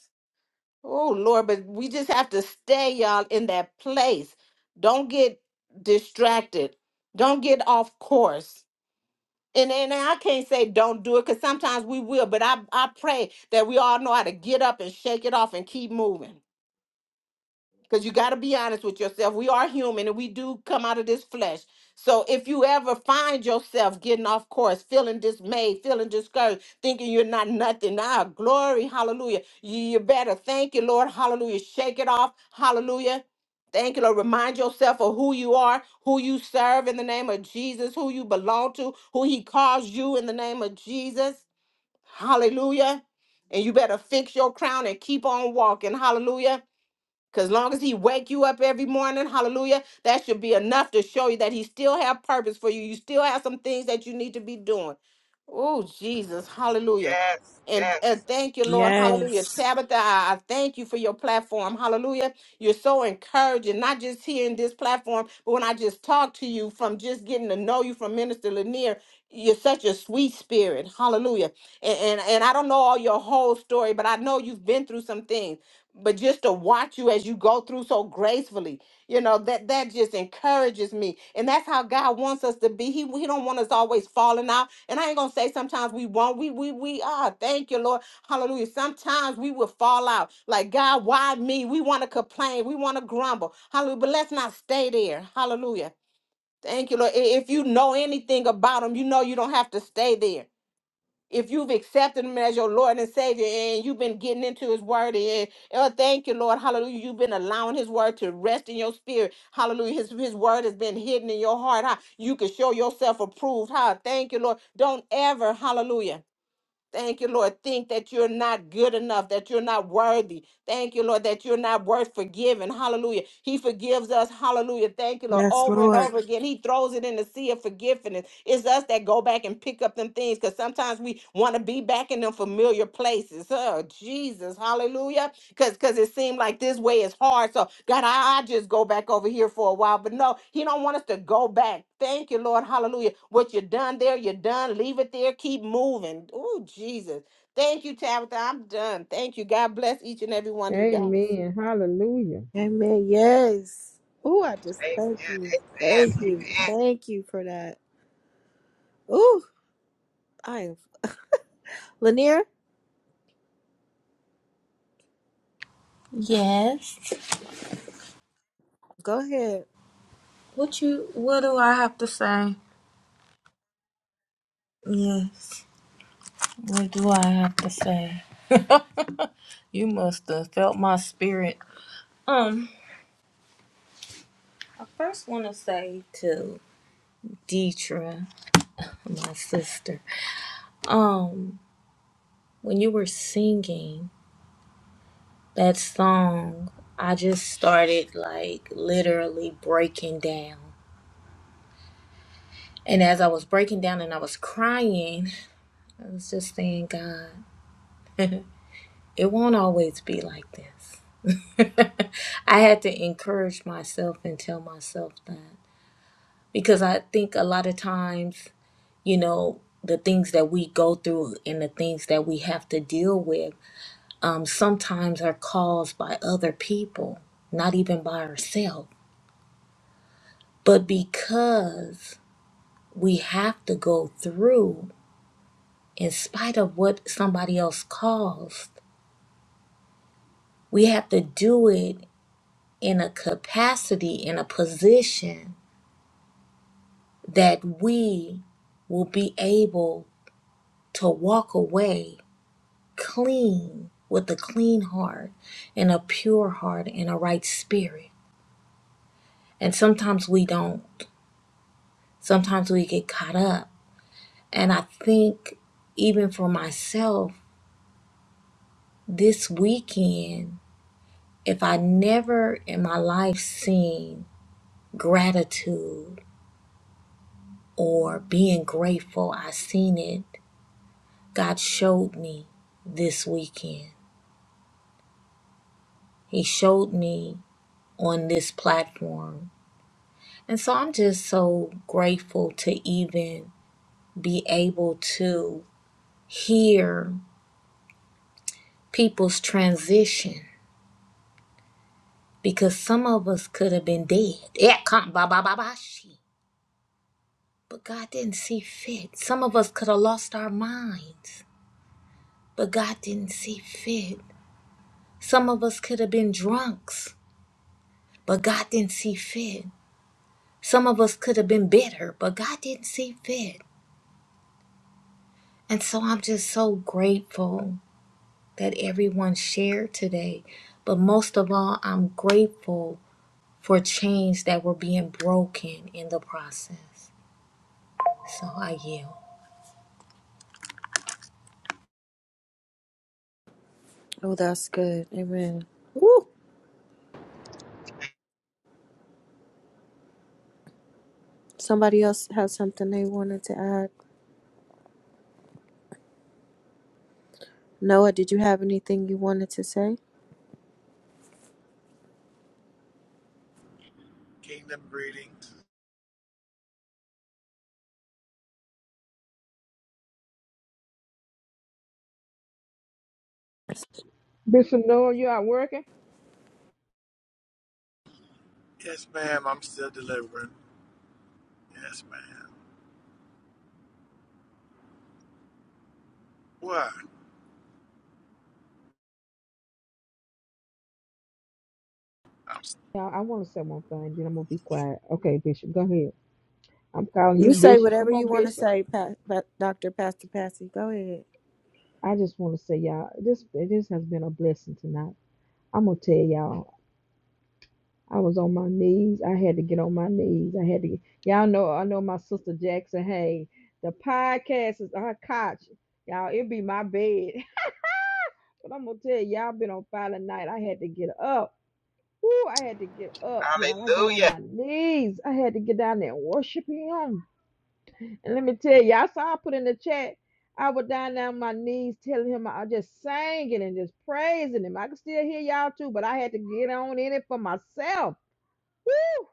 S3: Oh Lord, but we just have to stay, y'all, in that place. Don't get distracted. Don't get off course. And and I can't say don't do it because sometimes we will, but I, I pray that we all know how to get up and shake it off and keep moving because you got to be honest with yourself. We are human and we do come out of this flesh. So if you ever find yourself getting off course, feeling dismayed, feeling discouraged, thinking you're not nothing, ah, glory, hallelujah. You, you better thank you, Lord, hallelujah. Shake it off, hallelujah. Thank you, Lord. Remind yourself of who you are, who you serve in the name of Jesus, who you belong to, who He calls you in the name of Jesus. Hallelujah. And you better fix your crown and keep on walking. Hallelujah. Cause long as he wake you up every morning, hallelujah, that should be enough to show you that he still have purpose for you. You still have some things that you need to be doing. Oh, Jesus, hallelujah.
S11: Yes.
S3: And,
S11: Yes.
S3: and thank you, Lord. Hallelujah.
S1: Yes.
S3: Tabitha, I I thank you for your platform. Hallelujah. You're so encouraging, not just here in this platform, but when I just talk to you from just getting to know you from Minister Lanier, you're such a sweet spirit. Hallelujah. And, and, and I don't know all your whole story, but I know you've been through some things but just to watch you as you go through so gracefully you know that that just encourages me and that's how god wants us to be he, he don't want us always falling out and i ain't gonna say sometimes we won't we we we are thank you lord hallelujah sometimes we will fall out like god why me we want to complain we want to grumble hallelujah but let's not stay there hallelujah thank you lord I- if you know anything about him you know you don't have to stay there if you've accepted him as your Lord and Savior and you've been getting into his word and oh thank you, Lord, hallelujah. You've been allowing his word to rest in your spirit. Hallelujah. His his word has been hidden in your heart. How you can show yourself approved. How thank you, Lord. Don't ever, hallelujah. Thank you, Lord. Think that you're not good enough, that you're not worthy. Thank you, Lord, that you're not worth forgiving. Hallelujah. He forgives us. Hallelujah. Thank you, Lord.
S1: Yes,
S3: Over and
S1: Lord.
S3: over again, He throws it in the sea of forgiveness. It's us that go back and pick up them things because sometimes we want to be back in them familiar places. Oh, Jesus. Hallelujah because because it seemed like this way is hard. So God, I, I just go back over here for a while. But no, He don't want us to go back. Thank you, Lord. Hallelujah. What you done there, you're done. Leave it there. Keep moving. Oh, Jesus. Thank you, Tabitha. I'm done. Thank you. God bless each and every one of you guys.
S18: Amen. Hallelujah.
S1: Amen. Yes. Ooh, I just
S11: Amen.
S1: thank you. Thank
S11: Amen.
S1: you. Thank you for that. Ooh, I am Lanier,
S14: Yes.
S1: go ahead.
S14: What you what do I have to say? Yes. What do I have to say? [laughs] you must have felt my spirit. Um, I first want to say to Deetra, my sister, um, when you were singing that song, I just started like literally breaking down. And as I was breaking down and I was crying, I was just saying, God, [laughs] it won't always be like this. [laughs] I had to encourage myself and tell myself that because I think a lot of times, you know, the things that we go through and the things that we have to deal with um, sometimes are caused by other people, not even by ourselves. But because we have to go through, in spite of what somebody else caused, We have to do it in a capacity, in a position that we will be able to walk away clean with a clean heart and a pure heart and a right spirit. And sometimes we don't. Sometimes we get caught up. And I think even for myself, this weekend, if I never in my life seen gratitude or being grateful. I seen it. God showed me this weekend. He showed me on this platform. And so I'm just so grateful to even be able to hear people's transition because some of us could have been dead. Yeah, come, ba, ba, ba, ba, she. But God didn't see fit. Some of us could have lost our minds, but God didn't see fit. Some of us could have been drunks, but God didn't see fit. Some of us could have been better, but God didn't see fit. And so I'm just so grateful that everyone shared today. But most of all, I'm grateful for chains that were being broken in the process. So I yield.
S1: Oh, that's good. Amen. Ooh.
S11: Amen.
S1: Somebody else have something they wanted to add? Noah, did you have anything you wanted to say?
S22: Kingdom greetings.
S18: Bishop Noah, you out working?
S22: Yes, ma'am. I'm still delivering. Yes, ma'am. What? I'm s-
S18: Now, I want to say one thing, then I'm going to be quiet. Okay, Bishop, go ahead. I'm calling
S1: You
S18: you
S1: say
S18: Bishop.
S1: whatever
S18: Come
S1: you
S18: on,
S1: want to
S18: Bishop.
S1: say, pa- Pa- Dr. Pastor Patsy. Go ahead.
S18: I just want to say, y'all, this this has been a blessing tonight. I'm going to tell y'all, I was on my knees. I had to get on my knees. I had to get, y'all know, I know my sister Jackson, hey, the podcast is our couch. Y'all, it be my bed. [laughs] But I'm going to tell y'all, been on fire tonight. I had to get up. Ooh, I had to get up, y'all. I got on
S11: Hallelujah.
S18: my knees. I had to get down there and worship him. And let me tell you, I saw I put in the chat. I was down on my knees telling him I just sang it and just praising him. I could still hear y'all too, but I had to get on in it for myself. Woo!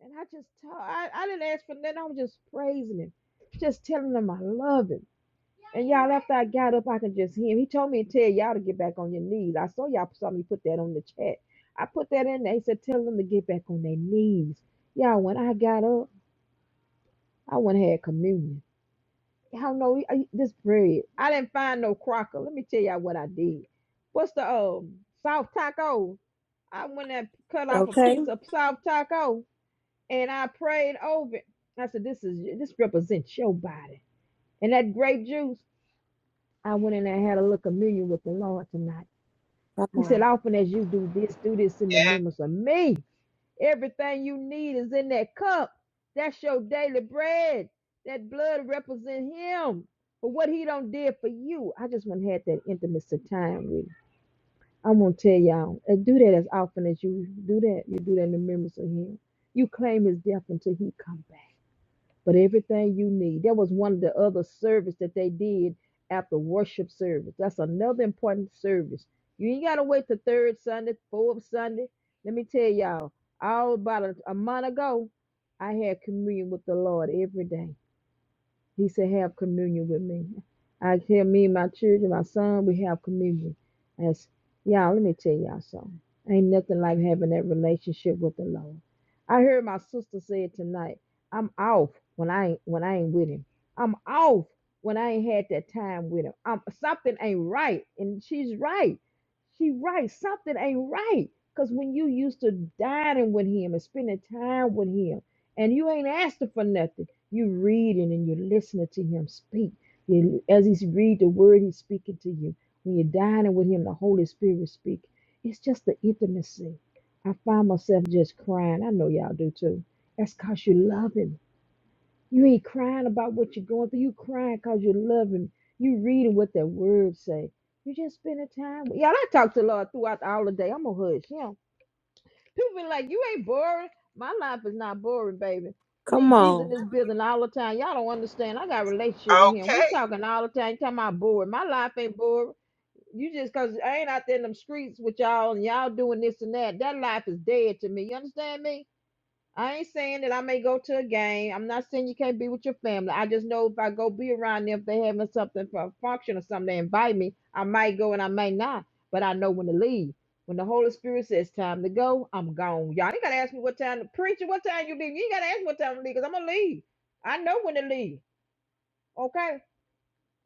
S18: And I just told I, I didn't ask for nothing. I was just praising him. Just telling him I love him. And y'all, after I got up, I could just hear him. He told me to tell y'all to get back on your knees. I saw y'all saw me put that on the chat. I put that in there. He said, tell them to get back on their knees. Y'all, when I got up, I went and had communion. How no I- this bread? I didn't find no crocker. Let me tell y'all what I did. What's the um soft Taco? I went and cut off a
S1: Okay.
S18: piece of soft Taco and I prayed over it. I said, This is this represents your body. And that grape juice, I went in there and had a little communion with the Lord tonight.
S1: Come
S18: He said,
S1: on.
S18: Often as you do this, do this in the
S11: Yeah.
S18: remembrance of me. Everything you need is in that cup. That's your daily bread. That blood represents him for what he done did for you. I just want to have that intimacy time with him. I want to tell y'all, uh, do that as often as you do that. You do that in the remembrance of him. You claim his death until he come back but everything you need. That was one of the other service that they did after worship service. That's another important service. You ain't gotta wait to third Sunday, fourth Sunday. Let me tell y'all, all about a, a month ago, I had communion with the Lord every day. He said, Have communion with me. I tell me and my children, my son, we have communion. As y'all, let me tell y'all something. Ain't nothing like having that relationship with the Lord. I heard my sister say it tonight. I'm off when I ain't when I ain't with him. I'm off when I ain't had that time with him. I'm, something ain't right. And she's right. She right. Something ain't right. Cause when you used to dining with him and spending time with him and you ain't asking for nothing you reading and you're listening to him speak. You, as he's read the word, he's speaking to you. When you're dining with him, the Holy Spirit is speaking. It's just the intimacy. I find myself just crying. I know y'all do too. That's because you love him. You ain't crying about what you're going through. You crying because you love him. You reading what that word say. You just spending time. with- Y'all, I talk to the Lord throughout all the day. I'm going to hush him. People be like, you ain't boring. My life is not boring, baby. Me
S1: Come
S18: and Jesus in
S1: on.
S18: this building all the time. Y'all don't understand. I got a relationship with him. We
S11: Okay.
S18: talking all the time. You talking about boring. My life ain't boring. You just cause I ain't out there in them streets with y'all and y'all doing this and that. That life is dead to me. You understand me? I ain't saying that I may go to a game. I'm not saying you can't be with your family. I just know if I go be around them, if they having something for a function or something, they invite me. I might go and I may not, but I know when to leave. When the Holy Spirit says time to go, I'm gone. Y'all ain't gotta ask me what time to preach or what time you leave. You ain't gotta ask me what time to leave, cause I'm gonna leave. I know when to leave. Okay?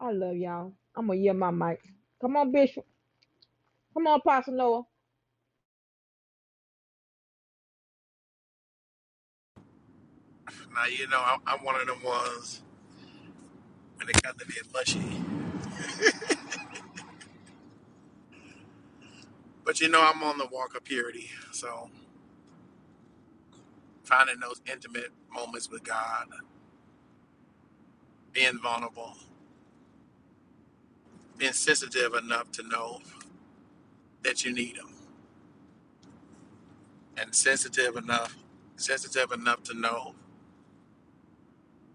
S18: I love y'all. I'm gonna yell my mic. Come on, Bishop. Come on, Apostle Noah.
S22: now. You know, I'm, I'm one of them ones when it got to be mushy. But you know, I'm on the walk of purity. So finding those intimate moments with God, being vulnerable, being sensitive enough to know that you need Him, and sensitive enough, sensitive enough to know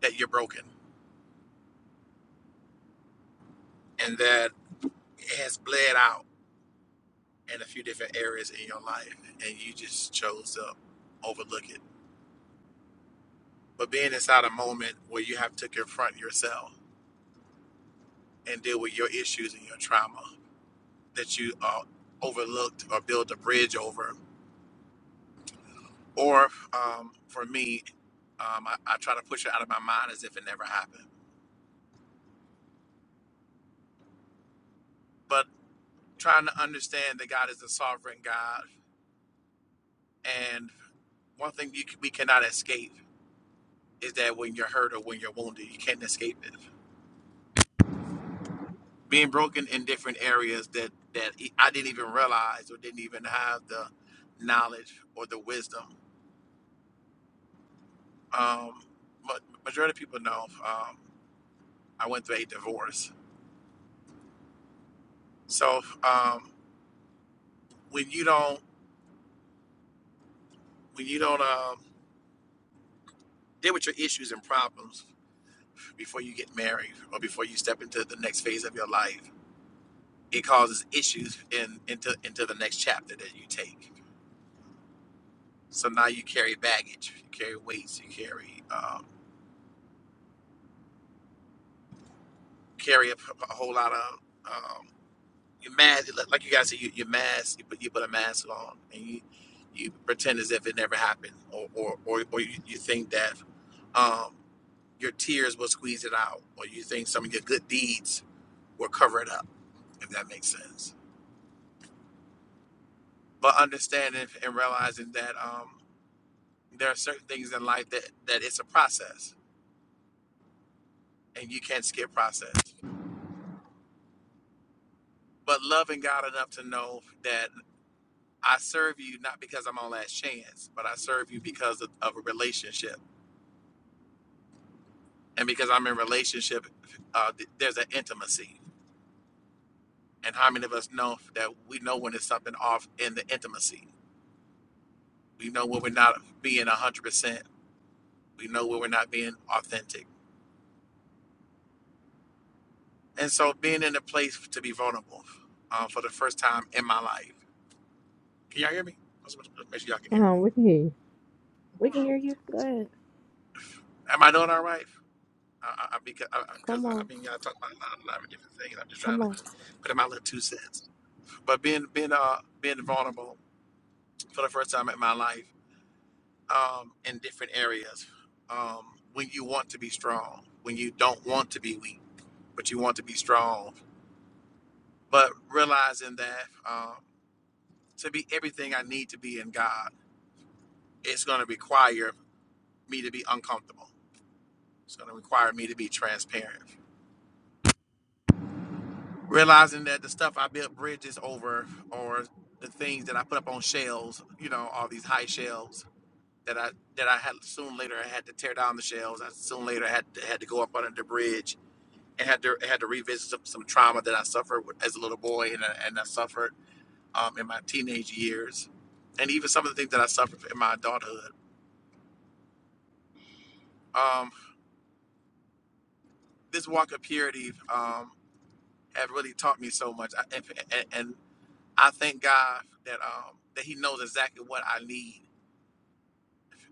S22: that you're broken and that it has bled out in a few different areas in your life, and you just chose to overlook it but being inside a moment where you have to confront yourself and deal with your issues and your trauma that you uh, overlooked or built a bridge over. Or um, for me, um, I, I try to push it out of my mind as if it never happened. But trying to understand that God is a sovereign God, and one thing you, we cannot escape is that when you're hurt or when you're wounded, you can't escape it. Being broken in different areas that that I didn't even realize or didn't even have the knowledge or the wisdom Um, but majority of people know um, I went through a divorce. So um, when you don't when you don't um, deal with your issues and problems before you get married or before you step into the next phase of your life, it causes issues in into into the next chapter that you take. So now you carry baggage, you carry weights, you carry um, carry a, a whole lot of. um, You're mad, like you guys said, you, you're masked, you put, you put a mask on and you, you pretend as if it never happened or, or, or, or you, you think that um, your tears will squeeze it out or you think some of your good deeds will cover it up, if that makes sense. But understanding and realizing that um, there are certain things in life that, that it's a process and you can't skip process. But loving God enough to know that I serve you not because I'm on last chance, but I serve you because of, of a relationship and because I'm in relationship, uh, th- there's an intimacy. And how many of us know that we know when it's something off in the intimacy? We know when we're not being 100%. We know when we're not being authentic. And so being in a place to be vulnerable uh, for the first time in my life. Can y'all hear me? Let's make sure y'all can hear
S18: Uh-huh,
S22: me.
S18: we can hear you.
S1: We can hear you. Go ahead.
S22: Am I doing all right? I, I, because, I, I 'cause,
S1: Come
S22: I
S1: on.
S22: mean, y'all talk about a lot, a lot of different things. I'm just trying
S1: Come
S22: to
S1: on.
S22: put in my little two cents. But being being uh being vulnerable for the first time in my life um, in different areas um, when you want to be strong, when you don't want to be weak, but you want to be strong. But realizing that um, to be everything I need to be in God, it's going to require me to be uncomfortable. It's going to require me to be transparent. Realizing that the stuff I built bridges over, or the things that I put up on shelves, you know, all these high shelves that I that I had soon later I had to tear down the shelves. I soon later had to, had to go up under the bridge and had to had to revisit some, some trauma that I suffered as a little boy and I, and I suffered um, in my teenage years, and even some of the things that I suffered in my adulthood. Um, this walk of purity um, had really taught me so much, I, and, and and I thank God that um, that He knows exactly what I need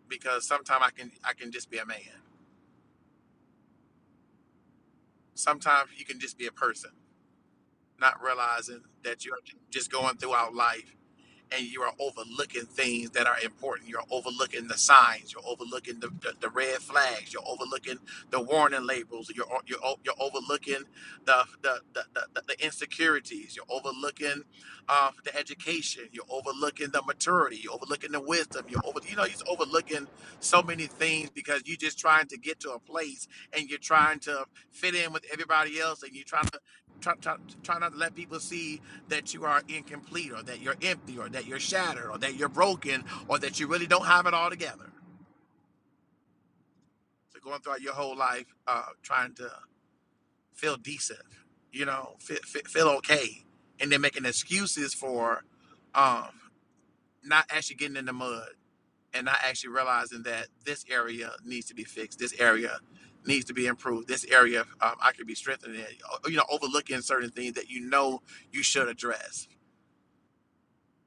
S22: because sometimes I can I can just be a man. Sometimes you can just be a person, not realizing that you're just going throughout life and you are overlooking things that are important. You're overlooking the signs. You're overlooking the, the, the red flags. You're overlooking the warning labels. You're you're, you're overlooking the the, the, the the insecurities. You're overlooking uh, the education. You're overlooking the maturity. You're overlooking the wisdom. You're over you know you're overlooking so many things because you're just trying to get to a place and you're trying to fit in with everybody else and you're trying to try, try, try not to let people see that you are incomplete or that you're empty or that you're shattered or that you're broken or that you really don't have it all together. So going throughout your whole life uh, trying to feel decent, you know, feel, feel okay, and then making excuses for um, not actually getting in the mud and not actually realizing that this area needs to be fixed, this area needs to be improved, this area um, I could be strengthening it. uh, you know, overlooking certain things that you know you should address.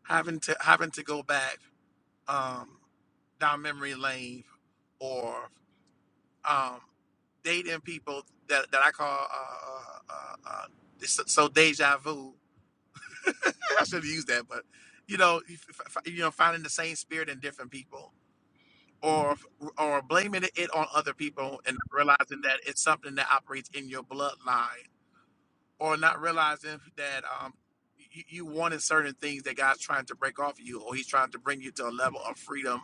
S22: Having to having to go back um, down memory lane or um, dating people that, that I call uh, uh, uh, it's so so deja vu. [laughs] I should have used that, but you know, you f- f- you know, finding the same spirit in different people, or or blaming it on other people and realizing that it's something that operates in your bloodline or not realizing that um you, you wanted certain things that God's trying to break off of you, or He's trying to bring you to a level of freedom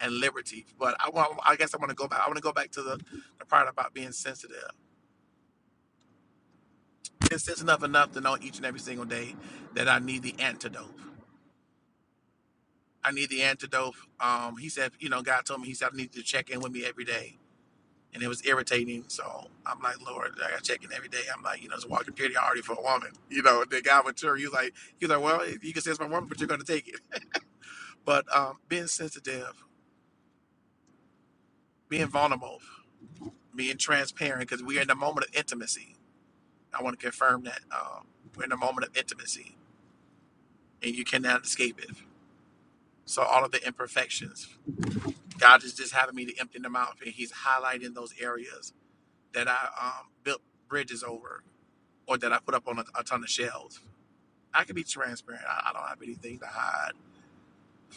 S22: and liberty. But I want, I guess I want to go back. I want to go back to the, the part about being sensitive. Being sensitive enough to know each and every single day that I need the antidote. I need the antidote. Um, he said, you know, God told me, He said, I need you to check in with me every day. and it was irritating. So I'm like, Lord, like, I got checking every day. I'm like, you know, it's walking superiority for a woman. [laughs] You know, the guy with her, he was like, he was like, well, you can say it's my woman, but you're gonna take it. But um, being sensitive, being vulnerable, being transparent, because we're in the moment of intimacy. I want to confirm that um, we're in a moment of intimacy, and you cannot escape it. So all of the imperfections, God is just having me to empty them out, and He's highlighting those areas that I um, built bridges over, or that I put up on a, a ton of shelves I can be transparent. I, I don't have anything to hide.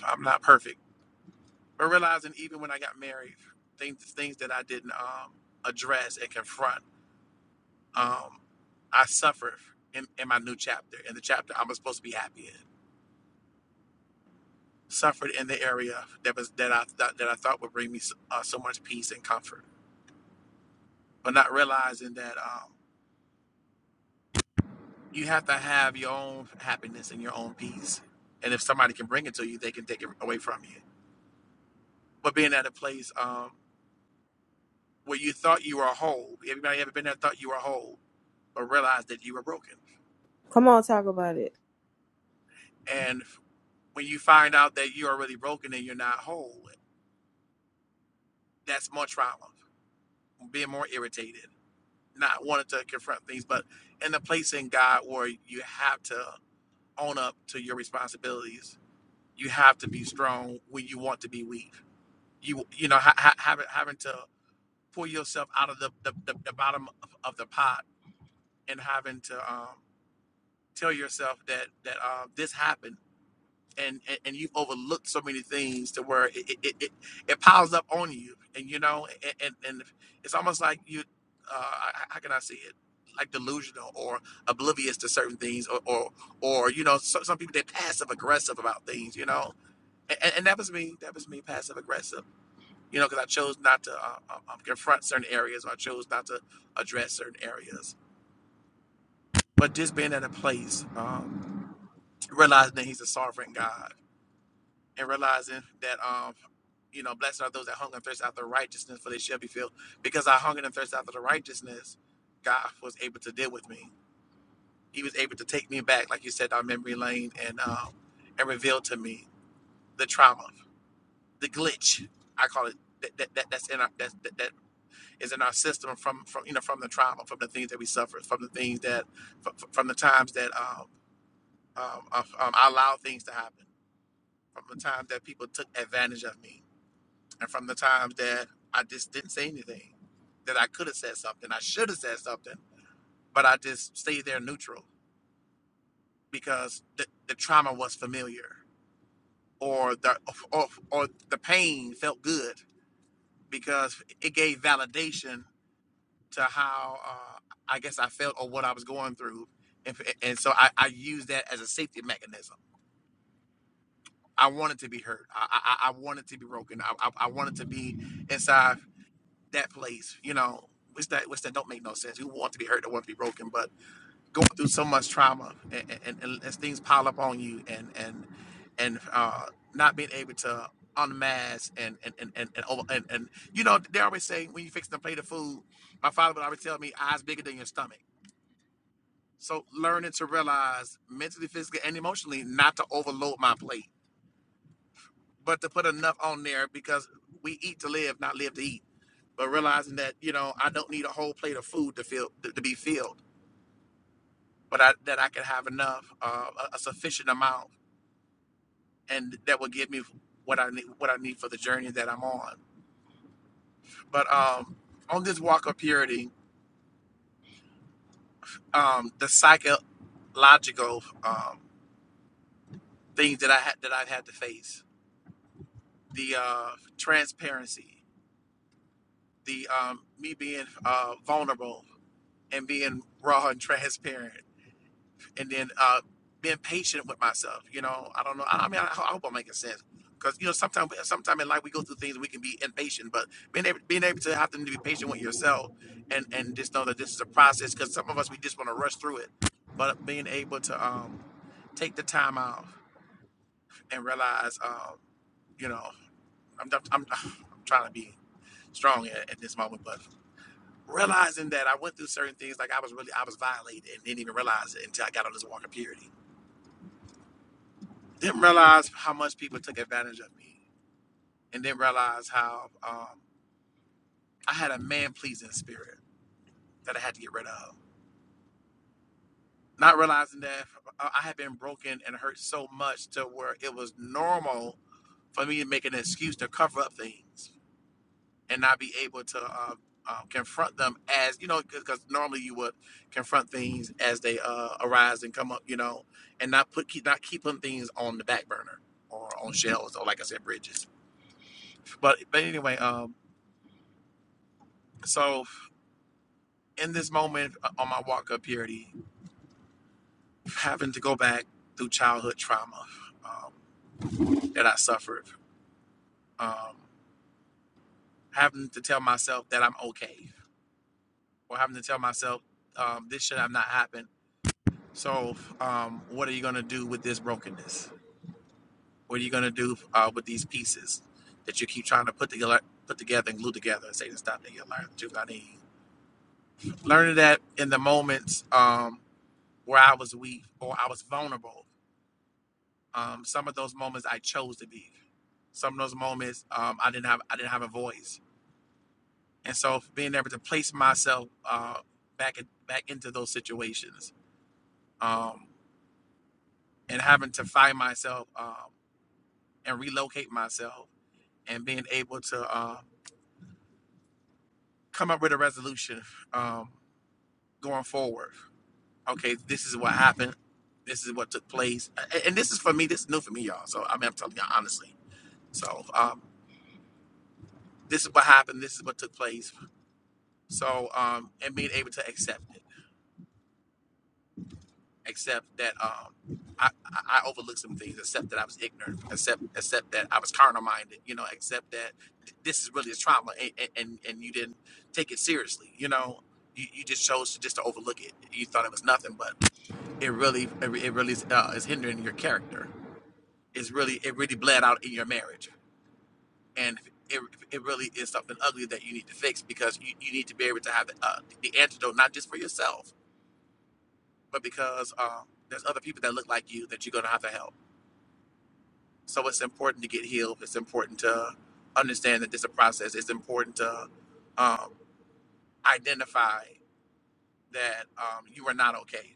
S22: I'm not perfect. But realizing even when I got married, things things that I didn't um, address and confront, um, I suffered in, in my new chapter, in the chapter I'm supposed to be happy in. Suffered in the area that was that I thought that I thought would bring me so, uh, so much peace and comfort, but not realizing that um, you have to have your own happiness and your own peace. And if somebody can bring it to you, they can take it away from you. But being at a place um, where you thought you were whole. Everybody ever been there thought you were whole, but realized that you were broken.
S1: Come on, talk about it.
S22: And when you find out that you're really broken and you're not whole, that's more trauma, being more irritated, not wanting to confront things, but in the place in God where you have to own up to your responsibilities. You have to be strong when you want to be weak. You you know ha- ha- having having to pull yourself out of the the, the, the bottom of, of the pot and having to um, tell yourself that that uh, this happened and and, and you've overlooked so many things to where it it, it, it piles up on you and you know and and, and it's almost like you uh h- how can i say it like delusional or oblivious to certain things or or, or you know some, some people they're passive aggressive about things you know and, and that was me that was me passive aggressive you know because i chose not to uh, uh, um, confront certain areas or i chose not to address certain areas but just being at a place um, realizing that he's a sovereign god and realizing that um you know blessed are those that hunger and thirst after righteousness for they shall be filled because i hungered and thirst after the righteousness god was able to deal with me he was able to take me back like you said down memory lane and um and reveal to me the trauma the glitch i call it that, that, that that's in our that, that that is in our system from from you know from the trauma from the things that we suffered from the things that from, from the times that um, um, um i allowed things to happen from the times that people took advantage of me and from the times that I just didn't say anything, that I could have said something, I should have said something, but I just stayed there neutral because the, the trauma was familiar, or the or, or the pain felt good because it gave validation to how uh, I guess I felt or what I was going through, and, and so I, I used that as a safety mechanism. I wanted to be hurt. I I, I wanted to be broken. I, I, I wanted to be inside that place, you know, which that which that don't make no sense. You want to be hurt, don't want to be broken, but going through so much trauma and, and, and as things pile up on you and and and uh, not being able to unmask and and and and and, over, and and you know they always say when you fix the plate of food, my father would always tell me eyes bigger than your stomach. So learning to realize mentally, physically, and emotionally not to overload my plate, but to put enough on there because we eat to live, not live to eat but realizing that you know I don't need a whole plate of food to feel to, be filled, but I, that I can have enough, uh, a, a sufficient amount, and that will give me what I need what I need for the journey that I'm on. But um, on this walk of purity, um, the psychological um, things that I had that I've had to face, the uh, transparency, the um, me being uh, vulnerable and being raw and [laughs] transparent and then uh, being patient with myself. You know, I don't know. I, I mean, I, I hope I'm making sense because you know sometimes sometimes in life we go through things and we can be impatient, but being able being able to have to be patient with yourself and and just know that this is a process because some of us we just want to rush through it, but being able to um, take the time out and realize, um, you know, I'm, I'm, I'm [sighs] trying to be strong at, at this moment, but realizing that I went through certain things, like I was really, I was violated and didn't even realize it until I got on this walk of purity. didn't realize how much people took advantage of me and didn't realize how um, I had a man pleasing spirit that I had to get rid of. Not realizing that I had been broken and hurt so much to where it was normal for me to make an excuse to cover up things and not be able to uh, uh, confront them as, you know, because normally you would confront things as they uh, arise and come up, you know, and not put keep, not keeping things on the back burner or on shelves or, like I said, bridges. But, but anyway, um, So, in this moment uh, on my walk up purity, having to go back through childhood trauma um, that I suffered, um, having to tell myself that I'm okay, or having to tell myself um, this should have not happened. So, um, what are you going to do with this brokenness? What are you going to do uh, with these pieces that you keep trying to put together, put together and glue together and say the stuff that you learn. that you got to I need? Learning that in the moments um, where I was weak or I was vulnerable Um, some of those moments I chose to be. Some of those moments um, I didn't have I didn't have a voice, and so being able to place myself uh, back in, back into those situations, um, and having to find myself um, and relocate myself, and being able to uh, come up with a resolution um, going forward. Okay, this is what happened. This is what took place, A- and, this is for me. This is new for me, y'all. So I mean, I'm telling you honestly. So um, this is what happened. This is what took place So, um, and being able to accept it, accept that um, I, I overlooked some things, accept that I was ignorant, accept accept that I was carnal minded, you know, accept that th- this is really a trauma, and and, and and you didn't take it seriously, you know. You, you just chose to just to overlook it. You thought it was nothing, but it really it, re- it really is, uh, is hindering your character. It's really it really bled out in your marriage, and it, it really is something ugly that you need to fix because you, you need to be able to have the, uh, the antidote not just for yourself but because um, there's other people that look like you that you're going to have to help. So it's important to get healed. It's important to understand that this is a process. It's important to um, identify that um, you are not okay.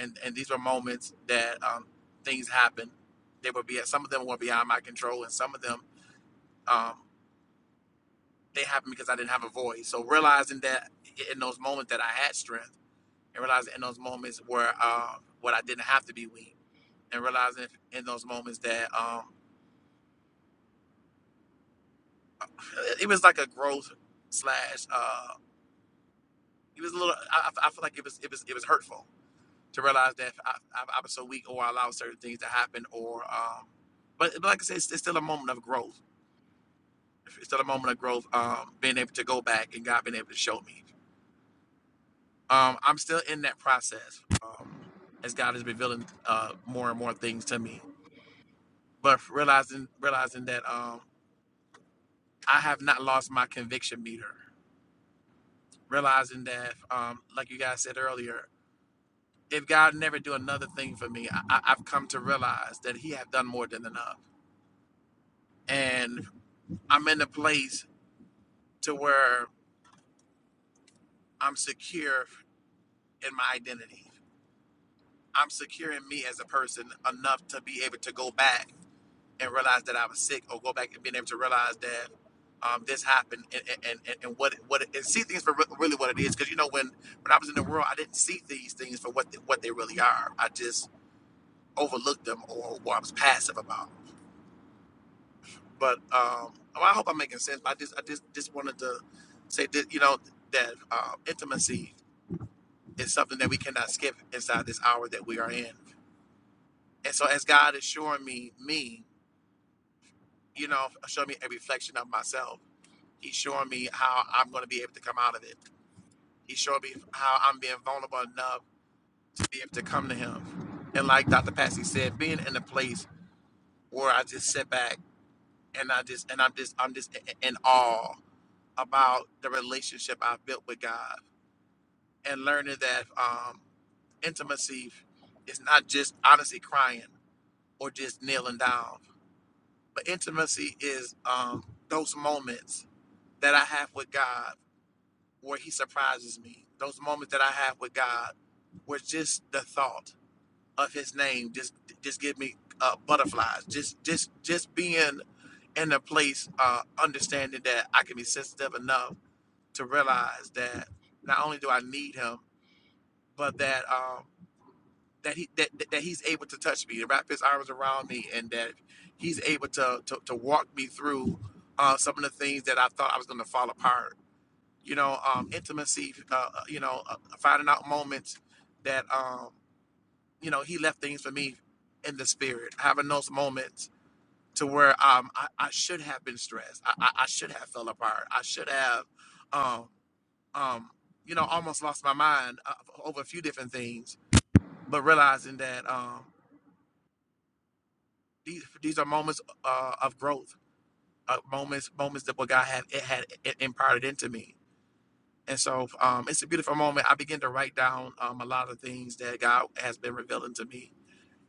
S22: And and these were moments that um, things happen. They were be some of them were beyond my control, and some of them um, they happened because I didn't have a voice. So realizing that in those moments that I had strength, and realizing in those moments where uh, what I didn't have to be weak, and realizing in those moments that. Um, It was like a growth slash. Uh, it was a little. I, I feel like it was it was it was hurtful to realize that I, I, I was so weak, or I allowed certain things to happen, or um, but, but like I said, it's, it's still a moment of growth. It's still a moment of growth. Um, being able to go back and God being able to show me. Um, I'm still in that process. Um, as God is revealing uh more and more things to me, but realizing realizing that um I have not lost my conviction meter. Realizing that, um, like you guys said earlier, if God never do another thing for me, I, I- have come to realize that He have done more than enough, and I'm in a place to where I'm secure in my identity. I'm secure in me as a person enough to be able to go back and realize that I was sick, or go back and being able to realize that um, this happened, and and, and and what what and see things for really what it is. Because you know when when I was in the world, I didn't see these things for what they, what they really are. I just overlooked them or, or I was passive about. 'em. But um, well, I hope I'm making sense. But I just I just just wanted to say that you know that um, intimacy is something that we cannot skip inside this hour that we are in. And so as God is showing me me, you know, showing me a reflection of myself. He's showing me how I'm going to be able to come out of it. He's showing me how I'm being vulnerable enough to be able to come to Him. And like Dr. Passy said, being in a place where I just sit back and I just and I'm just I'm just in awe about the relationship I've built with God and learning that um, intimacy is not just honestly crying or just kneeling down, but intimacy is um, those moments that I have with God where He surprises me, those moments that I have with God where just the thought of His name just just give me uh, butterflies, just just just being in a place uh, understanding that I can be sensitive enough to realize that not only do I need him, but that um that he that, that he's able to touch me, to wrap his arms around me, and that he's able to to, to walk me through uh, some of the things that I thought I was going to fall apart. You know, um, intimacy. Uh, you know, uh, finding out moments that um you know he left things for me in the spirit, having those moments to where um I, I should have been stressed, I, I, I should have fell apart, I should have. um, um, you know, almost lost my mind uh, over a few different things, but realizing that um, these these are moments uh, of growth, uh, moments moments that what God had it had i- imparted into me. And so um, it's a beautiful moment. I begin to write down um, a lot of things that God has been revealing to me.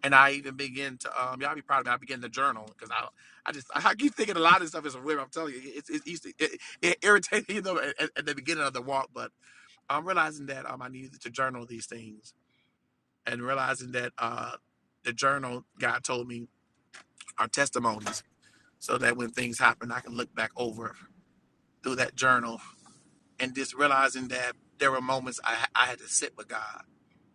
S22: And I even begin to, um, y'all be proud of me. I begin to journal because I, I just, I keep thinking a lot of this stuff is weird. I'm telling you, it's, it's easy, it, it irritating, you know, at, at at the beginning of the walk. But I'm realizing that um, I needed to journal these things and realizing that uh, the journal God told me are testimonies, so that when things happen, I can look back over through that journal and just realizing that there were moments I, I had to sit with God.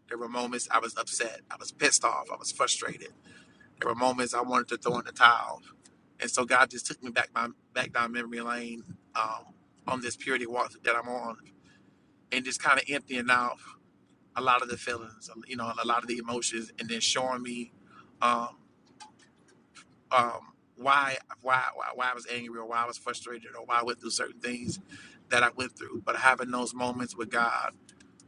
S22: There were moments I was upset, I was pissed off, I was frustrated. There were moments I wanted to throw in the towel, and so God just took me back my back down memory lane um, on this purity walk that I'm on, and just kind of emptying out a lot of the feelings, you know, a lot of the emotions, and then showing me. Um, um, why why why I was angry or why I was frustrated or why I went through certain things that I went through. But having those moments with God,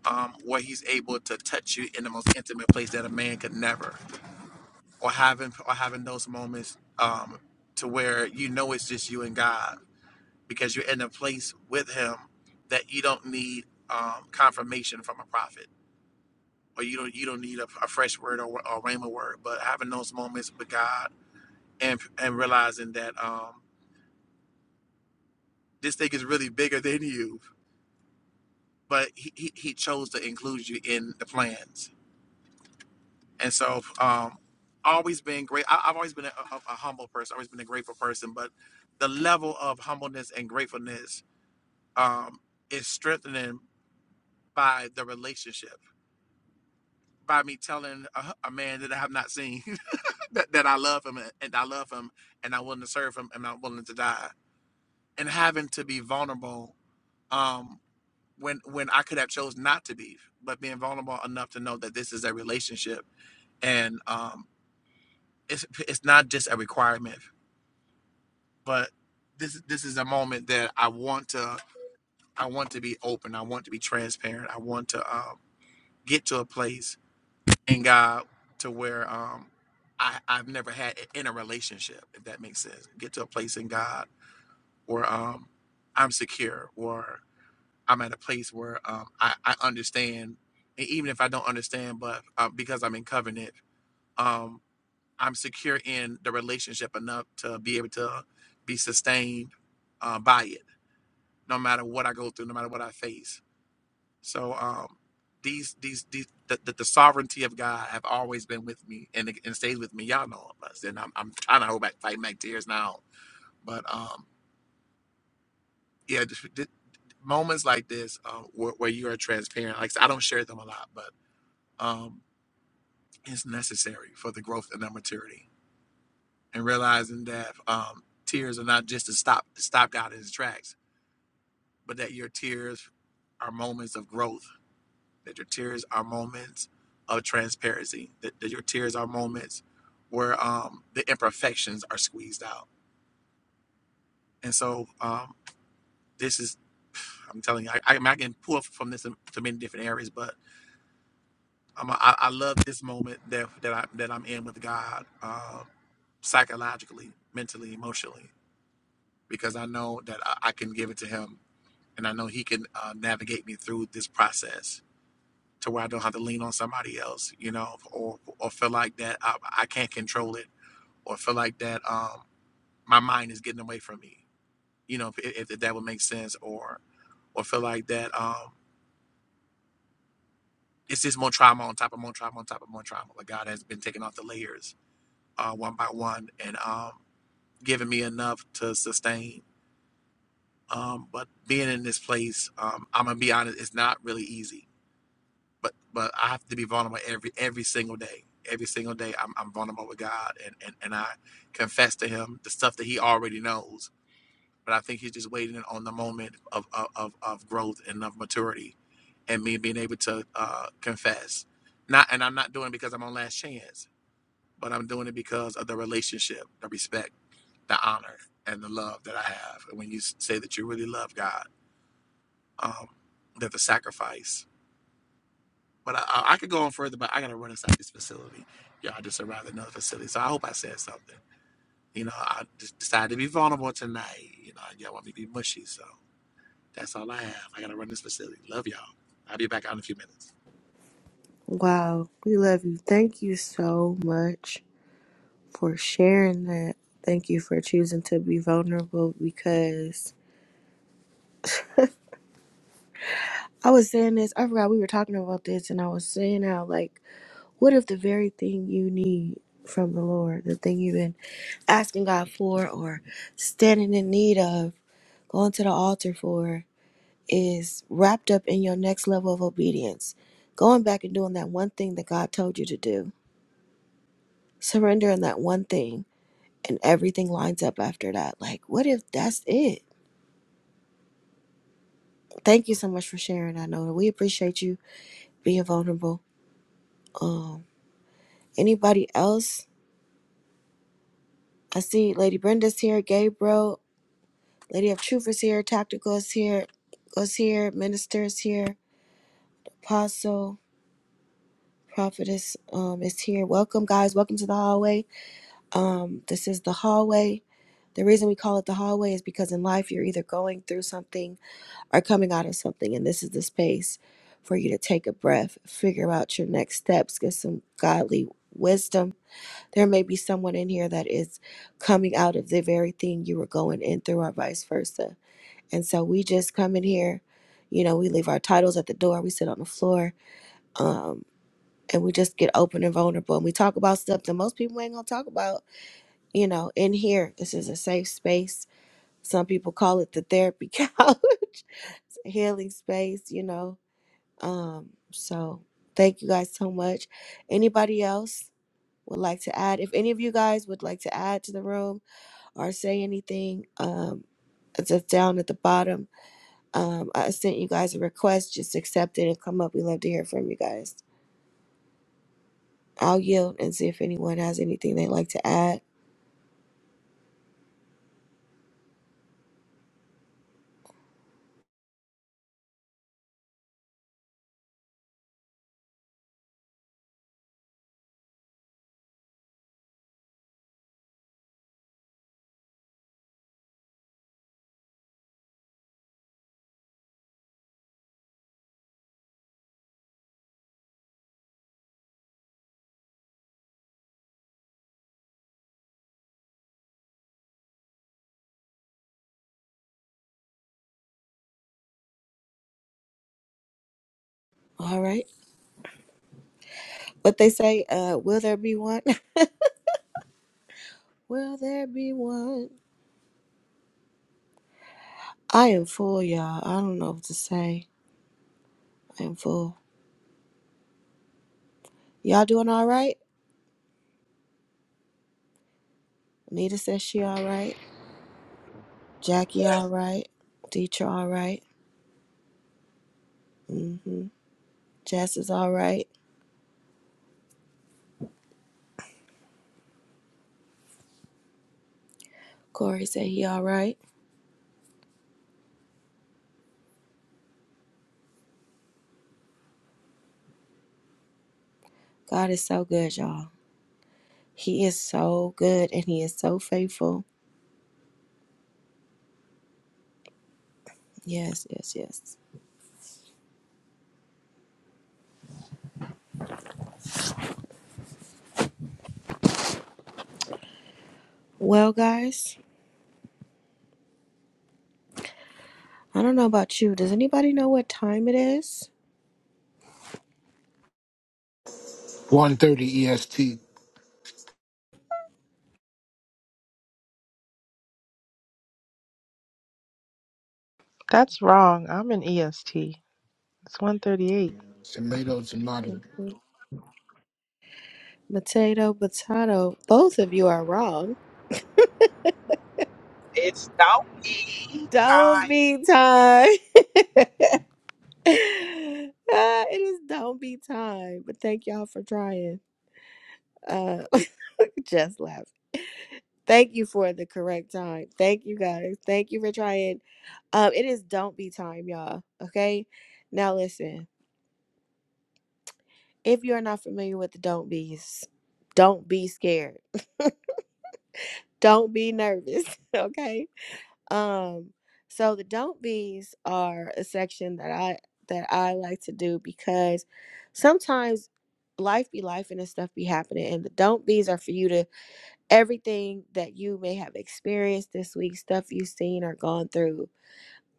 S22: um, where He's able to touch you in the most intimate place that a man could never, or having or having those moments um, to where you know it's just you and God because you're in a place with Him that you don't need um, confirmation from a prophet. Or you don't you don't need a, a fresh word or or a rhema word, but having those moments with God and and realizing that um, this thing is really bigger than you. But he, he, he chose to include you in the plans. And so, um, always been great. I, I've always been a, a, a humble person, always been a grateful person. But the level of humbleness and gratefulness um, is strengthening by the relationship, by me telling a, a man that I have not seen [laughs] that, that I love him and and I love him and I'm willing to serve him and I'm willing to die. And having to be vulnerable. Um, when when I could have chose not to be, but being vulnerable enough to know that this is a relationship and um, it's it's not just a requirement, but this this is a moment that I want to I want to be open. I want to be transparent. I want to um, get to a place in God to where um, I I've never had in a relationship, if that makes sense. Get to a place in God where um, I'm secure, or I'm at a place where um, I, I understand, and even if I don't understand, but uh, because I'm in covenant, um, I'm secure in the relationship enough to be able to be sustained uh, by it, no matter what I go through, no matter what I face. So um, these these these the, the, the sovereignty of God have always been with me and it- and stays with me. Y'all know of us, and I'm I'm trying to hold back fighting back tears now, but um, yeah, just, just moments like this uh, where, where you are transparent. Like I said, I don't share them a lot, but. um, is necessary for the growth and the maturity, and realizing that um, tears are not just to stop stopped out in its tracks, but that your tears are moments of growth, that your tears are moments of transparency, that, that your tears are moments where um, the imperfections are squeezed out, and so um, this is. I'm telling you, I, I, I can pull from this to many different areas, but I'm a, I, I love this moment that that I that I'm in with God, Um, psychologically, mentally, emotionally, because I know that I, I can give it to him and I know he can uh, navigate me through this process to where I don't have to lean on somebody else, you know, or, or feel like that I, I can't control it or feel like that um, my mind is getting away from me, you know, if, if that would make sense or, or feel like that um, it's just more trauma on top of more trauma on top of more trauma. Like God has been taking off the layers uh, one by one and um, giving me enough to sustain Um, but being in this place, um, I'm gonna be honest, it's not really easy. But but I have to be vulnerable every every single day. Every single day, I'm, I'm vulnerable with God, and, and and I confess to Him the stuff that He already knows. But I think He's just waiting on the moment of of, of of growth and of maturity, and me being able to uh, confess. Not and I'm not doing it because I'm on last chance, but I'm doing it because of the relationship, the respect, the honor, and the love that I have. And when you say that you really love God um, that the sacrifice. But I, I I could go on further, but I got to run inside this facility. Yeah, I just arrived at another facility, so I hope I said something. You know, I just decided to be vulnerable tonight. You know, y'all want me to be mushy, so that's all I have. I got to run this facility. Love y'all. I'll be back out in a few minutes.
S1: Wow. We love you. Thank you so much for sharing that. Thank you for choosing to be vulnerable because I was saying this, I forgot we were talking about this, and I was saying how, like, what if the very thing you need from the Lord, the thing you've been asking God for or standing in need of, going to the altar for. is wrapped up in your next level of obedience. Going back and doing that one thing that God told you to do, surrendering that one thing, and everything lines up after that. Like, what if that's it? Thank you so much for sharing. I know that we appreciate you being vulnerable. Um, anybody else? I see Lady Brenda's here, Gabriel, Lady of Truth is here, Tactical is here, is here, Minister is here, Apostle, Prophetess um, is here. Welcome, guys. Welcome to the hallway. Um, this is the hallway. The reason we call it the hallway is because in life you're either going through something or coming out of something, and this is the space for you to take a breath, figure out your next steps, get some godly wisdom. There may be someone in here that is coming out of the very thing you were going in through, or vice versa. And so we just come in here, you know, we leave our titles at the door, we sit on the floor, um, and we just get open and vulnerable, and we talk about stuff that most people ain't gonna talk about you know, in here, this is a safe space. Some people call it the therapy [laughs] couch, It's a healing space, you know. Um, so thank you guys so much. Anybody else would like to add? If any of you guys would like to add to the room or say anything, um, it's just down at the bottom. Um, I sent you guys a request, just accept it and come up. We love to hear from you guys. I'll yield and see if anyone has anything they'd like to add. All right. What they say, uh, will there be one? [laughs] Will there be one? I am full, y'all. I don't know what to say. I am full. Y'all doing all right? Anita says she all right. Jackie
S11: Yes.
S1: all right. Dietra all right. Mm-hmm. Jess is all right. Corey said he all right. God is so good, y'all. He is so good and he is so faithful. Yes, yes, yes. Well, guys, I don't know about you. Does anybody know what time it is?
S2: 130 EST.
S17: That's wrong. I'm an EST. It's one thirty eight.
S2: Tomato,
S1: is?
S2: tomato.
S1: Mhm. Potato, potato. Both of you are wrong.
S11: It's don't be
S1: Don't
S11: time.
S1: be time. [laughs] Uh, it is don't be time. But thank y'all for trying. Uh, [laughs] just laugh. Thank you for the correct time. Thank you guys. Thank you for trying. Um, it is don't be time, y'all. Okay. Now listen. If you are not familiar with the don't be's, don't be scared. [laughs] Don't be nervous. [laughs] Okay. Um, so the don't be's are a section that I that I like to do because sometimes life be life and this stuff be happening and the don't be's are for you to everything that you may have experienced this week, stuff you've seen or gone through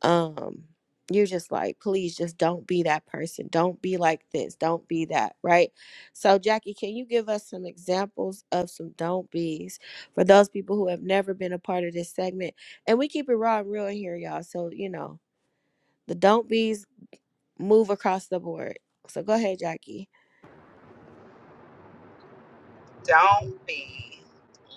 S1: um you're just like please just don't be that person don't be like this don't be that right so jackie can you give us some examples of some don't be's for those people who have never been a part of this segment and we keep it raw and real in here y'all so you know the don't be's move across the board so go ahead jackie
S11: Don't be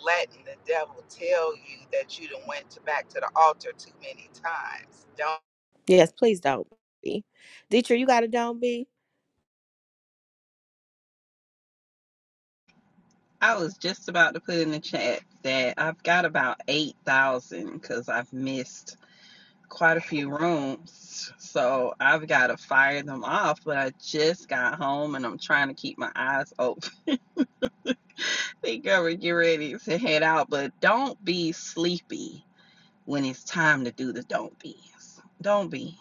S11: letting the devil tell you that you done went to back to the altar too many times. Don't
S1: yes please don't be Dietrich, you got a don't be
S21: I was just about to put in the chat that I've got about 8,000 because I've missed quite a few rooms. So I've got to fire them off. But I just got home and I'm trying to keep my eyes open. [laughs] Think of it, get ready to head out, but don't be sleepy. when it's time to do the don't be's. Don't be.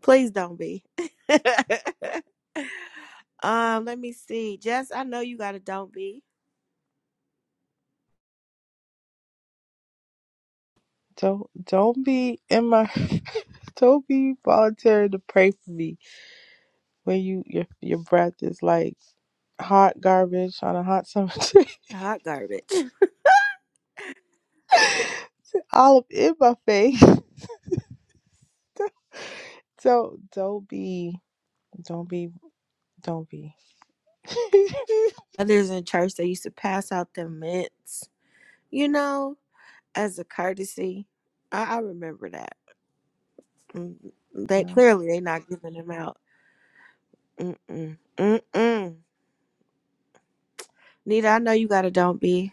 S1: please don't be [laughs] um let me see jess i know you got a don't be
S17: Don't don't be in my. [laughs] Don't be volunteering to pray for me when you your your breath is like hot garbage on a hot summer. [laughs] day,
S1: Hot garbage.
S17: All up in my face.
S1: [laughs]
S17: So don't be, don't be, don't be. [laughs]
S1: Others in church, they used to pass out the mints, you know, as a courtesy. I, I remember that. Mm, mm, They
S17: my
S1: clearly they not giving them out. Mm-mm. Mm-mm. Nita, I know you got a don't be.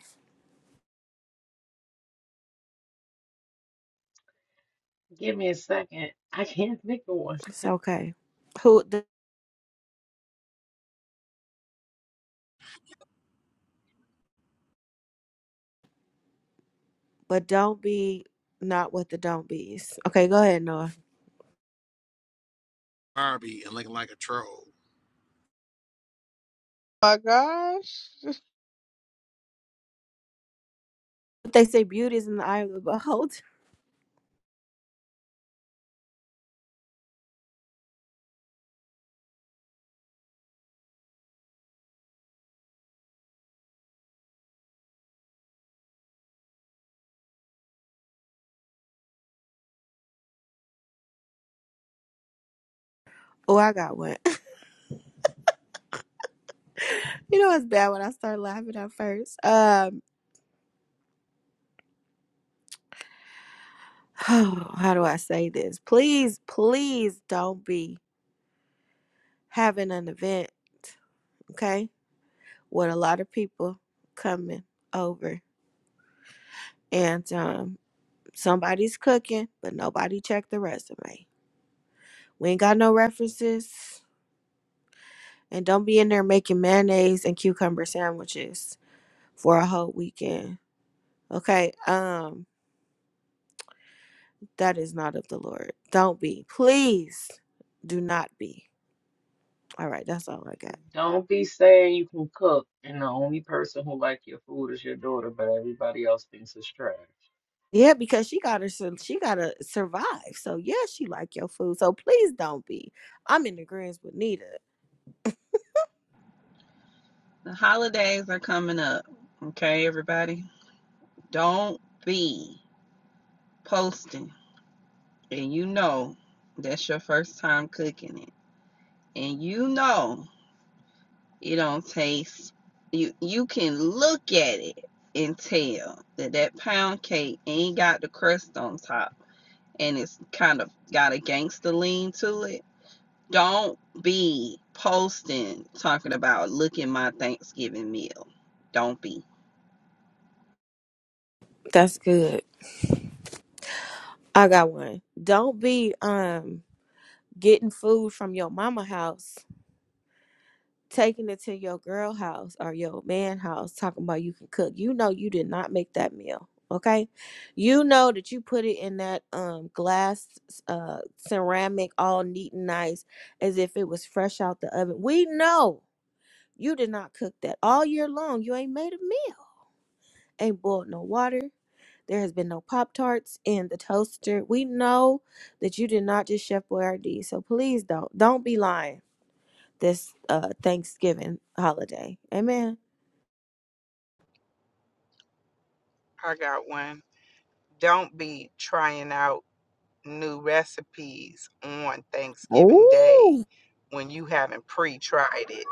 S9: [laughs] Give me a second. I can't think of one.
S1: It's okay. Who, the, but don't be not what the don't be's. Okay, go ahead, Noah.
S22: Barbie and looking like a troll.
S17: gosh.
S1: But they say beauty is in the eye of the [laughs] beholder. Oh, I got one. [laughs] you know it's bad when I start laughing at first. Um, Oh, how do I say this? Please, please don't be having an event, okay? With a lot of people coming over and um somebody's cooking, but nobody checked the resume. We ain't got no references. And don't be in there making mayonnaise and cucumber sandwiches for a whole weekend. Okay? Um, that is not of the Lord. Don't be. Please do not be. All right, that's all I got.
S9: Don't be saying you can cook and the only person who like your food is your daughter, but everybody else thinks it's trash.
S1: Yeah, because she got her, sur- she gotta survive. So yeah, she like your food. So please don't be. I'm in agreement with Nita.
S21: The holidays are coming up. Okay, everybody? Don't be posting. And you know that's your first time cooking it. And you know it don't taste you you can look at it and tell that that pound cake ain't got the crust on top and it's kind of got a gangster lean to it Don't be posting talking about look at my Thanksgiving meal. Don't be.
S1: That's good. I got one. Don't be um getting food from your mama house, taking it to your girl house or your man house, talking about you can cook. You know you did not make that meal. Okay, you know that you put it in that um glass, uh ceramic, all neat and nice, as if it was fresh out the oven. We know You did not cook that all year long. You ain't made a meal. Ain't boiled no water. There has been no Pop Tarts in the toaster. We know that you did not just Chef Boyardee. So please don't don't be lying this uh Thanksgiving holiday. Amen.
S11: I got one. Don't be trying out new recipes on Thanksgiving Day
S1: Ooh.
S11: when you haven't pre-tried it.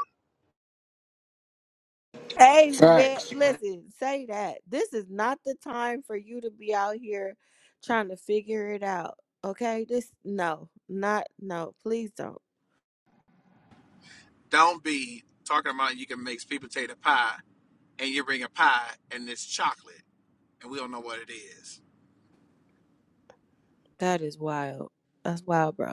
S1: Amen.
S2: Facts.
S1: Listen, say that. This is not the time for you to be out here trying to figure it out. Okay? This no, not no. Please don't.
S22: Don't be talking about you can make sweet potato pie and you bring a pie and it's chocolate and we don't know what it is.
S1: That is wild. That's wild, bro.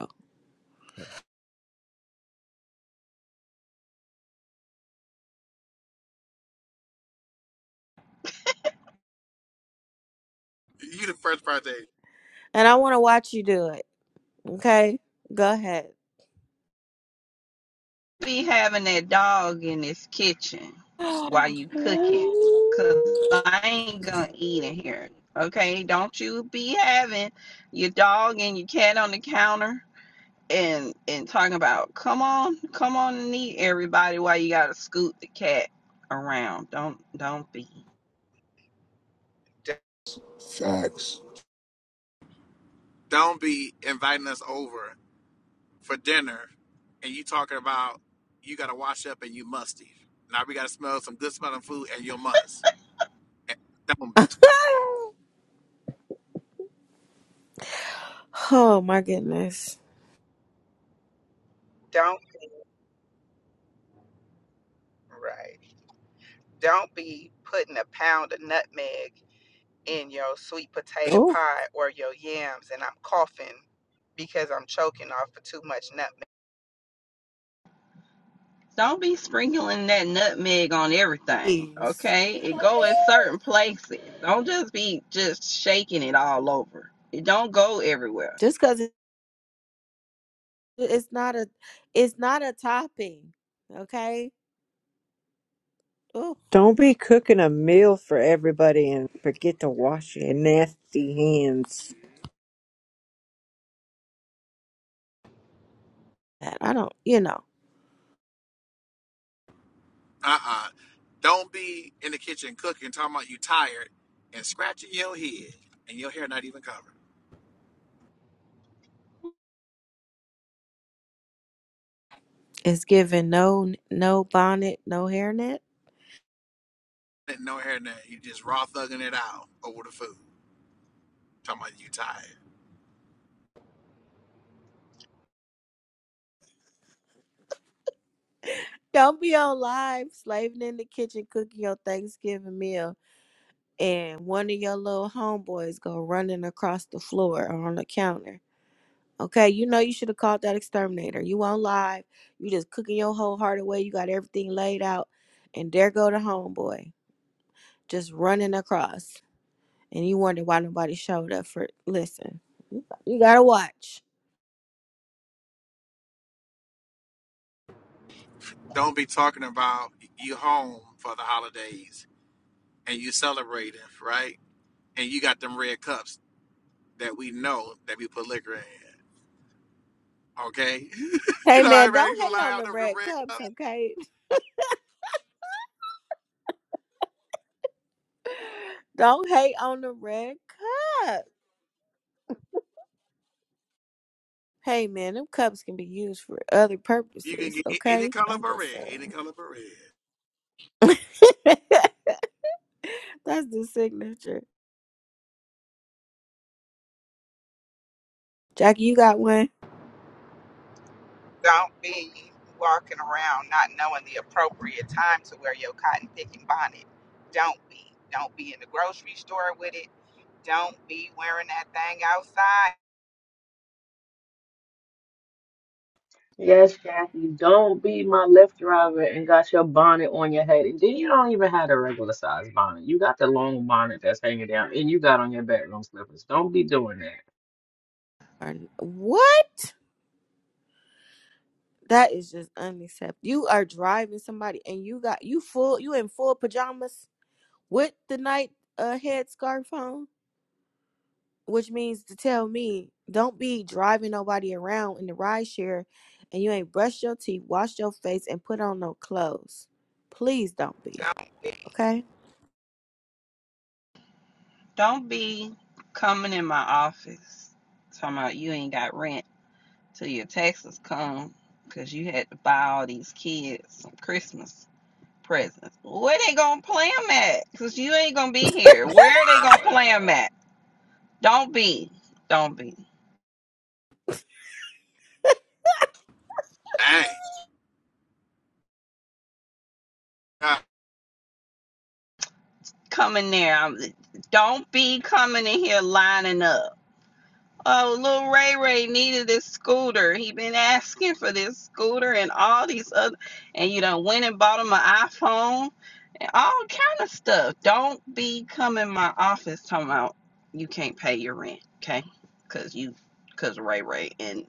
S22: You the first person.
S1: And I want to watch you do it. Okay? Go ahead.
S21: Be having that dog in this kitchen
S1: [gasps]
S21: while you cooking. Cause I ain't gonna eat in here. Okay? Don't you be having your dog and your cat on the counter and and talking about come on, come on and eat everybody while you gotta scoot the cat around. Don't don't be.
S11: D-
S2: Facts.
S22: Don't be inviting us over for dinner and you talking about you got to wash up and you musty. Now we got to smell some good smelling food and you must. Eh, Don't be.
S1: oh my goodness.
S11: Don't right. Don't be putting a pound of nutmeg in your sweet potato
S1: Oh,
S11: pie or your yams and I'm coughing because I'm choking off for too much nutmeg.
S21: Don't be sprinkling that nutmeg on everything,
S1: please.
S21: okay? It go in certain places. Don't just be just shaking it all over. It don't go everywhere.
S1: Just cuz it's not a it's not a topping. Okay? Oh,
S6: Don't be cooking a meal for everybody and forget to wash your nasty hands.
S1: I don't, you know.
S22: Uh-uh. Don't be in the kitchen cooking, talking about you tired and scratching your head and your hair not even covered.
S1: It's giving no no bonnet, no hairnet.
S22: Ain't No hair, nothing. You just raw thugging it out over the food, talking about you tired.
S1: Don't be on live slaving in the kitchen cooking your Thanksgiving meal and one of your little homeboys go running across the floor or on the counter. Okay, you know you should have called that exterminator. You on live. You just cooking your whole heart away. You got everything laid out. And there go the homeboy. Just running across. And you wonder why nobody showed up for listen. You gotta watch.
S22: Don't be talking about you home for the holidays and you celebrating, right? And you got them red cups that we know that we put liquor in. Okay. [laughs]
S1: Hey
S22: you know, I
S1: man,
S22: going to
S1: don't hate
S22: lie
S1: on
S22: out
S1: the
S22: the
S1: red
S22: red
S1: cups,
S22: cup.
S1: okay? [laughs] Don't hate on the red cup. Hey man, them cups can be used for other
S22: You can
S1: purposes,
S22: get any
S1: okay?
S22: color
S1: I'm
S22: but
S1: just
S22: red. Any
S1: saying.
S22: color but red.
S1: [laughs] That's the signature. Jackie, you got one?
S11: Don't be walking around not knowing the appropriate time to wear your cotton picking bonnet. Don't be. Don't be in the grocery store with it. Don't be wearing that thing outside.
S9: Yes, Jackie, don't be my Lyft driver and got your bonnet on your head. And then you don't even have a regular size bonnet. You got the long bonnet that's hanging down and you got on your bedroom slippers. Don't be doing that.
S1: Or- What? That is just unacceptable. You are driving somebody and you got you full you in full pajamas with the night uh headscarf on, which means to tell me don't be driving nobody around in the ride share and you ain't brushed your teeth, washed your face, and put on no clothes. Please don't be.
S11: Don't be.
S1: Okay?
S21: Don't be coming in my office talking about you ain't got rent till your taxes come because you had to buy all these kids some Christmas presents. Where they gonna play 'em at? Because you ain't gonna be here. Where are they gonna play 'em at? Don't be. Don't be.
S22: Dang.
S21: Coming there. Don't be coming in here lining up. Oh, little Ray Ray needed this scooter. He been asking for this scooter and all these other, and you done went and bought him an iPhone and all kind of stuff. Don't be coming in my office talking about you can't pay your rent, okay? Cause you, cause Ray Ray and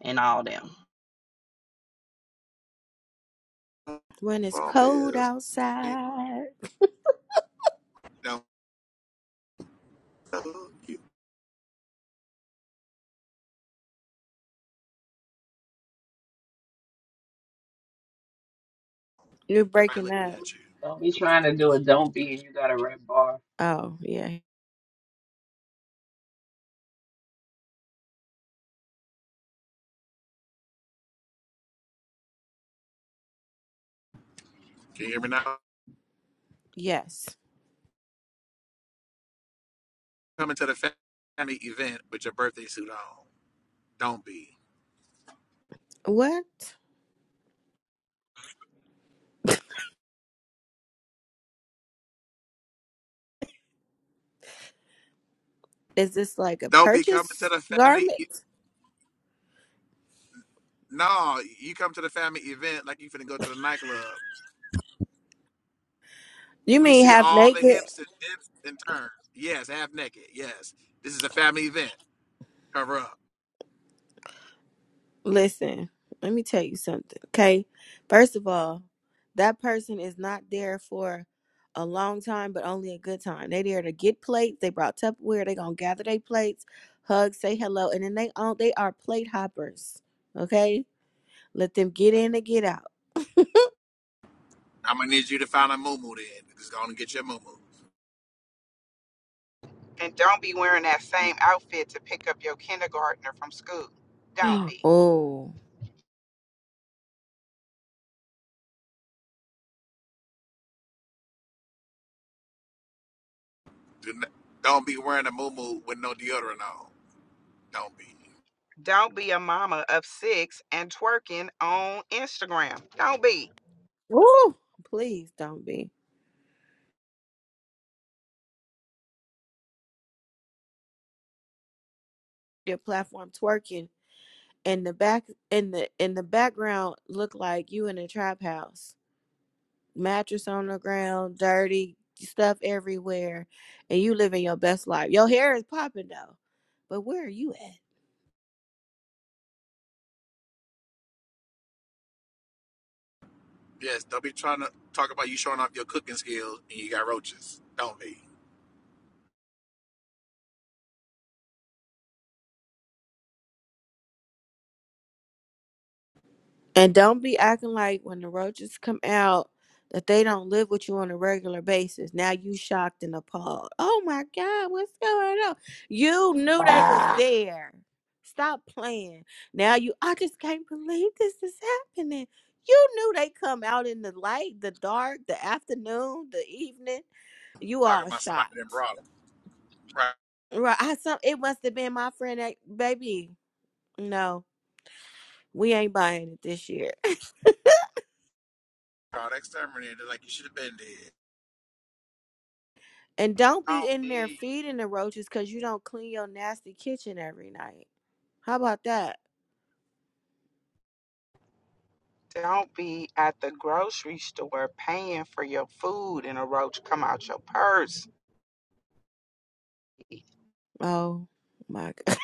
S21: and all them.
S22: God,
S1: When it's
S22: Phone
S1: cold
S22: bills.
S1: outside.
S22: Don't look you.
S1: You're
S22: Everybody
S1: breaking
S22: looking
S1: up.
S22: at you.
S9: Don't be trying to do it. Don't be, and you got a red bar.
S1: Oh, yeah.
S22: Can you hear me now?
S1: Yes.
S22: Coming to the family event with your birthday suit on. Don't be.
S1: What? Is this like a
S22: Don't be coming to
S1: purchase
S22: the family. e-
S1: garment?
S22: No, you come to the family event like you finna go to the nightclub.
S1: You
S22: We
S1: mean
S22: see
S1: half
S22: all the
S1: naked?
S22: hips and dips and turns. Yes, half naked. Yes, this is a family event. Cover up.
S1: Listen, let me tell you something, okay? First of all, that person is not there for a long time, but only a good time. They there to get plates. They brought Tupperware. They gonna gather their plates, hug, say hello, and then they on they are plate hoppers. Okay, let them get in and get out.
S22: I'm gonna need you to find a moo then. Just gonna get your moo
S11: And don't be wearing that same outfit to pick up your kindergartner from school. Don't
S1: [gasps]
S11: be.
S1: oh,
S22: Do not, don't be wearing a moo with no deodorant on. Don't be.
S11: Don't be a mama of six and twerking on Instagram. Don't be.
S1: Woo! please don't be your platform twerking in the back in the in the background. Look like you in a trap house. mattress on the ground, dirty stuff everywhere, and you living your best life. Your hair is popping though, but where are you at?
S22: Yes, don't be trying to talk about you showing off your cooking skills and you got roaches. Don't be
S1: And don't be acting like when the roaches come out that they don't live with you on a regular basis. Now you shocked and appalled. Oh my God, what's going on? You knew they was there. Stop playing. Now you I just can't believe this is happening. You knew they come out in the light, the dark, the afternoon, the evening. You
S22: talking
S1: all
S22: about somebody
S1: shocked.
S22: that brought them. Right,
S1: Right. I some it must have been my friend that baby. No, we ain't buying it this year.
S22: brought exterminated like you should have been dead.
S1: And don't be
S11: Don't
S1: in there
S11: be.
S1: feeding the roaches because you don't clean your nasty kitchen every night. How about that?
S11: Don't be at the grocery store paying for your food and a roach come out your purse.
S1: Oh my goodness.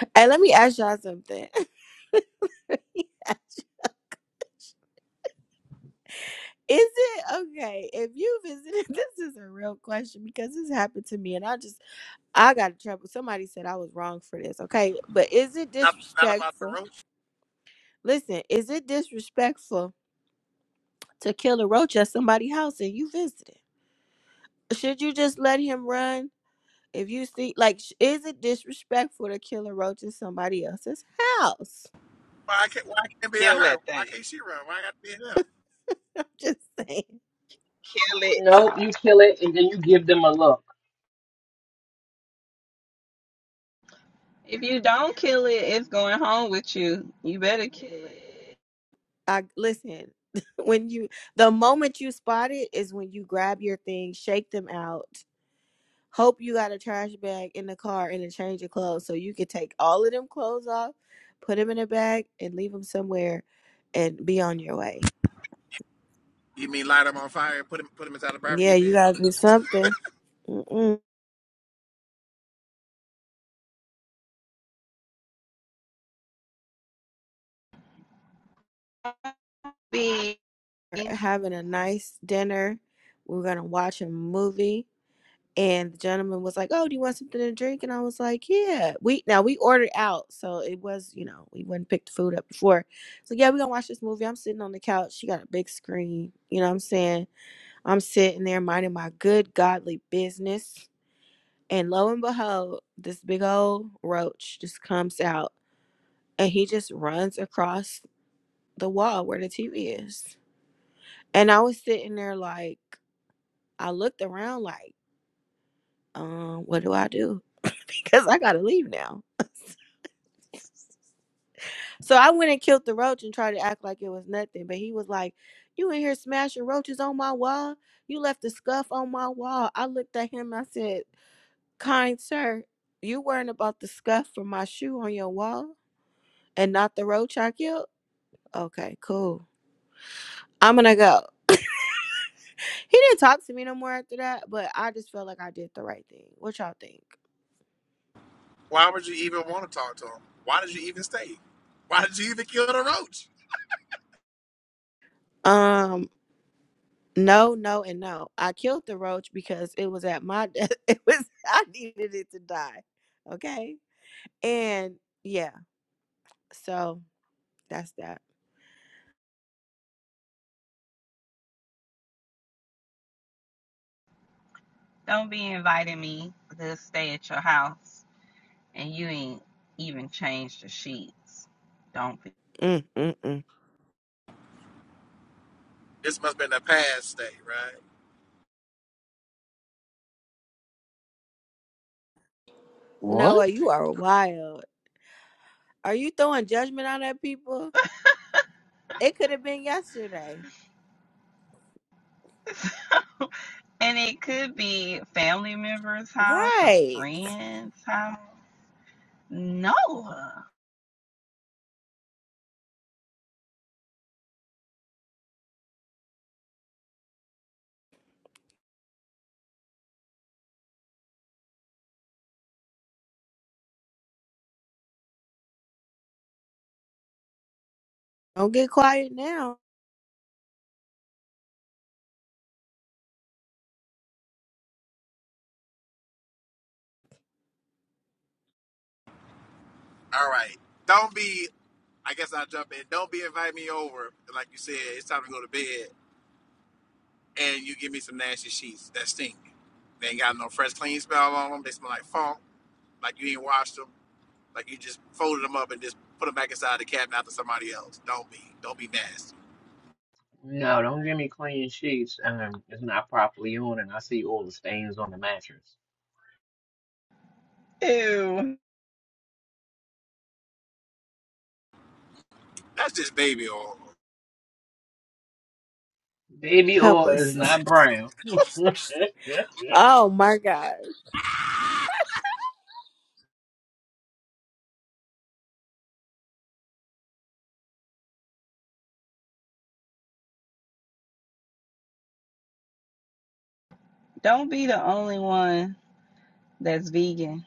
S1: [laughs] hey, let me ask y'all something. [laughs] Is it okay if you visited? [laughs] This is a real question because this happened to me and I just, I got in trouble. Somebody said I was wrong for this. Okay. But is it
S22: Not, not about the
S1: disrespectful?
S22: roach.
S1: Listen, is it disrespectful to kill a roach at somebody's house and you visited? Should you just let him run If you see, like, sh- is it disrespectful to kill a roach in somebody else's house?
S22: Why can't why can't it be a
S11: Kill
S22: her?
S11: that
S22: Why
S11: thing.
S22: can't she run? Why got to be him?
S1: [laughs] I'm just saying.
S11: Kill it.
S9: Nope, you kill it and then you give them a look.
S21: If you don't kill it, it's going home with you. You better kill it.
S1: I listen. [laughs] When you, the moment you spot it is when you grab your things, shake them out. Hope you got a trash bag in the car and a change of clothes, so you can take all of them clothes off, put them in a bag, and leave them somewhere, and be on your way.
S22: You mean light him on fire and put him put him inside the
S1: Yeah,
S22: barbecue
S1: you
S22: pit?
S1: gotta do something. Mm-mm.
S21: Be
S1: We're Having a nice dinner. We're gonna watch a movie and the gentleman was like, "Oh, do you want something to drink?" And I was like, "Yeah." We now we ordered out, so it was you know we wouldn't pick the food up before. So yeah, we gonna watch this movie. I'm sitting on the couch. She got a big screen. You know what I'm saying? I'm sitting there minding my good godly business, and lo and behold, this big old roach just comes out, and he just runs across the wall where the TV is. And I was sitting there like, I looked around like, um, what do I do? [laughs] Because I gotta leave now So I went and killed the roach and tried to act like it was nothing. But he was like, You in here smashing roaches on my wall? You left the scuff on my wall. I looked at him and I said, Kind sir, you worrying about the scuff from my shoe on your wall and not the roach I killed? Okay, cool. I'm gonna go. He didn't talk to me no more after that, but I just felt like I did the right thing. What y'all think?
S22: Why would you even want to talk to him? Why did you even stay? Why did you even kill the roach?
S1: Um, no, no, and no. I killed the roach because it was at my [laughs] death. It was I needed it to die. Okay And yeah, so that's that.
S21: don't be inviting me to stay at your house. and you ain't even changed the sheets. Don't be.
S1: Mm, mm, mm.
S22: This must have been a past state, right?
S2: What?
S1: Noah, you are wild. Are you throwing judgment on that people? It could have been yesterday.
S21: And it could be family member's house, a
S1: Right.
S21: friend's house. Noah.
S1: Don't get quiet now.
S22: All right. Don't be, I guess I'll jump in. Don't be inviting me over. Like you said, it's time to go to bed. And you give me some nasty sheets that stink. They ain't got no fresh, clean smell on them. They smell like funk, like you ain't washed them, like you just folded them up and just put them back inside the cabinet after somebody else. Don't be. Don't be nasty.
S9: No, don't give me clean sheets. Um, it's not properly on and I see all the stains on the mattress.
S21: Ew.
S22: That's just baby oil.
S9: Baby
S1: Help
S9: oil is
S1: us.
S9: not brown. [laughs]
S1: [laughs] oh my God.
S21: Don't be the only one that's vegan.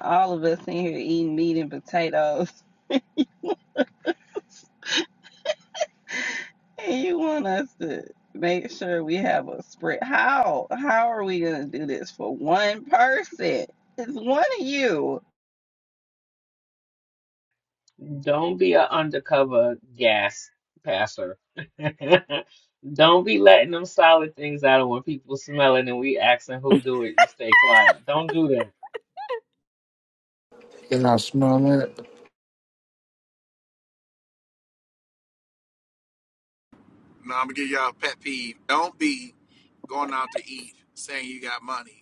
S21: All of us in here eating meat and potatoes. And you want us to make sure we have a spread. How? How are we going to do this for one person? It's one of you.
S9: Don't be an undercover gas passer. [laughs] Don't be letting them solid things out of when people smell it and we asking who do it. You stay quiet. Don't do that.
S2: You're not smelling it.
S22: No, I'm going to give y'all a pet peeve. Don't be going out to eat saying you got money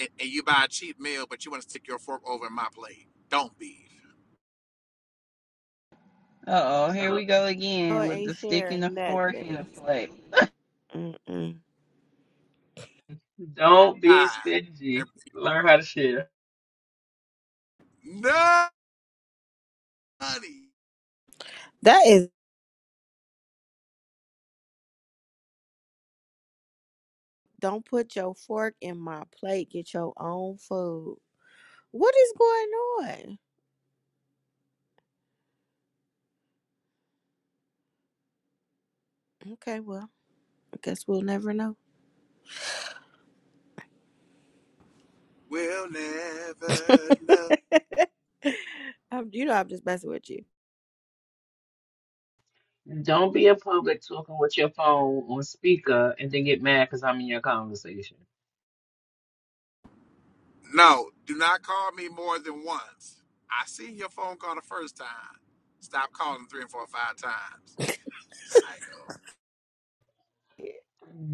S22: and, and you buy a cheap meal, but you want to stick your fork over in my plate. Don't be.
S21: Uh oh, here we
S9: Stop.
S21: go again
S1: Noah
S21: with
S1: ain't
S21: the stick and the
S1: sharing
S21: fork in the
S1: nothing.
S21: plate.
S1: Mm-mm.
S9: Don't be
S22: God. And
S9: stingy. Learn how to share.
S22: nobody
S1: That is, don't put your fork in my plate. Get your own food. What is going on? Okay, well, I guess we'll never know.
S22: will never know.
S1: [laughs] I'm, you know, I'm just messing with you.
S9: Don't be in public talking with your phone on speaker and then get mad because I'm in your conversation.
S22: No, do not call me more than once. I seen your phone call the first time. Stop calling three and four or five times. Psycho.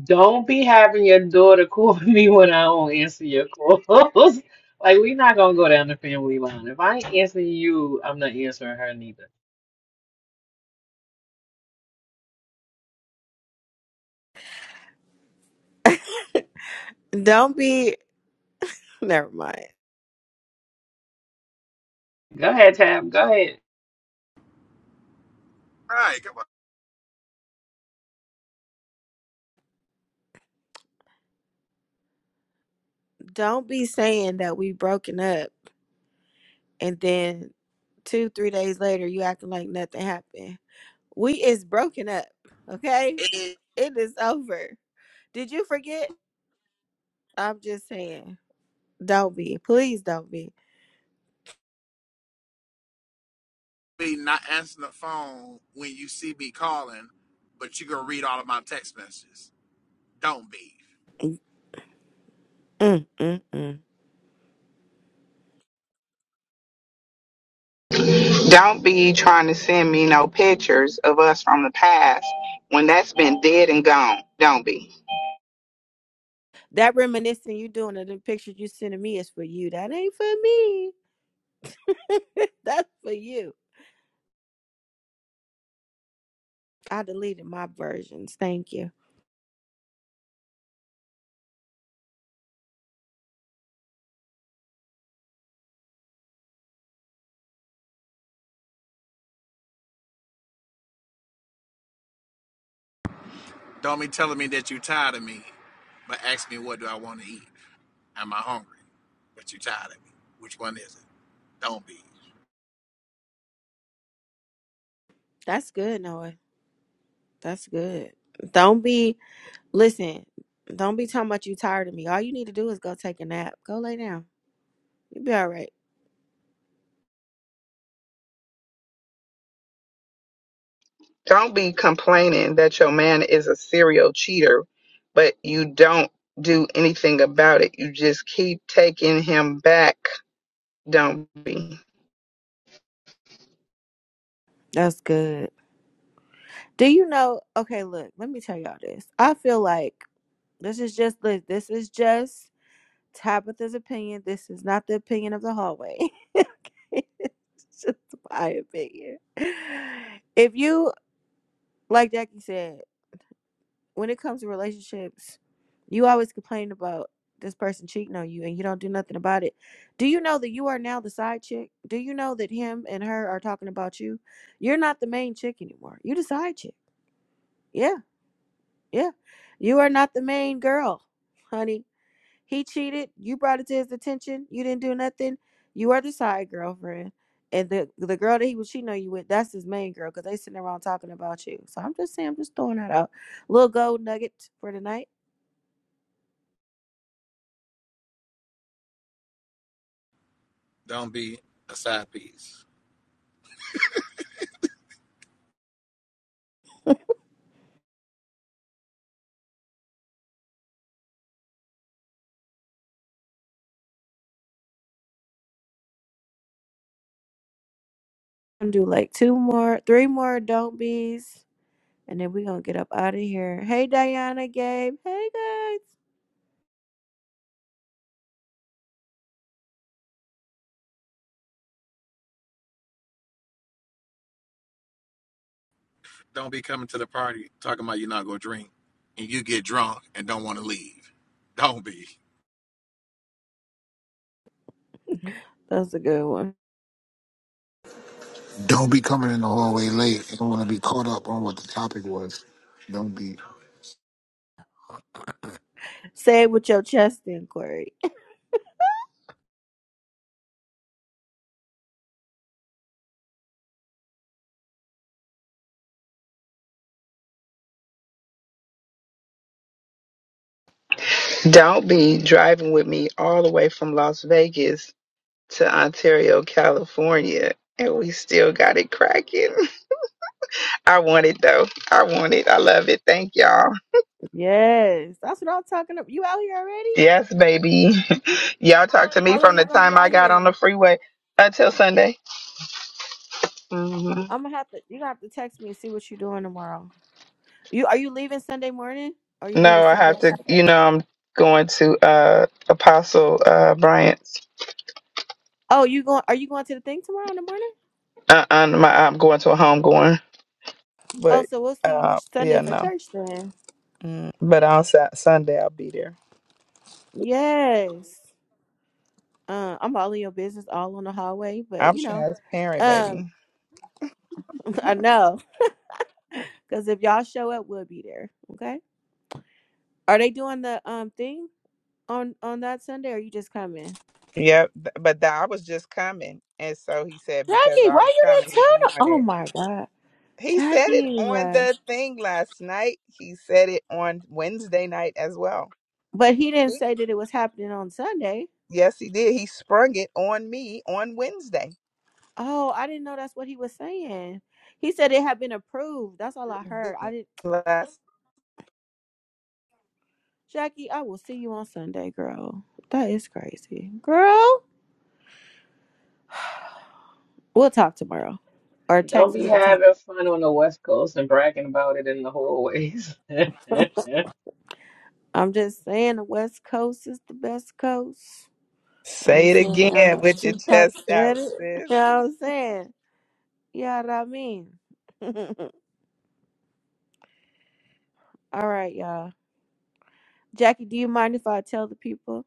S9: Don't be having your daughter call [laughs] me when I don't answer your calls. [laughs] Like, we're not gonna go down the family line. If I ain't answering you, I'm not answering her neither.
S1: Don't be [laughs] never mind.
S9: Go ahead, Tab. Go ahead.
S22: Right, come on.
S1: Don't be saying that we broken up and then two, three days later you acting like nothing happened. We is broken up, okay?
S22: It
S1: It is over. Did you forget? I'm just saying. Don't be. Please don't be.
S22: be not answering the phone when you see me calling, but you gonna read all of my text messages. Don't be.
S1: Mm, mm, mm.
S11: Don't be trying to send me no pictures of us from the past when that's been dead and gone. Don't be.
S1: That reminiscing you doing of the pictures you sending me is for you. That ain't for me. [laughs] That's for you. I deleted my versions. Thank you.
S22: Don't be telling me that you tired of me, but ask me what do I want to eat. Am I hungry? But you tired of me. Which one is it? Don't be.
S1: That's good, Noah. That's good. Don't be listen. Don't be talking about you tired of me. All you need to do is go take a nap. Go lay down. You'll be all right.
S11: Don't be complaining that your man is a serial cheater, but you don't do anything about it. You just keep taking him back. Don't be.
S1: That's good. Do you know? Okay, look. Let me tell y'all this. I feel like this is just li- this is just Tabitha's opinion. This is not the opinion of the hallway. [laughs] okay, it's just my opinion. If you like Jackie said. when it comes to relationships, you always complain about this person cheating on you and you don't do nothing about it. Do you know that you are now the side chick? Do you know that him and her are talking about you? You're not the main chick anymore. You're the side chick. Yeah, yeah. You are not the main girl, honey. He cheated. You brought it to his attention. You didn't do nothing. You are the side girlfriend. And the the girl that he was cheating on you with, that's his main girl because they sitting around talking about you. So I'm just saying, I'm just throwing that out. Little gold nugget for tonight.
S22: Don't be a side piece.
S1: gonna do like two more, three more don't bees, and then we're gonna get up out of here. Hey Diana, Gabe. Hey guys.
S22: Don't be coming to the party talking about you're not gonna drink and you get drunk and don't want to leave. Don't be.
S1: That's a good one.
S2: Don't be coming in the hallway late. You don't want to be caught up on what the topic was. Don't be.
S1: Say it with your chest in, Corey. [laughs]
S11: Don't be driving with me all the way from Las Vegas to Ontario, California, and we still got it cracking. [laughs] I want it though. I want it. I love it. Thank y'all.
S1: Yes. That's what I'm talking about. You out here already?
S11: Yes, baby. [laughs] Y'all talked to me
S1: How
S11: from
S1: long
S11: the
S1: you gonna be
S11: time I
S1: out
S11: got
S1: here?
S11: on the freeway until Sunday. hmm
S1: I'm gonna have to you gonna have to text me and see what you're doing tomorrow. You are you leaving Sunday morning? Or are you leaving
S11: No, I
S1: Sunday?
S11: have to. You know, I'm going to uh Apostle uh Bryant's.
S1: Oh, you going are you going to the thing tomorrow in the morning?
S11: Uh, uh, my, I'm going to a home going.
S1: Oh,
S11: But
S1: so we'll see you
S11: uh,
S1: Sunday
S11: yeah,
S1: for
S11: no.
S1: church then.
S11: Mm, but on Sa- Sunday, I'll be there.
S1: Yes. Uh, I'm all in your business all on the hallway, but
S11: I'm
S1: you know.
S11: transparent,
S1: Um,
S11: baby.
S1: [laughs] I know, because if y'all show up, we'll be there. Okay. Are they doing the um thing on on that Sunday? Or are you just coming?
S11: Yep. th- But th- I was just coming, and so he said because
S1: Jackie,
S11: I was
S1: why you
S11: coming,
S1: didn't
S11: he doing
S1: tell? No- oh
S11: it.
S1: my God,
S11: He said it
S1: Jackie.
S11: on
S1: uh,
S11: the thing last night. He said it on Wednesday night as well.
S1: But he didn't
S11: He-
S1: say that it was happening on Sunday.
S11: Yes, he did. He sprung it on me on Wednesday.
S1: Oh, I didn't know that's what he was saying. He said it had been approved. That's all I heard. I didn't.
S11: Last.
S1: Jackie, I will see you on Sunday, girl. That is crazy, girl. [sighs] We'll talk tomorrow, or
S9: Don't
S1: text
S9: be
S1: me the time.
S9: having fun on the West Coast and bragging about it in the hallways.
S1: I'm just saying the West Coast is the best coast. I
S11: Say
S1: ain't
S11: it
S1: saying I,
S11: again with your
S1: Tupac
S11: chest out,
S1: said it. [laughs]
S11: sis.
S1: You know what I'm saying? yeah, what I mean? [laughs] All right, y'all. Jackie, do you mind if I tell the people?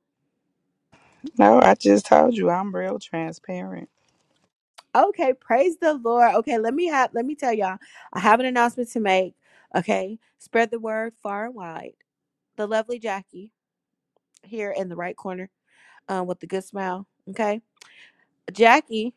S11: No, I just told you I'm real transparent.
S1: Okay, praise the Lord. Okay, let me have let me tell y'all. I have an announcement to make. Okay. Spread the word far and wide. The lovely Jackie here in the right corner, um, with the good smile. Okay. Jackie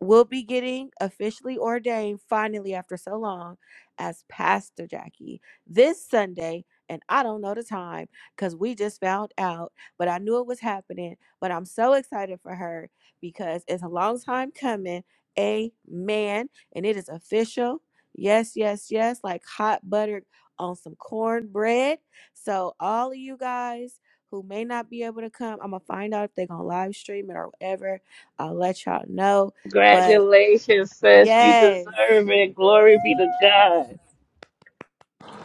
S1: will be getting officially ordained finally after so long as Pastor Jackie this Sunday. And I don't know the time because we just found out, but I knew it was happening. But I'm so excited for her because it's a long time coming. Amen. And it is official. Yes, yes, yes. Like hot butter on some cornbread. So, all of you guys who may not be able to come, I'm going to find out if they're going to live stream it or whatever. I'll let y'all know
S9: [laughs]
S1: but
S9: Congratulations, sis. You
S1: yes.
S9: deserve it. Glory be to God.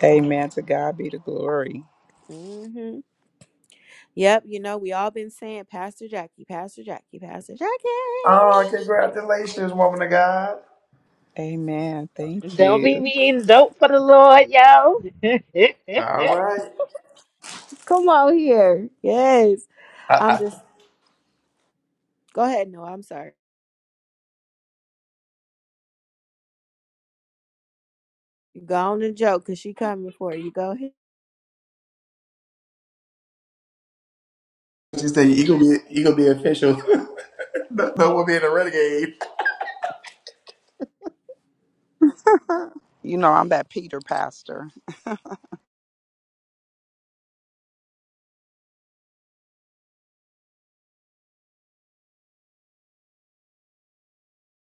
S11: Amen. To God be the glory.
S1: hmm Yep, you know, we all been saying Pastor Jackie, Pastor Jackie, Pastor Jackie.
S22: Oh, congratulations, woman of God.
S11: Amen. Thank you.
S9: Lord, yo. [laughs]
S22: All right.
S1: Come on here. Yes.
S22: I,
S1: I'm just
S22: I
S1: go ahead, no, I'm sorry. go on and joke because she coming for you. Go ahead.
S22: just say you gonna be you gonna be official. [laughs] no, no one being a renegade.
S11: [laughs] You know, I'm that Peter pastor.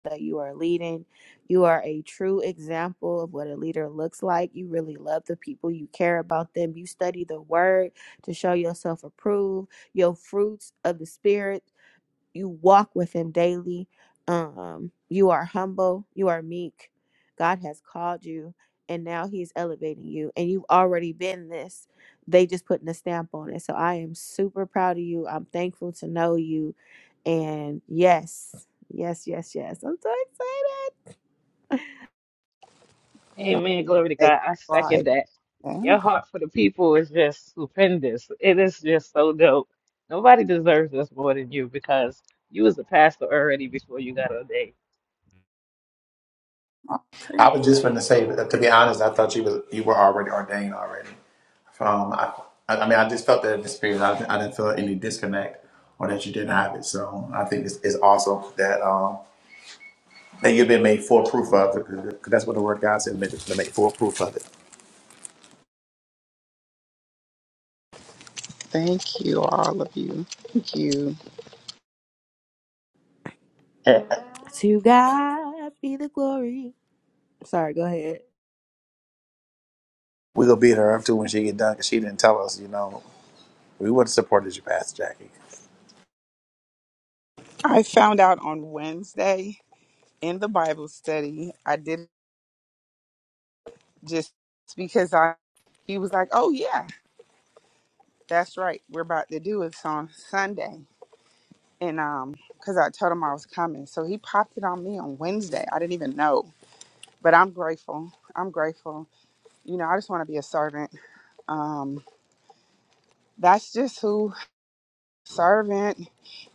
S1: That you are leading. You are a true example of what a leader looks like. You really love the people. You care about them. You study the word to show yourself approved. Your fruits of the spirit you walk with him daily. Um, you are humble, you are meek. God has called you and now he's elevating you and you've already been this. They just putting a stamp on it. So I am super proud of you. I'm thankful to know you. And yes, yes, yes, yes. I'm so excited. [laughs]
S9: Amen. Glory to God. I
S11: Right.
S9: second that. Your heart for the people is just stupendous. It is just so dope. Nobody deserves this more than you because you was a pastor already before you got ordained.
S22: I was just gonna say, to be honest, I thought you was you were already ordained already. from I, I mean I just felt that in the spirit. I, I didn't feel any disconnect or that you didn't have it. So I think it's, it's awesome that um that you've been made full proof of it because that's what the word God said made, to make full proof of it.
S11: Thank you, all of you. Thank you.
S22: [laughs]
S1: To God be the glory. Sorry, go ahead.
S22: we gonna beat her up too when she get done because she didn't tell us. You know, we would have supported you, Pastor Jackie.
S11: I found out on Wednesday in the Bible study. I didn't just because I he was like, "Oh yeah, that's right. We're about to do it on Sunday." And um cuz I told him I was coming. So he popped it on me on Wednesday. I didn't even know, but I'm grateful. I'm grateful. You know, I just want to be a servant. Um that's just who servant,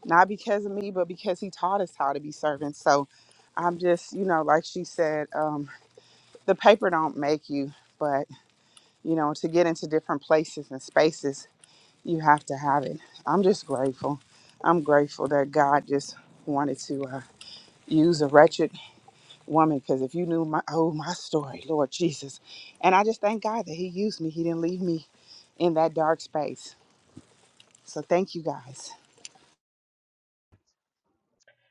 S11: not because of me, but because he taught us how to be servants. So I'm just, you know, like she said, um, the paper don't make you, but you know, to get into different places and spaces, you have to have it. I'm just grateful. I'm grateful that God just wanted to uh, use a wretched woman because if you knew my oh my story, Lord Jesus, and I just thank God that He used me. He didn't leave me in that dark space. So thank you guys.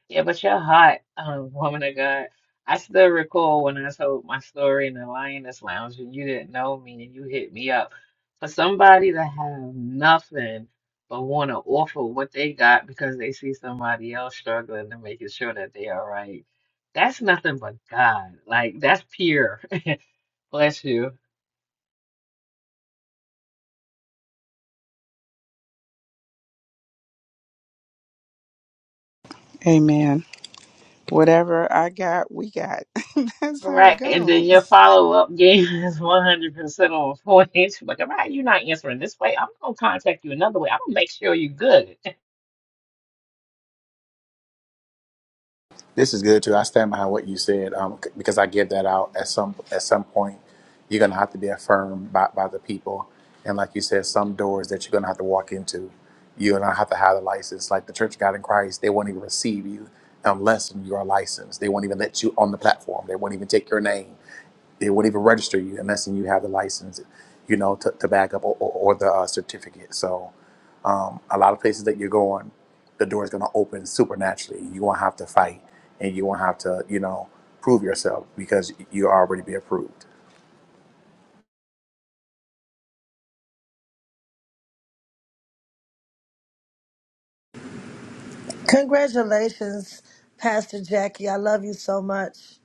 S9: Yeah, but you're hot, um, woman of God. I still recall when I told my story in the Lioness Lounge and you didn't know me and you hit me up. For somebody to have nothing but want to offer what they got because they see somebody else struggling and making sure that they are right, that's nothing but God. Like, that's pure. [laughs] Bless you.
S11: Amen. Whatever I got, we got. [laughs] That's how it
S9: Right, and then your
S11: goes.
S9: follow-up game [laughs] is 100% on point. [laughs] Like, if I- you're not answering this way, I'm gonna contact you another way. I'm gonna make sure you're good.
S22: This is good too. I stand behind what you said um, c- because I give that out at some at some point. You're gonna have to be affirmed by, by the people, and like you said, some doors that you're gonna have to walk into. You're gonna have to have a license. Like the Church of God in Christ, they won't even receive you unless you are licensed. They won't even let you on the platform. They won't even take your name. It won't even register you unless you have the license, you know, to, to back up or, or, or the uh, certificate. So, um, a lot of places that you're going, the door is going to open supernaturally. You won't have to fight, and you won't have to, you know, prove yourself because you already be approved.
S23: Congratulations, Pastor Jackie. I love you so much.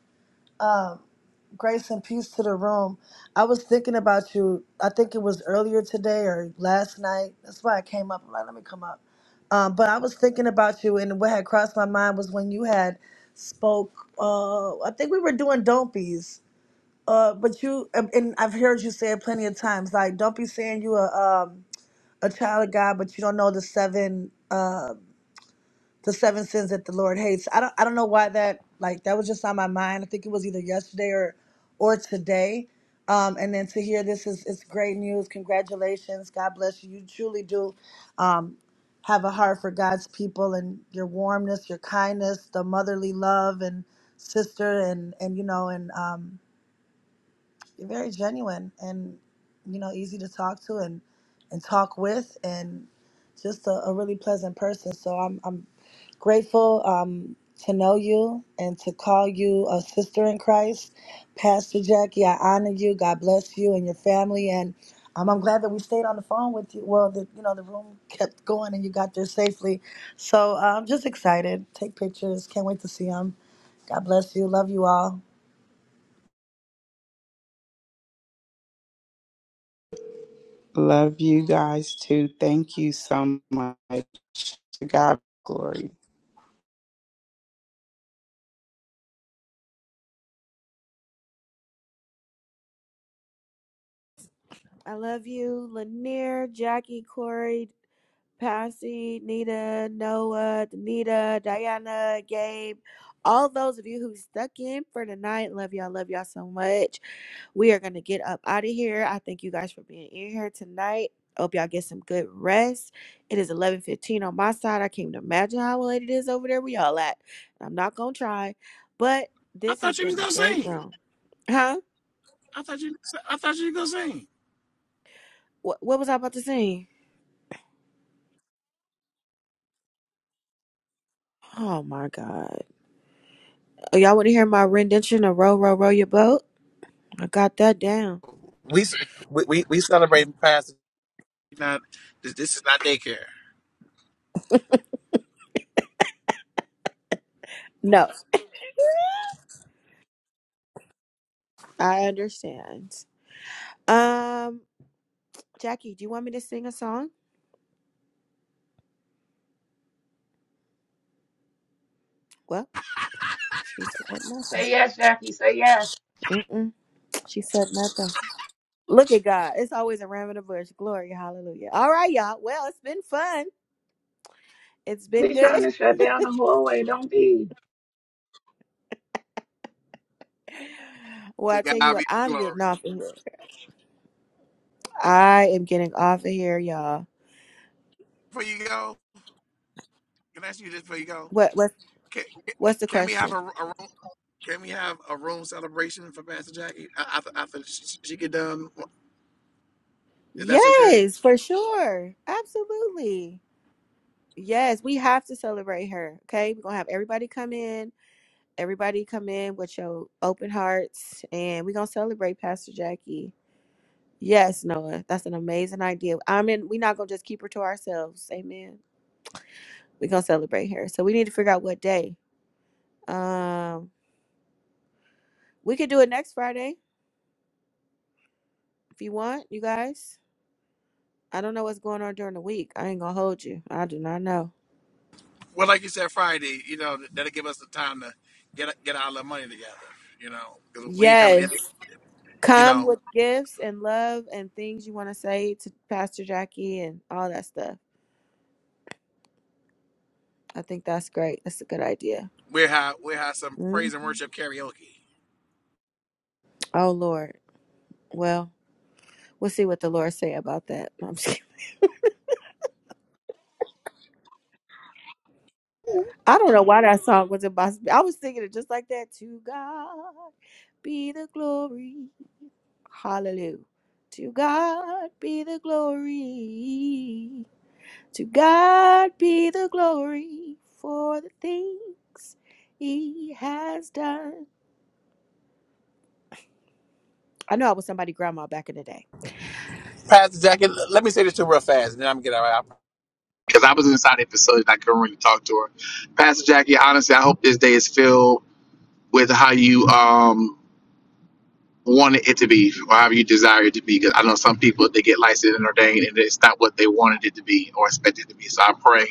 S23: Grace and peace to the room. I was thinking about you. I think it was earlier today or last night. That's why I came up. I'm like, let me come up. Um, but I was thinking about you, and what had crossed my mind was when you had spoke. Uh, I think we were doing don't be's. Uh, but you and and I've heard you say it plenty of times. Like, don't be saying you a um, a child of God, but you don't know the seven. uh, the seven sins that the Lord hates. I don't I don't know why that like that was just on my mind. I think it was either yesterday or or today. Um, and then to hear this is it's great news. Congratulations. God bless you. You truly do um, have a heart for God's people and your warmness, your kindness, the motherly love and sister and and you know and um, you're very genuine and you know easy to talk to and and talk with and just a, a really pleasant person. So I'm I'm grateful um, to know you and to call you a sister in Christ, Pastor Jackie. I honor you. God bless you and your family. And um, I'm glad that we stayed on the phone with you. Well, the, you know the room kept going and you got there safely. So uh, I'm just excited. Take pictures. Can't wait to see them. God bless you. Love you all.
S11: Love you guys too. Thank you so much. To God be glory.
S1: I love you, Lanier, Jackie, Corey, Passy, Nita, Noah, Danita, Diana, Gabe, all those of you who stuck in for tonight. Love y'all. Love y'all so much. We are going to get up out of here. I thank you guys for being in here tonight. Hope y'all get some good rest. It is 11.15 on my side. I can't even imagine how late it is over there we all at. I'm not going to try. But
S22: I
S1: this has
S22: thought you was
S1: been a
S22: gonna
S1: great
S22: sing.
S1: room. Huh?
S22: I thought you. I thought you was gonna sing.
S1: What, what was I about to sing? Oh, my God. Oh, y'all want to hear my rendition of Row, Row, Row Your Boat? I got that down.
S22: Pastor, not this. This is not daycare.
S1: No, I understand. Um, Jackie, do you want me to sing a song? Well, she said nothing.
S9: Say yes, Jackie. Say yes.
S1: Mm-mm, she said nothing. Look at God. It's always a ram in the bush. Glory, hallelujah. All right, y'all. Well, it's been fun. It's been
S9: Be
S1: good.
S9: trying to shut down the hallway. Don't be.
S1: [laughs] Well, I
S22: To
S1: tell you
S22: God
S1: what,
S22: be the
S1: I'm getting
S22: glory.
S1: off of here. I am getting off of here, y'all.
S22: Before you go, can I ask you this? Before you go,
S1: What what's
S22: can,
S1: what's the
S22: can we have a,
S1: question?
S22: a room? Can we have a room celebration for Pastor Jackie after after she get done? If that's okay.
S1: Yes, for sure. Absolutely. Yes, we have to celebrate her. Okay. We're gonna have everybody come in Everybody come in with your open hearts and we're gonna celebrate Pastor Jackie. Yes, Noah, that's an amazing idea. I mean, we're not gonna just keep her to ourselves. Amen. We're gonna celebrate her. So we need to figure out what day. Um we could do it next Friday if you want, you guys. I don't know what's going on during the week. I ain't gonna hold you. I do not know.
S22: Well, like you said, Friday. You know that'll give us the time to get get all our little money together. You know, because we ain't coming in.
S1: Yes.
S22: You
S1: Come
S22: know,
S1: with gifts and love and things you want to say to Pastor Jackie and all that stuff. I think that's great. That's a good idea.
S22: we have we have some
S1: Mm-hmm.
S22: praise and worship karaoke.
S1: Oh Lord. Well, we'll see what the Lord say about that. [laughs] I'm just kidding. I don't know why that song was about. I was thinking it just like that. To God be the glory. Hallelujah. To God be the glory. To God be the glory for the things He has done. I know I was somebody grandma back in the day.
S22: Pastor Jackie, let me say this to you real fast, and then I'm gonna get out. because I was inside the facility and I couldn't really talk to her. Pastor Jackie, honestly, I hope this day is filled with how you um wanted it to be, or however you desire it to be. Because I know some people they get licensed and ordained, and it's not what they wanted it to be or expected it to be. So I pray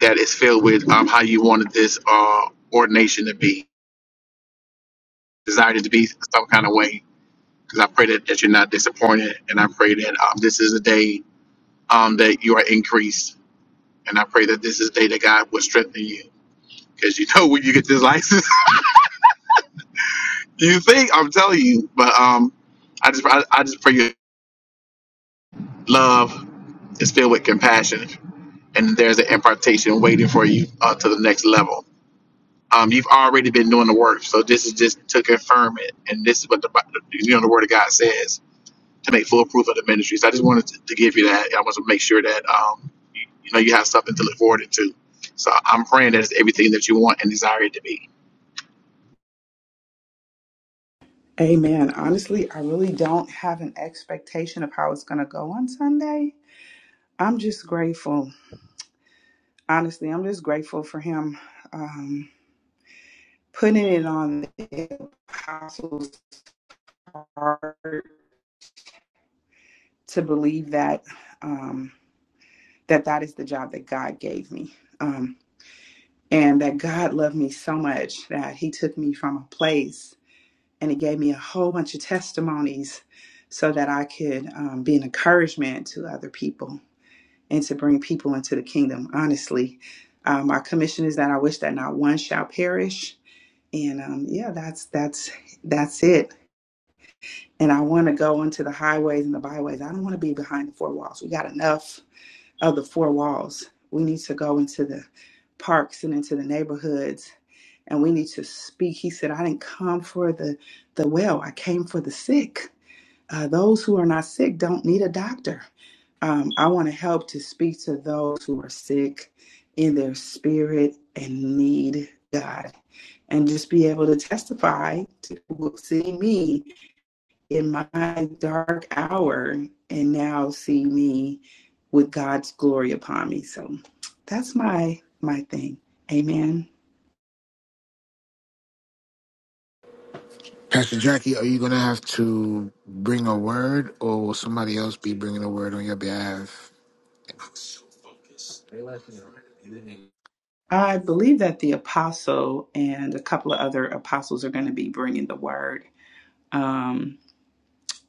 S22: that it's filled with um, how you wanted this uh, ordination to be, desired it to be some kind of way. Because I pray that, that you're not disappointed, and I pray that um, this is a day um, that you are increased, and I pray that this is a day that God will strengthen you. Because you know when you get this license, [laughs] you think I'm telling you, but um, I just I, I just pray your love is filled with compassion and there's an impartation waiting for you uh, to the next level. Um, you've already been doing the work, so this is just to confirm it, and this is what the Bi- you know the Word of God says to make full proof of the ministry. So I just wanted to, to give you that. I want to make sure that um, you, you know you have something to look forward to. So I'm praying that it's everything that you want and desire it to be.
S11: Amen. Honestly, I really don't have an expectation of how it's going to go on Sunday. I'm just grateful. Honestly, I'm just grateful for him um, putting it on the apostles' heart to believe that um, that that is the job that God gave me, um, and that God loved me so much that He took me from a place and He gave me a whole bunch of testimonies so that I could um, be an encouragement to other people and to bring people into the kingdom. Honestly, um, our commission is that I wish that not one shall perish. And um, yeah, that's that's that's it. And I want to go into the highways and the byways. I don't want to be behind the four walls. We got enough of the four walls. We need to go into the parks and into the neighborhoods, and we need to speak. He said, "I didn't come for the the well. I came for the sick." Uh, those who are not sick don't need a doctor. Um, I want to help to speak to those who are sick in their spirit and need God, and just be able to testify to who will see me in my dark hour and now see me with God's glory upon me. So that's my my thing. Amen.
S2: Pastor Jackie, are you going to have to bring a word or will somebody else be bringing a word on your behalf?
S11: I believe that the apostle and a couple of other apostles are going to be bringing the word. Um,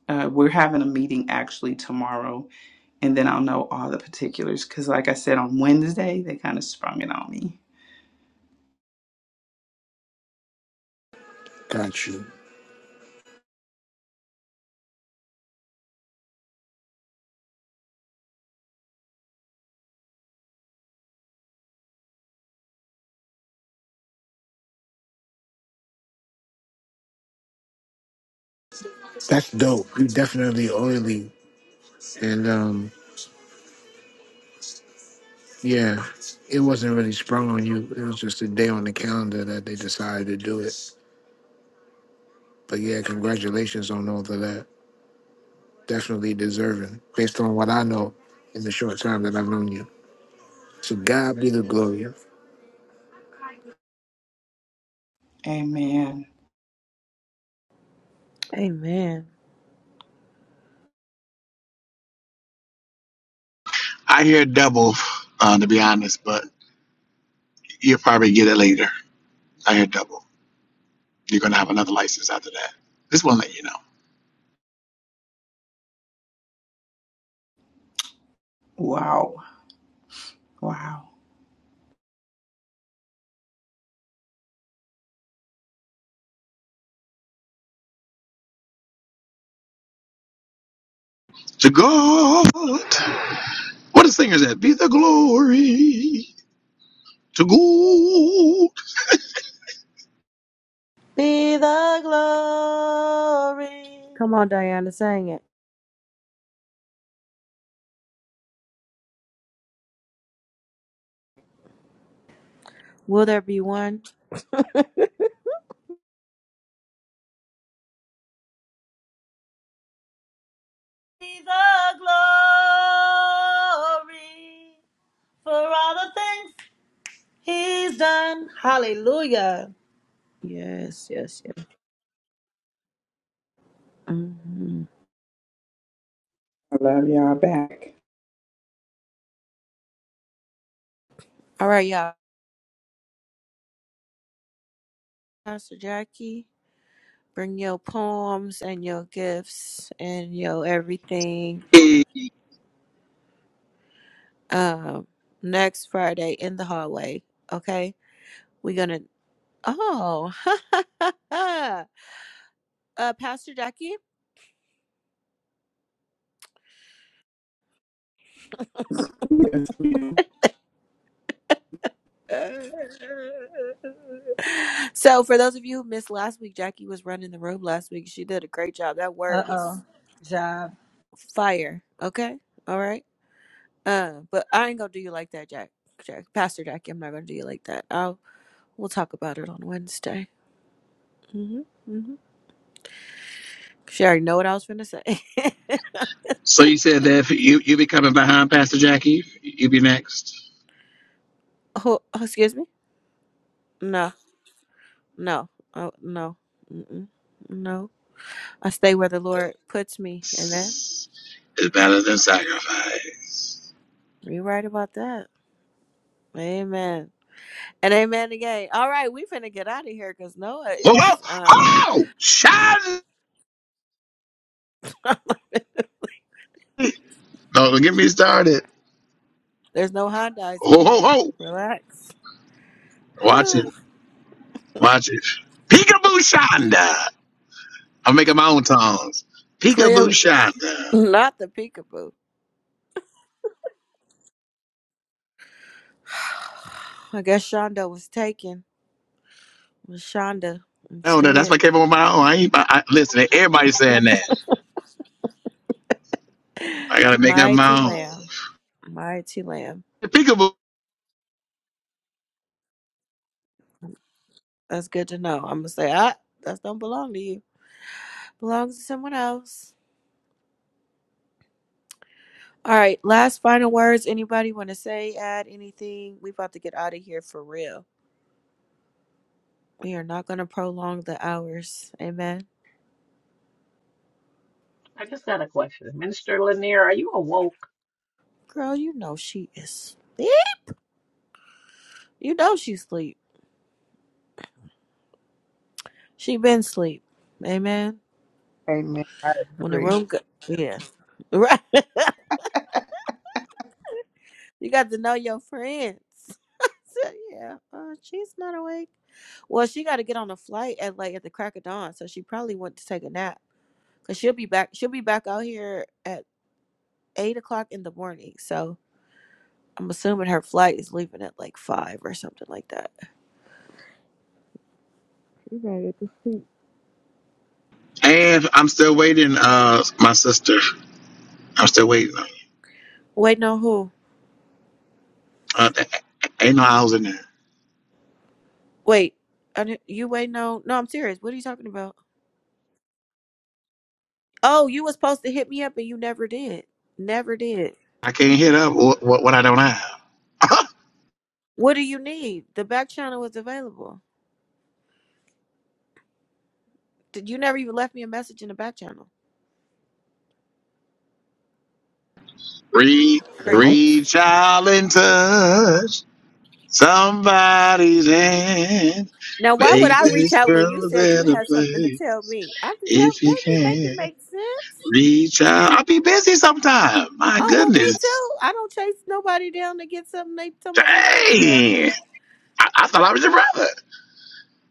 S11: Uh, we're having a meeting actually tomorrow, and then I'll know all the particulars. Because, like I said, on Wednesday, they kind of sprung it on me.
S2: Got you. That's dope. You definitely oily. And um, yeah, it wasn't really sprung on you. It was just a day on the calendar that they decided to do it. But yeah, congratulations on all of that. definitely deserving based on what I know in the short time that I've known you. So God be the glory.
S11: Amen.
S1: Amen.
S22: I move uh, to be honest, but you'll probably get it later. I hear double. You're gonna have another license after that. Just want to let you know.
S11: Wow. Wow.
S22: To God, what a singer is that? Be the glory. To God.
S23: Be the glory,
S1: Come on, Diana, sing it. Will there be one?
S23: be the glory for all the things he's done. Hallelujah.
S1: Yes, yes, yes. Mhm.
S11: I love y'all back.
S1: All right, y'all. Pastor Jackie, bring your poems and your gifts and your everything.
S22: Hey,
S1: Um, next Friday in the hallway. Okay, we're gonna. Oh, [laughs] uh, Pastor Jackie.
S11: Yes, ma'am.
S1: so for those of you who missed last week, Jackie was running the room last week. She did a great job. That
S23: Uh
S1: word
S23: oh,
S1: was
S23: job.
S1: fire. Okay, all right. Uh, but I ain't gonna do you like that, Jack. Jack, Pastor Jackie. I'm not gonna do you like that. We'll talk about it on Wednesday. hmm hmm She already know what I was finna say. [laughs]
S22: so you said that if you you be coming behind Pastor Jackie. You be next.
S1: oh, oh, excuse me. No, no, oh, no, Mm-mm. no. I stay where the Lord puts me. Amen.
S22: It's better than sacrifice.
S1: You're right about that. Amen. And amen again. All right, we finna get out of here because Noah
S22: Whoa, whoa,
S1: is um.
S22: ho! Shine!
S1: [laughs]
S22: No, Don't get me started.
S1: there's no Hondas in
S22: Ho, ho,
S1: here.
S22: ho!
S1: Relax. [sighs]
S22: Watch it, watch it. Peekaboo Shonda. I'm making my own tongues. Peekaboo
S1: Clearly,
S22: Shonda.
S1: not the peekaboo. [sighs] I guess Shonda was taken. It was Shonda and
S22: No, that,
S1: stay
S22: that's
S1: it.
S22: what came up with my own. I ain't. I, I- listen, everybody's saying that. I gotta make up
S1: Mighty
S22: my own.
S1: lamb, mighty lamb.
S22: Peekaboo.
S1: That's good to know. I'm gonna say, ah, that don't belong to you. Belongs to someone else. All right. Last final words. Anybody want to say, add anything? We about to get out of here for real. We are not gonna prolong the hours. Amen.
S9: I just got a question. Minister Lanier, are you awoke?
S1: Girl, you know she is. sleep. You know she sleep. She been sleep. Amen.
S11: Amen. I
S1: When the
S11: agree.
S1: room, go- yeah, [laughs] right. You got to know your friends. [laughs] I said, yeah, uh, she's not awake. Well, she got to get on a flight at like at the crack of dawn, so she probably went to take a nap. Cause she'll be back. She'll be back out here at eight o'clock in the morning. So I'm assuming her flight is leaving at like five or something like that. You gotta get to sleep.
S22: And I'm still waiting. Uh, my sister. I'm still waiting.
S1: Wait, no, who?
S22: Uh, ain't no hours in there.
S1: Wait, I didn't, you wait, no, no. I'm serious. What are you talking about? Oh, you was supposed to hit me up and you never did. Never did.
S22: I can't hit up what, what, what I don't have.
S1: What do you need? The back channel was available. Did you never even left me a message in the back channel?
S22: [laughs] reach,
S2: What?
S1: Crickets.
S22: reach out and touch somebody's hand.
S1: Now, why would
S22: Make
S1: I reach
S22: this
S1: out when you
S22: world a
S1: said you
S22: better
S1: had something to
S22: place
S1: tell me? I'm just help.
S22: if
S1: Let
S22: you
S1: me make it
S22: can.
S1: make sense.
S22: Reach out. I'll be busy sometime. My
S1: Oh well, me
S22: goodness.
S1: too. I don't chase nobody down to get something they tell me
S22: Dang.
S1: they gotta tell me.
S22: I, I thought I was your brother.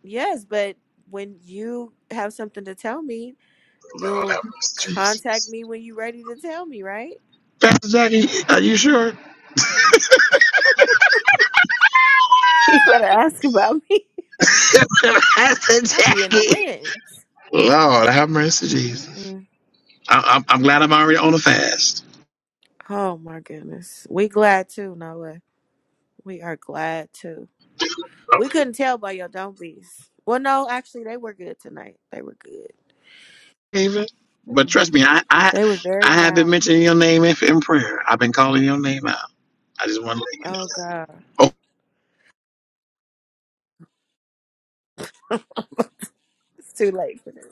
S1: Yes, but when you have something to tell me,
S22: Lord
S1: you'll
S22: have mercy,
S1: contact
S22: Jesus.
S1: me when you're ready to tell me, right? [laughs]
S22: Pastor Jackie, are you sure?
S1: You better ask about me.
S22: [laughs] Pastor
S1: I'll be in the
S22: Jackie.
S1: winds.
S22: Lord, have mercy, Jesus.
S1: Mm-mm.
S22: I, I'm, I'm glad I'm already on a fast.
S1: Oh my goodness, we glad too, Noah. We are glad too. We couldn't tell by your don't be's. Well, no, actually, they were good tonight. They were good.
S22: David. But
S1: Yeah.
S22: trust me, I, I
S1: They were very
S22: I have been
S1: mild.
S22: mentioning your name in, in prayer. I've been calling your name out. I just want to let you
S1: Oh God,
S22: know.
S1: it's too late for them.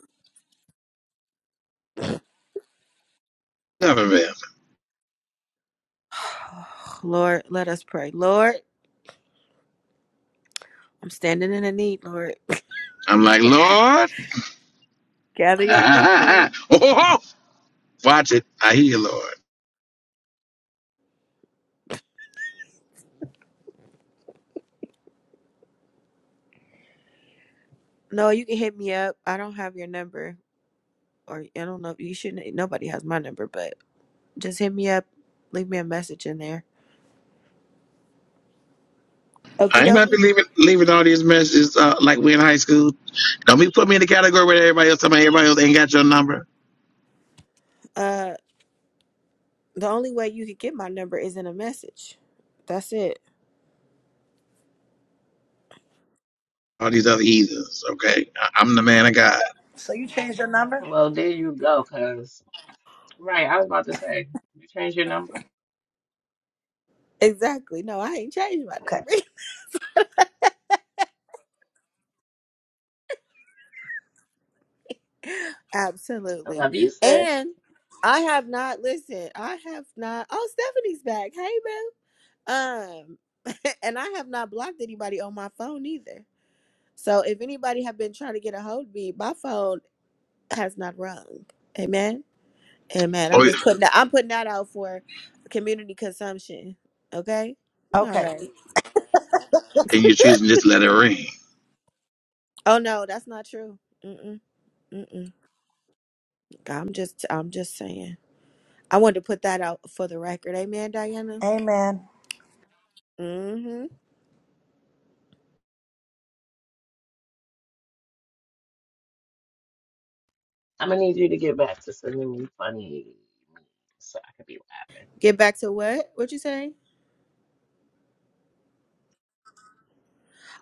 S22: Oh, never been.
S1: [sighs] Lord, let us pray. Lord, I'm standing in the need. Lord,
S22: I'm like, Lord,
S1: gather
S22: [laughs]
S1: your people.
S22: oh, oh, oh. watch it. I hear you, Lord.
S1: No, you can hit me up. I don't have your number, or I don't know. if You shouldn't. Nobody has my number, but just hit me up. Leave me a message in there.
S22: I
S1: Okie
S22: ain't about to
S1: dokie.
S22: be leaving, leaving all these messages uh, like we in high school. Don't be putting me in the category where everybody else, somebody, everybody else ain't got your number.
S1: Uh, the only way you could get my number is in a message. That's it.
S22: All these other heathens, okay? I, I'm the man of God.
S23: So you changed your number?
S9: Well, there you go, cuz. Right, I was about to say, you change your number?
S1: Exactly. No, I ain't changed my number.
S23: Okay.
S1: [laughs] [laughs]
S9: I
S1: Absolutely.
S9: love you, sis.
S1: And I have not listened. I have not. Oh, Stephanie's back. Hey, boo. Um, [laughs] and I have not blocked anybody on my phone either. So if anybody have been trying to get a hold of me, my phone has not rung. Amen. Amen. I'm
S22: Oh, yeah.
S1: just putting that. I'm putting that out for community consumption. Okay. All
S23: Okay.
S1: right.
S22: and you're choosing just to let it ring.
S1: Oh no, that's not true. Mm-mm, mm-mm. I'm just. I'm just saying. I wanted to put that out for the record. Amen, Diana.
S23: Amen.
S1: Mm-hmm.
S9: I'm gonna need you to get back to sending me funny memes so I could be laughing.
S1: Get back to what? What you say?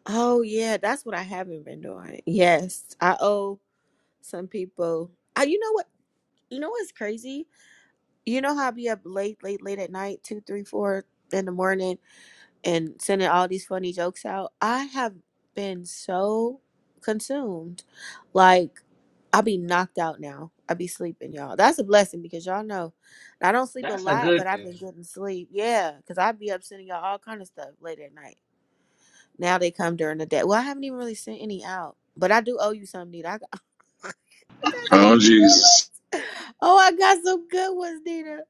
S1: Oh yeah, that's what I haven't been doing. Yes, I owe some people. I, you know what? You know what's crazy? You know how I be up late, late, late at night, two, three, four in the morning, and sending all these funny jokes out. I have been so consumed, like I be knocked out now. I be sleeping, y'all. That's a blessing because y'all know I don't sleep a
S9: That's a
S1: lot, but
S9: good
S1: I've
S9: thing.
S1: been getting sleep. Yeah, because I be up sending y'all all kind of stuff late at night. Now they come during the day. Well, I haven't even really sent any out, but I do owe you some, Nita. I got, [laughs] I got some
S22: Oh Jesus.
S1: good ones. Oh, I got some good ones, Nita.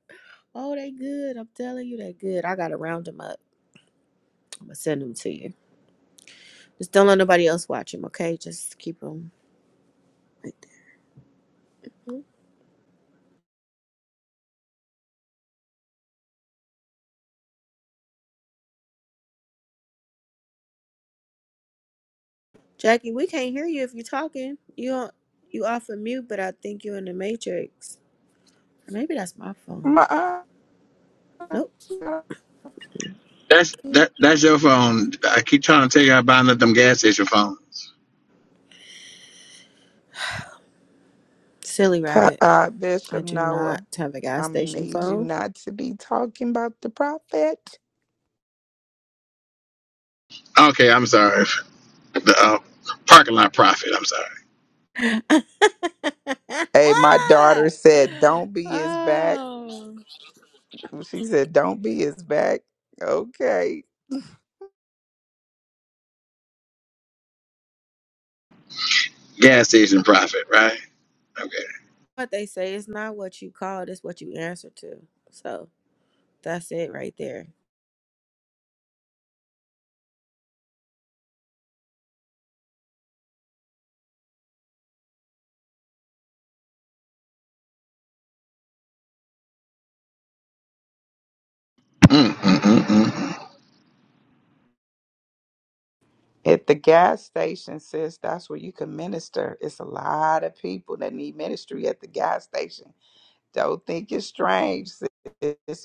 S1: Oh, they good. I'm telling you, they good. I gotta round them up. I'm gonna send them to you. Just don't let nobody else watch them, okay? Just keep them. Jackie, we can't hear you if you're talking. You on- you off of mute, but I think you're in the matrix. Maybe that's my phone. Nope.
S22: That's that that's your phone. I keep trying to tell you I buying up them gas station phones.
S1: Silly
S11: Pa-
S1: rabbit.
S11: uh,
S1: I
S11: Bishop
S1: do not
S11: Noah,
S1: have a gas
S11: I'm going to
S1: station
S11: need you
S1: phone.
S11: not to be talking about the prophet.
S22: Okay, I'm sorry. The uh, parking lot profit, I'm sorry.
S1: [laughs]
S11: Hey, my daughter said, don't be his back.
S1: oh,
S11: She said, don't be his back. Okay.
S22: Gas station profit, right? Okay.
S1: what they say it's not what you called, it's what you answer to. So that's it right there.
S22: Mm, mm, mm, mm, mm.
S11: At the gas station, sis, that's where you can minister. It's a lot of people that need ministry at the gas station. Don't think it's strange, sis,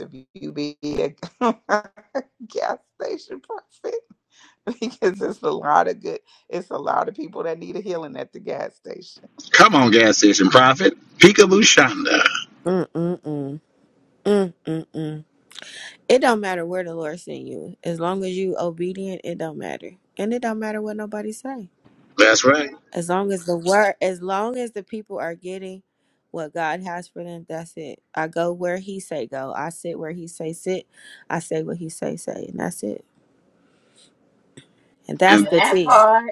S11: if you be a [laughs] gas station person, [laughs] because it's a lot of good. It's a lot of people that need a healing at the gas station.
S22: Come on, gas station profit. Peekaboo Shonda.
S1: Mm-mm-mm. Mm-mm-mm. It don't matter where the Lord send you. As long as you obedient, it don't matter. And it don't matter what nobody say.
S22: That's right.
S1: As long as the word as long as the people are getting what God has for them, that's it. I go where he say go. I sit where he say sit. I say what he say say. And that's it. And that's
S22: And
S1: the
S9: That
S1: tea.
S9: part.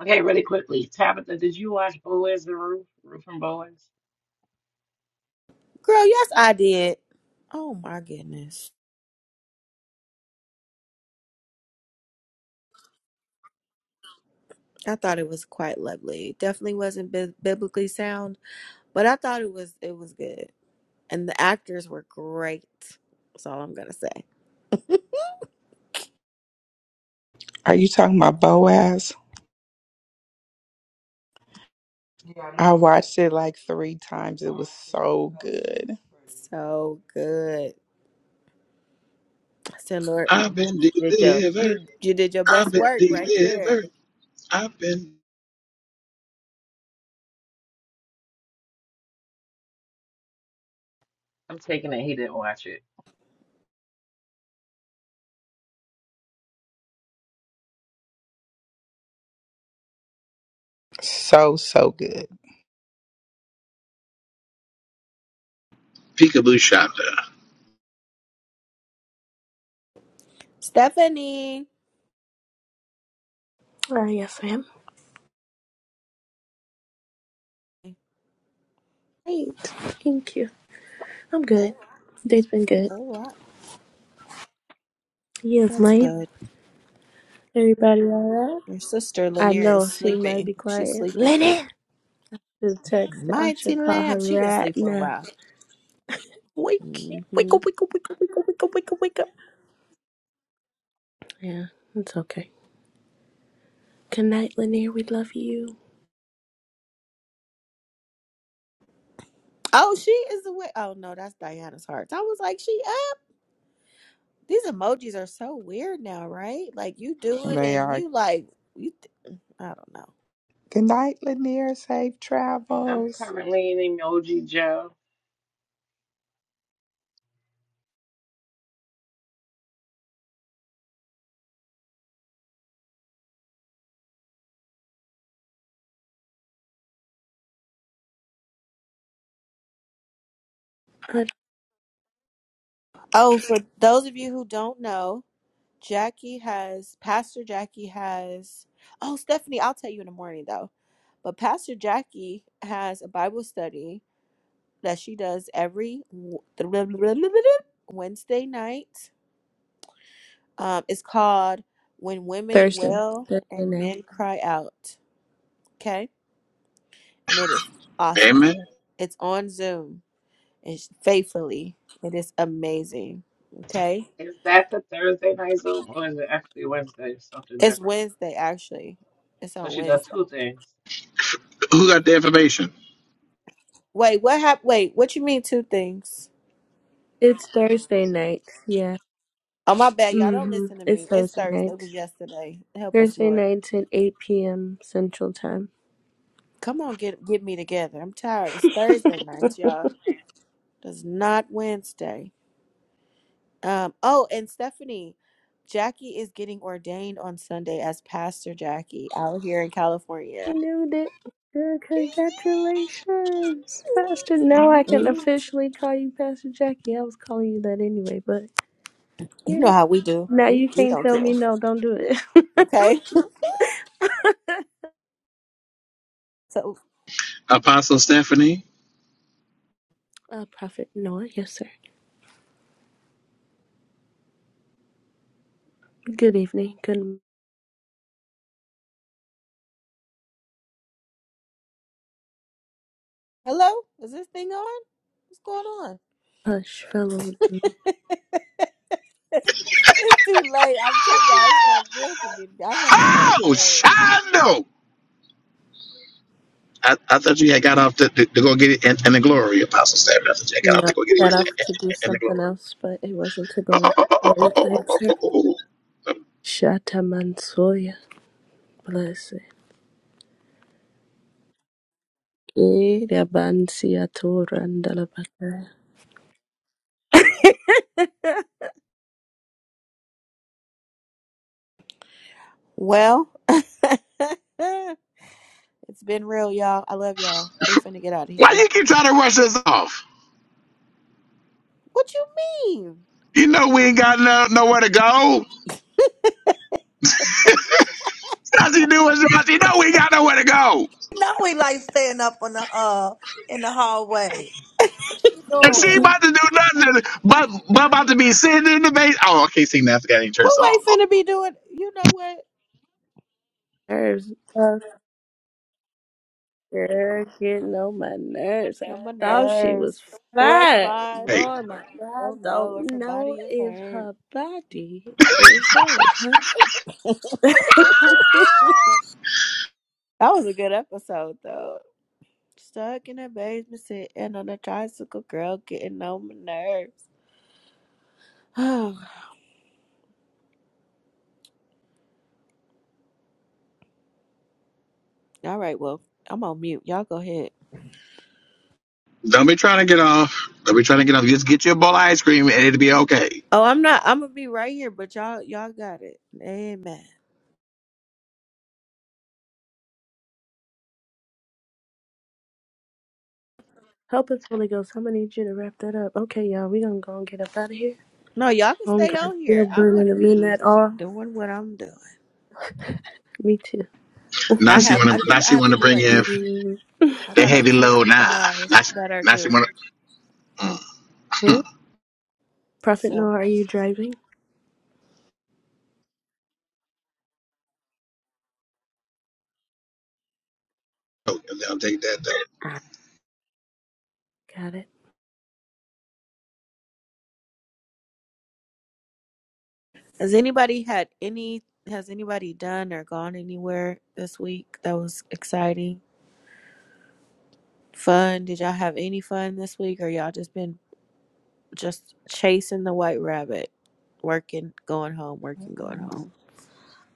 S9: Okay, really quickly. Tabitha, did you watch Boaz the Roof? Roof and Boaz?
S1: Girl, yes, I did. Oh my goodness. I thought it was quite lovely. It definitely wasn't bi- biblically sound, but I thought it was it was good. And the actors were great. That's all I'm gonna say.
S11: Are you talking about Boaz? I watched it like three times. It was so good,
S1: So good. I said, Lord,
S22: I've been
S1: you did your
S22: delivered.
S1: you you did your
S22: I've
S1: best
S22: been
S1: work right there.
S22: delivered. I've been
S9: I'm taking it he didn't watch it.
S11: so so good.
S22: Peekaboo Shonda.
S1: Stephanie.
S20: Ah, yes, ma'am. Great. Thank you. I'm good. Day's been good.
S1: All right.
S20: Yes,
S1: That's
S20: ma'am.
S1: good.
S20: Everybody all right?
S1: Your sister
S20: I
S1: Lanier
S20: know
S1: is
S20: she might
S1: sleeping.
S20: be
S1: She's
S20: quiet.
S1: sleeping.
S20: Lenny! Just text. I
S1: Mighty
S20: should call her
S1: lamp. She been not
S20: right
S1: sleep for a
S20: now.
S1: while.
S20: Wake,
S1: Mm-hmm.
S20: wake up, wake up, wake up, wake up, wake up, wake up, wake up. Yeah, it's okay. Good night, Lanier. We love you.
S1: Oh, she is the way. Oh no, that's Diana's hearts. I was like, she up. These emojis are so weird now, right? Like you do it
S11: They
S1: and
S11: are.
S1: you like you. Th- I don't know.
S11: Good night, Lanier. Safe
S9: I'm
S11: travels.
S9: currently in Emoji Joe.
S20: Good
S1: Oh, for those of you who don't know, Jackie has Pastor Jackie has. Oh, Stephanie, I'll tell you in the morning though. But Pastor Jackie has a Bible study that she does every w- [laughs] Wednesday night. Um, it's called "When Women
S20: Thursday.
S1: Wail
S20: Thursday
S1: and
S20: night.
S1: Men Cry Out." Okay and it is
S22: Amen.
S1: awesome. It's on Zoom and sh- faithfully. It is amazing. Okay,
S9: Is that the Thursday night Zoom or is it actually Wednesday? Something
S1: it's
S9: different.
S1: Wednesday actually. It's
S9: So
S1: on
S9: she does
S1: Wednesday.
S9: two things.
S22: Who got the information?
S1: Wait, what hap- Wait, what you mean two things?
S20: It's Thursday night. Yeah.
S1: Oh my bad, y'all don't
S20: Mm-hmm.
S1: listen to
S20: It's
S1: me. It's
S20: Thursday
S1: Thursday. It
S20: night.
S1: was yesterday. Help us,
S20: Thursday
S1: Lord.
S20: nights at 8 p.m. Central Time.
S1: Come on, get get me together. I'm tired. It's Thursday nights, y'all. It's not Wednesday. Um. Oh, and Stephanie, Jackie is getting ordained on Sunday as Pastor Jackie out here in
S20: I
S1: California.
S20: knew it. Good, congratulations, Pastor. Now I can
S1: Mm,
S20: officially call you Pastor Jackie. I was calling you that anyway, but
S1: You know
S20: yeah.
S1: how we do.
S20: Now
S1: We
S20: you
S1: we
S20: can't
S1: don't
S20: tell me
S1: care.
S20: no. Don't do it. [laughs]
S1: Okay. [laughs] So
S22: Apostle Stephanie?
S20: uh, Prophet Noah. Yes, sir. Good evening. Good.
S1: hello, is this thing on? What's going on?
S20: Hush, followed him.
S1: [laughs] it's too late. I'm telling y'all, it's
S22: [laughs]
S1: not good for me. to be- I have to go to
S22: Oh,
S1: bed.
S22: Shondo! I, I thought you had got off to, to, to go get it in, in the glory, Apostle Samuel. I thought you had got off
S20: No,
S22: to go get it
S20: got off
S22: in,
S20: to do
S22: in, in the
S20: something
S22: glory.
S20: else, but it wasn't to go into lung cancer. Shata Mansoya, bless it. Eh, Ida Bansia Torandalabaka. [laughs]
S1: Well, [laughs] it's been real, y'all. I love y'all. We finna get out of
S22: Why
S1: here.
S22: you keep trying to rush us off?
S1: What you mean?
S22: You know we ain't got no, nowhere to go. That's you do is rush. You know we ain't got nowhere to go.
S23: Now we like staying up on the uh in the hallway. What you
S22: And she
S23: doing?
S22: about to do nothing but, but about to be sitting in the base. Oh, I can't sing that. I forgot any church
S1: Who
S22: song.
S1: ain't finna be doing? You know what?
S20: Nerves. Oh, girl, getting on my nerves. I
S1: No, my
S20: thought she
S1: nerves.
S20: was
S1: It was
S20: fine.
S1: fine.
S22: Hey,
S20: Lord, my God,
S1: Don't know.
S20: don't know
S1: Everybody is
S20: if
S1: hurt.
S20: her body is hers, huh? [laughs]
S1: That was a good episode, though. Stuck in a basement sitting on a tricycle, girl, getting on my nerves. [sighs] all right, well, I'm on mute. Y'all go ahead.
S22: don't be trying to get off. Don't be trying to get off. Just get you a bowl of ice cream and it'll be okay.
S1: Oh, I'm not. I'm gonna be right here, but y'all, y'all got it. Amen.
S20: Help us, Holy Ghost. I'm gonna need you to wrap that up. Okay, y'all, we gonna go and get up out of here.
S1: No, y'all can stay
S20: Hunger
S1: on
S20: still
S1: here. I'm
S20: burning
S1: gonna
S20: a
S1: be
S20: midnight oil.
S1: doing what I'm doing.
S20: Me too.
S22: Now
S1: I
S22: she
S1: have.
S22: want
S1: I
S22: to. Now
S1: think I
S22: she
S1: have
S22: want
S1: to
S22: to
S1: do
S22: bring
S1: like.
S22: in.
S20: Mhm.
S1: I
S22: The
S1: got like
S22: heavy low knife.
S1: 65
S22: I, s-
S1: that are
S22: I see
S1: due.
S22: one. of- [laughs]
S20: Prophet Noah,
S1: So,
S20: are you driving?
S22: [clears throat] Oh, yeah, I'll take that though.
S20: I got it.
S1: has anybody had any? Has anybody done or gone anywhere this week that was exciting? Fun? Did y'all have any fun this week, or y'all just been just chasing the white rabbit, working, going home, working, going home.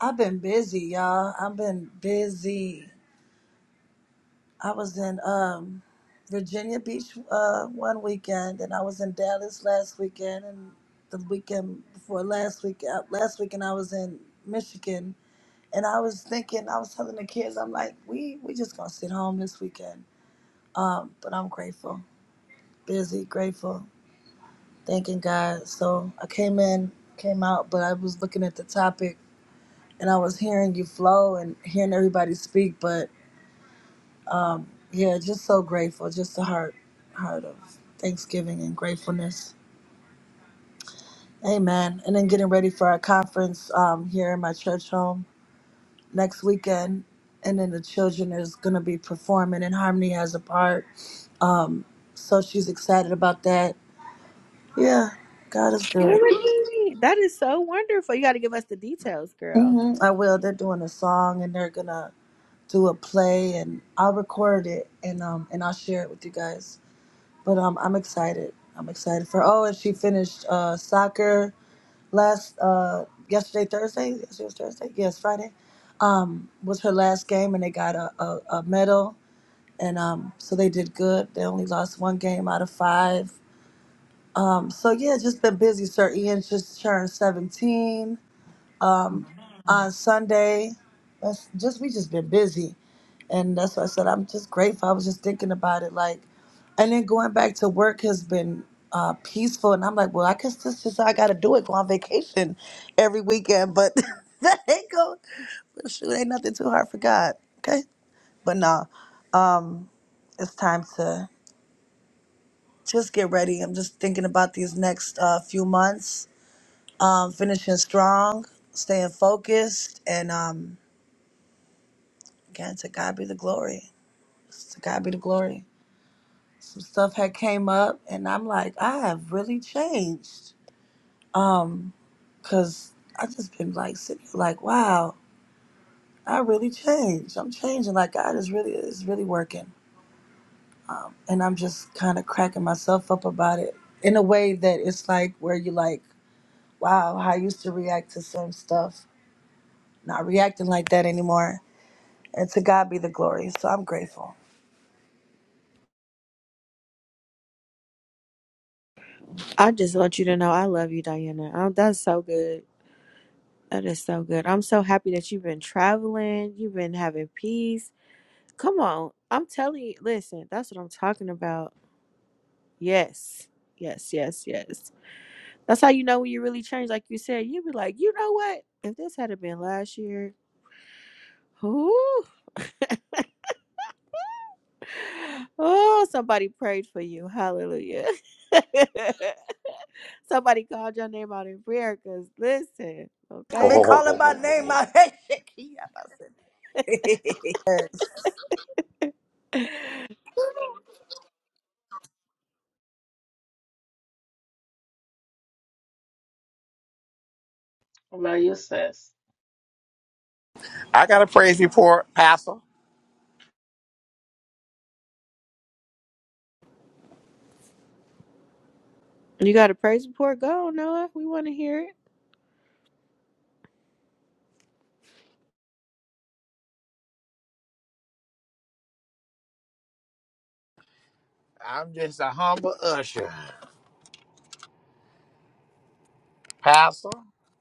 S23: I've been busy, y'all. I've been busy. I was in um, Virginia Beach uh, one weekend, and I was in Dallas last weekend, and the weekend before last week, uh, last weekend I was in Michigan, and I was thinking, I was telling the kids, I'm like, we we just gonna sit home this weekend. Um, but I'm grateful, busy, grateful, thanking God. So I came in, came out, but I was looking at the topic, and I was hearing you flow and hearing everybody speak, but Um, yeah, just so grateful. Just the heart, heart of thanksgiving and gratefulness. Amen. And then getting ready for our conference um, here in my church home next weekend. And then the children is going to be performing, and Harmony has a part. Um, so she's excited about that. Yeah, God is good.
S1: Really? That is so wonderful. You got to give us the details, girl.
S23: hmm I will. They're doing a song, and they're gonna do a play, and I'll record it, and um, and I'll share it with you guys. but um, I'm excited. I'm excited for. Oh, and she finished uh, soccer last uh, yesterday, Thursday. Yesterday was Thursday. Yes, Friday. Um, was her last game, and they got a, a, a medal. And um, so they did good. They only lost one game out of five. Um, so yeah, just been busy. Sir Ian just turned 17 um, on Sunday. That's just we just been busy, and that's why I said I'm just grateful. I was just thinking about it, like, and then going back to work has been uh, peaceful, and I'm like, well, I guess this is how I got to do it. Go on vacation every weekend, but [laughs] that ain't go. Shoot, ain't nothing too hard for God. Okay, but no, um, it's time to just get ready. I'm just thinking about these next uh, few months, um, finishing strong, staying focused, and um, Again, to God be the glory. To God be the glory. Some stuff had came up, and I'm like, I have really changed. Um, cause I just been like sitting here like, wow, I really changed. I'm changing. Like God is really is really working. Um, and I'm just kind of cracking myself up about it in a way that it's like where you like, wow, how I used to react to some stuff, not reacting like that anymore. And to God be the glory. So I'm grateful.
S1: I just want you to know I love you, Diana. Oh, that's so good. That is so good. I'm so happy that you've been traveling. You've been having peace. Come on. I'm telling you, listen, that's what I'm talking about. Yes. Yes, yes, yes. That's how you know when you really change. Like you said, you'd be like, you know what? If this had have been last year, whoo. Oh, somebody prayed for you. Hallelujah. [laughs] somebody called your name out in prayer because listen,
S22: [laughs]
S23: To
S22: Ho,
S23: be
S22: ho,
S1: okay?
S22: ho,
S23: calling
S22: ho,
S23: my
S22: ho, ho,
S23: name
S22: ho.
S23: out. [laughs] Hey,
S9: Hello, you sis.
S22: I got a praise report, Pastor.
S1: You got a praise report? Go, Noah. We want to hear it.
S22: I'm just a humble usher, Pastor,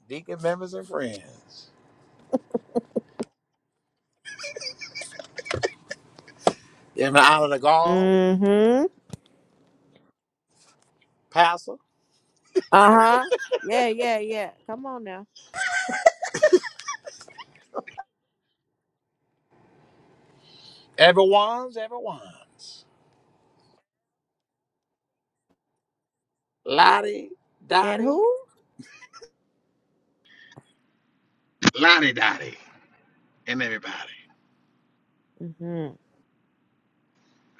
S22: deacon members and friends. In the honor of the gall,
S1: Mm-hmm.
S22: Pastor,
S1: Uh-huh. Yeah, yeah, yeah. Come on now.
S22: everyone's everyone's. Lottie,
S1: And
S22: Dottie.
S1: who?
S22: Lonnie Dottie and everybody.
S1: Mm-hmm.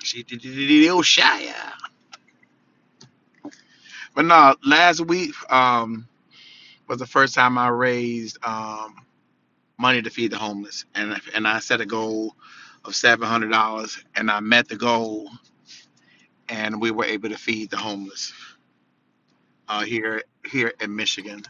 S22: She did did- did- did- oh, shy. But no, last week um was the first time I raised. Um, money to feed the homeless, and if- and I set a goal of seven hundred dollars, and I met the goal, and we were able to feed the homeless uh, here here in Michigan.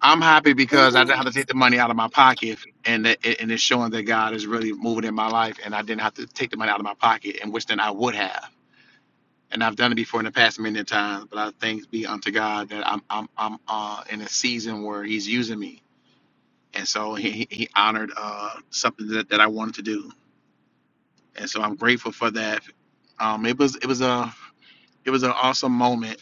S22: I'm happy because I didn't have
S1: [gasps]
S22: to take the money out of my pocket, and it, it- and it's showing that God is really moving in my life, and I didn't have to take the money out of my pocket, and which then I would have. And I've done it before in the past many times, but I thanks be unto God that I'm I'm I'm uh, in a season where He's using me, and so He He he honored uh, something that, that I wanted to do and so I'm grateful for that. Um, it was it was a it was an awesome moment,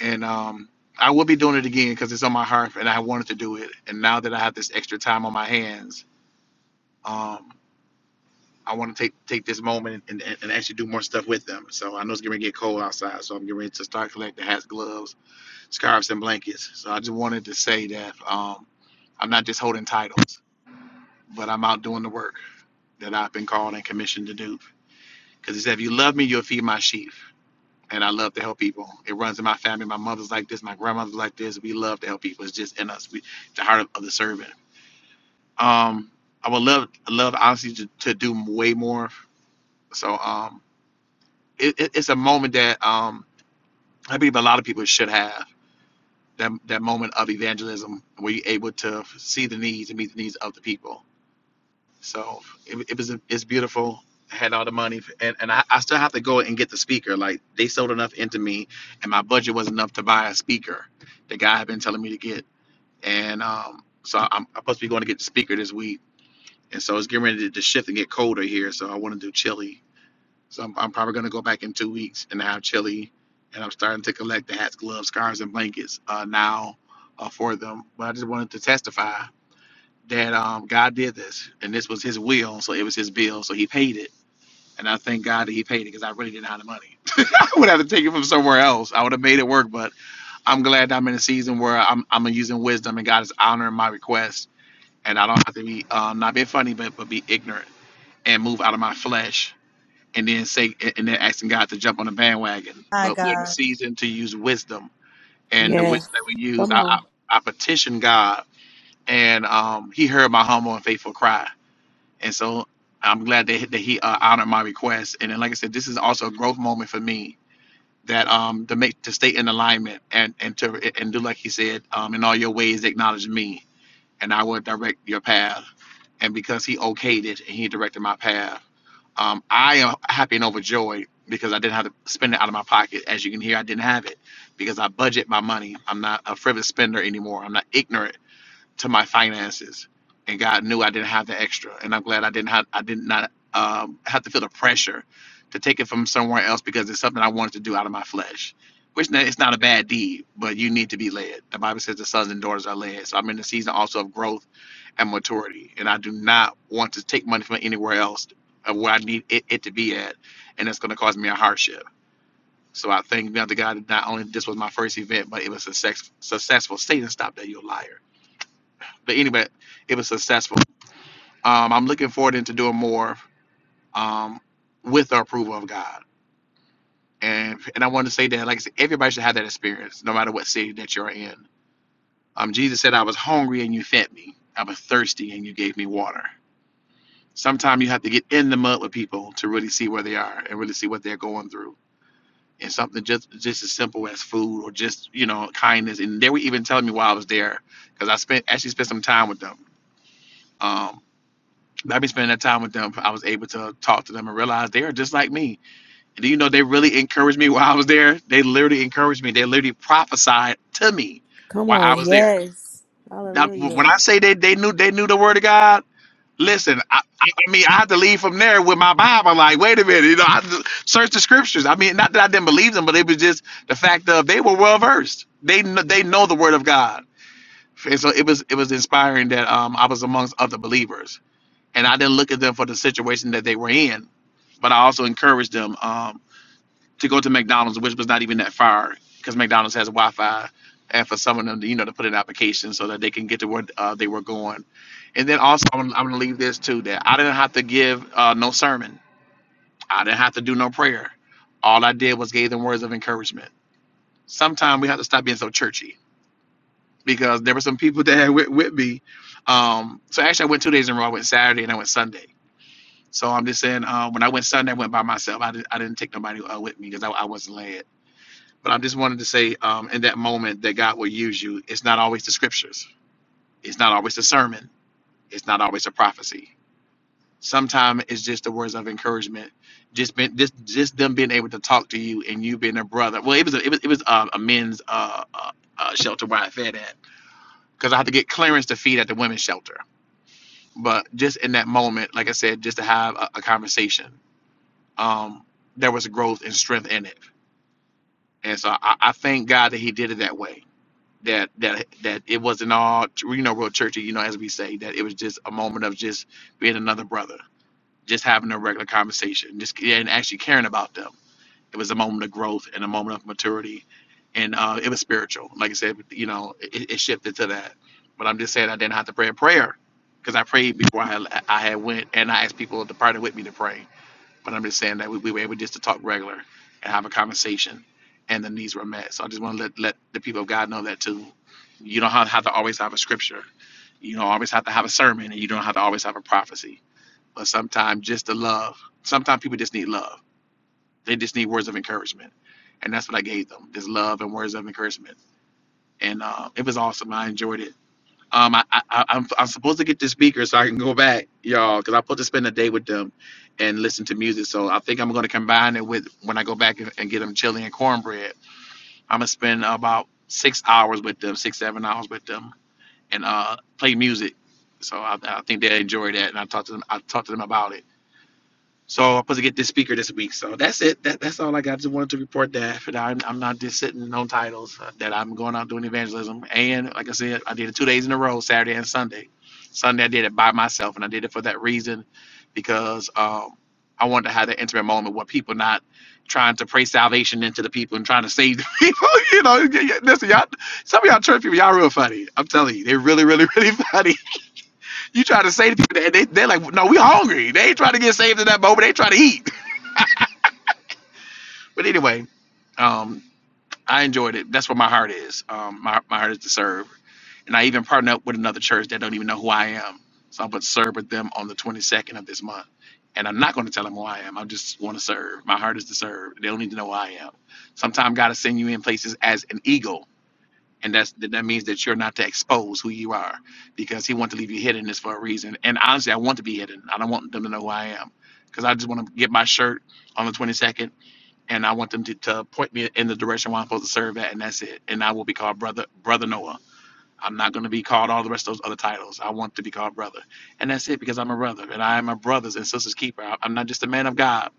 S22: and um, I will be doing it again because it's on my heart, and I wanted to do it. And now that I have this extra time on my hands, um, I want to take take this moment and, and, and actually do more stuff with them. So I know it's going to get cold outside, so I'm getting ready to start collecting hats, gloves, scarves, and blankets. So I just wanted to say that um, I'm not just holding titles, but I'm out doing the work that I've been called and commissioned to do. Because he said, "If you love me, you'll feed my sheep." and I love to help people. It runs in my family. My mother's like this. My grandmother's like this. We love to help people. It's just in us. We the heart of, of the servant. Um, I would love love honestly to, to do way more. So um, it, it, it's a moment that um, I believe a lot of people should have that that moment of evangelism where you're able to see the needs and meet the needs of the people. So it, it was it's beautiful. I had all the money, and, and I, I still have to go and get the speaker. Like they sold enough into me, and my budget was enough to buy a speaker. The guy had been telling me to get, and um, so I'm, I'm supposed to be going to get the speaker this week. And so it's getting ready to, to shift and get colder here. So I want to do chili. So I'm, I'm probably going to go back in two weeks and have chili. And I'm starting to collect the hats, gloves, scarves, and blankets uh, now uh, for them. But I just wanted to testify that um, God did this, and this was His will, so it was His bill, so He paid it, and I thank God that He paid it because I really didn't have the money. [laughs] I would have to take it from somewhere else. I would have made it work, but I'm glad that I'm in a season where I'm I'm using wisdom, and God is honoring my request, and I don't have to be um, not be funny, but but be ignorant and move out of my flesh, and then say and then asking God to jump on the bandwagon.
S23: My
S22: But we're in a
S23: God.
S22: season to use wisdom, and the
S1: Yes.
S22: wisdom that we use,
S1: Come
S22: I
S1: on.
S22: I, I petitioned God, and um, He heard my humble and faithful cry and so I'm glad that, that he uh, honored my request. And then, like I said, this is also a growth moment for me that um to make to stay in alignment and and to and do like he said um in all your ways acknowledge me and I will direct your path. And because he okayed it and he directed my path, um I am happy and overjoyed because I didn't have to spend it out of my pocket. As you can hear, I didn't have it because I budget my money. I'm not a frivolous spender anymore. I'm not ignorant to my finances, and God knew I didn't have the extra, and I'm glad I didn't have I did not um, have to feel the pressure to take it from somewhere else because it's something I wanted to do out of my flesh. Which n- it's not a bad deed, but you need to be led. The Bible says the sons and daughters are led. So I'm in the season also of growth and maturity, and I do not want to take money from anywhere else of where I need it, it to be at, and it's going to cause me a hardship. So I thank God to God that not only this was my first event, but it was a success, successful. Satan, stop that, you a liar but anyway, it was successful. Um, I'm looking forward into doing more um, with the approval of God. And and I want to say that, like I said, everybody should have that experience, no matter what city that you're in. Um, Jesus said, "I was hungry and you fed me. I was thirsty and you gave me water." Sometimes you have to get in the mud with people to really see where they are and really see what they're going through. And something just just as simple as food or just you know kindness. And they were even telling me while I was there, because I spent actually spent some time with them. Um. I've been spending that time with them. I was able to talk to them and realize they are just like me. And do you know they really encouraged me while I was there? They literally encouraged me. They literally prophesied to me
S1: Come
S22: while
S1: on.
S22: I was there.
S1: Yes.
S22: Now, when
S1: Hallelujah.
S22: I say they they knew they knew the word of God, listen, I, I I mean I had to leave from there with my Bible. Like, wait a minute, you know, I had to search the scriptures. I mean, not that I didn't believe them, but it was just the fact of they were well versed. They kn- they know the word of God, and so it was it was inspiring that um I was amongst other believers and I didn't look at them for the situation that they were in, but I also encouraged them um, to go to McDonald's, which was not even that far because McDonald's has Wi-Fi, and for some of them, to, you know, to put in applications so that they can get to where uh, they were going. And then also, I'm, I'm going to leave this too that I didn't have to give uh, no sermon, I didn't have to do no prayer. All I did was gave them words of encouragement. Sometimes we have to stop being so churchy because there were some people that had with, with me. Um, so actually, I went two days in a row. I went Saturday and I went Sunday So I'm just saying, uh, when I went Sunday, I went by myself. I, did, I didn't take nobody uh, with me because I, I wasn't led. But I just wanted to say, um, in that moment, that God will use you. It's not always the scriptures. It's not always the sermon. It's not always a prophecy. Sometimes it's just the words of encouragement. Just been just just them being able to talk to you and you being a brother. Well, it was a, it was it was uh, a men's uh, uh, uh, shelter where I fed at because I had to get clearance to feed at the women's shelter. But just in that moment, like I said, just to have a, a conversation um, there was a growth and strength in it. And so I, I thank God that He did it that way. That that that it wasn't all you know real churchy. You know, as we say, that it was just a moment of just being another brother, just having a regular conversation, just and actually caring about them. It was a moment of growth and a moment of maturity, and uh, it was spiritual. Like I said, you know, it, it shifted to that. But I'm just saying, I didn't have to pray a prayer because I prayed before I I had went, and I asked people to partner with me to pray but I'm just saying that we, we were able just to talk regular and have a conversation, and the needs were met. So I just want to let, let the people of God know that too. You don't have, have to always have a scripture. You don't always have to have a sermon, and you don't have to always have a prophecy. But sometimes just the love. Sometimes people just need love. They just need words of encouragement, and that's what I gave them: just love and words of encouragement. And uh, it was awesome. I enjoyed it um, I, I, I- I'm, I'm supposed to get the speaker so I can go back, y'all, because I'm supposed to spend a day with them and listen to music. So I think I'm going to combine it with when I go back and, and get them chili and cornbread. I'm going to spend about six hours with them, six, seven hours with them, and uh, play music. So I, I think they enjoy that. And I talked to them, I talked to them about it. So I'm supposed to get this speaker this week. So that's it. That, that's all I got. Just wanted to report that. For now, I'm, I'm not just sitting on titles. uh, that I'm going out doing evangelism. And like I said, I did it two days in a row, Saturday and Sunday. Sunday I did it by myself, and I did it for that reason, because um, I wanted to have that intimate moment with people, not trying to pray salvation into the people and trying to save the [laughs] people. You know, y- y- listen, y'all. Some of y'all church people, y'all real funny. I'm telling you, they're really, really, [laughs] really funny. You try to save people, and they they're like, no, we hungry. They ain't trying to get saved in that moment. They trying to eat. [laughs] But anyway, um, I enjoyed it. That's what my heart is. Um, my my heart is to serve, and I even partnered up with another church that don't even know who I am. So I'm gonna serve with them on the 22nd of this month, and I'm not gonna tell them who I am. I just want to serve. My heart is to serve. They don't need to know who I am. Sometimes God will send you in places as an eagle and that's that means that you're not to expose who you are because he wants to leave you hidden this for a reason and honestly i want to be hidden i don't want them to know who i am because i just want to get my shirt on the 22nd and i want them to, to point me in the direction where i'm supposed to serve at and that's it and i will be called brother brother noah i'm not going to be called all the rest of those other titles i want to be called brother and that's it because i'm a brother and i am my brother's and sister's keeper I- i'm not just a man of god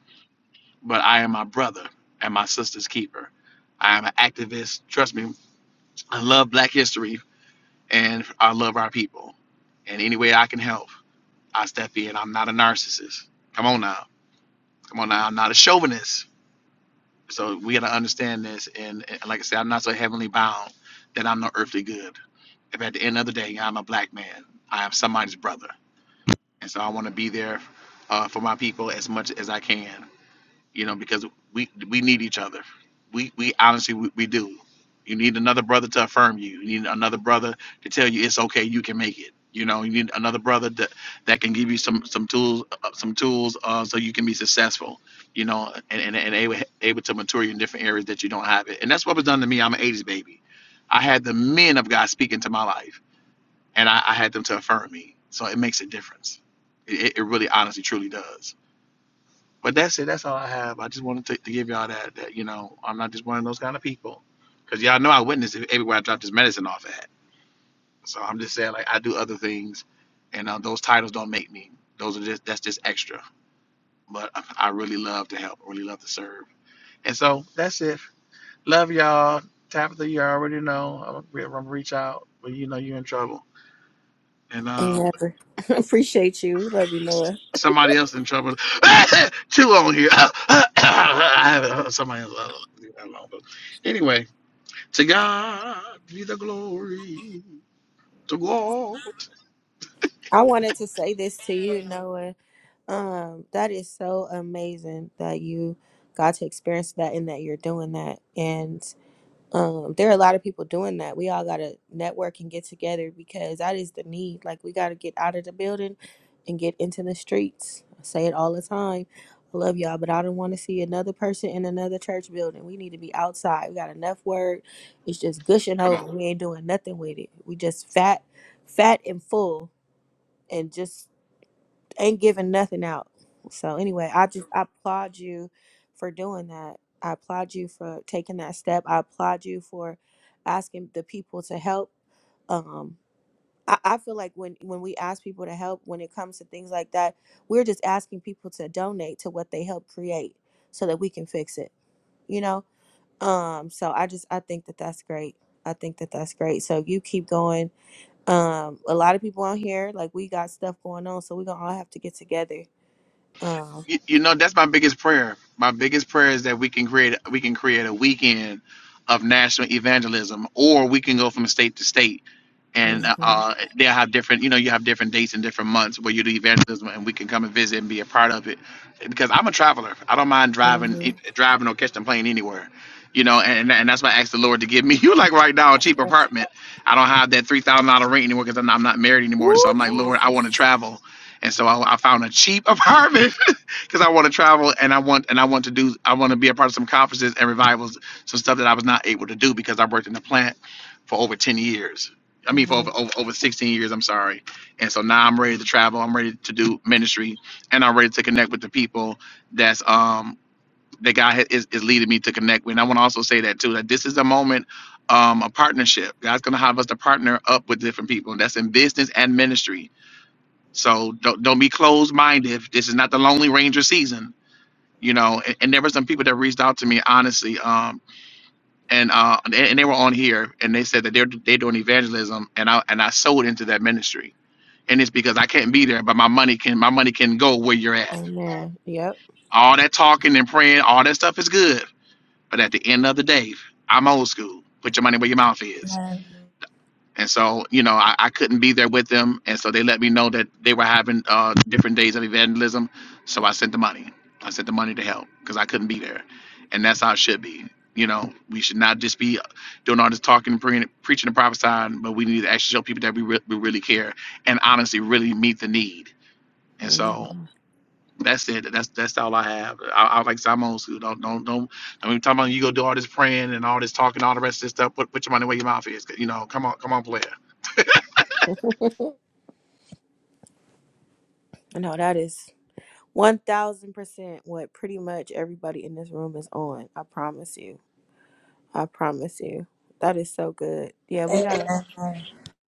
S22: but i am my brother and my sister's keeper i am an activist trust me i love black history and I love our people. And any way I can help, I step in. I'm not a narcissist. Come on now. Come on now. I'm not a chauvinist. So we got to understand this. And, and like I said, I'm not so heavenly bound that I'm no earthly good. If at the end of the day, I'm a black man, I am somebody's brother. And so I want to be there uh, for my people as much as I can, you know, because we, we need each other. we we honestly we, we do you need another brother to affirm you you need another brother to tell you it's okay you can make it you know you need another brother that that can give you some some tools uh, some tools uh, so you can be successful you know and and, and able, able to mature you in different areas that you don't have it and that's what was done to me i'm an 80s baby i had the men of god speaking to my life and i, I had them to affirm me so it makes a difference it, it it really honestly truly does but that's it. That's all I have. I just wanted to, to give y'all that, that, you know, I'm not just one of those kind of people. Because y'all know I witnessed it everywhere I dropped this medicine off at. So I'm just saying, like, I do other things, and uh, those titles don't make me. Those are just, that's just extra. But I really love to help, I really love to serve. And so that's it. Love y'all. Tabitha, you already know. I'm going to reach out, but you know you're in trouble. And um,
S1: Never. [laughs] Appreciate you. We love you,
S22: S-
S1: Noah.
S22: Somebody else in trouble. [laughs] Two on here. [coughs] I have somebody else. uh, leave that alone. But anyway, to God be the glory. To God.
S1: I wanted to say this to you, Noah. Um, that is so amazing that you got to experience that and that you're doing that. And um, there are a lot of people doing that. We all got to network and get together because that is the need. Like, we got to get out of the building and get into the streets. I say it all the time. I love y'all, but I don't want to see another person in another church building. We need to be outside. We got enough word. It's just gushing
S22: Come on.
S1: over. We ain't doing nothing with it. We just fat, fat and full and just ain't giving nothing out. So anyway, I just I applaud you for doing that. I applaud you for taking that step. I applaud you for asking the people to help. Um, I, I feel like when when we ask people to help, when it comes to things like that, we're just asking people to donate to what they help create so that we can fix it. You know. Um. So I just I think that that's great. I think that that's great. So you keep going. Um. A lot of people on here, like we got stuff going on, so we're gonna all have to get together Oh.
S22: You, you know that's my biggest prayer. My biggest prayer is that we can create we can create a weekend of national evangelism, or we can go from state to state and
S1: Mm-hmm.
S22: uh, they have different you know you have different dates and different months where you do evangelism and we can come and visit and be a part of it because i'm a traveler i don't mind driving
S1: Mm-hmm.
S22: eh, driving or catching a plane anywhere you know and, and that's why i asked the lord to give me [laughs] you like right now a cheap apartment i don't have that $3000 rent anymore because I'm, not- I'm not married anymore
S1: Woo,
S22: so i'm like lord i want to
S1: Jesus.
S22: travel and so I, I found a cheap [laughs] apartment because I want to travel and I want and I want to do I want to be a part of some conferences and revivals, some stuff that I was not able to do because I worked in the plant for over ten years. I mean, for
S1: Mm-hmm.
S22: over, over over sixteen years. I'm sorry, and so now I'm ready to travel. I'm ready to do ministry, and I'm ready to connect with the people that's um that God ha- is is leading me to connect with. And I want to also say that too that this is a moment. Um, a partnership. God's gonna have us to partner up with different people. That's in business and ministry. So don't don't be closed minded. This is not the Lonely Ranger season you know and, and there were some people that reached out to me honestly um and uh and, and they were on here and they said that they're they're doing evangelism and i and i sold into that ministry and it's because i can't be there but my money can my money can go where you're at
S1: Amen. Yep.
S22: all that talking and praying all that stuff is good but at the end of the day i'm old school put your money where your mouth is And so, you know, I, I couldn't be there with them. And so they let me know that they were having uh, different days of evangelism. So I sent the money. I sent the money to help because I couldn't be there. And that's how it should be. You know, we should not just be doing all this talking, pre- preaching, and prophesying, but we need to actually show people that we, re- we really care and honestly really meet the need. And
S1: Mm-hmm.
S22: so that's it. That's that's all I have. I, I like Simons who don't don't don't. I mean, talking about you go do all this praying and all this talking, all the rest of this stuff. Put put your money where your mouth is. You know, come on, come on, player.
S1: No, that is one thousand percent what pretty much everybody in this room is on. I promise you. I promise you. That is so good. Yeah, we gotta.
S23: Amen.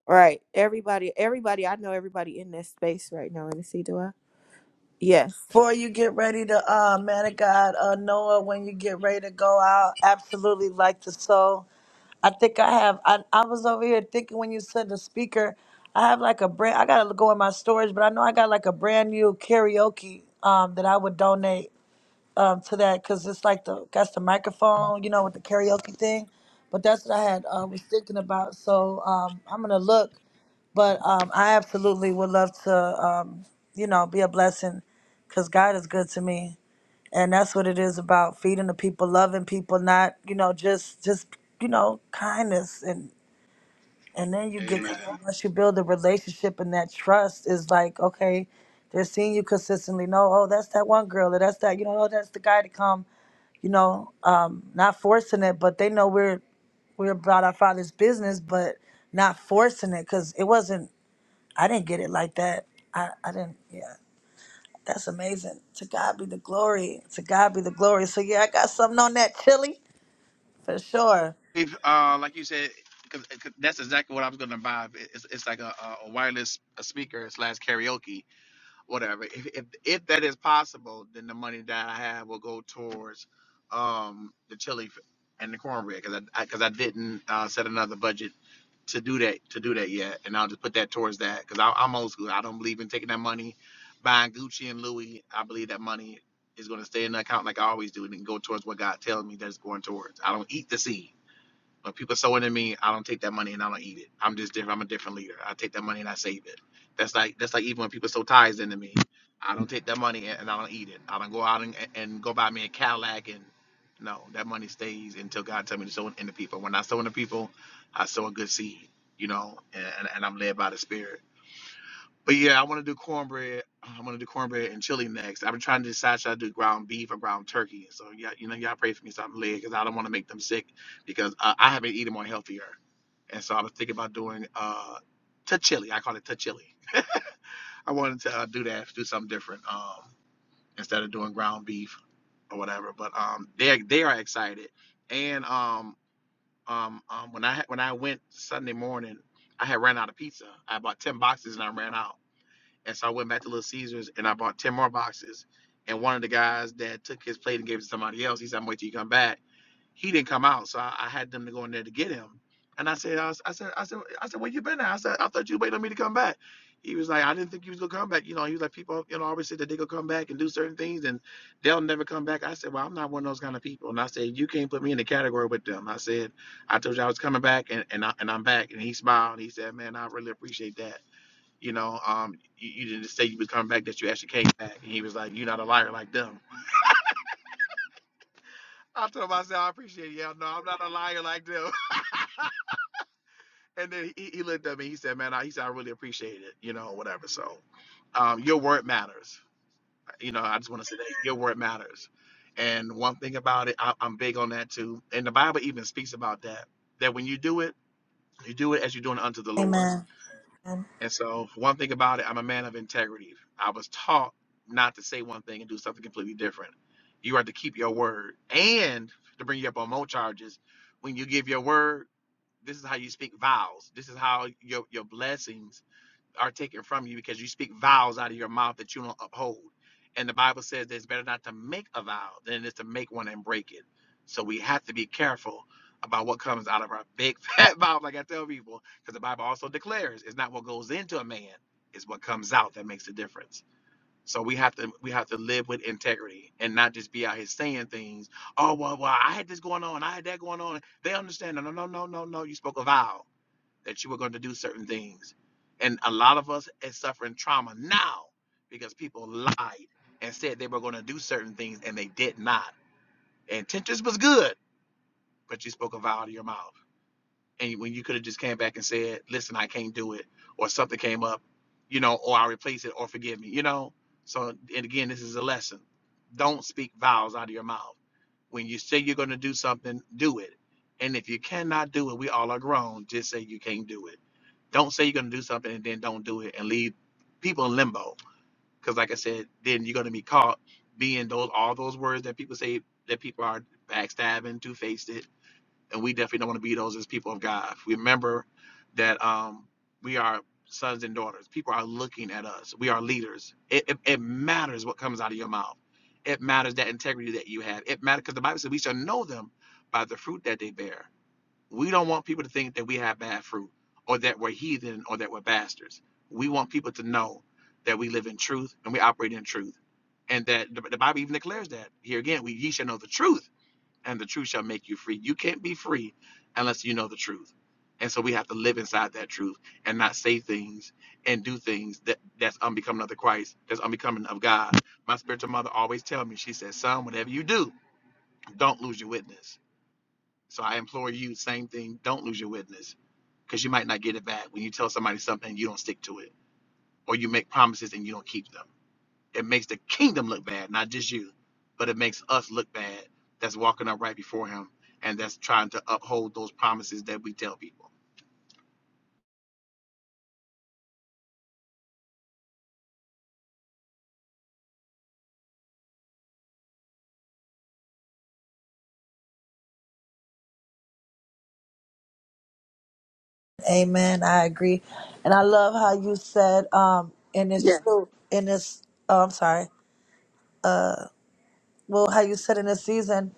S1: Right. Everybody. Everybody. I know everybody in this space right now. And see, do I? Yes.
S23: Before you get ready to, uh, man of God, uh, Noah, when you get ready to go out, absolutely like to sow. I think I have. I, I was over here thinking when you said the speaker, I have like a brand. I gotta go in my storage, but I know I got like a brand new karaoke um, that I would donate. um, to that because it's like the that's the microphone, you know, with the karaoke thing. But that's what I had uh, was thinking about. So um, I'm gonna look, but um, I absolutely would love to, um, you know, be a blessing because God is good to me, and that's what it is about feeding the people, loving people, not you know just just you know kindness and and then you get to that once you build a relationship and that trust is like okay they're seeing you consistently no oh that's that one girl or that's that you know oh that's the guy to come you know, um, not forcing it, but they know we're we're about our father's business, but not forcing it because it wasn't. I didn't get it like that. I I didn't. Yeah, that's amazing. To God be the glory. To God be the glory. So yeah, I got something on that chili for sure.
S22: uh, like you said, because that's exactly what I was going to buy. It's, it's like a, a a wireless speaker slash karaoke, whatever. If, if if that is possible, then the money that I have will go towards um, the chili f- and the cornbread because I because I, 'cause I didn't uh, set another budget to do that to do that yet, and I'll just put that towards that because I'm old school. I don't believe in taking that money, buying Gucci and Louis. I believe that money is going to stay in the account like I always do, and then go towards what God tells me that it's going towards. I don't eat the seed. When people sow into me, I don't take that money and I don't eat it. I'm just different. I'm a different leader. I take that money and I save it. That's like that's like even when people sow tithes into me, I don't take that money and and I don't eat it. I don't go out and, and go buy me a Cadillac and no, that money stays until God tells me to sow it into people. When I sow into people, I sow a good seed, you know, and, and I'm led by the Spirit. But yeah, I want to do cornbread. I'm gonna do cornbread and chili next. I've been trying to decide should I do ground beef or ground turkey. So yeah, you know, y'all pray for me something late because I don't want to make them sick because uh, I have been eating more healthier. And so I was thinking about doing uh chili. I call it chili. I wanted to uh, do that, do something different um instead of doing ground beef or whatever. But um they they are excited. And um um um when I when I went Sunday morning, I had ran out of pizza. I bought 10 boxes and I ran out. And so I went back to Little Caesars and I bought 10 more boxes. And one of the guys that took his plate and gave it to somebody else, he said, I'm waiting till you come back. He didn't come out. So I, I had them to go in there to get him. And I said, I, was, I said, I said, I said, where you been at? I said, I thought you waited on me to come back. He was like, I didn't think you was gonna come back. You know, he was like, people, you know, always said that they gonna come back and do certain things and they'll never come back. I said, Well, I'm not one of those kind of people. And I said, You can't put me in the category with them. I said, I told you I was coming back and, and I and I'm back. And he smiled and he said, Man, I really appreciate that. You know, um, you, you didn't just say you was coming back, that you actually came back. And he was like, You're not a liar like them. I told him, I said, I appreciate it. Yeah, no, I'm not a liar like them. [laughs] And then he, he looked at me, he said, Man, I, he said, I really appreciate it, you know, whatever. So um, your word matters. You know, I just want to say that your word matters. And one thing about it, I, I'm big on that too. And the Bible even speaks about that, that when you do it, you do it as you're doing it unto the Lord.
S23: Amen.
S22: And so, one thing about it, I'm a man of integrity. I was taught not to say one thing and do something completely different. You are to keep your word. And to bring you up on more charges, when you give your word, this is how you speak vows. This is how your, your blessings are taken from you because you speak vows out of your mouth that you don't uphold. And the Bible says that it's better not to make a vow than it is to make one and break it. So we have to be careful about what comes out of our big [laughs] fat mouth, like I tell people, because the Bible also declares it's not what goes into a man, it's what comes out that makes the difference. So we have to we have to live with integrity and not just be out here saying things. Oh well, well I had this going on, I had that going on. They understand. No, no, no, no, no, no. You spoke a vow that you were going to do certain things. And a lot of us is suffering trauma now because people lied and said they were going to do certain things and they did not. And intentions was good, but you spoke a vow out of your mouth. And when you could have just came back and said, listen, I can't do it, or something came up, you know, or I replace it, or forgive me, you know. So, and again, this is a lesson. Don't speak vows out of your mouth when you say you're going to do something, do it. And if you cannot do it, we all are grown. Just say you can't do it don't say you're going to do something and then don't do it and leave people in limbo. Because, like I said, then you're going to be caught being those all those words that people say that people are backstabbing, two faced it. And we definitely don't want to be those as people of God. Remember that um, we are sons and daughters. People are looking at us. We are leaders. It, it, it matters what comes out of your mouth. It matters that integrity that you have. It matters because the Bible says we shall know them by the fruit that they bear we don't want people to think that we have bad fruit or that we're heathen or that we're bastards. We want people to know that we live in truth and we operate in truth. And that the, the Bible even declares that. Here again, we ye shall know the truth, and the truth shall make you free. You can't be free unless you know the truth. And so we have to live inside that truth and not say things and do things that that's unbecoming of the Christ, that's unbecoming of God. My spiritual mother always tell me, she says, son, whatever you do, don't lose your witness. So I implore you, same thing, don't lose your witness because you might not get it back when you tell somebody something and you don't stick to it or you make promises and you don't keep them it makes the kingdom look bad not just you but it makes us look bad that's walking up right before him and that's trying to uphold those promises that we tell people
S23: Amen. I agree, and I love how you said, um, and it's Yeah. true. And it's. Oh, I'm sorry. well how you said in this season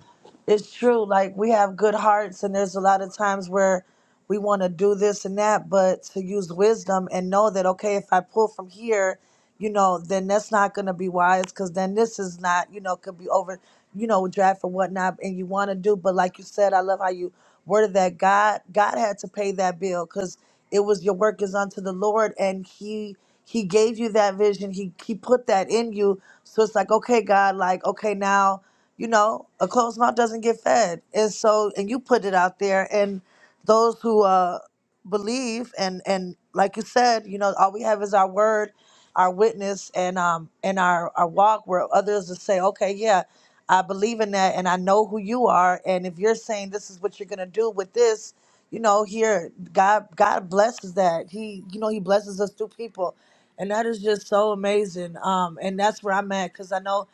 S23: it's true like we have good hearts and there's a lot of times where we want to do this and that but to use wisdom and know that okay if i pull from here you know then that's not going to be wise because then this is not you know could be over you know draft or whatnot and you want to do but like you said i love how you worded that god god had to pay that bill because it was your work is unto the Lord, and He He gave you that vision. He He put that in you. So it's like, okay, God, like, okay, now, you know, a closed mouth doesn't get fed. And so, and you put it out there, and those who uh believe and and like you said, you know, all we have is our word, our witness, and um and our our walk where others will say, okay, yeah. I believe in that and I know who you are. And if you're saying this is what you're going to do with this, you know here god god blesses that he you know he blesses us through people and that is just so amazing um and that's where i'm at because i know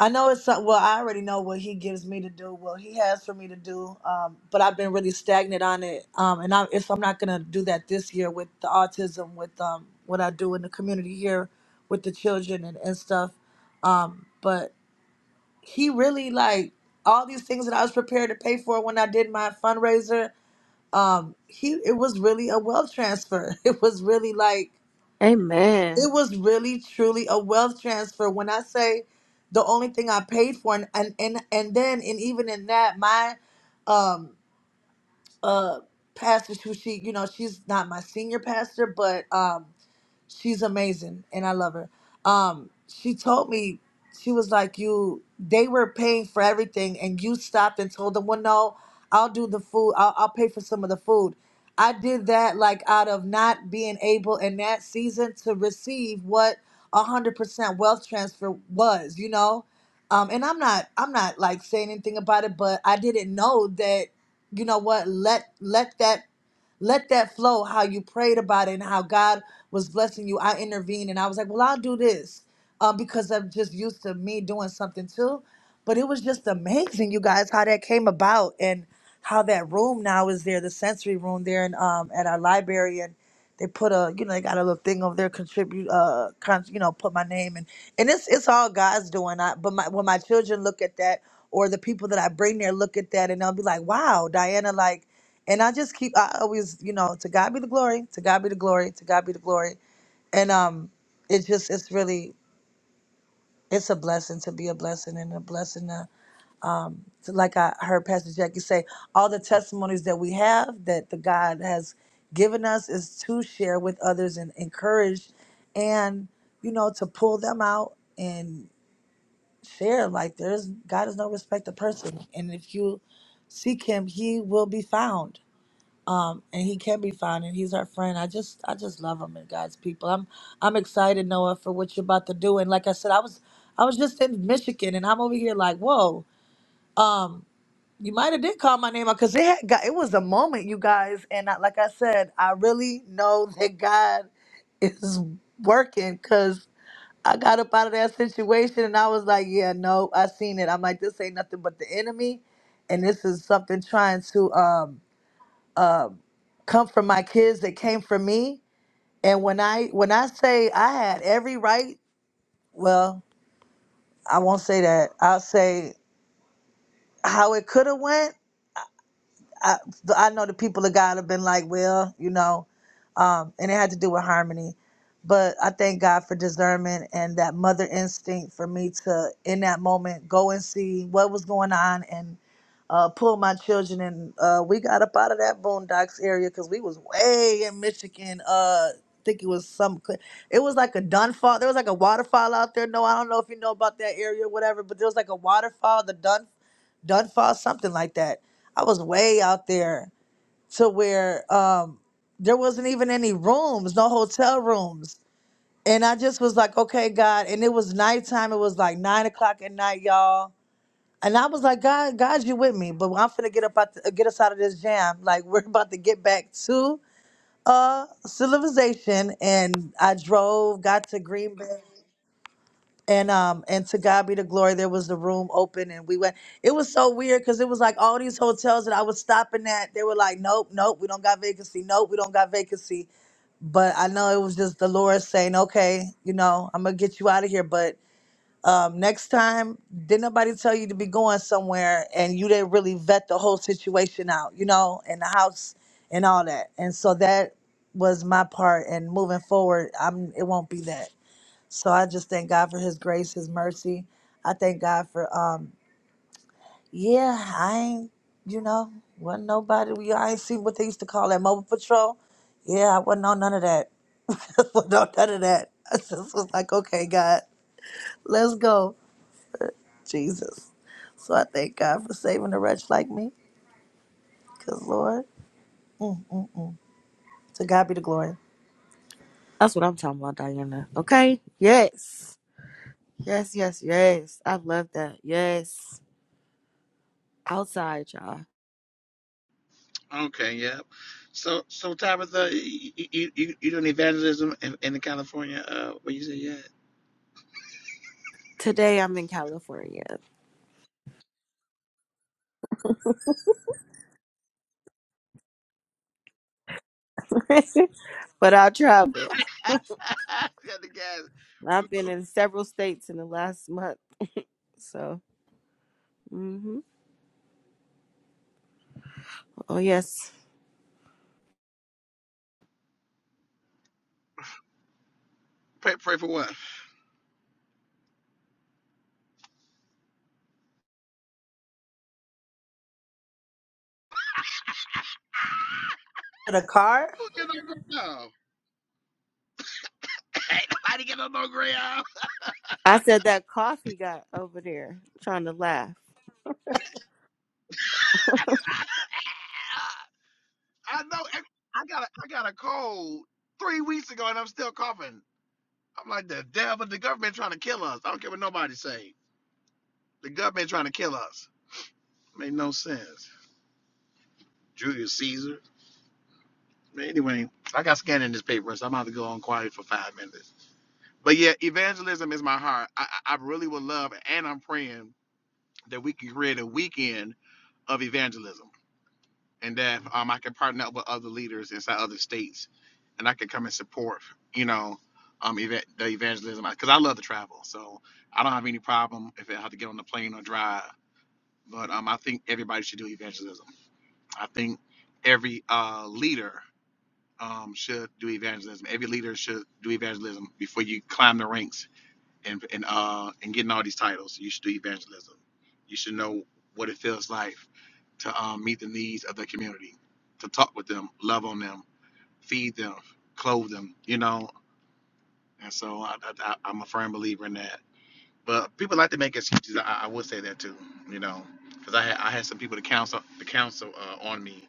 S23: i know it's some- well i already know what he gives me to do what he has for me to do um but i've been really stagnant on it um and i if i'm not gonna do that this year with the autism with um what i do in the community here with the children and, and stuff um but he really like all these things that i was prepared to pay for when i did my fundraiser um he it was really a wealth transfer [laughs] it was really like
S1: Amen.
S23: it was really truly a wealth transfer when i say the only thing i paid for and and and, and then and even in that my um uh pastor who she you know she's not my senior pastor but um she's amazing and I love her. Um, she told me she was like, "You, they were paying for everything, and you stopped and told them, well, no, I'll do the food. I'll, I'll pay for some of the food." I did that like out of not being able in that season to receive what a hundred percent wealth transfer was, you know. Um, and I'm not, I'm not like saying anything about it, but I didn't know that. You know what? Let let that let that flow how you prayed about it and how God was blessing you. I intervened and I was like, well, I'll do this uh, because I'm just used to me doing something too. But it was just amazing, you guys, how that came about and how that room now is there, the sensory room there and um, at our library. and they put a you know they got a little thing over there contribute uh con- you know put my name and and it's it's all God's doing I but my when my children look at that or the people that I bring there look at that and they'll be like wow Diana like and I just keep I always you know to God be the glory to God be the glory to God be the glory and um it just it's really it's a blessing to be a blessing and a blessing so like I heard Pastor Jackie say, all the testimonies that we have that the God has given us is to share with others and encourage and, you know, to pull them out and share. Like there's God is no respect of person. And if you seek him, he will be found. Um, and he can be found and he's our friend. I just I just love him and God's people. I'm I'm excited, Noah, for what you're about to do. And like I said, I was I was just in Michigan and I'm over here like, whoa. Um you might have did call my name out because it had got, it was a moment, you guys, and I, like I said, I really know [laughs] that God is working because I got up out of that situation and I was like, yeah, no, I seen it. I'm like, this ain't nothing but the enemy, and this is something trying to um uh, come from my kids that came from me. And when I when I say I had every right, well, I won't say that. I'll say how it could have went. I, I know the people of God have been like, well, you know, um, and it had to do with harmony. But I thank God for discernment and that mother instinct for me to, in that moment, go and see what was going on and uh, pull my children. And uh, we got up out of that boondocks area because we was way in Michigan. Uh, I think it was some, it was like a Dunfall. There was like a waterfall out there. No, I don't know if you know about that area or whatever, but there was like a waterfall, the Dun, Dunfall, something like that I was way out there to where um, there wasn't even any rooms, no hotel rooms. And I just was like, okay, God. And it was nighttime. It was like nine o'clock at night, y'all. And I was like, God, God, you with me? But I'm finna get up out, the, get us out of this jam. [laughs] Like we're about to get back to uh civilization. And I drove, got to Green Bay and um and to God be the glory. There was the room open, and we went. It was so weird because it was like all these hotels that I was stopping at. They were like, nope, nope, we don't got vacancy. Nope, we don't got vacancy. But I know it was just the Lord saying, okay, you know, I'm gonna get you out of here. But um, next time, didn't nobody tell you to be going somewhere, and you didn't really vet the whole situation out, you know, and the house and all that. And so that was my part. And moving forward, I'm. It won't be that. So I just thank God for His grace, His mercy. I thank God for um, yeah, I ain't you know wasn't nobody. We I ain't seen what they used to call that mobile patrol. Yeah, I wasn't on none of that. [laughs] wasn't on none of that. I just was like, okay, God, let's go, Jesus. So I thank God for saving a wretch like me, cause Lord, to God be the glory.
S1: That's what I'm talking about, Diana. Okay. Yes. Yes. Yes. Yes. I love that. Yes. Outside, y'all.
S22: okay yeah so so tabitha you you, you you doing evangelism in, in california uh what you say yeah
S1: Today I'm in California, [laughs] but I travel.
S22: [laughs] got the gas
S1: I've been in several states in the last month. So, hmm oh yes,
S22: pray, pray for what
S23: For the car,
S22: who get on no [laughs] Ain't nobody get on no ground
S1: I said that coffee got over there trying to laugh.
S22: [laughs] I know. and I got a, I got a cold three weeks ago, and I'm still coughing. I'm like the devil. The government trying to kill us. I don't care what nobody say. The government trying to kill us. Made no sense. Julius Caesar. Anyway, I got scanned in this paper, so I'm about to go on quiet for five minutes. But yeah, evangelism is my heart. I, I I really would love, and I'm praying that we can create a weekend of evangelism. and that um, I can partner up with other leaders inside other states, and I can come and support, you know, um, eva- the evangelism because I love to travel, so I don't have any problem if I have to get on the plane or drive. But um, I think everybody should do evangelism. I think every uh, leader um, should do evangelism. Every leader should do evangelism before you climb the ranks and and uh, and getting all these titles. You should do evangelism. You should know what it feels like to um, meet the needs of the community, to talk with them, love on them, feed them, clothe them, you know. And so I, I, I- I'm a firm believer in that. But people like to make excuses. I, I would say that too, you know, because I had I had some people to counsel to counsel uh, on me,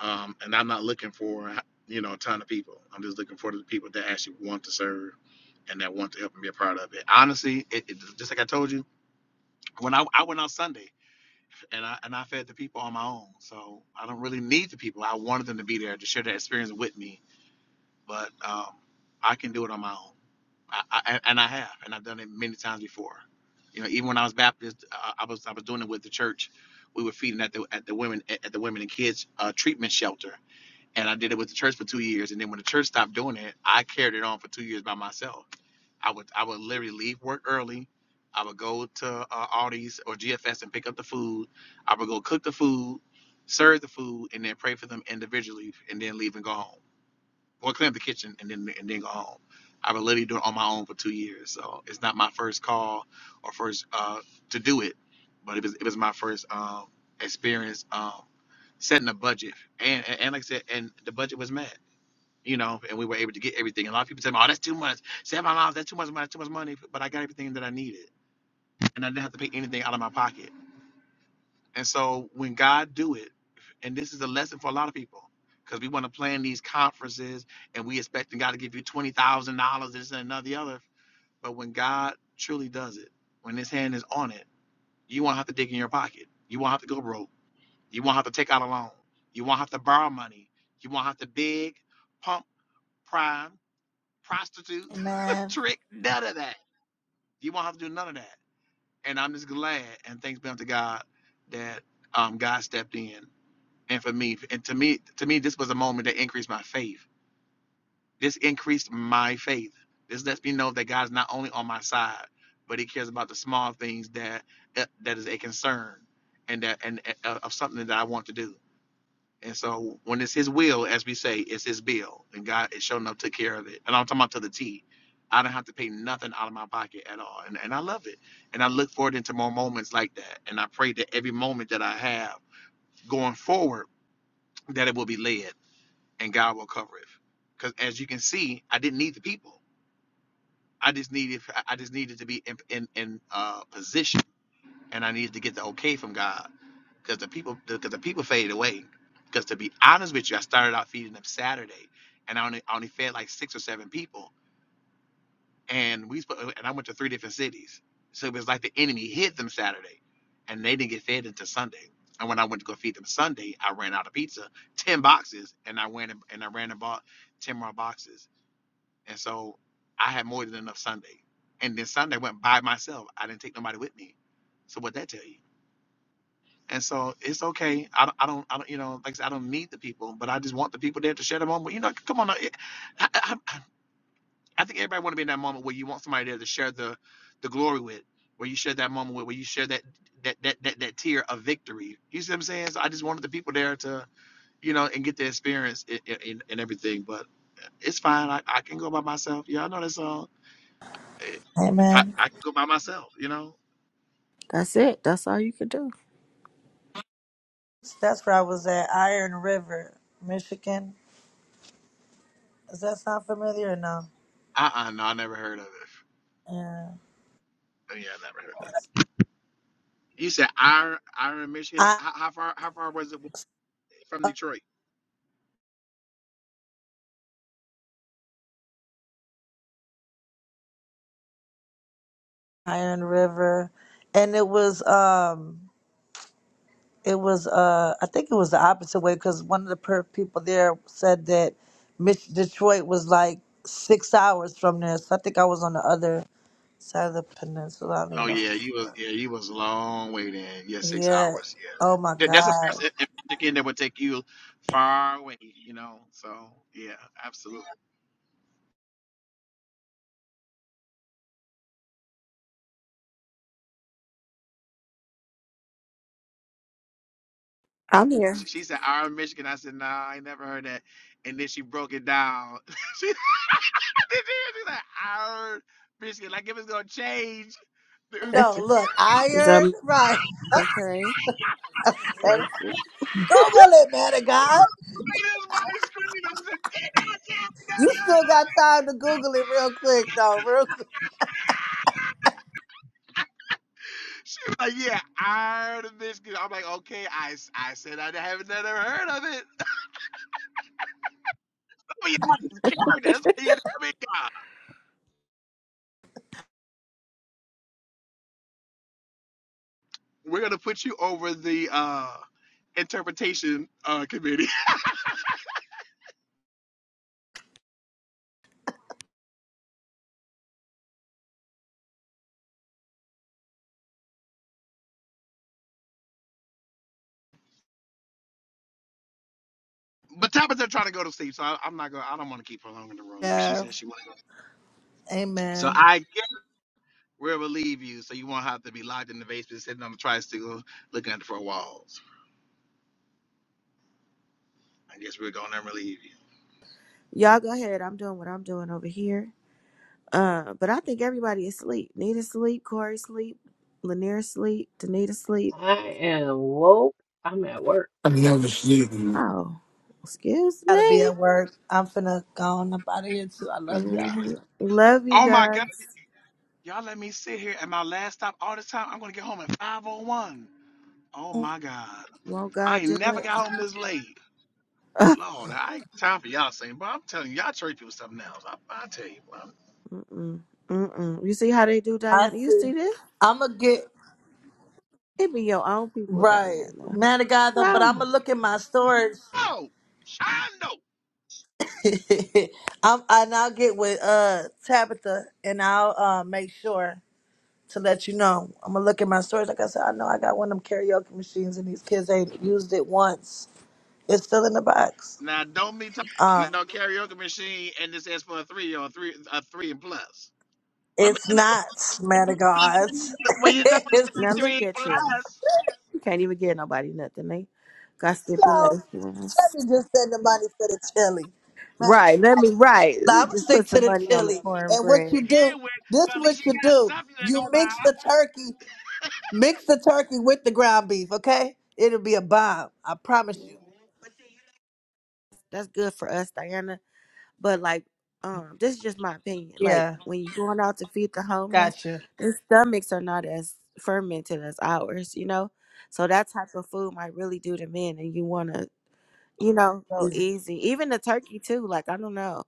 S22: um, and I'm not looking for you know a ton of people. I'm just looking for the people that actually want to serve and that want to help and be a part of it. Honestly, it, it, just like I told you, when I, I went out Sunday. and I and I fed the people on my own. So I don't really need the people. I wanted them to be there to share that experience with me, but um, I can do it on my own. I, I, and I have, and I've done it many times before. You know, even when I was Baptist, I, I was I was doing it with the church. We were feeding at the at the women at the women and kids uh, treatment shelter and I did it with the church for two years. And then when the church stopped doing it, I carried it on for two years by myself. I would I would literally leave work early. I would go to uh, Aldi's or GFS and pick up the food. I would go cook the food, serve the food, and then pray for them individually, and then leave and go home, or clean up the kitchen and then and then go home. I would literally do it on my own for two years. So it's not my first call or first uh, to do it, but it was it was my first um, experience um, setting a budget. And, and and like I said, and the budget was met, you know, and we were able to get everything. A lot of people said, "Oh, that's too much. Seven dollars, that's too much money, too much money." But I got everything that I needed, and I didn't have to pay anything out of my pocket. And so when God do it, and this is a lesson for a lot of people. Because we want to plan these conferences and we expecting God to give you twenty thousand dollars, this and another the other. But when God truly does it, when his hand is on it, you won't have to dig in your pocket. You won't have to go broke You won't have to take out a loan. You won't have to borrow money. You won't have to beg, pump, prime, prostitute, [laughs]
S23: Amen,
S22: trick, none of that. You won't have to do none of that. And I'm just glad and thanks be unto God that um, God stepped in. And for me, and to me, to me, this was a moment that increased my faith. This increased my faith. This lets me know that God is not only on my side, but He cares about the small things that uh, that is a concern and that and uh, of something that I want to do. And so when it's his will, as we say, it's his bill. And God is showing up, took care of it. And I'm talking about to the T. I don't have to pay nothing out of my pocket at all. And, and I love it. And I look forward into more moments like that. And I pray that every moment that I have going forward, that it will be led and God will cover it. Because as you can see, I didn't need the people. I just needed I just needed to be in in, in uh, position and I needed to get the okay from God because the people because the people faded away. Because to be honest with you, I started out feeding them Saturday, and I only I only fed like six or seven people, and we spo- and I went to three different cities, so it was like the enemy hit them Saturday, and they didn't get fed until Sunday. And when I went to go feed them Sunday, I ran out of pizza, ten boxes, and I went and, and I ran and bought ten more boxes, and so I had more than enough Sunday. And then Sunday I went by myself. I didn't take nobody with me. So what that tell you? And so it's okay. I don't, I don't, I don't, you know, like I said, I don't need the people, but I just want the people there to share the moment. You know, come on. It, I, I, I think everybody want to be in that moment where you want somebody there to share the, the glory with, where you share that moment with, where you share that, that, that, that, that tear of victory. You see what I'm saying? So I just wanted the people there to, you know, and get the experience and, and, and everything, but it's fine. I, I can go by myself. Yeah, I know that song. Eh, If I,
S23: Amen.
S22: I can go by myself, you know?
S1: That's it. That's all you can do.
S23: So That's where I was at Iron River, Michigan. Does that sound familiar or no?
S22: Uh-uh, no, I never heard of it.
S23: Yeah.
S22: Yeah, I never heard. You said Iron Iron Michigan.
S23: I
S22: How, how far how far was it from Detroit?
S23: Iron River, and it was um it was uh I think it was the opposite way because one of the per- people there said that Mich- Detroit was like six hours from there, so I think I was on the other side of the peninsula. I don't even
S22: Oh
S23: know.
S22: yeah, you was yeah you was a long way then. Yeah, six
S23: Yeah.
S22: hours. Yeah,
S23: Oh my
S22: That- that's a
S23: God.
S22: person in Michigan that would take you far away. You know, so yeah, absolutely.
S1: I'm here.
S22: She, she said Iron Michigan. I said nah, I ain't never heard that. And then she broke it down. [laughs] she, [laughs] said- she said Iron Michigan. Like if it's gonna change, [laughs] it was gonna
S23: No, look,
S1: Is
S23: iron,
S1: that
S23: right.
S1: okay?
S23: [laughs]
S1: Thank you.
S22: [laughs]
S23: Google it, man of God.
S22: She's
S23: You still got time to Google it real quick, though, real quick.
S22: like, yeah, I heard of Michigan. I'm like, okay, I I said I haven't never heard of it. [laughs] but you watch his character. That's what he had to come in. We're going to put you over the uh, interpretation uh, committee. [laughs] but Tabitha trying to go to sleep, so I, I'm not going to, I don't want to keep her long in the room because she
S23: Yeah.
S22: said she wasn't. gonna- So
S23: Amen.
S22: I guess we'll relieve you so you won't have to be locked in the basement sitting on the tricycle looking at the four walls. I guess we're gonna never leave you.
S1: Y'all go ahead. I'm doing what I'm doing over here. Uh, but I think everybody is asleep. Nita sleep. Corey sleep. Lanier sleep. Danita sleep.
S9: I am woke. I'm at work.
S2: I never sleeping.
S1: Oh, excuse
S23: gotta be
S1: me.
S23: at work. I'm finna go on up out of here too. I love
S1: hmm
S23: y'all.
S1: Love you
S22: Oh my God,
S1: guys.
S22: y'all let me sit here at my last stop all this time. I'm gonna get home at 5:01. Oh one. Oh my God,
S1: Won't
S22: I
S1: God do
S22: ain't never
S1: it?
S22: got home this late. Lord, I ain't got time for y'all saying, but I'm telling you, y'all church people something else. I, I tell you, bro.
S1: [laughs] Mm-mm. Mm-mm. You see how they do,
S23: I
S1: Diana? You
S23: see.
S1: see this?
S23: I'ma get
S1: It be your own people,
S23: right.
S1: Diana.
S23: Man of God though, but I'ma
S1: Um,
S23: look at my storage.
S22: Oh, I know.
S23: [laughs] I'm and I'll get with uh Tabitha and I'll uh make sure to let you know. I'ma look at my storage. Like I said, I know I got one of them karaoke machines and these kids ain't used it once. It's still in the box.
S22: Now don't be talking about
S23: Um
S22: no karaoke machine and this is for a three or a three a three and plus. Well,
S23: it's
S22: man,
S23: not, man
S22: well,
S23: of God.
S22: well you know
S23: [laughs]
S22: it's
S23: it's
S1: now
S22: a three
S1: look
S22: and
S1: at
S22: plus
S1: you. You can't even get nobody nothing. They got
S23: no. Let
S1: stipulations.
S23: me just send the money for the chili.
S1: Right. Let me, right. Let me
S23: I'm gonna
S1: just
S23: stick
S1: put
S23: to
S1: some
S23: the
S1: money on the
S23: chili. And what
S1: cornbread.
S22: to
S23: you do,
S22: begin with,
S23: this
S22: so at
S23: what
S22: least you
S23: you
S22: got
S23: do.
S22: something to go
S23: You
S22: by.
S23: mix the turkey, mix the turkey with the ground beef, okay? It'll be a bomb. I promise you.
S1: That's good for us, Diana. But like, um, this is just my opinion. Like
S23: Yeah,
S1: when you're going out to feed the homeless,
S23: got you.
S1: their stomachs are not as fermented as ours, you know. So that type of food might really do them in, and you want to, you know, go easy. Even the turkey too. Like I don't know,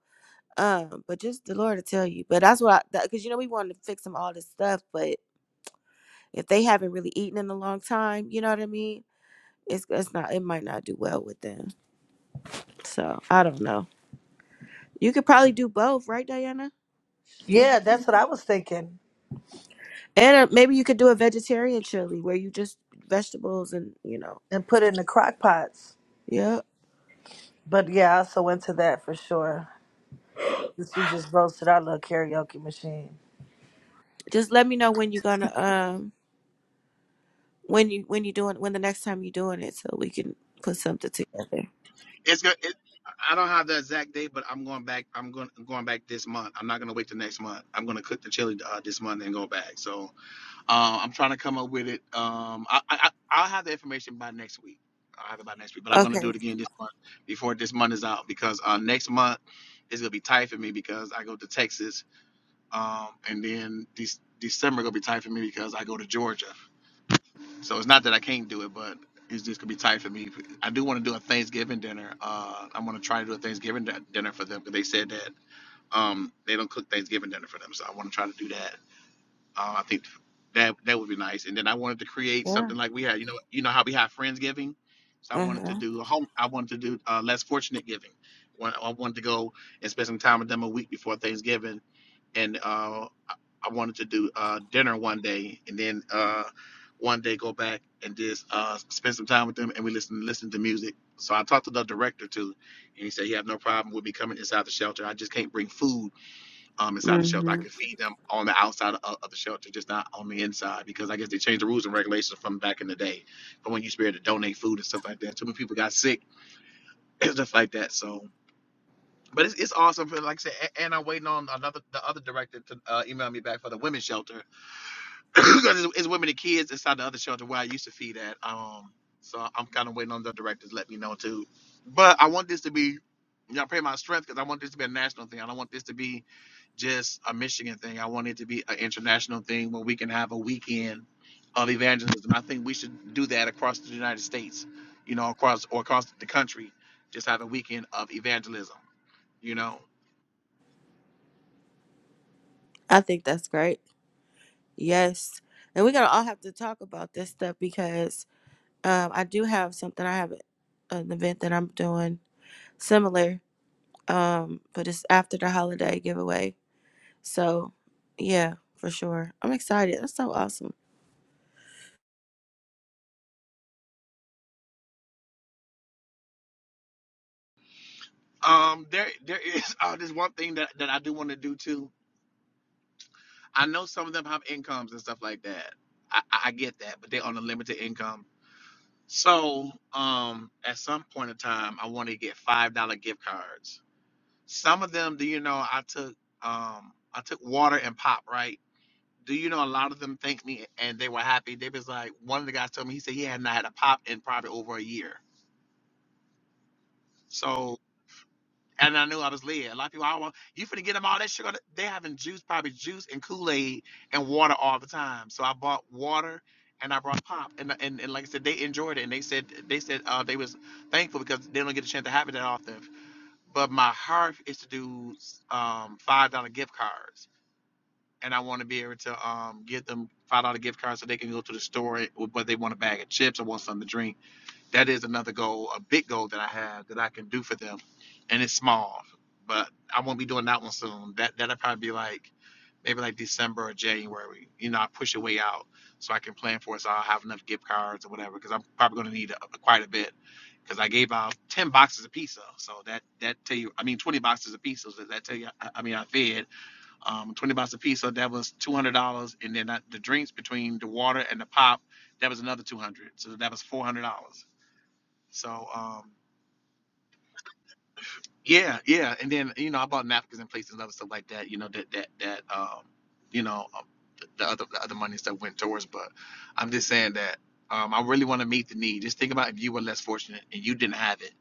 S1: um, but just the Lord to tell you. But that's what I, because you know we want to fix them all this stuff, but if they haven't really eaten in a long time, you know what I mean. It's it's not it might not do well with them. So I don't know. You could probably do both, right, Diana? Just do
S23: Yeah,
S1: both.
S23: that's what I was thinking.
S1: And uh, maybe you could do a vegetarian chili where you just vegetables and you know.
S23: And put it in the crock pots.
S1: Yeah.
S23: But yeah, I also went to that for sure. Since you just roasted our little karaoke machine.
S1: Just let me know when you're gonna um when you when you doing when the next time you're doing it so we can put something together.
S22: It's gonna. It, I don't have the exact date, but I'm going back. I'm going going back this month. I'm not gonna wait till next month. I'm gonna cook the chili uh, this month and go back. So uh, I'm trying to come up with it. Um, I, I I- I'll have the information by next week. I'll have it by next week. But I'm gonna do
S1: Okay.
S22: it again this month before this month is out because uh, next month is gonna be tight for me because I go to Texas. Um, and then this December gonna be tight for me because I go to Georgia. So it's not that I can't do it, but it's just gonna be tight for me. I do want to do a Thanksgiving dinner. Uh, I'm gonna try to do a Thanksgiving di- dinner for them because they said that um they don't cook Thanksgiving dinner for them. So I want to try to do that. Uh, I think that that would be nice. And then I wanted to create
S1: Yeah.
S22: something like we had. You know, you know how we have friendsgiving. So I wanted to
S1: Mhm.
S22: do a home. I wanted to do uh, less fortunate giving. When- I wanted to go and spend some time with them a week before Thanksgiving and uh, I I wanted to do uh, dinner one day, and then uh, one day go back and just uh, spend some time with them, and we listen listen to music. So I talked to the director too, and he said he had no problem with me coming inside the shelter. I just can't bring food um, inside the shelter. I
S1: Mhm.
S22: can feed them on the outside of, of the shelter, just not on the inside, because I guess they changed the rules and regulations from back in the day, from when you used to be able to donate food and stuff like that. Too many people got sick [laughs] [clears throat] and stuff like that. So but it's, it's awesome. but Like I said, a- and I'm waiting on another the other director to uh, email me back for the women's shelter [clears throat] because it's, it's women and kids inside the other shelter where I used to feed at. Um, so I'm kind of waiting on the directors to let me know too. But I want this to be, you know, pray my strength because I want this to be a national thing. I don't want this to be just a Michigan thing. I want it to be an international thing where we can have a weekend of evangelism. I think we should do that across the United States, you know, across or across the country, just have a weekend of evangelism. You know
S1: I think that's great. Yes. And we're gonna all have to talk about this stuff because um I do have something I have an event that I'm doing similar um but it's after the holiday giveaway So, yeah, for sure. I'm excited. That's so awesome.
S22: Um, there there is [laughs] oh, there's one thing that, that I do want to do too. I know some of them have incomes and stuff like that. I, I I get that, but they're on a limited income. So um at some point in time I want to get five dollar gift cards. Some of them, do you know, I took um I took water and pop, right? Do you know a lot of them thanked me and they were happy. They was like one of the guys told me he said he had not had a pop in probably over a year. So and I knew I was led. A lot of people, I want you finna get them all that sugar. They having juice, probably juice and Kool Aid and water all the time. So I bought water and I brought pop, and and, and like I said, they enjoyed it, and they said they said uh, they was thankful because they don't get a chance to have it that often. But my heart is to do um, five dollar gift cards, and I want to be able to um, give them five dollar gift cards so they can go to the store with what they want a bag of chips or want something to drink that is another goal, a big goal that I have that I can do for them, and it's small, but I won't be doing that one soon. That that'll probably be like maybe like December or January. You know, I push it way out so I can plan for it. So I'll have enough gift cards or whatever because I'm probably going to need a, quite a bit because I gave out ten boxes of pizza. So that that tell you, I mean, twenty boxes of pizza. So that tell you, I, I mean, I fed um, twenty boxes of pizza. That was two hundred dollars, and then I, the drinks between the water and the pop. That was another two hundred. So that was four hundred dollars so um yeah, yeah. And then, you know, I bought napkins and plates and other stuff like that, you know, that that that um you know, um, the other the other money and stuff went towards, but I'm just saying that um I really want to meet the need. Just think about if you were less fortunate and you didn't have it.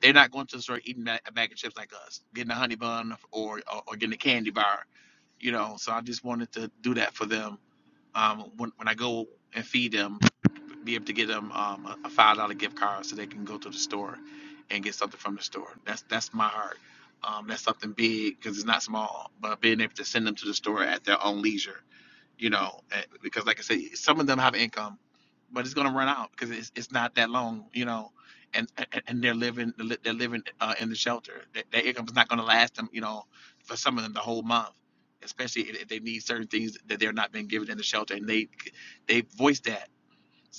S22: They're not going to the store eating ba- a bag of chips like us, getting a honey bun or or, or getting a candy bar, you know. So I just wanted to do that for them um when when I go and feed them be able to get them um, a five dollar gift card so they can go to the store and get something from the store. That's that's my heart. Um, that's something big because it's not small, but being able to send them to the store at their own leisure, you know, eh, because like I said, some of them have income, but it's gonna run out because it's, it's not that long, you know, and and, and they're living they're li- they're living uh, in the shelter. Their, their income is not gonna last them, you know, for some of them the whole month, especially if if they need certain things that they're not being given in the shelter, and they they voice that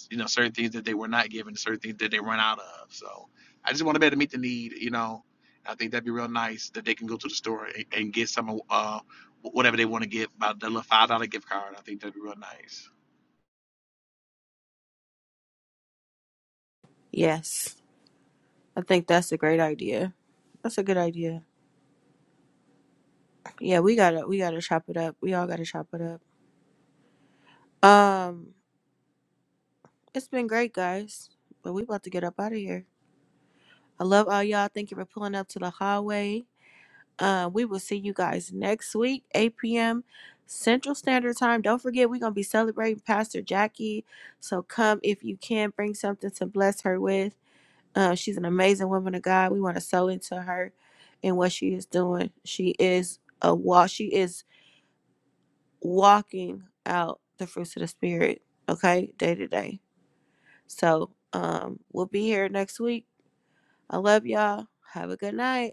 S22: you know, certain things that they were not given, certain things that they run out of. So I just want to be able to meet the need, you know. I think that'd be real nice that they can go to the store and, and get some of uh, whatever they want to get, about the little five dollar gift card. I think that'd be real nice.
S1: Yes. I think that's a great idea. That's a good idea. Yeah, we gotta we gotta chop it up. We all gotta chop it up. Um, it's been great, guys. But we about to get up out of here. I love all y'all. Thank you for pulling up to the hallway. Uh, we will see you guys next week, 8 p.m. Central Standard Time. Don't forget, we're gonna be celebrating Pastor Jackie. So come if you can, bring something to bless her with. Uh, she's an amazing woman of God. We want to sow into her and what she is doing. She is a walk. She is walking out the fruits of the spirit. Okay, day to day. So um, we'll be here next week. I love y'all. Have a good night.